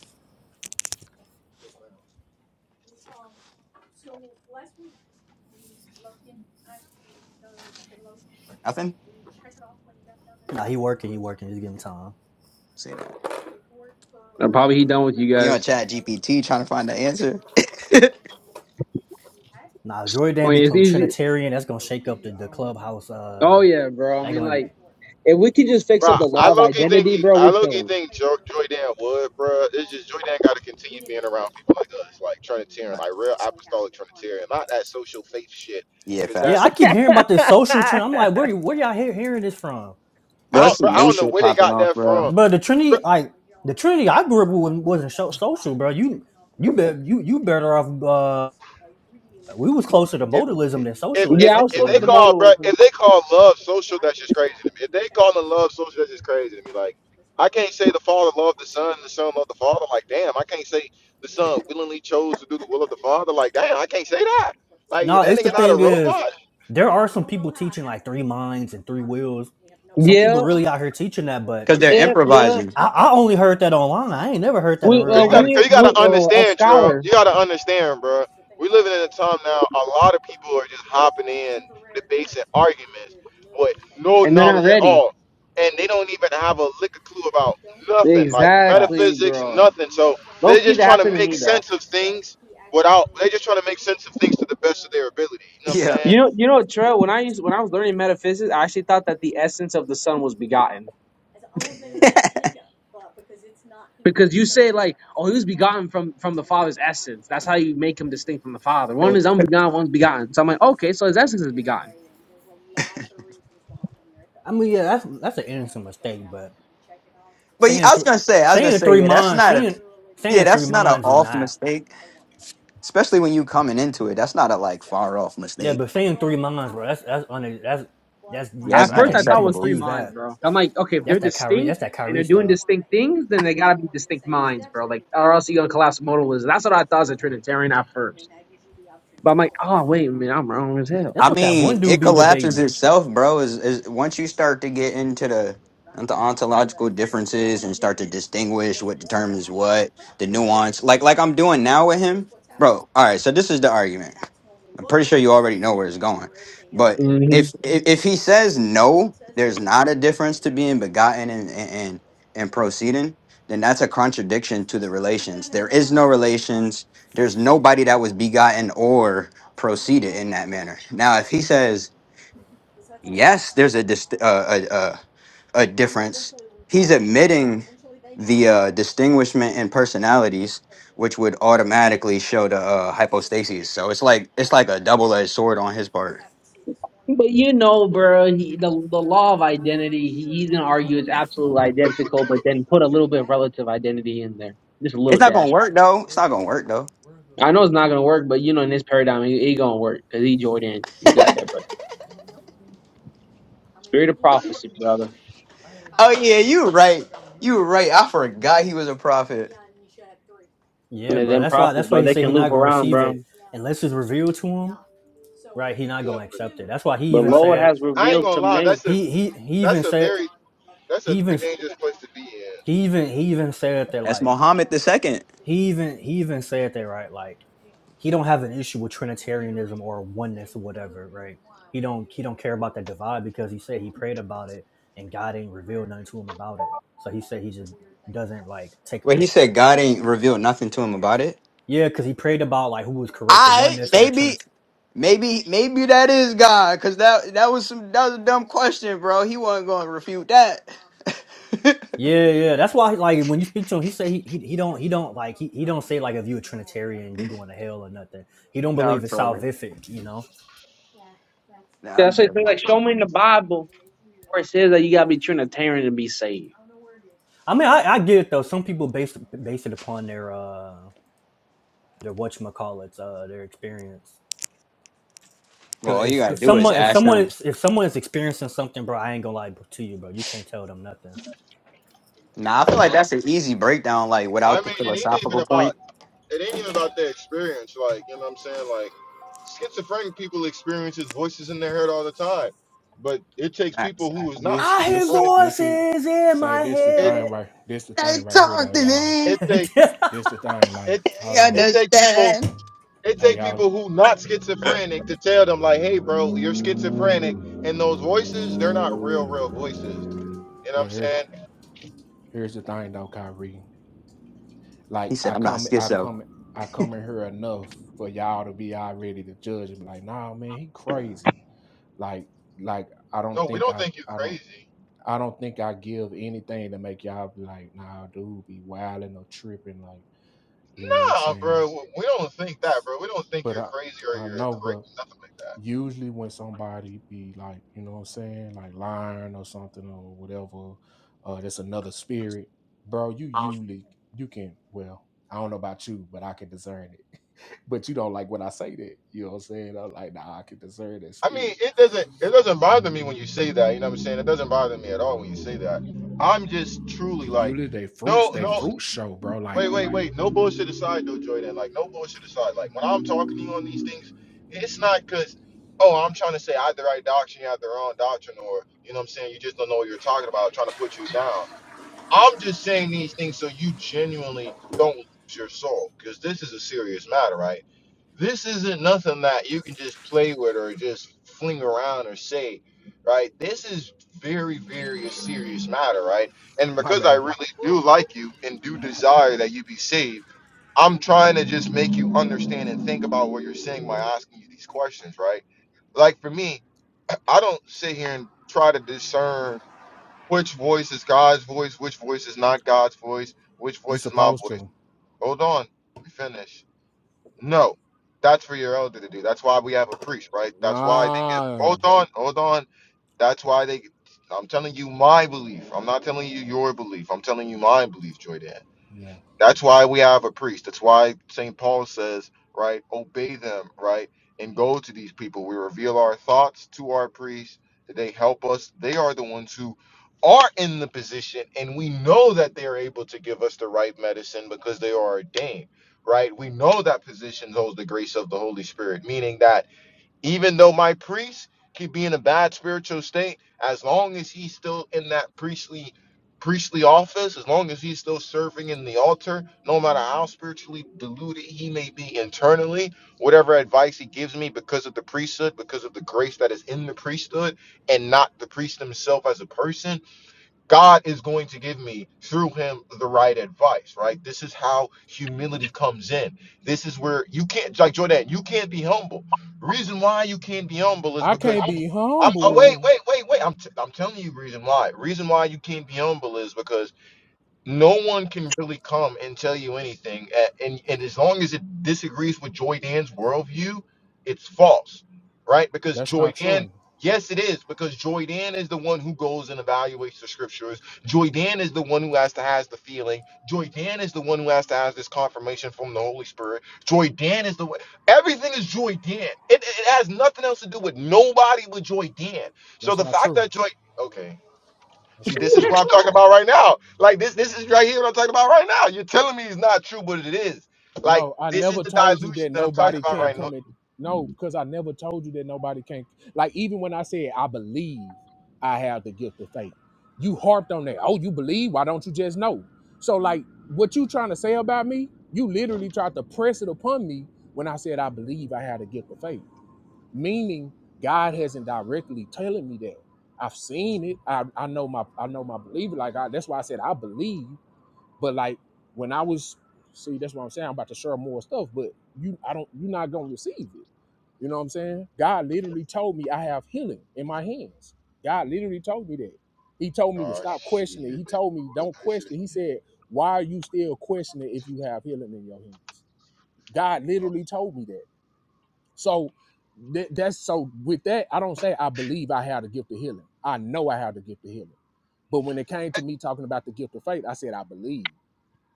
Speaker 5: Yes, ma'am. Mhm.
Speaker 3: Nothing.
Speaker 4: [laughs] nah, he working. He
Speaker 5: Yes, I
Speaker 4: working.
Speaker 5: checked
Speaker 4: He's
Speaker 5: it
Speaker 4: giving
Speaker 5: out.
Speaker 4: time.
Speaker 3: Say that.
Speaker 2: Uh, Probably he done with you
Speaker 3: You on
Speaker 2: guys.
Speaker 3: Chat GPT trying to find the answer.
Speaker 4: Now nah,
Speaker 2: I
Speaker 4: Jordan
Speaker 5: Now
Speaker 2: mean, it's
Speaker 5: I
Speaker 4: become
Speaker 5: don't
Speaker 2: easy.
Speaker 4: Trinitarian.
Speaker 5: the
Speaker 4: That's gonna
Speaker 5: the
Speaker 4: shake up
Speaker 5: fee.
Speaker 4: the,
Speaker 5: I
Speaker 4: the
Speaker 5: don't remember
Speaker 4: clubhouse.
Speaker 5: seeing the
Speaker 2: Oh,
Speaker 4: Uh,
Speaker 5: fee.
Speaker 2: yeah, bro. I
Speaker 4: that
Speaker 2: mean,
Speaker 4: gonna.
Speaker 2: like, if we could just fix
Speaker 1: Bro,
Speaker 5: Right.
Speaker 2: up the
Speaker 1: I
Speaker 2: law of
Speaker 1: low key think
Speaker 2: identity,
Speaker 1: he,
Speaker 2: bro, we're
Speaker 1: I low key
Speaker 2: chilling.
Speaker 1: think jo- Joy Dan would, bro. It's just Joy Dan got to continue being around people like us, like Trinitarian, like real apostolic Trinitarian, not that social faith shit.
Speaker 3: Yeah,
Speaker 1: Cause that,
Speaker 4: Yeah,
Speaker 3: facts,
Speaker 4: I keep hearing about this social trend. I'm like, where where y'all hear, hearing this from?
Speaker 1: I
Speaker 3: bro. It's
Speaker 1: don't, bro,
Speaker 3: some
Speaker 1: I
Speaker 3: new
Speaker 1: don't know
Speaker 3: shit
Speaker 1: where they
Speaker 3: popping
Speaker 1: got
Speaker 3: off,
Speaker 1: that
Speaker 3: bro.
Speaker 1: from,
Speaker 4: But the Trinity,
Speaker 1: bro.
Speaker 4: like the Trinity, I grew up with wasn't so social, bro. You, you bet, you you better off. Uh, we was closer to
Speaker 1: If
Speaker 3: Because
Speaker 4: modalism
Speaker 1: if
Speaker 4: than social
Speaker 1: if,
Speaker 2: Yeah, I was
Speaker 1: if
Speaker 2: close
Speaker 1: they
Speaker 2: to the
Speaker 4: socialism.
Speaker 1: call, bro,
Speaker 2: modalism.
Speaker 1: if they call love social, that's just crazy to me. If they call the love social, that's just crazy to me. Like, I can't say the Father loved the Son, the Son loved the Father. Like, damn, I can't say the Son willingly chose to do the will of the Father. Like, damn, I can't say that. Like,
Speaker 4: No,
Speaker 1: that
Speaker 4: it's the
Speaker 1: nigga not a
Speaker 4: thing
Speaker 1: robot.
Speaker 4: is, there are some people teaching like three minds and three wills. Some people
Speaker 2: Yeah,
Speaker 4: really out here teaching that, but
Speaker 3: they're
Speaker 2: yeah, yeah.
Speaker 3: improvising.
Speaker 4: I, I only heard that online. I ain't never heard that in
Speaker 2: We,
Speaker 4: real
Speaker 1: Cause
Speaker 2: uh,
Speaker 1: you
Speaker 3: That
Speaker 1: got,
Speaker 4: life.
Speaker 2: we,
Speaker 1: cause you
Speaker 2: we
Speaker 1: gotta
Speaker 2: uh, a
Speaker 1: understand, Trail.
Speaker 2: scholar,
Speaker 1: You gotta understand, bro. We living in a time now. A lot of people are just hopping in debates and arguments with no
Speaker 2: and they're not
Speaker 1: knowledge at
Speaker 2: ready.
Speaker 1: all, and they don't even have a lick of clue about nothing, like
Speaker 3: facts.
Speaker 2: Exactly,
Speaker 3: [laughs]
Speaker 1: metaphysics,
Speaker 2: bro.
Speaker 1: nothing. So
Speaker 2: Low
Speaker 1: they're
Speaker 2: key,
Speaker 1: just
Speaker 2: that
Speaker 1: trying to
Speaker 2: happened to
Speaker 1: make
Speaker 2: me, though.
Speaker 1: sense of things without. They're just trying to make sense of things to the best of their ability. You know what I'm
Speaker 3: Yeah,
Speaker 1: saying?
Speaker 2: You know, you know, Terrell. When I used when I was learning metaphysics, I actually thought that
Speaker 5: Yeah.
Speaker 2: the essence of the Son was begotten.
Speaker 5: Yeah.
Speaker 2: Because you say like, oh, he was begotten from from the Father's essence. That's how you make him distinct from the Father. One
Speaker 3: but
Speaker 2: is unbegotten, one's begotten. So I'm like, okay, so his essence is begotten.
Speaker 4: I mean, yeah, that's that's an innocent mistake, but
Speaker 3: yeah,
Speaker 4: saying
Speaker 3: I was
Speaker 4: th-
Speaker 3: gonna say, I was gonna
Speaker 4: saying
Speaker 3: say,
Speaker 4: three
Speaker 3: yeah, that's
Speaker 4: minds,
Speaker 3: not a
Speaker 4: saying
Speaker 3: yeah,
Speaker 4: saying three
Speaker 3: that's not an
Speaker 4: minds is
Speaker 3: off
Speaker 4: not.
Speaker 3: mistake. especially when you coming into
Speaker 5: But Yeah.
Speaker 3: it. That's not a like far off
Speaker 4: Yeah,
Speaker 3: mistake.
Speaker 4: but staying three months, bro. That's that's on a, that's that's
Speaker 3: Yeah,
Speaker 4: you
Speaker 3: that's
Speaker 2: At
Speaker 4: you
Speaker 2: first,
Speaker 4: can't
Speaker 2: I
Speaker 4: you
Speaker 2: thought it
Speaker 4: can't
Speaker 2: was
Speaker 3: unacceptable.
Speaker 2: three
Speaker 4: excuse
Speaker 2: minds,
Speaker 4: that.
Speaker 2: bro. I'm like, okay, if they're
Speaker 4: That's that Kyrie.
Speaker 2: distinct
Speaker 4: That's that
Speaker 2: and they're
Speaker 4: Kyrie
Speaker 2: doing
Speaker 4: stuff.
Speaker 2: distinct things, then they gotta be distinct minds, bro. Like, or else you're gonna collapse modalism. That's what I thought as a Trinitarian at first. But I'm like, oh wait a minute, I'm wrong as hell.
Speaker 4: That's
Speaker 3: I
Speaker 4: what that
Speaker 3: mean,
Speaker 4: one dude
Speaker 3: it
Speaker 4: be
Speaker 3: collapses
Speaker 4: debating.
Speaker 3: itself, bro. Is is once you start to get into the into ontological differences and start to distinguish what determines what, the nuance, like like I'm doing now with him, bro. All right, so this is the argument. I'm pretty sure you already know where it's going, but
Speaker 2: Mm-hmm.
Speaker 3: if if, if he says no, there's not a difference to being begotten and and and and proceeding. Then that's a contradiction to the relations. There is no relations. There's nobody that was begotten or proceeded in that manner.
Speaker 5: But
Speaker 3: Now, if he says
Speaker 5: Yeah. [laughs]
Speaker 3: yes, there's a dist- uh, a, a a difference. He's admitting the uh, distinguishment in personalities, which would automatically show the uh, hypostases. So it's like it's like a double edged sword on his part.
Speaker 2: But you know, bro, he, the the law of identity, he- he's gonna argue it's absolutely identical, but then put a little bit of relative identity in there, just a
Speaker 3: It's
Speaker 2: little
Speaker 3: not
Speaker 2: dash.
Speaker 3: gonna work
Speaker 5: So
Speaker 3: though. It's
Speaker 5: where's
Speaker 3: not
Speaker 5: the
Speaker 3: gonna work
Speaker 5: um
Speaker 3: though.
Speaker 5: where's the
Speaker 2: I know
Speaker 5: uh
Speaker 2: it's
Speaker 5: the
Speaker 2: not gonna work,
Speaker 5: paperwork
Speaker 2: but
Speaker 5: for?
Speaker 2: you know, in this paradigm, it, it gonna work because he Jordan, you got that. But spirit of prophecy, brother,
Speaker 5: I had
Speaker 3: Oh
Speaker 5: about
Speaker 3: yeah,
Speaker 5: I
Speaker 3: you were
Speaker 5: had, I
Speaker 3: right.
Speaker 5: think I
Speaker 3: You
Speaker 5: remember
Speaker 3: were right.
Speaker 5: having
Speaker 3: I
Speaker 5: two
Speaker 3: forgot he was
Speaker 5: invoices.
Speaker 3: a prophet.
Speaker 4: Yeah,
Speaker 2: and
Speaker 5: I
Speaker 4: bro.
Speaker 2: them
Speaker 4: That's
Speaker 5: should have
Speaker 4: why
Speaker 5: had
Speaker 2: prophets,
Speaker 4: that's why
Speaker 2: bro,
Speaker 4: he
Speaker 5: three.
Speaker 2: they
Speaker 4: said
Speaker 2: can
Speaker 4: he's not
Speaker 2: loop
Speaker 4: gonna
Speaker 2: around,
Speaker 4: receive
Speaker 2: bro.
Speaker 4: it unless it's revealed to him. Right? He's not
Speaker 1: Yeah.
Speaker 4: gonna
Speaker 1: But,
Speaker 4: accept it. That's why he
Speaker 2: The
Speaker 4: even
Speaker 1: but
Speaker 2: Lord
Speaker 4: said
Speaker 2: has
Speaker 1: I ain't
Speaker 2: revealed
Speaker 1: gonna
Speaker 2: to
Speaker 1: lie.
Speaker 2: me.
Speaker 1: That's a
Speaker 4: he he he even
Speaker 1: that's a
Speaker 4: said
Speaker 1: very that's a
Speaker 4: he
Speaker 1: very
Speaker 4: even
Speaker 1: dangerous place to be in.
Speaker 4: he even he even said that
Speaker 3: That's
Speaker 4: like
Speaker 3: Muhammad the second.
Speaker 4: he even he even said that right like he don't have an issue with Trinitarianism or oneness or whatever, right? He don't he don't care about that divide because he said he prayed about it and God ain't revealed nothing to him about it. So he said he just doesn't like take a
Speaker 3: Wait, he
Speaker 4: po-
Speaker 3: said God ain't revealed nothing to him about it.
Speaker 4: yeah, because he prayed about
Speaker 5: Yeah,
Speaker 4: like
Speaker 5: yeah,
Speaker 4: who was correct, the
Speaker 3: I
Speaker 4: oneness or the
Speaker 3: maybe
Speaker 4: Trinity.
Speaker 3: Maybe maybe that is God, cause that that was some that was a dumb question, bro. He wasn't going to refute that. [laughs]
Speaker 4: Yeah, yeah, that's why like when you speak to him, he say he, he he don't he don't like he, he don't say like if you a Trinitarian you going to hell or nothing.
Speaker 5: yeah.
Speaker 4: He don't
Speaker 3: no, I'm
Speaker 4: believe it's
Speaker 3: trolling.
Speaker 4: salvific, you know.
Speaker 3: Nah, I'm
Speaker 2: That's what it. says,
Speaker 3: definitely
Speaker 2: Like, show me in
Speaker 3: trolling.
Speaker 2: the Bible where it says that you gotta be Trinitarian to be saved.
Speaker 4: I mean, I, I get it though. Some
Speaker 5: All
Speaker 4: people
Speaker 5: right,
Speaker 4: base
Speaker 5: well, I got
Speaker 4: base it
Speaker 5: you.
Speaker 4: upon their uh their whatchamacallits, uh their experience.
Speaker 3: Well,
Speaker 4: Cause
Speaker 3: all you
Speaker 4: if,
Speaker 3: gotta
Speaker 4: if
Speaker 3: do is
Speaker 4: someone if
Speaker 3: ask
Speaker 4: someone
Speaker 3: them.
Speaker 4: is if someone is experiencing something, bro, I ain't gonna lie to you, bro. You can't tell them nothing.
Speaker 3: Nah, I feel like that's an easy breakdown, like
Speaker 1: I
Speaker 3: without the
Speaker 1: mean,
Speaker 5: Hey,
Speaker 1: it ain't even
Speaker 3: philosophical
Speaker 1: about
Speaker 3: point.
Speaker 1: it ain't even about their experience. Like, you know what I'm saying? Like, schizophrenic people experiences voices in their head all the time. But it takes
Speaker 3: Facts.
Speaker 1: people who is not
Speaker 5: this
Speaker 4: I hear
Speaker 5: this
Speaker 1: schizophrenic.
Speaker 5: this is
Speaker 4: voices in
Speaker 5: say
Speaker 4: my
Speaker 5: this the
Speaker 1: It
Speaker 5: thing
Speaker 4: head.
Speaker 5: right this the
Speaker 3: They
Speaker 5: thing right here
Speaker 3: talk
Speaker 5: though
Speaker 3: to
Speaker 5: y'all.
Speaker 3: me.
Speaker 1: it take
Speaker 4: [laughs]
Speaker 5: This the thing like
Speaker 1: it
Speaker 5: hold
Speaker 3: They
Speaker 5: on.
Speaker 1: it take people
Speaker 3: understand.
Speaker 1: it
Speaker 5: Hey
Speaker 1: take
Speaker 5: y'all,
Speaker 1: people who not schizophrenic to tell them like, hey bro, you're schizophrenic and those voices, they're not real, real voices. You know,
Speaker 5: well here here's the thing though Kyrie.
Speaker 3: He
Speaker 5: Like
Speaker 3: said,
Speaker 5: I
Speaker 3: "I'm not
Speaker 5: come I
Speaker 3: schizo."
Speaker 5: come I come in here enough for y'all to be already to judge and be like, nah man, he crazy. Like like I don't
Speaker 1: no, we
Speaker 5: think
Speaker 1: don't
Speaker 5: I I don't. I don't think I give anything to make y'all be like, nah, dude, be wilding or tripping, like, you know what I'm
Speaker 1: nah, bro,
Speaker 5: saying?
Speaker 1: we don't think that, bro. We don't think
Speaker 5: But
Speaker 1: you're
Speaker 5: I,
Speaker 1: crazy or
Speaker 5: I
Speaker 1: you're
Speaker 5: know, but
Speaker 1: crazy, nothing like that.
Speaker 5: usually when somebody be like, you know what I'm saying, like lying or something or whatever, uh, that's another spirit, bro. You usually you can, well, I don't know about you, but I can discern it. [laughs] but you don't like when I say that, you know what I'm saying? I'm like, nah, I can discern that
Speaker 1: I mean,
Speaker 5: spirit.
Speaker 1: it doesn't it doesn't bother me when you say that. You know what I'm saying? It doesn't bother me at all when you say that. I'm just truly
Speaker 5: And
Speaker 1: like,
Speaker 5: Usually they fruits,
Speaker 1: no,
Speaker 5: they
Speaker 1: no,
Speaker 5: fruits show, bro. Like,
Speaker 1: wait, wait, wait. No bullshit aside, though, Jordan. Like, no bullshit aside. Like, when I'm talking to you on these things, it's not because, oh, I'm trying to say I had the right doctrine, you had the wrong doctrine, or you know what I'm saying? You just don't know what you're talking about, trying to put you down. I'm just saying these things so you genuinely don't lose your soul, because this is a serious matter, right? This isn't nothing that you can just play with or just fling around or say, right? This is very, very a serious matter, right? And
Speaker 5: my
Speaker 1: because I
Speaker 5: bad, bro.
Speaker 1: really do like you and do desire that you be saved, I'm trying to just make you understand and think about what you're saying by asking you these questions, right? Like for me, I don't sit here and try to discern which voice is God's voice, which voice is not God's voice, which
Speaker 5: You
Speaker 1: voice is my
Speaker 5: supposed
Speaker 1: voice.
Speaker 5: to.
Speaker 1: Hold on, let me finish no, that's for your elder to do. That's why we have a priest, right? That's why they get.
Speaker 5: Ah,
Speaker 1: Hold on, hold on. That's why they. I'm telling you my belief. I'm not telling you your belief. I'm telling you my belief, Joy
Speaker 5: yeah.
Speaker 1: that's why we have a priest. That's why St. Paul says, right, obey them, right, and go to these people. We reveal our thoughts to our priests, that they help us. They are the ones who are in the position, and we know that they are able to give us the right medicine because they are ordained, right? We know that position holds the grace of the Holy Spirit, meaning that even though my priest could be in a bad spiritual state, as long as he's still in that priestly priestly office, as long as he's still serving in the altar, no matter how spiritually deluded he may be internally, whatever advice he gives me because of the priesthood, because of the grace that is in the priesthood, and not the priest himself as a person God is going to give me through him the right advice, right? This is how humility comes in. This is where you can't, like Jordan, you can't be humble. The Reason why you can't be humble is
Speaker 5: I
Speaker 1: because
Speaker 5: can't be
Speaker 1: I'm, oh, wait,
Speaker 5: humble.
Speaker 1: wait, wait, wait. I'm, t- I'm telling you, reason why. Reason why you can't be humble is because no one can really come and tell you anything. a- And, and as long as it disagrees with Joy Dan's worldview, it's false, right? Because
Speaker 5: That's
Speaker 1: Joy
Speaker 5: not
Speaker 1: Dan,
Speaker 5: true.
Speaker 1: yes, it is, because Joy Dan is the one who goes and evaluates the scriptures. Joy Dan is the one who has to has the feeling. Joy Dan is the one who has to has this confirmation from the Holy Spirit. Joy Dan is the one. Everything is Joy Dan. It, it has nothing else to do with nobody but Joy Dan. So
Speaker 5: That's
Speaker 1: the
Speaker 5: not
Speaker 1: fact
Speaker 5: true.
Speaker 1: that Joy, okay.
Speaker 5: That's
Speaker 1: See,
Speaker 5: not
Speaker 1: this is
Speaker 5: true.
Speaker 1: what I'm talking about right now. Like this, this is right here what I'm talking about right now. You're telling me it's not true, but it is. Like
Speaker 5: No, I
Speaker 1: this is
Speaker 5: never
Speaker 1: the
Speaker 5: told you
Speaker 1: dilution
Speaker 5: that
Speaker 1: that I'm talking
Speaker 5: nobody
Speaker 1: about
Speaker 5: can't
Speaker 1: right now.
Speaker 5: come and no, because I never told you that nobody can't. Like even when I said I believe I have the gift of faith, you harped on that. Oh, you believe? Why don't you just know? So like what you trying to say about me? You literally tried to press it upon me when I said I believe I had the gift of faith, meaning God hasn't directly telling me that. I've seen it. I, I know my I know my belief. Like I, that's why I said I believe. But like when I was see, that's what I'm saying. I'm about to share more stuff, but you I don't you're not gonna receive it. You know what I'm saying? God literally told me I have healing in my hands. God literally told me that. He told me to
Speaker 1: Oh
Speaker 5: stop
Speaker 1: shit.
Speaker 5: questioning. He told me don't question. He said, Why are you still questioning if you have healing in your hands? God literally told me that. So that, that's so with that, I don't say I believe I have the gift of healing. I know I have the gift of healing. But when it came to me talking about the gift of faith, I said I believe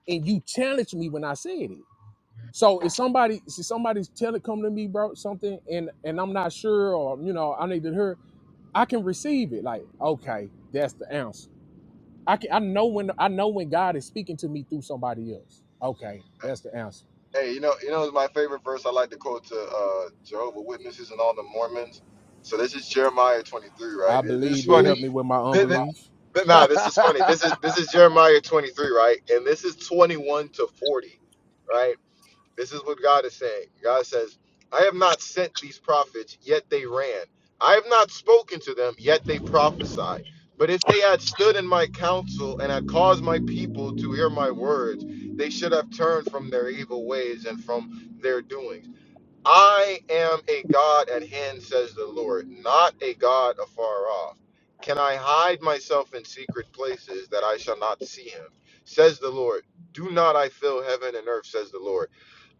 Speaker 5: and you challenged me when I said it. So if somebody, if somebody's telling come to me, bro, something, and and I'm not sure, or you know, I need to hear, I can receive it. Like, okay, that's the answer. I can, I know when, I know when God is speaking to me through somebody else. Okay, that's the answer.
Speaker 1: Hey, you know, you know, my favorite verse. I like to quote to uh, Jehovah Witnesses and all the Mormons. So this is Jeremiah 23, right?
Speaker 5: I
Speaker 1: This this is
Speaker 5: believe, but
Speaker 1: funny.
Speaker 5: help me with my
Speaker 1: Th- th-
Speaker 5: unbelief.
Speaker 1: th-
Speaker 5: [laughs]
Speaker 1: Nah, this is funny. This is this is Jeremiah 23, right? And this is 21 to 40, right? This is what God is saying. God says, I have not sent these prophets, yet they ran. I have not spoken to them, yet they prophesied. But if they had stood in my counsel and had caused my people to hear my words, they should have turned from their evil ways and from their doings. I am a God at hand, says the Lord, not a God afar off. Can I hide myself in secret places that I shall not see him? Says the Lord, Do not I fill heaven and earth, says the Lord.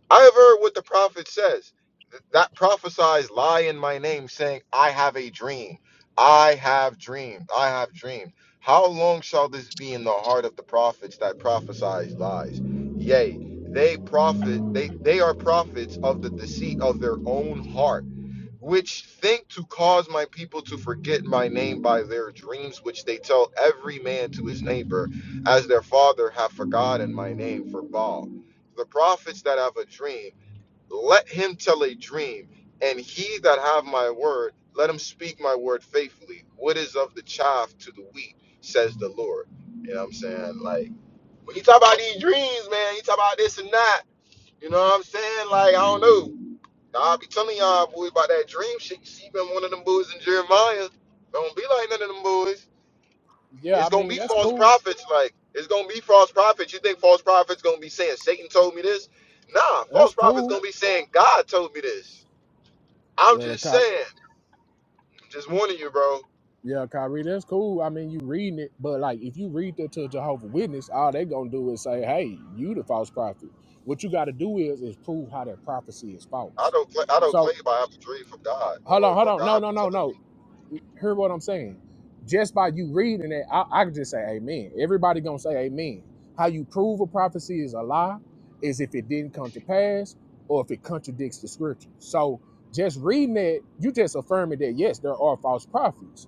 Speaker 1: I have heard what the prophet says. Th- That prophesies lie in my name, saying, I have a dream. I have dreamed. I have dreamed. How long shall this be in the heart of the prophets that prophesies lies? Yea, they profit, they, they are prophets of the deceit of their own heart which think to cause my people to forget my name by their dreams, which they tell every man to his neighbor, as their father hath forgotten my name for Baal. The prophets that have a dream, let him tell a dream, and he that have my word, let him speak my word faithfully. What is of the chaff to the wheat, says the Lord. You know what I'm saying? Like when you talk about these dreams, man, you talk about this and that. You know what I'm saying? Like I don't know. Nah, I be telling y'all boy about that dream shit. You see, been one of them boys in Jeremiah. Don't be like none of them boys.
Speaker 5: yeah, I
Speaker 1: It's gonna
Speaker 5: mean
Speaker 1: be
Speaker 5: that's
Speaker 1: false
Speaker 5: cool.
Speaker 1: prophets. Like it's gonna be false prophets. You think false prophets gonna be saying Satan told me this? Nah,
Speaker 5: That's
Speaker 1: false prophets
Speaker 5: cool.
Speaker 1: gonna be saying God told me this. I'm
Speaker 5: Well, the
Speaker 1: just
Speaker 5: cop.
Speaker 1: saying. just warning you, bro.
Speaker 5: Yeah, Kyrie, that's cool. I mean, you reading it, but like if you read that to a Jehovah Witness, all they gonna do is say, "Hey, you the false prophet." What you got to do is is prove how that prophecy is
Speaker 1: I
Speaker 5: false.
Speaker 1: don't. Cl- I don't
Speaker 5: So
Speaker 1: claim I have a dream from
Speaker 5: uh,
Speaker 1: God
Speaker 5: hold
Speaker 1: or
Speaker 5: on, hold
Speaker 1: or
Speaker 5: on, no,
Speaker 1: God be
Speaker 5: no, no,
Speaker 1: telling me.
Speaker 5: no hear what I'm saying. Just by you reading it, I, I could just say amen. Everybody gonna say amen. How you prove a prophecy is a lie is if it didn't come to pass or if it contradicts the scripture. So just reading it, you just affirming that yes, there are false prophets,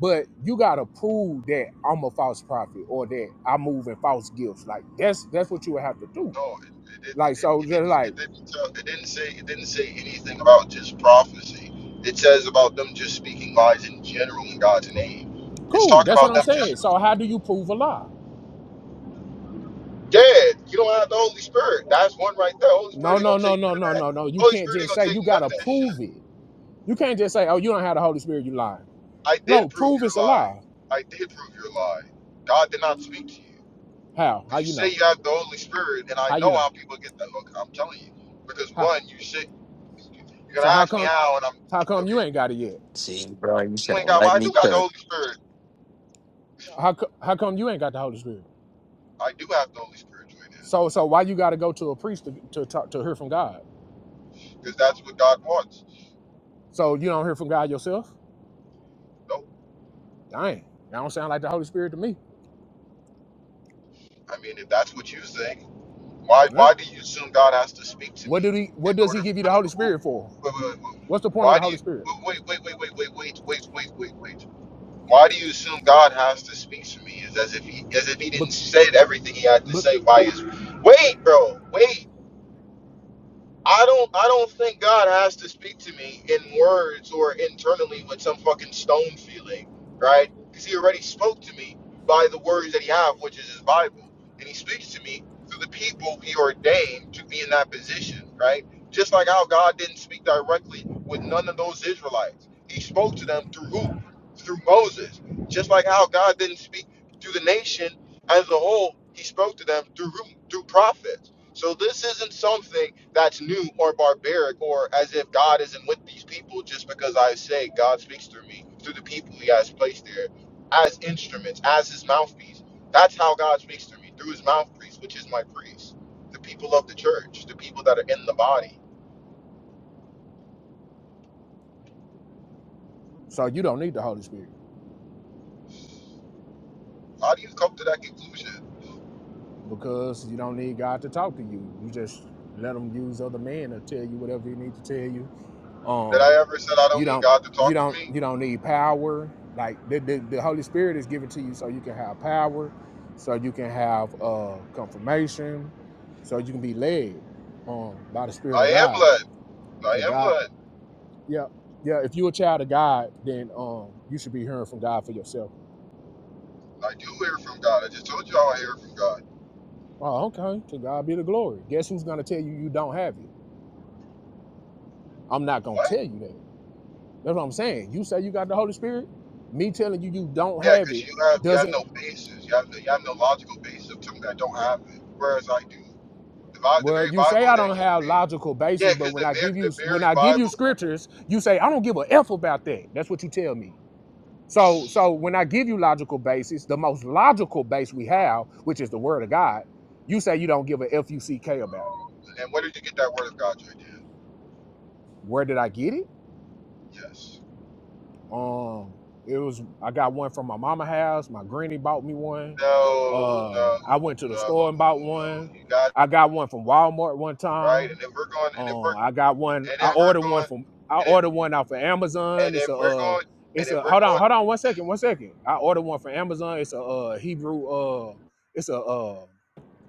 Speaker 5: but you gotta prove that I'm a false prophet or that I move in false gifts. Like that's that's what you would have to do.
Speaker 1: No, it, it, it
Speaker 5: Like
Speaker 1: didn't.
Speaker 5: so,
Speaker 1: It
Speaker 5: just
Speaker 1: didn't.
Speaker 5: like
Speaker 1: It didn't tell. It didn't say. It didn't say anything about just prophecy. It says about them just speaking lies in general in God's name. It's
Speaker 5: cool.
Speaker 1: talking
Speaker 5: That's what
Speaker 1: about
Speaker 5: I'm
Speaker 1: them just.
Speaker 5: saying. So how do you prove a lie?
Speaker 1: Yeah, you don't have the Holy Spirit. That's one right there. Holy
Speaker 5: No,
Speaker 1: Spirit ain't
Speaker 5: no,
Speaker 1: gonna
Speaker 5: no,
Speaker 1: take
Speaker 5: no,
Speaker 1: none of
Speaker 5: no,
Speaker 1: that.
Speaker 5: no, no. You
Speaker 1: Holy
Speaker 5: can't
Speaker 1: Spirit ain't
Speaker 5: just
Speaker 1: gonna
Speaker 5: say
Speaker 1: take
Speaker 5: you
Speaker 1: none of
Speaker 5: gotta
Speaker 1: that shit.
Speaker 5: prove it. You can't just say, "Oh, you don't have the Holy Spirit, you lying."
Speaker 1: I did
Speaker 5: No,
Speaker 1: prove
Speaker 5: prove
Speaker 1: your
Speaker 5: it's a
Speaker 1: lie.
Speaker 5: lie.
Speaker 1: I did prove your lie. God did not speak to you
Speaker 5: How? How
Speaker 1: because you
Speaker 5: you
Speaker 1: say
Speaker 5: know?
Speaker 1: you have the Holy Spirit, and I
Speaker 5: How you
Speaker 1: know
Speaker 5: know?
Speaker 1: how people get that. Look, I'm telling you because
Speaker 5: How?
Speaker 1: one, you said you're gonna
Speaker 5: So how
Speaker 1: ask me
Speaker 5: come?
Speaker 1: how, and I'm
Speaker 5: How come
Speaker 1: okay.
Speaker 5: you ain't got it yet?
Speaker 3: See, bro, you
Speaker 1: You
Speaker 3: should
Speaker 1: ain't
Speaker 3: have
Speaker 1: got.
Speaker 3: let
Speaker 1: Well, I
Speaker 3: me
Speaker 1: do got the
Speaker 3: cook.
Speaker 1: Holy Spirit.
Speaker 5: How co- how come you ain't got the Holy Spirit?
Speaker 1: I do have the Holy Spirit right now
Speaker 5: So so why you gotta go to a priest to to talk, to hear from God?
Speaker 1: because that's what God wants.
Speaker 5: So you don't hear from God yourself?
Speaker 1: No,
Speaker 5: Dang, that don't sound like the Holy Spirit to me.
Speaker 1: I mean if that's what you think, why
Speaker 5: Yeah.
Speaker 1: why do you assume God has to speak to
Speaker 5: What
Speaker 1: me
Speaker 5: did he?
Speaker 1: in
Speaker 5: What does he
Speaker 1: order for
Speaker 5: give you the
Speaker 1: me? Wait,
Speaker 5: Holy Spirit for?
Speaker 1: wait, wait, wait.
Speaker 5: What's the point of
Speaker 1: Why
Speaker 5: the
Speaker 1: do
Speaker 5: Holy
Speaker 1: you?
Speaker 5: Spirit?
Speaker 1: Wait, wait, wait, wait, wait, wait, wait, wait, wait, wait. Why do you assume God has to speak to me? Is as if he as if he
Speaker 5: But
Speaker 1: didn't say everything he had to
Speaker 5: but
Speaker 1: say by his. Wait, bro. Wait. I don't I don't think God has to speak to me in words or internally with some fucking stone feeling, right? Because he already spoke to me by the words that he have, which is his Bible. And he speaks to me through the people he ordained to be in that position, right? Just like how God didn't speak directly with none of those Israelites. He spoke to them through who? Through Moses. Just like how God didn't speak to the nation as a whole, he spoke to them through through prophets so this isn't something that's new or barbaric or as if God isn't with these people just because I say God speaks through me, through the people he has placed there as instruments, as his mouthpiece. That's how God speaks through me, through his mouthpiece, which is my priest, the people of the church, the people that are in the body.
Speaker 5: so you don't need the Holy Spirit.
Speaker 1: How do you come to that conclusion?
Speaker 5: because you don't need God to talk to you. You just let him use other men to tell you whatever he need to tell you.
Speaker 1: Did
Speaker 5: Um,
Speaker 1: I ever said I
Speaker 5: you
Speaker 1: don't need
Speaker 5: don't
Speaker 1: God to
Speaker 5: you
Speaker 1: talk to
Speaker 5: don't
Speaker 1: me?
Speaker 5: you don't need power. Like the, the, the Holy Spirit is given to you so you can have power, so you can have uh confirmation, so you can be led um by the Spirit
Speaker 1: I
Speaker 5: of
Speaker 1: am
Speaker 5: God.
Speaker 1: led. I
Speaker 5: So
Speaker 1: am
Speaker 5: God,
Speaker 1: led.
Speaker 5: yeah, yeah. If you're a child of God, then um you should be hearing from God for yourself.
Speaker 1: I do hear from God. I just told you how I hear from God.
Speaker 5: Oh, okay. To God be the glory. Guess who's gonna tell you you don't have it? I'm not gonna
Speaker 1: What?
Speaker 5: tell you that. That's what I'm saying. You say you got the Holy Spirit. Me telling you you don't
Speaker 1: Yeah,
Speaker 5: have
Speaker 1: because
Speaker 5: it
Speaker 1: you have you have
Speaker 5: doesn't.
Speaker 1: no basis. You have no, you have no logical basis of something that don't have it. Whereas I do. The, Bi- the
Speaker 5: Well,
Speaker 1: very
Speaker 5: you
Speaker 1: Bible
Speaker 5: say I
Speaker 1: that
Speaker 5: don't
Speaker 1: you
Speaker 5: have
Speaker 1: read.
Speaker 5: logical
Speaker 1: Yeah,
Speaker 5: basis, but
Speaker 1: because the
Speaker 5: when I
Speaker 1: very
Speaker 5: give
Speaker 1: the
Speaker 5: you when
Speaker 1: very
Speaker 5: I give you
Speaker 1: Bible.
Speaker 5: scriptures, you say I don't give a f about that. That's what you tell me. So so when I give you logical basis, the most logical base we have, which is the Word of God, you say you don't give a f u c k about it.
Speaker 1: And where did you get that word of God, Jordan?
Speaker 5: Where did I get it?
Speaker 1: Yes.
Speaker 5: Um, it was I got one from my mama house. My granny bought me one.
Speaker 1: No, no,
Speaker 5: Um, I went to the
Speaker 1: no,
Speaker 5: store and bought one.
Speaker 1: no. You got it
Speaker 5: I got one from Walmart one
Speaker 1: right.
Speaker 5: time.
Speaker 1: And if we're going, and if
Speaker 5: Um,
Speaker 1: we're,
Speaker 5: I got one.
Speaker 1: and
Speaker 5: I
Speaker 1: if we're
Speaker 5: ordered one
Speaker 1: going,
Speaker 5: from. I
Speaker 1: and if
Speaker 5: ordered one off of
Speaker 1: and
Speaker 5: Amazon. It's
Speaker 1: if
Speaker 5: a.
Speaker 1: we're
Speaker 5: Uh,
Speaker 1: going, and
Speaker 5: it's
Speaker 1: if
Speaker 5: a.
Speaker 1: we're
Speaker 5: Hold
Speaker 1: going.
Speaker 5: on. Hold on. One second. One second. I ordered one from Amazon. It's a uh, Hebrew. Uh, it's a. Uh,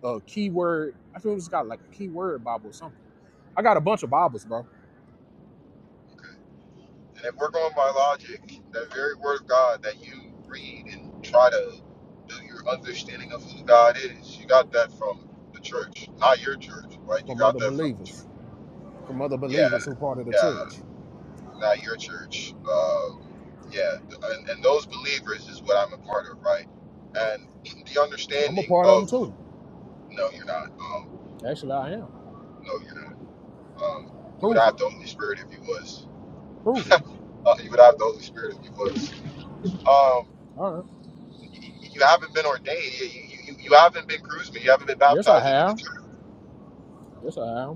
Speaker 5: a keyword. I think it's got like a keyword Bible or something. I got a bunch of Bibles, bro,
Speaker 1: And if we're going by logic, that very word of God that you read and try to do your understanding of who God is, you got that from the church, not your church, right? You
Speaker 5: from
Speaker 1: got
Speaker 5: other
Speaker 1: that from the church.
Speaker 5: believers, from other
Speaker 1: Yeah,
Speaker 5: believers who part of the
Speaker 1: yeah,
Speaker 5: church.
Speaker 1: not your church. Um, yeah, and, and those believers is what I'm a part of, right? And the
Speaker 5: I'm a
Speaker 1: understanding
Speaker 5: part of them
Speaker 1: of,
Speaker 5: too.
Speaker 1: no, you're not. Um,
Speaker 5: Actually, I am.
Speaker 1: no, you're not. Um, you would
Speaker 5: Prove it.
Speaker 1: have the Holy Spirit if you was.
Speaker 5: Prove it.
Speaker 1: Uh, you would have the Holy Spirit if you was. Um,
Speaker 5: All right.
Speaker 1: you, you haven't been ordained. You, you, you haven't been cruised. You haven't been
Speaker 5: Yes, I
Speaker 1: baptized into the
Speaker 5: have.
Speaker 1: church
Speaker 5: Yes, I have.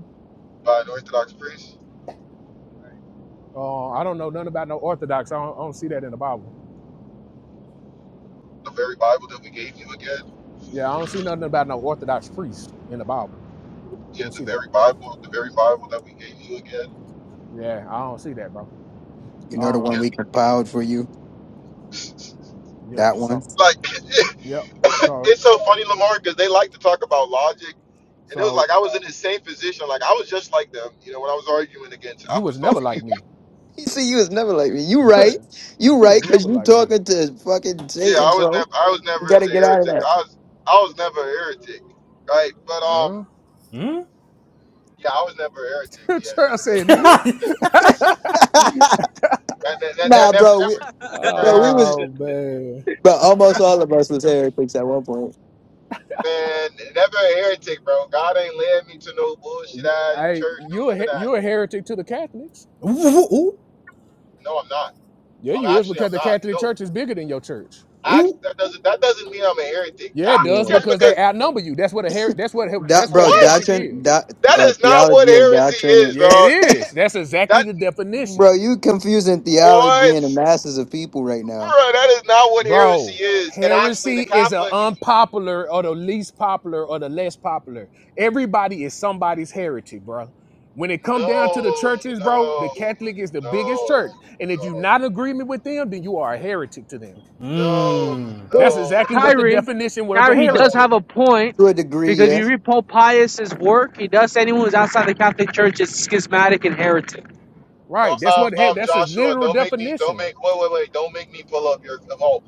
Speaker 1: by an Orthodox priest.
Speaker 5: Uh, I don't know nothing about no Orthodox. I don't, I don't see that in the Bible.
Speaker 1: The very Bible that we gave you again.
Speaker 5: Yeah, I don't see nothing about no Orthodox priest in the Bible. I
Speaker 1: Yeah,
Speaker 5: don't
Speaker 1: the
Speaker 5: see that.
Speaker 1: very Bible, the very Bible that we gave you again.
Speaker 5: Yeah, I don't see that, bro.
Speaker 3: You know the
Speaker 5: Um.
Speaker 3: one
Speaker 1: Yeah,
Speaker 3: we compiled for you.
Speaker 5: Yep.
Speaker 3: That one.
Speaker 5: So.
Speaker 1: like
Speaker 5: Yep.
Speaker 1: [laughs]
Speaker 5: So.
Speaker 1: it's so funny, Lamar, because they like to talk about logic, and it was
Speaker 5: So
Speaker 1: like I was in the same position. Like I was just like them, you know, when I was arguing against
Speaker 5: you was never
Speaker 1: apostolic
Speaker 5: like
Speaker 1: people.
Speaker 5: me.
Speaker 3: He said you was never like me. You
Speaker 5: [laughs]
Speaker 3: right. You right, cause
Speaker 5: never
Speaker 3: you
Speaker 5: like me.
Speaker 3: talking to fucking
Speaker 1: Yeah,
Speaker 3: Satan,
Speaker 1: I was
Speaker 3: bro.
Speaker 1: never, I was
Speaker 3: You
Speaker 1: never as
Speaker 3: gotta
Speaker 1: a
Speaker 3: get out of
Speaker 1: heretic. I was, I was never a heretic, right? But um,
Speaker 5: Huh?
Speaker 4: Hmm?
Speaker 1: yeah, I was never a heretic.
Speaker 5: [laughs]
Speaker 1: Yeah,
Speaker 5: Trey
Speaker 1: true.
Speaker 5: said,
Speaker 4: [laughs]
Speaker 5: "Hmm?"
Speaker 3: that.
Speaker 1: That, that,
Speaker 3: [laughs]
Speaker 1: that, that,
Speaker 3: nah,
Speaker 1: never,
Speaker 3: bro, we
Speaker 1: never, never a
Speaker 3: bro, we
Speaker 1: heretic.
Speaker 3: was
Speaker 5: "Oh man,
Speaker 3: bro, almost
Speaker 1: Not-
Speaker 3: all of us was heretics at one point.
Speaker 1: Man, never a heretic, bro. God ain't led me to no bullshit ass
Speaker 5: I
Speaker 1: church, no
Speaker 5: you a
Speaker 1: none of
Speaker 5: he-
Speaker 1: that.
Speaker 5: you a heretic to the Catholics?
Speaker 4: ooh, ooh, ooh,
Speaker 1: No, I'm not.
Speaker 5: Yeah,
Speaker 1: I'm
Speaker 5: you is
Speaker 1: actually,
Speaker 5: because
Speaker 1: I'm
Speaker 5: the
Speaker 1: not.
Speaker 5: Catholic
Speaker 1: No,
Speaker 5: Church is bigger than your church.
Speaker 4: ooh.
Speaker 1: actually, that doesn't that doesn't mean I'm a heretic.
Speaker 5: Yeah, it
Speaker 1: Ah,
Speaker 3: Yeah.
Speaker 5: does
Speaker 1: just
Speaker 5: because
Speaker 1: because
Speaker 5: they outnumber you. That's what a her- that's what her-
Speaker 3: Do-
Speaker 5: that's what
Speaker 3: bro,
Speaker 1: what?
Speaker 5: heretic
Speaker 3: doctrine,
Speaker 5: is.
Speaker 3: doc,
Speaker 1: That
Speaker 3: uh,
Speaker 1: is not what
Speaker 3: theology of
Speaker 1: heresy
Speaker 3: doctrine. and-
Speaker 1: is,
Speaker 5: Yeah, it
Speaker 1: dog.
Speaker 5: is. That's exactly
Speaker 1: That
Speaker 5: the
Speaker 3: Bro,
Speaker 5: definition,
Speaker 3: you confusing theology and
Speaker 1: what,
Speaker 3: now
Speaker 1: bro? That is not what
Speaker 5: bro.
Speaker 1: heresy is. And actually, the
Speaker 5: Heresy is an
Speaker 1: Catholic.
Speaker 5: unpopular or the least popular or the less popular. Everybody is somebody's heretic, bro. When it come down to the
Speaker 1: No,
Speaker 5: churches, bro, the
Speaker 1: no,
Speaker 5: Catholic is the biggest church,
Speaker 1: no,
Speaker 5: and if you
Speaker 1: no,
Speaker 5: not in agreement with them, then you are a heretic to them.
Speaker 1: no,
Speaker 4: Mm.
Speaker 5: That's
Speaker 2: Well,
Speaker 1: no, no.
Speaker 5: exactly what the
Speaker 2: Kyrie,
Speaker 5: definition of a
Speaker 2: Kyrie, he does
Speaker 1: no.
Speaker 5: heretic.
Speaker 2: have a point
Speaker 3: to a degree,
Speaker 2: because if
Speaker 3: yeah.
Speaker 2: you read Pope Pius's work, he does say anyone who's outside the Catholic Church is schismatic and heretic.
Speaker 1: No,
Speaker 5: Right. That's
Speaker 1: Um,
Speaker 5: what he-
Speaker 1: um,
Speaker 5: that's a
Speaker 1: Joshua,
Speaker 5: literal
Speaker 1: don't make me, don't
Speaker 5: definition.
Speaker 1: make, wait, wait, wait, don't make me pull up your, oh,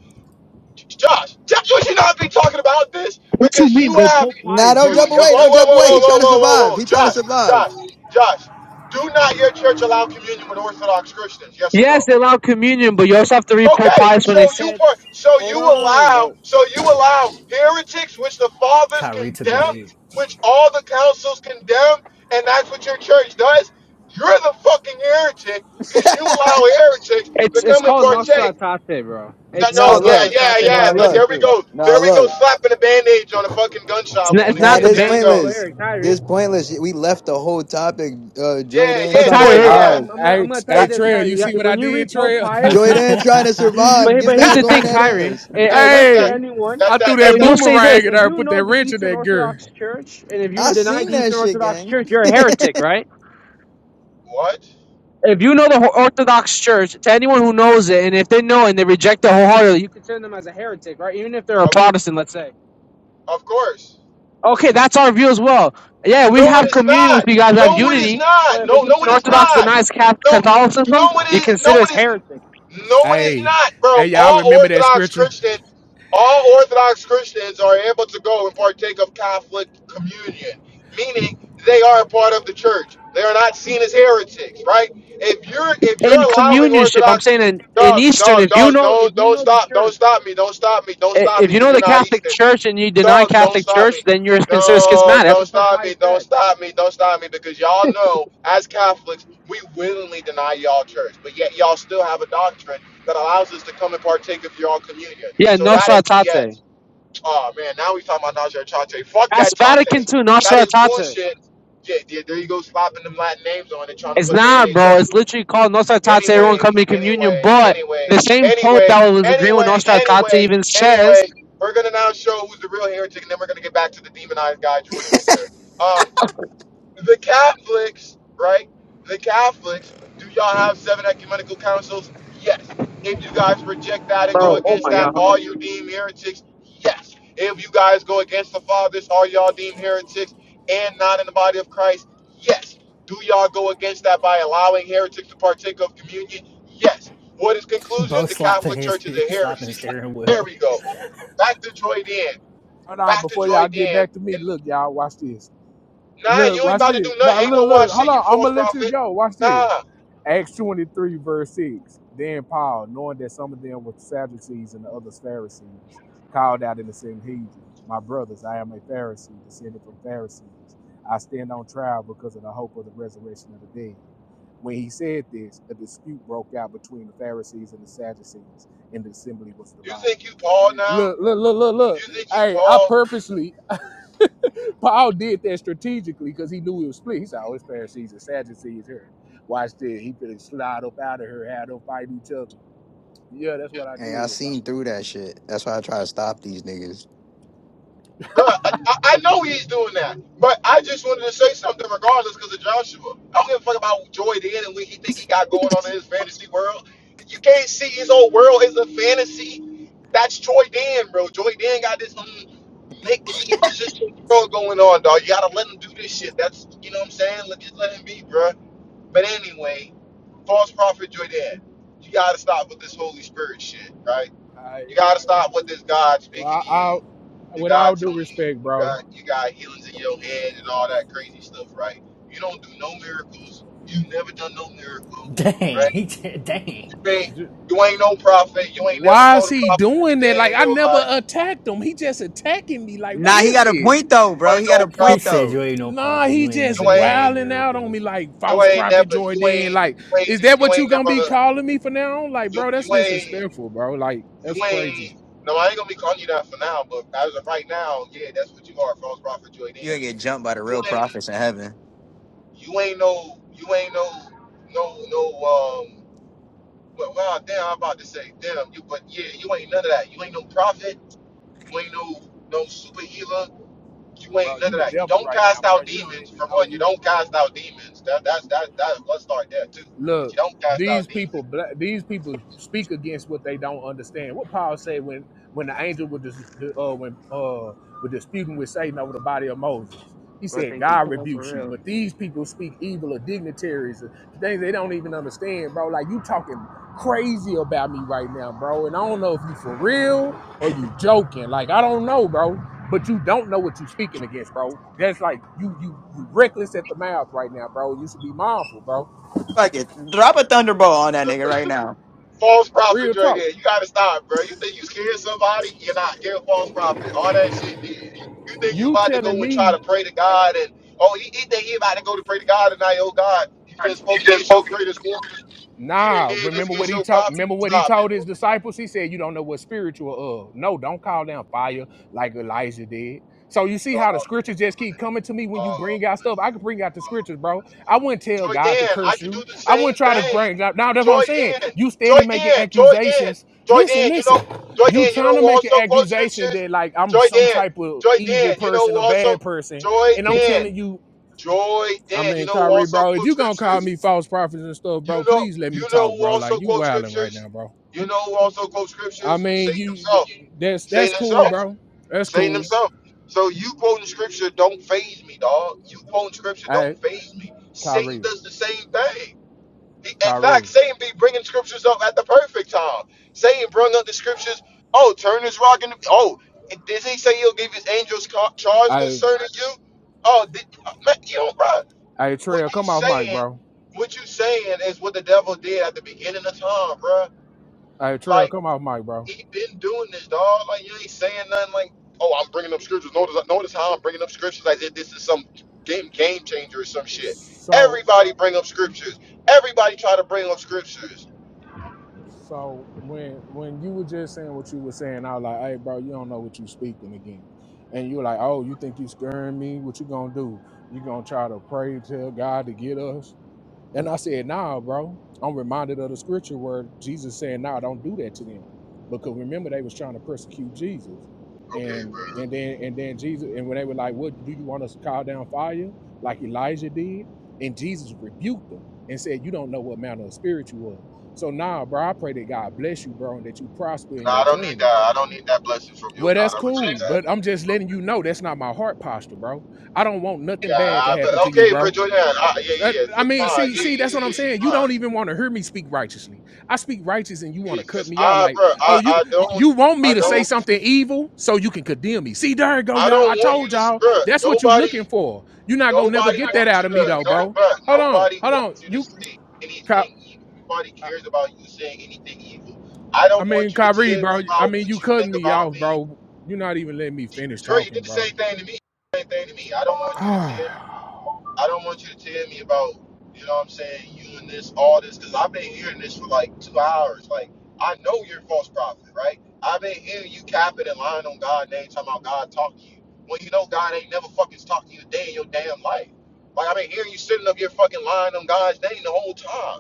Speaker 1: Josh, Josh, would you should not be talking about this?
Speaker 2: What you
Speaker 1: Because
Speaker 2: mean,
Speaker 1: you
Speaker 2: bro?
Speaker 1: have,
Speaker 2: Pope
Speaker 1: you,
Speaker 3: Nah,
Speaker 2: Pius,
Speaker 3: don't
Speaker 2: bro,
Speaker 1: whoa,
Speaker 3: jump
Speaker 2: ju- just
Speaker 3: away, don't
Speaker 2: read.
Speaker 1: whoa, whoa,
Speaker 3: jump away. He
Speaker 1: whoa, whoa,
Speaker 3: trying to
Speaker 1: whoa,
Speaker 3: survive.
Speaker 1: whoa, whoa,
Speaker 3: He trying to
Speaker 1: Josh,
Speaker 3: survive.
Speaker 1: Josh, Josh, do not your church allow communion with Orthodox Christians? Yes or
Speaker 2: Yes,
Speaker 1: no?
Speaker 2: they allow communion, but you also have to read Pope
Speaker 1: Okay,
Speaker 2: Pius when
Speaker 1: so
Speaker 2: they
Speaker 1: you
Speaker 2: said,
Speaker 1: per- so
Speaker 2: "Hold
Speaker 1: you
Speaker 2: on,
Speaker 1: allow
Speaker 2: bro."
Speaker 1: so you allow heretics, which the fathers
Speaker 4: Kyrie took the
Speaker 1: condemn,
Speaker 4: bait.
Speaker 1: which all the councils condemn, and that's what your church does. You're the fucking heretic
Speaker 3: [laughs]
Speaker 1: because you allow heretics to
Speaker 2: It's it's
Speaker 1: come and
Speaker 2: called Nostra
Speaker 1: partake.
Speaker 2: Aetate, bro.
Speaker 1: That
Speaker 2: It's
Speaker 1: no,
Speaker 3: nah,
Speaker 2: called
Speaker 1: yeah,
Speaker 3: look,
Speaker 2: Nostra
Speaker 1: yeah,
Speaker 2: Aetate
Speaker 3: nah,
Speaker 1: yeah. th-
Speaker 3: look,
Speaker 2: Vatican
Speaker 1: There we
Speaker 2: II.
Speaker 1: go.
Speaker 3: nah,
Speaker 1: There we go.
Speaker 3: look.
Speaker 1: Slapping a bandage on a fucking
Speaker 2: It's
Speaker 1: gunshot
Speaker 2: not,
Speaker 1: wound
Speaker 2: it's
Speaker 3: Nah,
Speaker 2: not
Speaker 1: again.
Speaker 2: the
Speaker 3: this
Speaker 1: There you
Speaker 2: bandit,
Speaker 1: go.
Speaker 2: but
Speaker 3: pointless.
Speaker 2: here,
Speaker 3: This
Speaker 2: Kyrie.
Speaker 3: pointless. We left the whole topic. Uh,
Speaker 1: Yeah,
Speaker 3: Joydan
Speaker 2: But
Speaker 1: yeah,
Speaker 3: trying to
Speaker 2: Kyrie,
Speaker 1: joy.
Speaker 2: here, bro,
Speaker 5: I,
Speaker 1: Yeah,
Speaker 3: survive.
Speaker 2: I'm, I'm, gonna,
Speaker 5: I,
Speaker 2: I'm gonna tell
Speaker 5: hey,
Speaker 2: you
Speaker 1: that.
Speaker 2: this,
Speaker 5: Trail, you
Speaker 2: Kyrie. Yeah,
Speaker 5: see what I
Speaker 2: When you
Speaker 5: did,
Speaker 2: read Pope
Speaker 5: Trail?
Speaker 2: Pius.
Speaker 3: Joydan trying to
Speaker 4: [laughs]
Speaker 2: But
Speaker 3: survive.
Speaker 2: he-
Speaker 3: Get
Speaker 2: but here's
Speaker 3: back
Speaker 2: the
Speaker 3: on
Speaker 2: thing,
Speaker 3: that
Speaker 2: Kyrie.
Speaker 3: ass.
Speaker 5: [laughs]
Speaker 2: It,
Speaker 1: Yeah,
Speaker 2: it
Speaker 1: that's
Speaker 2: works for
Speaker 1: that.
Speaker 5: hey,
Speaker 2: anyone.
Speaker 1: That's
Speaker 5: I threw
Speaker 1: that. That's
Speaker 5: that
Speaker 2: And
Speaker 1: that.
Speaker 2: you'll say this:
Speaker 5: boomerang at
Speaker 2: if
Speaker 5: her,
Speaker 2: you
Speaker 5: put
Speaker 2: know
Speaker 5: that
Speaker 2: the
Speaker 5: wrench in
Speaker 2: Eastern
Speaker 5: that girl.
Speaker 2: Orthodox Church, and if you were
Speaker 3: I
Speaker 2: denied
Speaker 3: seen
Speaker 2: the
Speaker 3: that
Speaker 2: Eastern
Speaker 3: shit,
Speaker 2: Orthodox
Speaker 3: gang.
Speaker 2: Church, you're a heretic, right?
Speaker 1: What?
Speaker 2: If you know the Ho- Orthodox Church, to anyone who knows it, and if they know it and they reject it wholeheartedly, you consider them as a heretic, right? Even if they're a
Speaker 1: Of,
Speaker 2: Protestant, let's say.
Speaker 1: of course.
Speaker 2: Okay, that's our view as well. Yeah, we
Speaker 1: No, it
Speaker 2: have
Speaker 1: is
Speaker 2: communion with
Speaker 1: not.
Speaker 2: you guys, we have
Speaker 1: No, it is
Speaker 2: unity.
Speaker 1: not.
Speaker 2: But if
Speaker 1: No,
Speaker 2: an
Speaker 1: no,
Speaker 2: Eastern
Speaker 1: it is
Speaker 2: Orthodox
Speaker 1: not.
Speaker 2: denies Cap-
Speaker 1: No, no,
Speaker 2: Catholicism,
Speaker 1: it
Speaker 2: you
Speaker 1: is. No,
Speaker 2: consider as
Speaker 1: it is.
Speaker 2: heretic.
Speaker 1: No, it is
Speaker 5: Hey,
Speaker 1: not,
Speaker 5: hey,
Speaker 1: bro.
Speaker 5: y'all
Speaker 1: All
Speaker 5: remember that
Speaker 1: Orthodox
Speaker 5: scripture?
Speaker 1: Christians, all Orthodox Christians are able to go and partake of Catholic communion, meaning they are a part of the church. They are not seen as heretics, right? If you're if you're
Speaker 2: In
Speaker 1: allowing
Speaker 2: communionship, I'm
Speaker 1: Orthodox
Speaker 2: saying in, in
Speaker 1: dog,
Speaker 2: Eastern,
Speaker 1: dog,
Speaker 2: if you
Speaker 1: dog,
Speaker 2: know if
Speaker 1: don't
Speaker 2: you
Speaker 1: don't
Speaker 2: know the
Speaker 1: stop,
Speaker 2: Church.
Speaker 1: don't stop me, don't stop me, don't
Speaker 2: i-
Speaker 1: stop
Speaker 2: if
Speaker 1: me,
Speaker 2: you
Speaker 1: because
Speaker 2: know
Speaker 1: you're
Speaker 2: the
Speaker 1: not
Speaker 2: Catholic
Speaker 1: Eastern.
Speaker 2: Church and you deny
Speaker 1: Dog, don't
Speaker 2: Catholic
Speaker 1: stop
Speaker 2: Church,
Speaker 1: me.
Speaker 2: then you're considered
Speaker 1: No,
Speaker 2: schismatic. That's
Speaker 1: don't
Speaker 2: what Pope
Speaker 1: stop me.
Speaker 2: Pius
Speaker 1: Don't
Speaker 2: said.
Speaker 1: stop me. Don't stop me. Because y'all know, as Catholics, we willingly deny y'all church, but yet y'all still have a doctrine that allows us to come and partake of y'all communion.
Speaker 2: Yeah,
Speaker 1: So that
Speaker 2: Nostra
Speaker 1: is
Speaker 2: Aetate.
Speaker 1: BS. Oh man, now we talking about Najee Tate. Fuck
Speaker 2: That's
Speaker 1: that
Speaker 2: Vatican
Speaker 1: Tate.
Speaker 2: II,
Speaker 1: That
Speaker 2: Nostra
Speaker 1: is
Speaker 2: Aetate.
Speaker 1: bullshit. Yeah, yeah, there you go, slapping them Latin names on it, trying to
Speaker 2: It's
Speaker 1: put a
Speaker 2: not,
Speaker 1: bandage
Speaker 2: bro.
Speaker 1: on
Speaker 2: It's literally called Nostra Aetate, everyone
Speaker 1: anyway,
Speaker 2: coming to communion.
Speaker 1: anyway,
Speaker 2: But the
Speaker 1: anyway,
Speaker 2: same Pope
Speaker 1: anyway,
Speaker 2: that was agreeing with
Speaker 1: anyway,
Speaker 2: Nostra Aetate
Speaker 1: anyway,
Speaker 2: even says,
Speaker 1: anyway, we're gonna now show who's the real heretic, and then we're gonna get back to the demonized guy Jordan over there. Um, the Catholics, right? The Catholics, do y'all have seven ecumenical councils? Yes. If you guys reject that and go
Speaker 2: bro, oh
Speaker 1: against
Speaker 2: my
Speaker 1: that,
Speaker 2: God, hold
Speaker 1: all
Speaker 2: on.
Speaker 1: you deem heretics? Yes. If you guys go against the fathers, are y'all deemed heretics and not in the body of Christ? Yes. Do y'all go against that by allowing heretics to partake of communion? Yes. What is conclusion?
Speaker 4: bro
Speaker 1: The
Speaker 4: slapping
Speaker 1: Catholic
Speaker 4: his
Speaker 1: Church is
Speaker 4: he
Speaker 1: a
Speaker 4: slapping his
Speaker 1: heresy.
Speaker 4: steering
Speaker 1: There
Speaker 4: wheel.
Speaker 1: we go. Back to Joy Dan.
Speaker 5: Hold on,
Speaker 1: Back to
Speaker 5: before
Speaker 1: Joy
Speaker 5: y'all get
Speaker 1: Dan
Speaker 5: back to me,
Speaker 1: and
Speaker 5: look, y'all, watch this.
Speaker 1: Nah,
Speaker 5: Look,
Speaker 1: you ain't
Speaker 5: watch
Speaker 1: about to do
Speaker 5: this.
Speaker 1: nothing.
Speaker 5: Now,
Speaker 1: Ain't no
Speaker 5: look, look,
Speaker 1: watch
Speaker 5: hold
Speaker 1: shit, you
Speaker 5: on, I'm
Speaker 1: false
Speaker 5: gonna let you
Speaker 1: prophet.
Speaker 5: go. Watch this.
Speaker 1: Nah,
Speaker 5: Acts 23, verse 6. Then Paul, knowing that some of them were Sadducees and the others Pharisees, called out in the Sanhedrin, My brothers, I am a Pharisee, descended from Pharisees. I stand on trial because of the hope of the resurrection of the dead. When he said this, a dispute broke out between the Pharisees and the Sadducees, and the assembly was divided.
Speaker 1: nah.
Speaker 5: Look, look, look, look,
Speaker 1: You
Speaker 5: look. Hey, I
Speaker 1: know,
Speaker 5: purposely, [laughs] Paul did that strategically because he knew it was split. He said, "Oh, it's Pharisees and Sadducees here. Watch this. He finna slide up out of her, have them fight each other." Yeah, that's what I
Speaker 3: Hey, I
Speaker 5: did, bro.
Speaker 3: seen through that shit. That's why I try to stop these niggas.
Speaker 1: bruh, I, I I know he's doing that, but I just wanted to say something regardless because of Joshua. I don't give a fuck about Joy Dan and what he think he got going on in his fantasy world. You can't see his whole world is a fantasy. That's Joy Dan, bro. Joy Dan got this make believe shit world going on, dog. You gotta let him do this shit. That's you know what I'm saying. Let just let him be, bro. But anyway, false prophet Joydan, you gotta stop with this Holy Spirit shit, right?
Speaker 5: I,
Speaker 1: You gotta
Speaker 5: I,
Speaker 1: stop with this God
Speaker 5: well,
Speaker 1: speaking to
Speaker 5: I,
Speaker 1: you,
Speaker 5: I
Speaker 1: the
Speaker 5: with all
Speaker 1: God
Speaker 5: due
Speaker 1: telling you
Speaker 5: respect,
Speaker 1: you
Speaker 5: bro.
Speaker 1: got you got healings in your head and all that crazy stuff, right? You don't do no miracles. You never done no miracle,
Speaker 4: Dang,
Speaker 1: right?
Speaker 4: he [laughs] dang.
Speaker 1: You ain't
Speaker 5: j-
Speaker 1: you ain't no prophet. You ain't never
Speaker 5: Why is
Speaker 1: told a
Speaker 5: he
Speaker 1: prophet a
Speaker 5: doing that?
Speaker 1: day
Speaker 5: Like I
Speaker 1: your
Speaker 5: never
Speaker 1: life.
Speaker 5: attacked him. He just attacking me. Like what
Speaker 3: Nah, he
Speaker 5: is
Speaker 3: got a
Speaker 5: this?
Speaker 3: point though,
Speaker 1: You
Speaker 3: bro.
Speaker 1: ain't
Speaker 3: He got
Speaker 1: no
Speaker 3: a
Speaker 4: He
Speaker 3: point
Speaker 1: prophet.
Speaker 4: said you
Speaker 3: though.
Speaker 4: ain't no
Speaker 5: Nah,
Speaker 4: prophet.
Speaker 5: he
Speaker 4: You ain't
Speaker 5: just
Speaker 4: never
Speaker 1: You
Speaker 4: did no
Speaker 1: ain't
Speaker 5: wilding out on
Speaker 4: miracles.
Speaker 5: me like
Speaker 1: you
Speaker 5: false
Speaker 1: ain't
Speaker 5: prophet
Speaker 1: never you
Speaker 5: Jordan.
Speaker 1: ain't
Speaker 5: Like,
Speaker 1: you
Speaker 5: is that
Speaker 1: ain't, you
Speaker 5: what you
Speaker 1: ain't
Speaker 5: gonna be
Speaker 1: never
Speaker 5: calling me for now? on? Like,
Speaker 1: you,
Speaker 5: bro, that's
Speaker 1: you ain't
Speaker 5: disrespectful, bro. Like, that's
Speaker 1: You
Speaker 5: crazy.
Speaker 1: ain't. No, I ain't gonna be calling you that for now. But as of right now, yeah, that's what you are, false prophet
Speaker 3: You
Speaker 1: Joydan.
Speaker 3: ain't get jumped by the
Speaker 1: You
Speaker 3: real
Speaker 1: ain't.
Speaker 3: prophets in heaven.
Speaker 1: You ain't no. You ain't no. No. No. Um. Well, well, damn. I'm about to say damn. You. But yeah, you ain't none of that. You ain't no prophet. You ain't no. No super healer. You
Speaker 5: Bro,
Speaker 1: ain't none
Speaker 5: you
Speaker 1: of
Speaker 5: the
Speaker 1: that. You
Speaker 5: devil
Speaker 1: don't
Speaker 5: right now,
Speaker 1: cast
Speaker 5: bro.
Speaker 1: out
Speaker 5: You don't
Speaker 1: demons.
Speaker 5: even
Speaker 1: For
Speaker 5: know
Speaker 1: one, you
Speaker 5: you
Speaker 1: don't cast out demons. That. That's. That. That. Let's start there too. 'Cause
Speaker 5: look
Speaker 1: You don't cast out
Speaker 5: these
Speaker 1: demons.
Speaker 5: people these people speak against what they don't understand what paul said when when the angel was dis, uh, when uh was disputing with satan over the body of moses he
Speaker 3: Bro,
Speaker 5: said
Speaker 3: think he
Speaker 5: god
Speaker 3: coming for
Speaker 5: rebukes you
Speaker 3: real.
Speaker 5: but these people speak evil of dignitaries of things they don't even understand bro like you talking crazy about me right now bro and i don't know if you for real or you joking like i don't know bro but you don't know what you're speaking against, bro. That's like you you you reckless at the mouth right now, bro. You should be mindful, bro
Speaker 3: Fuck it. Drop a thunderbolt on that nigga right now.
Speaker 1: False prophet,
Speaker 5: Real
Speaker 1: right
Speaker 5: talk.
Speaker 1: There, you gotta stop, bro. You think you scared somebody? You're not. You're a false prophet. All that shit. Dude. You think you
Speaker 5: You
Speaker 1: about to go
Speaker 5: telling
Speaker 1: and try
Speaker 5: me,
Speaker 1: to pray to God and oh, he, he think he about to go to pray to God tonight? Oh God, you just spoke against your greatest glory. He didn't
Speaker 5: nah,
Speaker 1: did this
Speaker 5: remember what
Speaker 1: against
Speaker 5: he
Speaker 1: your
Speaker 5: taught,
Speaker 1: prophet.
Speaker 5: remember what he
Speaker 1: Stop it,
Speaker 5: told his
Speaker 1: bro.
Speaker 5: disciples? He said, You don't know what spiritual of. No, don't call down fire like Elijah did. So you see how the scriptures just keep coming to me
Speaker 1: Uh,
Speaker 5: when you
Speaker 1: uh,
Speaker 5: bring out stuff. I could bring out the scriptures, bro. I wouldn't tell
Speaker 1: Joy
Speaker 5: God to
Speaker 1: Dan, I
Speaker 5: curse
Speaker 1: could
Speaker 5: you.
Speaker 1: do the
Speaker 5: I
Speaker 1: same
Speaker 5: wouldn't try to bring
Speaker 1: thing.
Speaker 5: now. now that's what I'm
Speaker 1: Joy
Speaker 5: saying.
Speaker 1: Dan,
Speaker 5: You
Speaker 1: Joy
Speaker 5: steady making
Speaker 1: Dan, Joy Dan,
Speaker 5: accusations.
Speaker 1: Joy
Speaker 5: Listen,
Speaker 1: Dan. You
Speaker 5: listen.
Speaker 1: know, Joy
Speaker 5: You
Speaker 1: Dan. You
Speaker 5: trying
Speaker 1: know
Speaker 5: to
Speaker 1: who
Speaker 5: make an
Speaker 1: also quotes
Speaker 5: accusation
Speaker 1: scriptures?
Speaker 5: that like I'm
Speaker 1: Joy
Speaker 5: some
Speaker 1: Dan,
Speaker 5: type of
Speaker 1: Joy
Speaker 5: evil
Speaker 1: Dan. You know
Speaker 5: person,
Speaker 1: who
Speaker 5: a bad
Speaker 1: also?
Speaker 5: person,
Speaker 1: Joy
Speaker 5: and I'm
Speaker 1: Dan.
Speaker 5: telling you
Speaker 1: Joy
Speaker 5: I
Speaker 1: and you
Speaker 5: mean,
Speaker 1: know who
Speaker 5: Kyrie,
Speaker 1: also
Speaker 5: bro, if
Speaker 1: quote
Speaker 5: you gonna call
Speaker 1: scriptures?
Speaker 5: me false prophets and stuff,
Speaker 1: You
Speaker 5: bro,
Speaker 1: know
Speaker 5: please let me
Speaker 1: you
Speaker 5: talk,
Speaker 1: know who
Speaker 5: bro.
Speaker 1: also
Speaker 5: Like you
Speaker 1: quote
Speaker 5: wilding right
Speaker 1: scriptures?
Speaker 5: now, bro.
Speaker 1: You know who also quote
Speaker 5: I
Speaker 1: scriptures?
Speaker 5: mean,
Speaker 1: Satan
Speaker 5: you
Speaker 1: himself.
Speaker 5: that's
Speaker 1: Satan
Speaker 5: that's
Speaker 1: himself.
Speaker 5: cool, bro. That's
Speaker 1: Satan
Speaker 5: cool.
Speaker 1: himself. So you quoting scripture don't phase me, dog. You quoting scripture
Speaker 5: Hey,
Speaker 1: don't phase me. Satan
Speaker 5: Kyrie,
Speaker 1: does the same thing. He- In fact,
Speaker 5: Kyrie.
Speaker 1: Satan be bringing scriptures up at the perfect time. Satan brung up the scriptures. Oh, turn this rock into. Oh, and did he say he'll give his angels ca- charge
Speaker 5: Hey,
Speaker 1: concerning you? Oh, did, man, you know, bro
Speaker 5: hey,
Speaker 1: what
Speaker 5: Trail,
Speaker 1: you
Speaker 5: come off mic,
Speaker 1: saying,
Speaker 5: bro.
Speaker 1: what you saying is what the devil did at the beginning of time, bruh.
Speaker 5: Hey, Trail,
Speaker 1: Like
Speaker 5: come off mic, bro.
Speaker 1: he been doing this, dog. Like you ain't saying nothing. Like, oh, I'm bringing up scriptures. Notice, notice how I'm bringing up scriptures as if this is some game game changer or some shit.
Speaker 5: So,
Speaker 1: Everybody bring up scriptures. Everybody try to bring up scriptures.
Speaker 5: so when when you were just saying what you were saying, I was like, hey, bro, you don't know what you speaking again. And you were like, oh, you think you scaring me? What you gonna do? You gonna try to pray, tell God to get us? And I said, nah, bro. I'm reminded of the scripture where Jesus said, nah, don't do that to them. Because remember they was trying to persecute Jesus. And and then and then Jesus and when they were like, What do you want us to call down fire? Like Elijah did. And Jesus rebuked them and said, You don't know what manner of spirit you are. So nah, bro, I pray that God bless you, bro, and that you prosper
Speaker 1: No,
Speaker 5: in
Speaker 1: I
Speaker 5: your
Speaker 1: don't need
Speaker 5: journey.
Speaker 1: that. I don't need that blessing from you,
Speaker 5: Well,
Speaker 1: God.
Speaker 5: that's
Speaker 1: I reject
Speaker 5: cool,
Speaker 1: that.
Speaker 5: but I'm just letting you know that's not my heart posture, bro. I don't want
Speaker 1: Yeah,
Speaker 5: nothing bad to
Speaker 1: I, but
Speaker 5: happen to you,
Speaker 1: okay, bro,
Speaker 5: bro.
Speaker 1: Jordan. I, yeah,
Speaker 5: That-
Speaker 1: yeah,
Speaker 5: I
Speaker 1: it's
Speaker 5: mean,
Speaker 1: fine.
Speaker 5: see,
Speaker 1: Yeah,
Speaker 5: see,
Speaker 1: yeah, yeah,
Speaker 5: that's what I'm
Speaker 1: yeah.
Speaker 5: saying. You don't
Speaker 1: fine.
Speaker 5: even want to hear me speak righteously. I speak righteous, and you want
Speaker 1: Yeah,
Speaker 5: to cut
Speaker 1: cause
Speaker 5: me out.
Speaker 1: I,
Speaker 5: Like,
Speaker 1: bro,
Speaker 5: oh,
Speaker 1: I,
Speaker 5: you
Speaker 1: I
Speaker 5: you
Speaker 1: don't,
Speaker 5: want me
Speaker 1: I
Speaker 5: to say
Speaker 1: don't.
Speaker 5: something evil so you can condemn me. See, there you go,
Speaker 1: I
Speaker 5: y'all.
Speaker 1: don't
Speaker 5: I
Speaker 1: want you
Speaker 5: told
Speaker 1: to,
Speaker 5: y'all.
Speaker 1: bruh,
Speaker 5: That's what you looking
Speaker 1: nobody,
Speaker 5: for. You're not gonna never
Speaker 1: nobody
Speaker 5: get that
Speaker 1: wants
Speaker 5: out
Speaker 1: you
Speaker 5: of me,
Speaker 1: to,
Speaker 5: though,
Speaker 1: no,
Speaker 5: bro.
Speaker 1: bruh,
Speaker 5: Hold on,
Speaker 1: nobody
Speaker 5: hold on.
Speaker 1: wants you to
Speaker 5: You,
Speaker 1: say
Speaker 5: Ky-
Speaker 1: anything evil. Nobody
Speaker 5: I
Speaker 1: cares about you saying anything evil. I
Speaker 5: I
Speaker 1: don't
Speaker 5: mean,
Speaker 1: want you to
Speaker 5: Kyrie,
Speaker 1: tell
Speaker 5: bro.
Speaker 1: me
Speaker 5: I
Speaker 1: about
Speaker 5: mean, you
Speaker 1: what you
Speaker 5: cutting
Speaker 1: think
Speaker 5: me
Speaker 1: about
Speaker 5: off,
Speaker 1: me.
Speaker 5: bro. You're not even letting me finish
Speaker 1: Dre, you
Speaker 5: talking,
Speaker 1: did the
Speaker 5: bro.
Speaker 1: same thing to me. Same thing to me. I don't want you to
Speaker 5: [sighs]
Speaker 1: tell. I don't want you to tell me about, you know what I'm saying, you and this, all this, because I've been hearing this for like two hours. Like, I know you're a false prophet, right? I've been hearing you capping and lying on God's name, talking about God talking to you. When you know God ain't never fucking talked to you a day in your damn life. Like, I've been hearing you sitting up here fucking lying on God's name the whole time.